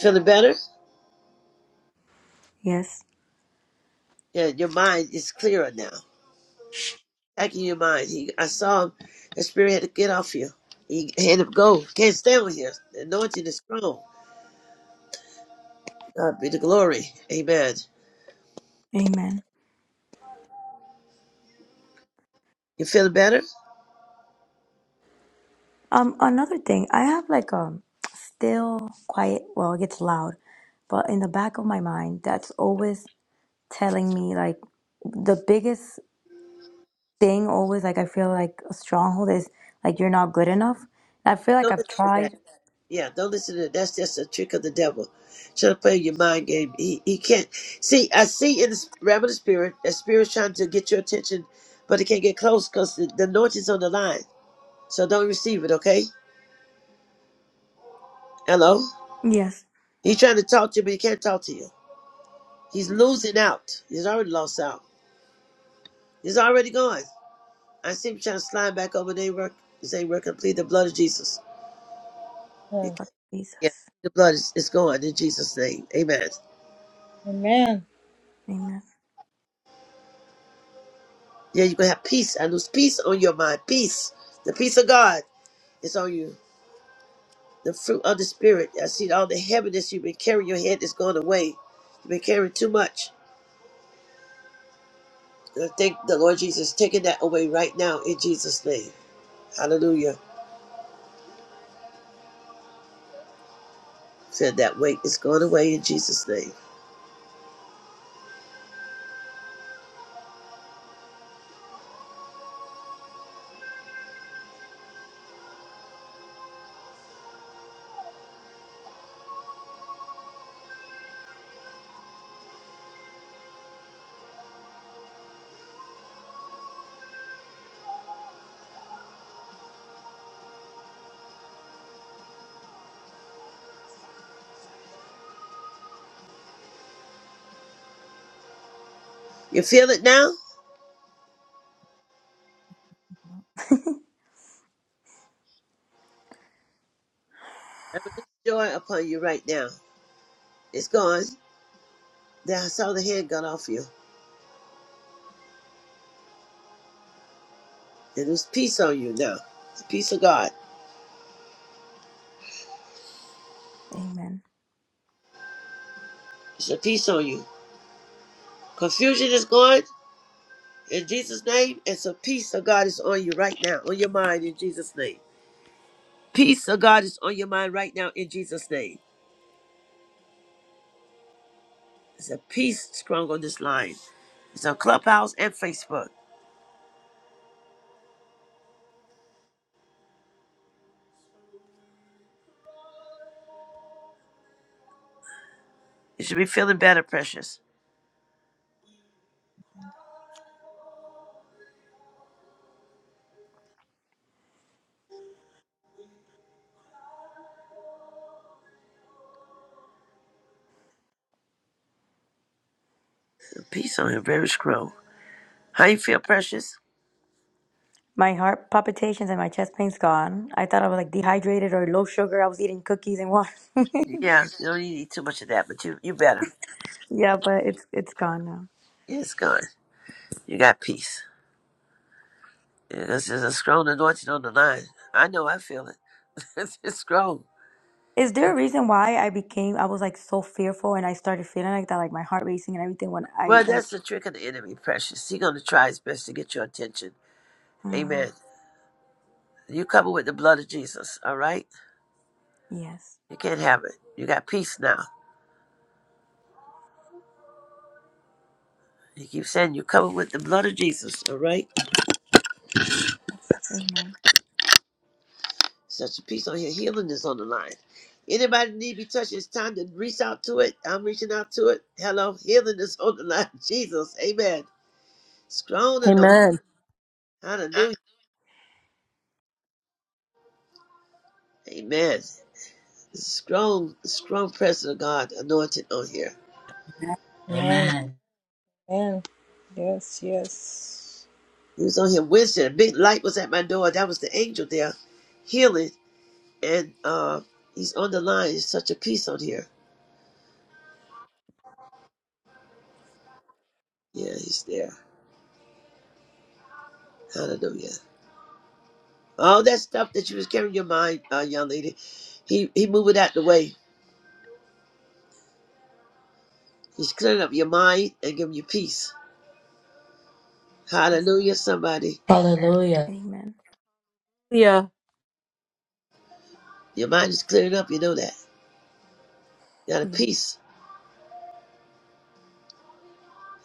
Feeling better?
Yes.
Yeah, your mind is clearer now. back in your mind. He, I saw him. The spirit had to get off you. He had to go. Can't stay with you. The anointing is strong. God be the glory. Amen.
Amen.
You feeling better?
Um another thing, I have like a still quiet well, it gets loud, but in the back of my mind that's always telling me like the biggest thing always like I feel like a stronghold is like you're not good enough. I feel like
Don't
I've
listen to that.
tried.
Yeah, don't listen to that. That's just a trick of the devil. Trying to play your mind game. He he can't see. I see in the realm of the spirit that spirit's trying to get your attention, but it can't get close because the, the anointing's on the line. So don't receive it. Okay. Hello.
Yes,
He's trying to talk to you, but he can't talk to you. He's losing out. He's already lost out. It's already gone. I see him trying to slide back over their work. They work. working. Plead the blood of Jesus. You can't-
but
Yes,
Yeah,
Jesus.
the blood is, is gone in Jesus' name. Amen.
amen,
Amen.
Yeah, you can have peace. I lose peace on your mind. Peace. The peace of God is on you. The fruit of the Spirit. I see all the heaviness you've been carrying your head is going away. You've been carrying too much. And I thank the Lord Jesus is taking that away right now in Jesus' name. Hallelujah. Feel that weight is going away in Jesus' name. You feel it now? I release joy upon you right now. It's gone. Then I saw the head gun off you. And there's peace on you now. The peace of God.
Amen.
It's a peace on you. Confusion is gone in Jesus' name. It's a peace of God is on you right now, on your mind in Jesus' name. Peace of God is on your mind right now in Jesus' name. It's a peace strong on this line. It's on Clubhouse and Facebook. You should be feeling better, precious. The peace on you, very strong. How you feel, precious?
My heart palpitations and my chest pain's gone. I thought I was like dehydrated or low sugar. I was eating cookies and water.
Yeah, you don't need to eat too much of that, but you you better.
yeah, but it's it's gone now.
It's gone. You got peace. Yeah, This is a strong anointing on the line. I know I feel it. it's it's strong.
Is there a reason why I became I was like so fearful and I started feeling like that, like my heart racing and everything when I
Well,
like
that's the trick of the enemy, precious. He's going to try his best to get your attention.
mm,
Amen. You cover with the blood of Jesus, all right?
yes.
You can't have it. You got peace now. He keeps saying you cover with the blood of Jesus, all right?
Yes. Amen.
Such a peace on here. Healing is on the line. Anybody need to be touched, it's time to reach out to it. I'm reaching out to it. Hello, healing is on the line. Jesus, amen. Strong and no.
Amen.
Hallelujah. Amen. strong, strong presence of God anointed on here.
amen,
Amen.
amen. Yes, yes.
He was on here Wednesday. A big light was at my door. That was the angel there, healing. And uh, he's on the line. There's such a peace on here. Yeah, he's there. Hallelujah. All that stuff that you was carrying in your mind, uh, young lady, he he moving out the way. He's clearing up your mind and giving you peace.
Yes.
Hallelujah, somebody.
Hallelujah.
Amen.
Yeah.
Your mind is clearing up. You know that. You got a
Yes.
peace.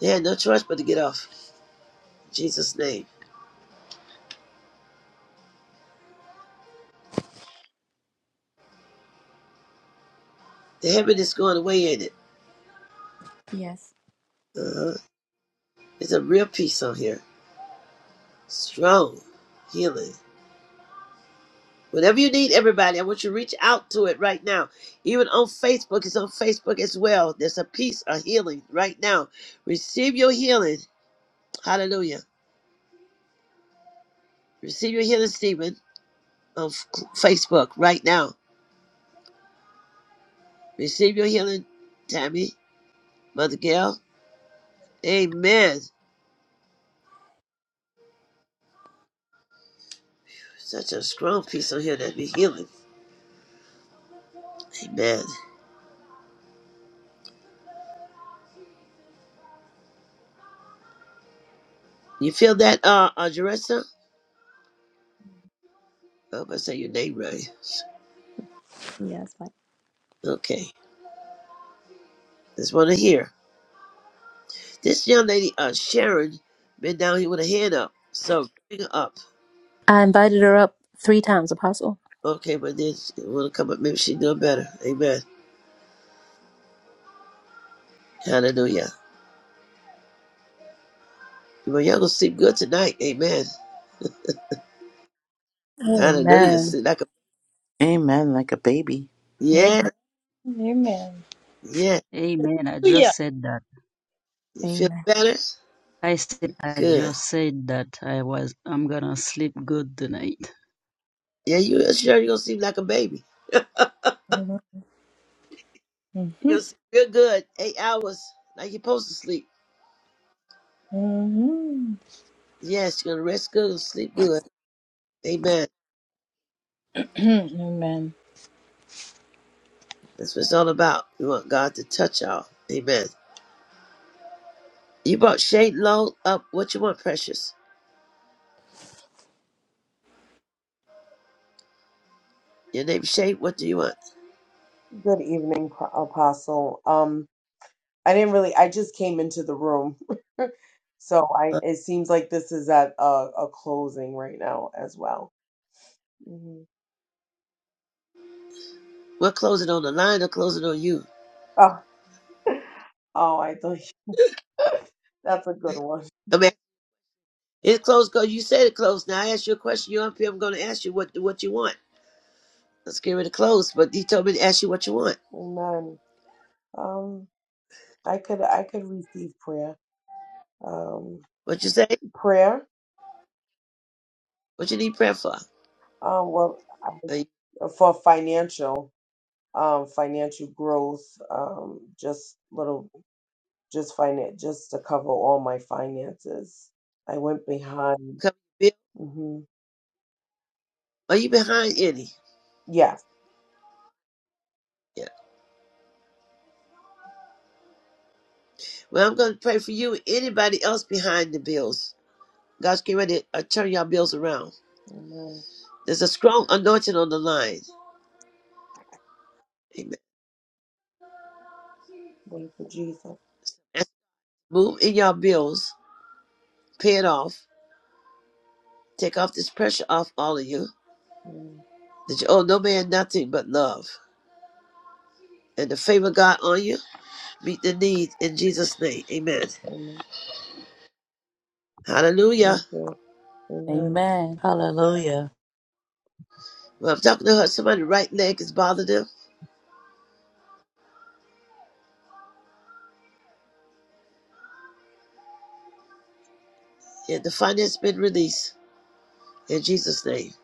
They had no choice but to get off. In Jesus' name. The heaviness is going away ain't it.
Yes.
Uh-huh. It's a real peace on here. Strong healing. Whatever you need everybody, I want you to reach out to it right now. Even on Facebook, it's on Facebook as well. There's a piece of healing right now. Receive your healing. Hallelujah. Receive your healing, Stephen, on F- Facebook right now. Receive your healing, Tammy, Mother Gail. Amen. Such a strong piece on here that be healing. Amen. You feel that, uh, uh Jaressa? I hope I say your name right.
Yes. Mike.
Okay. Just want to hear. This young lady, uh, Sharon, been down here with her hand up. So bring her up.
I invited her up three times, Apostle.
Okay, but then she want to come up. Maybe she doing better. Amen. Hallelujah. Well, y'all gonna sleep good tonight. Amen. Hallelujah.
Amen.
Sleep like a
Amen. Like a baby.
Amen.
yeah,
Amen, amen.
yeah.
Amen. I just
Hallelujah.
said that.
You feel
Amen.
better?
I said I
Good.
just said that I was I'm gonna sleep good tonight.
Yeah, you sure you gonna sleep like a baby. You
Mm-hmm.
gonna sleep real good. Eight hours like you're supposed to sleep.
Mm-hmm.
Yes, you're gonna rest good and sleep good. Amen.
amen.
That's what it's all about. We want God to touch y'all. Amen. You brought Shade Low up. What you want, precious? Your name Shay. What do you want?
Good evening, P- Apostle. Um, I didn't really, I just came into the room. So I,
Huh?
it seems like this is at a, a closing right now as well. hmm
We'll close it on the line or close it on you.
Oh, oh, I thought you- that's a good one.
I mean, it's closed because you said it closed. Now I asked you a question. You're up here. I'm going to ask you what what you want. Let's get rid of close. But he told me to ask you what you want.
Amen. Um, I could, I could receive prayer. Um,
What you say?
prayer.
What you need prayer for?
Uh, well,
Are
I-
you
for financial, um, financial growth. Um, just little just finan just to cover all my finances. I went behind.
coming
hmm
Are you behind any?
Yes.
Yeah. Well, I'm going to pray for you. and Anybody else behind the bills? God's getting ready to uh, turn y'all bills around.
Amen.
There's a strong anointing on the line. Amen.
Thank you, Jesus.
Move in y'all bills. Pay it off. Take off this pressure off all of you
Amen.
that you owe no man nothing but love. And the favor of God on you, meet the need in Jesus' name. Amen.
Amen.
Hallelujah.
Thank you. Amen.
Amen. Hallelujah.
Well, I'm talking to her. Somebody's right leg is bothering them, and the finance been released in Jesus' name.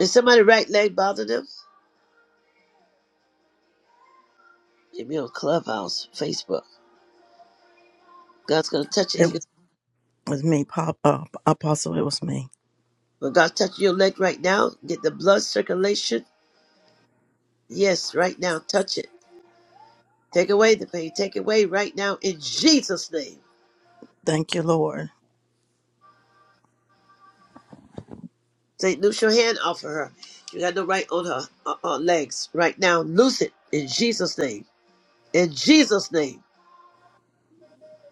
Is somebody's right leg bothering them? If you're on Clubhouse, Facebook, God's going to touch it. He
It
gonna,
was it was me, Pop, uh, Apostle. It was me.
when God touches your leg right now, get the blood circulation. Yes, right now, touch it. Take away the pain. Take it away right now in Jesus' name.
Thank you, Lord.
Say, loose your hand off of her. You got no right on her uh, uh, legs right now. Loose it in Jesus' name. In Jesus' name.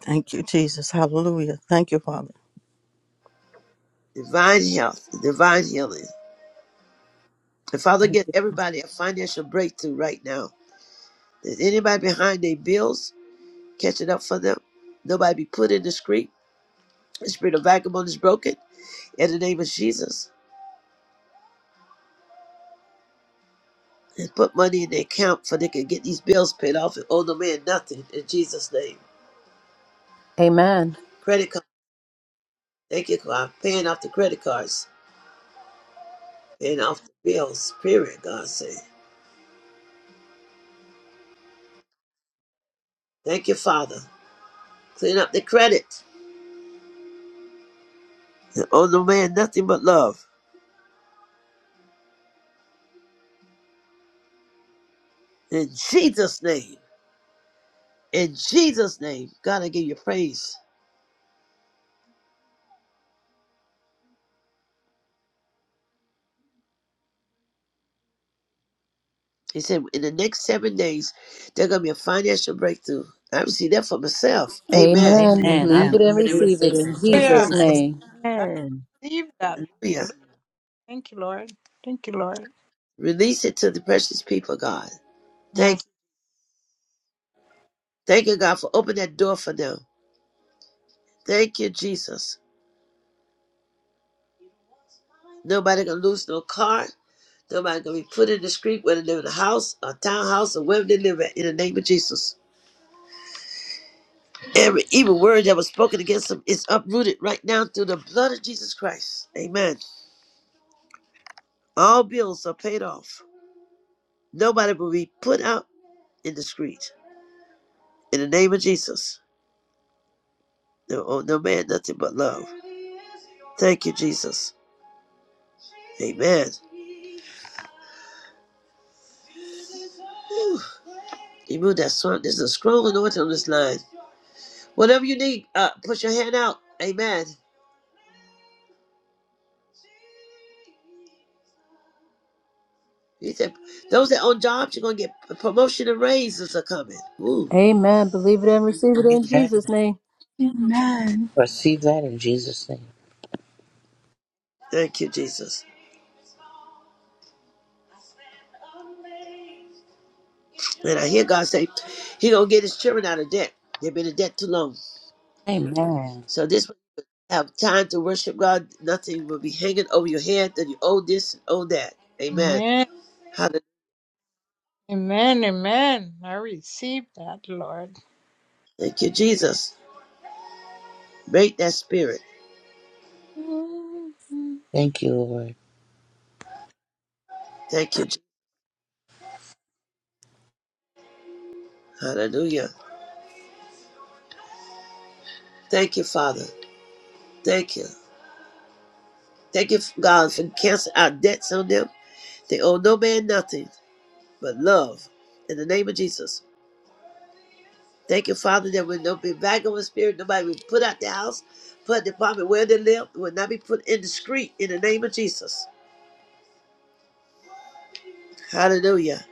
Thank you, Jesus. Hallelujah. Thank you, Father.
Divine health, divine healing. And Father,
Thank
get
you. Jesus.
everybody a financial breakthrough right now. Is anybody behind their bills? Catch it up for them. Nobody be put in the street. The spirit of vagabond is broken in the name of Jesus. And put money in their account for they can get these bills paid off and owe the man nothing in Jesus' name.
Amen.
Credit card. Thank you, God. Paying off the credit cards. Paying off the bills, period, God said. Thank you, Father. Clean up the credit. And owe no man nothing but love. In Jesus' name. In Jesus' name. God, I give you praise. He said, in the next seven days, there's going to be a financial breakthrough. I receive that for myself. Amen.
Amen.
Amen. I
Believe
Amen.
it and
believe it
I
and
believe
receive
and
it
receive it
in
in
receive in
Jesus'
Yeah.
Jesus'
name.
Amen.
Jesus.
name.
name.
I receive that.
Hallelujah.
Hallelujah. Thank you, Lord. Thank you, Lord.
Release it to the precious people, God. Thank
Yes,
you. Thank you, God, for opening that door for them. Thank you, Jesus. Nobody gonna lose no car. Somebody gonna be put in the street, whether they live in a house, a townhouse, or wherever they live at, in the name of Jesus. Every evil word that was spoken against them is uprooted right now through the blood of Jesus Christ. Amen. All bills are paid off. Nobody will be put out in the street. In the name of Jesus. No, oh, no man, nothing but love. Thank you, Jesus. Amen. Whew. You move that swamp. There's a scroll anointing on this line. Whatever you need, uh, put your hand out. Amen. He said, those that own jobs, you're going to get a promotion and raises are coming. Ooh,
Amen. Believe it and receive it in
Amen.
Jesus' name.
Receive that in Jesus' name.
thank you, Jesus. And I hear God say, he going to get his children out of debt. They've been in debt too long.
Amen.
So this way you have time to worship God. Nothing will be hanging over your head that you owe this and owe that. Amen.
amen,
Hallelujah.
amen, amen. I receive that, Lord.
Thank you, Jesus. Break that spirit.
Mhm.
Thank you, Lord.
Thank you. Je- Hallelujah. Thank you, Father. Thank you. Thank you, God, for canceling our debts on them. They owe no man nothing but love in the name of Jesus. Thank you, Father, that will not be back of a spirit. Nobody will put out the house, put the apartment where they live, will not be put in the street in the name of Jesus. Hallelujah.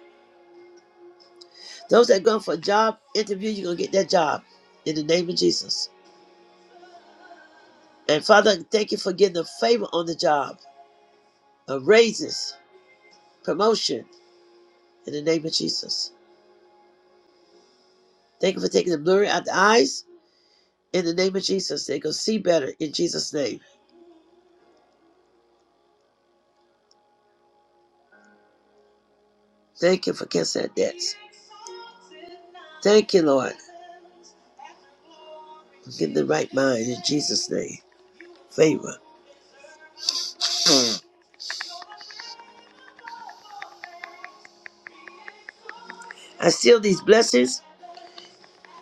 Those that go for a job interview, you're going to get that job in the name of Jesus. And Father, thank you for getting a favor on the job, a raises, promotion in the name of Jesus. Thank you for taking the blurry out the eyes in the name of Jesus. They gonna see better in Jesus' name. Thank you for canceling debts. Thank you, Lord, for getting the right mind in Jesus' name. Favor. I seal these blessings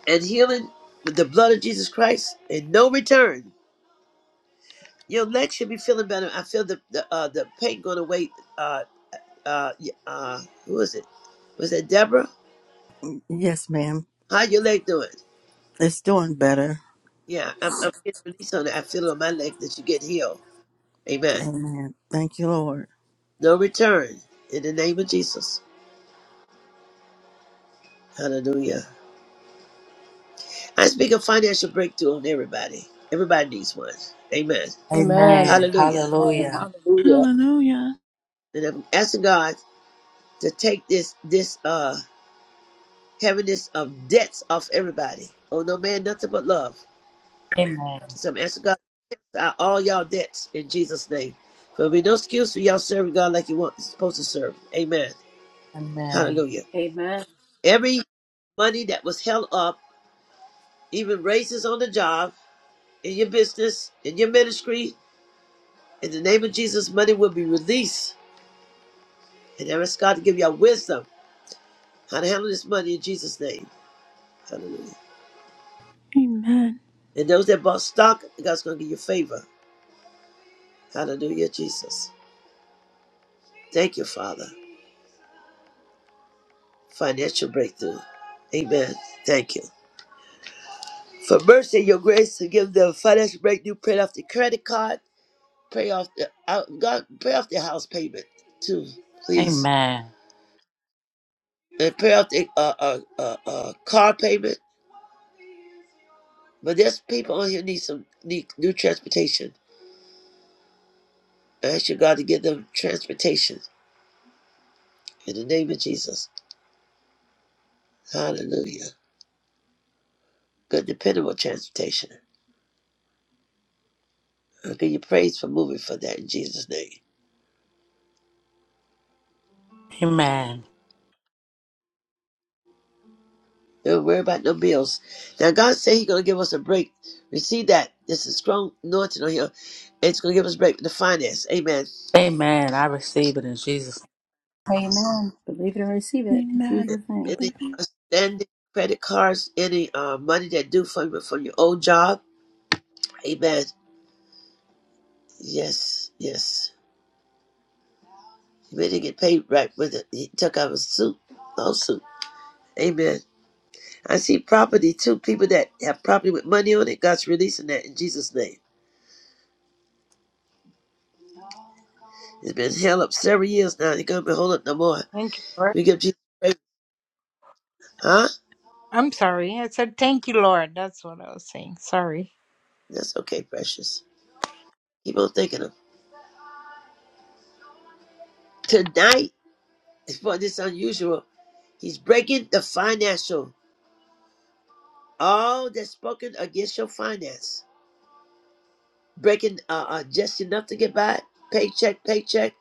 and healing with the blood of Jesus Christ and no return. Your legs should be feeling better. I feel the the, uh, the pain going away. Uh, uh, y- uh, who was it? Was that Deborah?
Yes, ma'am.
How your leg doing?
It's doing better.
Yeah, I'm, I'm getting release on it. I feel it on my leg that you get healed. Amen.
Amen. Thank you, Lord.
No return in the name of Jesus. Hallelujah. I speak of financial breakthrough on everybody. Everybody needs one. Amen.
Amen.
Amen.
Hallelujah.
Amen.
Hallelujah.
Hallelujah.
Hallelujah.
And I'm asking God to take this this uh heaviness of debts off everybody. Oh no man nothing but love.
Amen.
So I'm asking God out all y'all debts in Jesus' name. There'll be no excuse for y'all serving God like you want supposed to serve. Amen.
Amen.
Hallelujah.
Amen.
Every money that was held up, even raises on the job, in your business, in your ministry, in the name of Jesus, money will be released. And I ask God to give y'all wisdom how to handle this money in Jesus' name. Hallelujah.
Amen.
And those that bought stock, God's gonna give you favor. Hallelujah, Jesus. Thank you, Father. financial breakthrough. Amen. Thank you. For mercy and your grace to give them financial breakthrough, pay off the credit card, pay off the uh, God, pay off their house payment too, please.
Amen.
And pay off the uh, uh, uh, uh, car payment. But there's people on here need some need new transportation. I ask you God to give them transportation in the name of Jesus. Hallelujah. Good dependable transportation. I give you praise for moving for that in Jesus' name.
Amen.
Don't worry about no bills. Now God said He's gonna give us a break. Receive that. This a strong anointing on here. It's gonna give us a break with the finance. Amen.
Amen. I receive it in Jesus' name.
Amen. Believe it and receive it in
Amen.
Jesus' name.
Any
Believe it.
outstanding credit cards, any uh, money that due from your- from your old job. Amen. Yes, yes. You better get paid right with it. He took out a suit, lawsuit. Amen. I see property too. People that have property with money on it, God's releasing that in Jesus' name. It's been held up several years now. It's gonna be held up no more.
Thank you, Lord.
We give Jesus praise, huh?
I'm sorry. I said thank you, Lord. That's what I was saying. Sorry.
That's okay, precious. Keep on thinking of tonight. For this unusual, he's breaking the financial. All that's spoken against your finance, breaking uh, uh just enough to get by, paycheck, paycheck.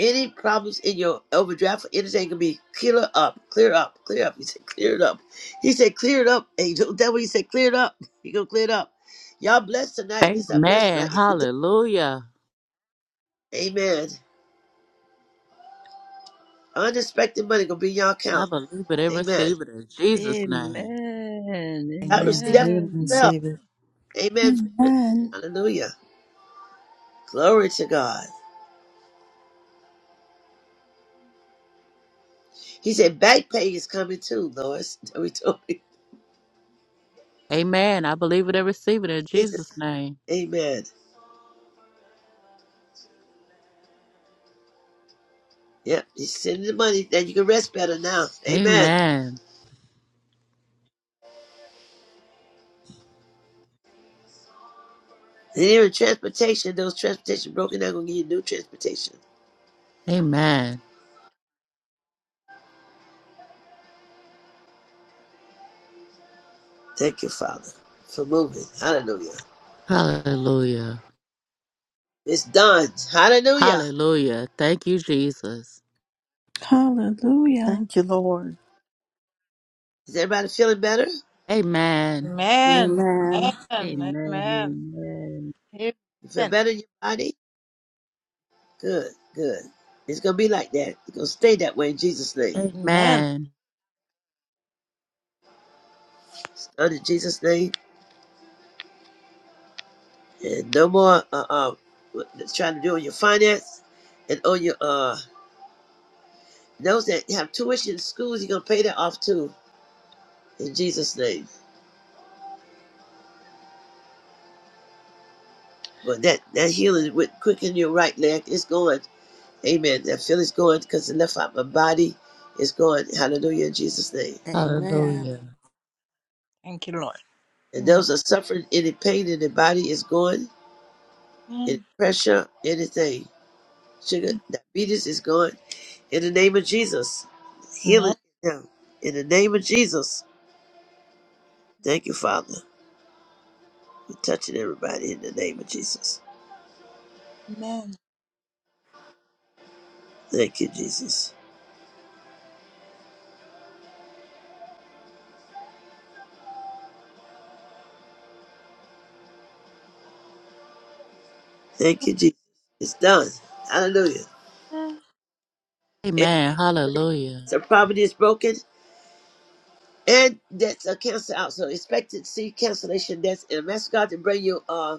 Any problems in your overdraft or anything can be clear up, clear up, clear up. He said, clear it up. He said, clear it up. Angel, that what he said, clear it up. He gonna clear it up. Y'all blessed tonight. This I blessed
Amen.
tonight.
Hallelujah.
Amen. Unexpected money gonna be in your
I
account.
believe it and
Amen.
receive it in Jesus'
Amen.
name.
I
Amen.
received that
Believe it and
for
Amen.
myself.
receive it.
Amen.
Amen.
Hallelujah. Glory to God. He said back pay is coming too, Lois. We told you.
Amen. I believe it and receive it in Jesus' name.
Amen. Yep, he's sending the money that you can rest better now. Amen.
Amen.
And even transportation, those transportation broken down gonna give you new transportation.
Amen.
Thank you, Father, for moving. Hallelujah.
Hallelujah.
It's done. Hallelujah.
Hallelujah. Thank you, Jesus.
Hallelujah.
Thank you, Lord.
Is everybody feeling better?
Amen.
Amen.
Amen.
Amen.
Amen. Amen.
Amen.
Amen.
You feel
Amen.
better in your body? Good, good. It's gonna be like that. It's gonna stay that way in Jesus' name.
Amen.
Amen.
It's done in Jesus' name. And no more uh, uh what they're trying to do on your finance and on your uh those that have tuition in schools, you're gonna pay that off too in Jesus' name. But that that healing would quicken your right leg is going. Amen. That feeling's going because it left out my body is going. Hallelujah in Jesus' name.
Amen.
Hallelujah.
Thank you, Lord.
And
Amen.
those that are suffering any pain in the body is going, any
Amen.
pressure, anything. Sugar, diabetes is gone. In the name of Jesus. Healing now. In the name of Jesus. Thank you, Father. We're touching everybody in the name of Jesus.
Amen.
Thank you, Jesus. Thank you, Jesus. It's done. Hallelujah. Every
Amen. Hallelujah.
so poverty is broken and debts are canceled out. So expect to see cancellation debts and ask God to bring you uh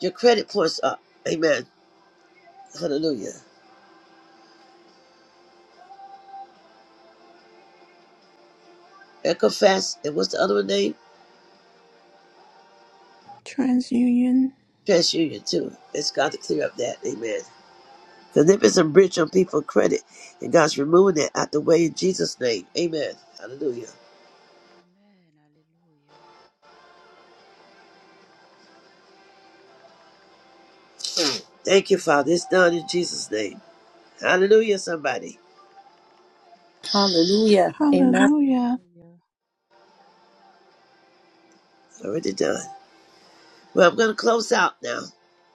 your credit points up. Amen. Hallelujah. Equifax and what's the other one name?
Transunion.
TransUnion too. Ask God to clear up that. Amen. Because there is a bridge on people's credit, and God's removing that out the way in Jesus' name. Amen. Hallelujah.
Hallelujah.
Thank you, Father. It's done in Jesus' name. Hallelujah, somebody.
Hallelujah. Amen.
Hallelujah.
Already done. Well, I'm going to close out now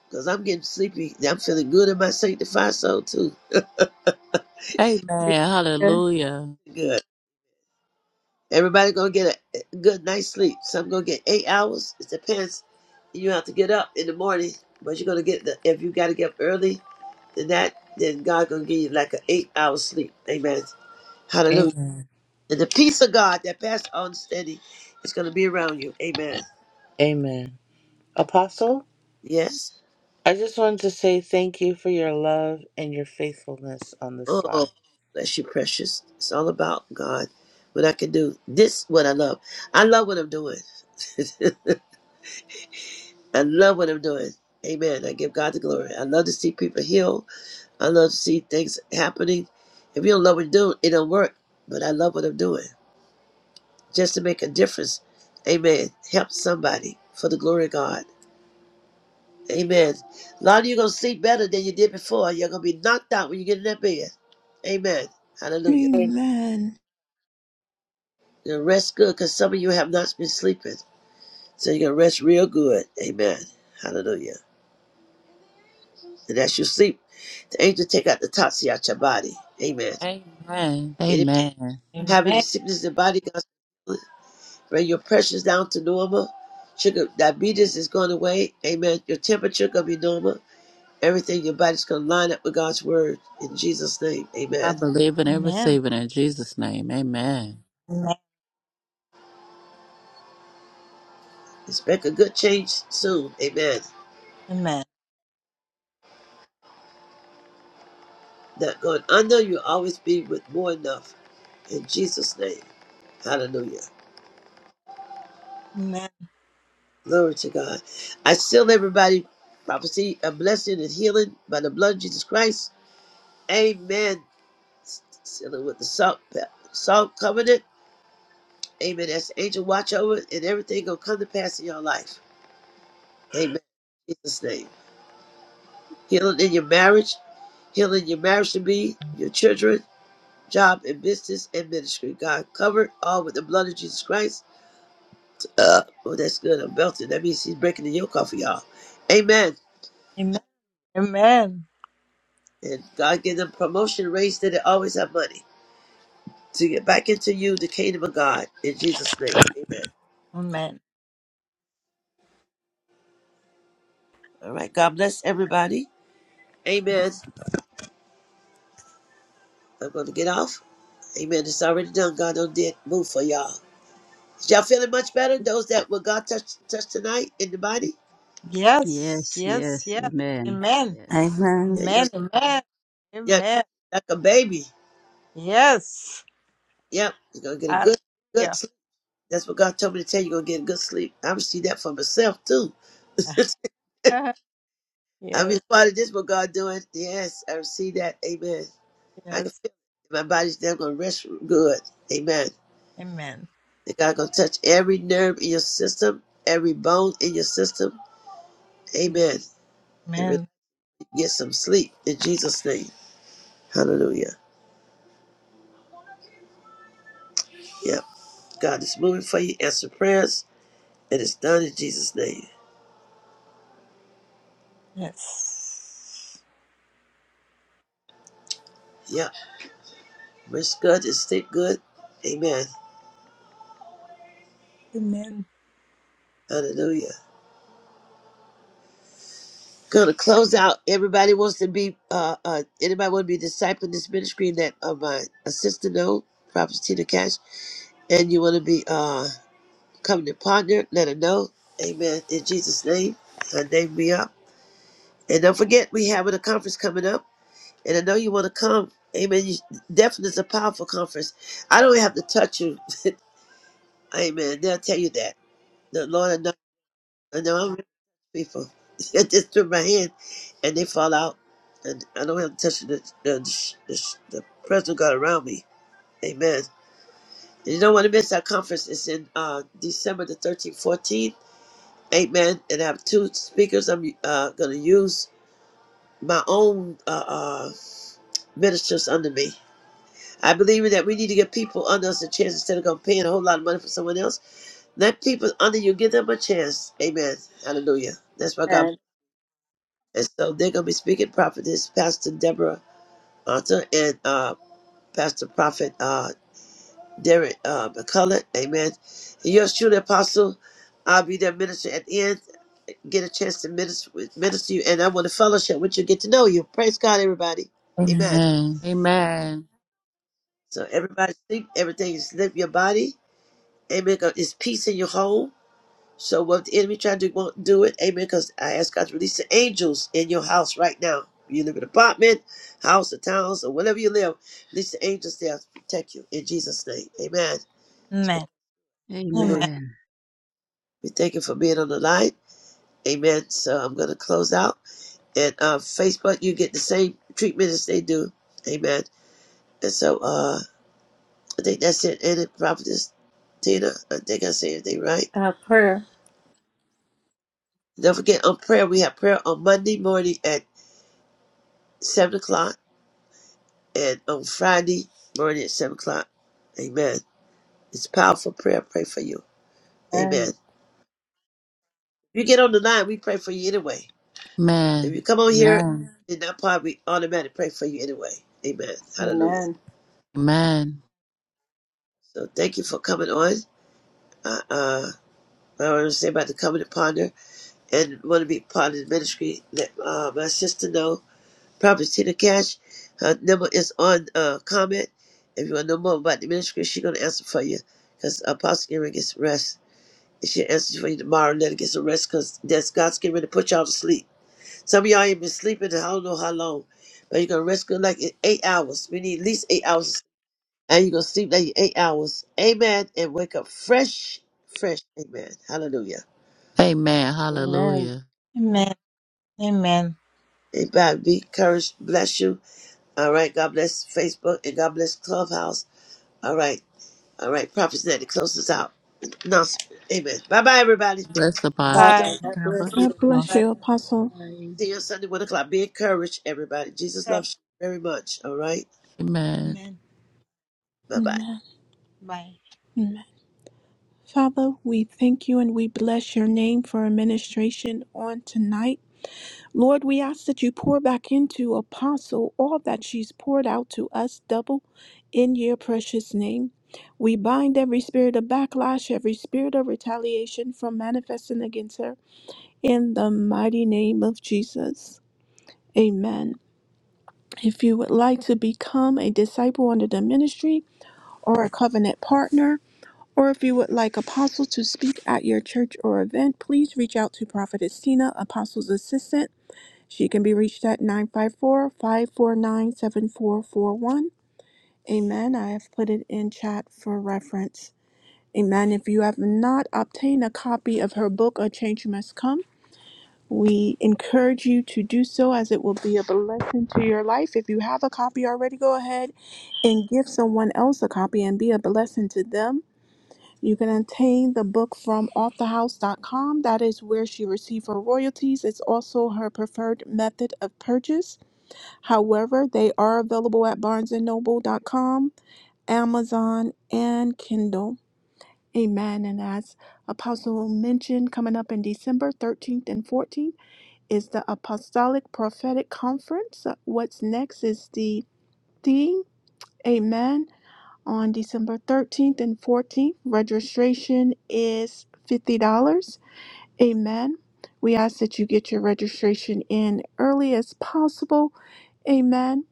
because I'm getting sleepy. I'm feeling good in my sanctified soul, too.
Amen. Hallelujah.
Good. Everybody going to get a a good night's sleep. Some going to get eight hours. It depends. You have to get up in the morning, but you're going to get the, if you got to get up early, then that, then God going to give you like an eight hour sleep. Amen. Hallelujah.
Amen.
And the peace of God that passes all understanding is going to be around you. Amen.
Amen. Apostle?
Yes.
I just wanted to say thank you for your love and your faithfulness on this line.
Oh, bless you, precious. It's all about God. What I can do. This what I love. I love what I'm doing. I love what I'm doing. Amen. I give God the glory. I love to see people healed. I love to see things happening. If you don't love what you do, it don't work. But I love what I'm doing. Just to make a difference. Amen. Help somebody for the glory of God. Amen. A lot of you gonna sleep better than you did before. You're gonna be knocked out when you get in that bed. Amen. Hallelujah.
Amen.
And rest good because some of you have not been sleeping. So you're gonna rest real good. Amen. Hallelujah. And as you sleep, the angel take out the toxin out your body. Amen.
Amen.
Anybody
Amen.
having a
Amen.
sickness in the body, God's gonna bring your pressures down to normal. Sugar diabetes is going away. Amen. Your temperature gonna be normal. Everything in your body's gonna line up with God's word in Jesus' name.
I
Amen.
believe in and
Amen.
receive it in Jesus' name. Amen.
Amen.
Expect a good change soon. Amen.
Amen. Amen.
Not going under, you'll always be with more enough in Jesus' name. Hallelujah.
Amen.
Glory to God. I seal everybody prophecy, a blessing and healing by the blood of Jesus Christ. Amen. Seal it with the salt pe- salt covenant. Amen. That's the angel watch over it, and everything gonna come to pass in your life. Amen. In Jesus' name. Healing in your marriage, healing your marriage to be, your children, job and business and ministry. God covered all with the blood of Jesus Christ. Uh, oh, that's good. I'm belting. That means he's breaking the yoke off of y'all. Amen.
Amen. Amen.
And God give them promotion, raise that they always have money to get back into you, the kingdom of God. In Jesus' name, amen.
Amen.
All right, God bless everybody. Amen. I'm going to get off. Amen. It's already done. God done did move for y'all. Is y'all feeling much better? Those that will God touch touch tonight in the body?
Yes.
Yes,
Yes.
yes,
Yes.
amen.
Amen.
Yes.
Yeah,
Amen.
you're gonna,
Amen. Amen.
yeah,
Amen.
like a baby.
Yes.
Yep, you're gonna get a good good
Hallelujah.
sleep. That's what God told me to tell you. You're gonna get a good sleep. I received that for myself too. I mean,
yes.
part of this what God doing. Yes, I receive that. Amen. I can feel
Yes.
it. My body's now going to rest good. Amen.
Amen.
And God going to touch every nerve in your system, every bone in your system. Amen. And really
Amen.
get some sleep in Jesus' name. Hallelujah. Yep. God is moving for you. Answer prayers. And it's done in Jesus' name.
Yes.
Yep. Rest good and sleep good. Amen.
Amen.
Hallelujah. Gonna close out. Everybody wants to be uh uh anybody want to be a disciple in this ministry that uh my assistant know, Prophet Tina Cash, and you wanna be uh coming upon her. Let her know. Amen. In Jesus' name, her name be up. And don't forget, we have a conference coming up. And I know you want to come. Amen. You, definitely is a powerful conference. I don't have to touch you. Amen. They'll tell you that. The Lord, I know, I know I'm rich people. I just threw my hand and they fall out. And I don't have to touch the, the, the, the the presence of God around me. Amen. And you don't want to miss our conference. It's in uh, December the 13th, 14th. Amen. And I have two speakers I'm uh, going to use my own uh, uh, ministers under me. I believe that we need to give people under us a chance instead of going paying a whole lot of money for someone else. Let people under you give them a chance. Amen. Hallelujah. That's why God.
Amen.
And so they're going to be speaking prophetess Pastor Deborah Arthur and uh, Pastor Prophet uh, Derek uh, McCullough. Amen. And yours truly, Apostle. I'll be their minister at the end. get a chance to minister, minister to you, and I want to fellowship with you, get to know you. Praise God, everybody. Amen.
Amen. Amen.
So everybody sleep, everything is lift your body. Amen. 'Cause It's peace in your home. So what the enemy trying to do, won't do it. Amen. Because I ask God to release the angels in your house right now. You live in an apartment, house, or towns, or wherever you live. Release the angels there to protect you in Jesus' name. Amen.
Amen. Amen.
Hallelujah.
Amen.
We thank you for being on the line. Amen. So I'm going to close out. and uh, Facebook, you get the same treatment as they do. Amen. And so uh, I think that's it. And it, Prophetess Tina, I think I said everything right.
Our prayer.
Don't forget on prayer, we have prayer on Monday morning at 7 o'clock and on Friday morning at 7 o'clock. Amen. It's powerful prayer. I Pray for you. Amen.
Amen.
If you get on the line, we pray for you anyway. If you
Amen.
come on here
Amen.
in that part, we automatically pray for you anyway. Amen. Hallelujah.
Amen.
Amen.
So thank you for coming on. Uh, uh, I want to say about the covenant partner and want to be part of the ministry. Let uh, my sister know, Prophet Tina Cash. Her number is on uh, comment. If you want to know more about the ministry, she's going to answer for you because Apostle Gary gets rest. And She'll answer for you tomorrow and let her get some rest because that's God's getting ready to put y'all to sleep. Some of y'all ain't been sleeping, I don't know how long, but you're going to rest good like in eight hours. We need at least eight hours. of sleep. And you're going to sleep like eight hours. Amen. And wake up fresh, fresh. Amen. Hallelujah.
Amen.
Amen.
Hallelujah.
Amen. Amen.
Amen. Be encouraged. Bless you. All right. God bless Facebook and God bless Clubhouse. All right. All right. Prophet Ned, close us out. No, amen. Bye bye, everybody.
Bless the
Bye
See
apostle.
Bye.
bye. God
God
bless you.
bless.
God bless
Bye.
you, Apostle.
see you on Sunday, 1 o'clock. Be encouraged, everybody. Jesus
Okay.
loves you very much. All right.
Amen.
Amen.
Bye bye.
Amen.
Bye.
Amen. Father, we thank you and we bless your name for administration on tonight. Lord, we ask that you pour back into Apostle all that she's poured out to us double in your precious name. We bind every spirit of backlash, every spirit of retaliation from manifesting against her in the mighty name of Jesus. Amen. If you would like to become a disciple under the ministry or a covenant partner, Or if you would like Apostle to speak at your church or event, please reach out to Prophetess Tina, Apostle's assistant. She can be reached at 954 549 7441. Amen. I have put it in chat for reference. Amen. If you have not obtained a copy of her book, A Change Must Come, we encourage you to do so as it will be a blessing to your life. If you have a copy already, go ahead and give someone else a copy and be a blessing to them you can obtain the book from authorhouse.com. That is where she received her royalties. It's also her preferred method of purchase. However, they are available at barnesandnoble.com, Amazon, and Kindle. Amen. And as Apostle mentioned, coming up in December 13th and 14th is the Apostolic Prophetic Conference. What's next is the theme. Amen on December 13th and 14th. Registration is $50. Amen. We ask that you get your registration in early as possible. Amen.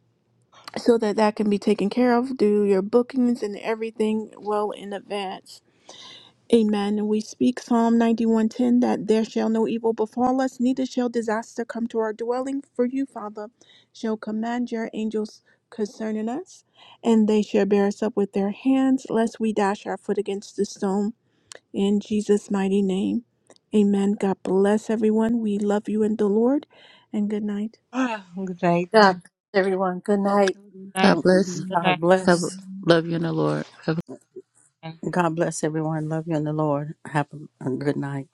So that that can be taken care of. Do your bookings and everything well in advance. Amen. And we speak Psalm 91:10 that there shall no evil befall us, neither shall disaster come to our dwelling, for you, Father, shall command your angels concerning us, and they shall bear us up with their hands, lest we dash our foot against the stone. In Jesus' mighty name. Amen. God bless everyone. We love you in the Lord, and good night.
Ah, Good night.
God bless
Good
everyone. Good night.
God
night.
bless.
Good
God
night.
Have
bless.
love you in the Lord. Have
God bless everyone. Love you in the Lord. Have a a good night.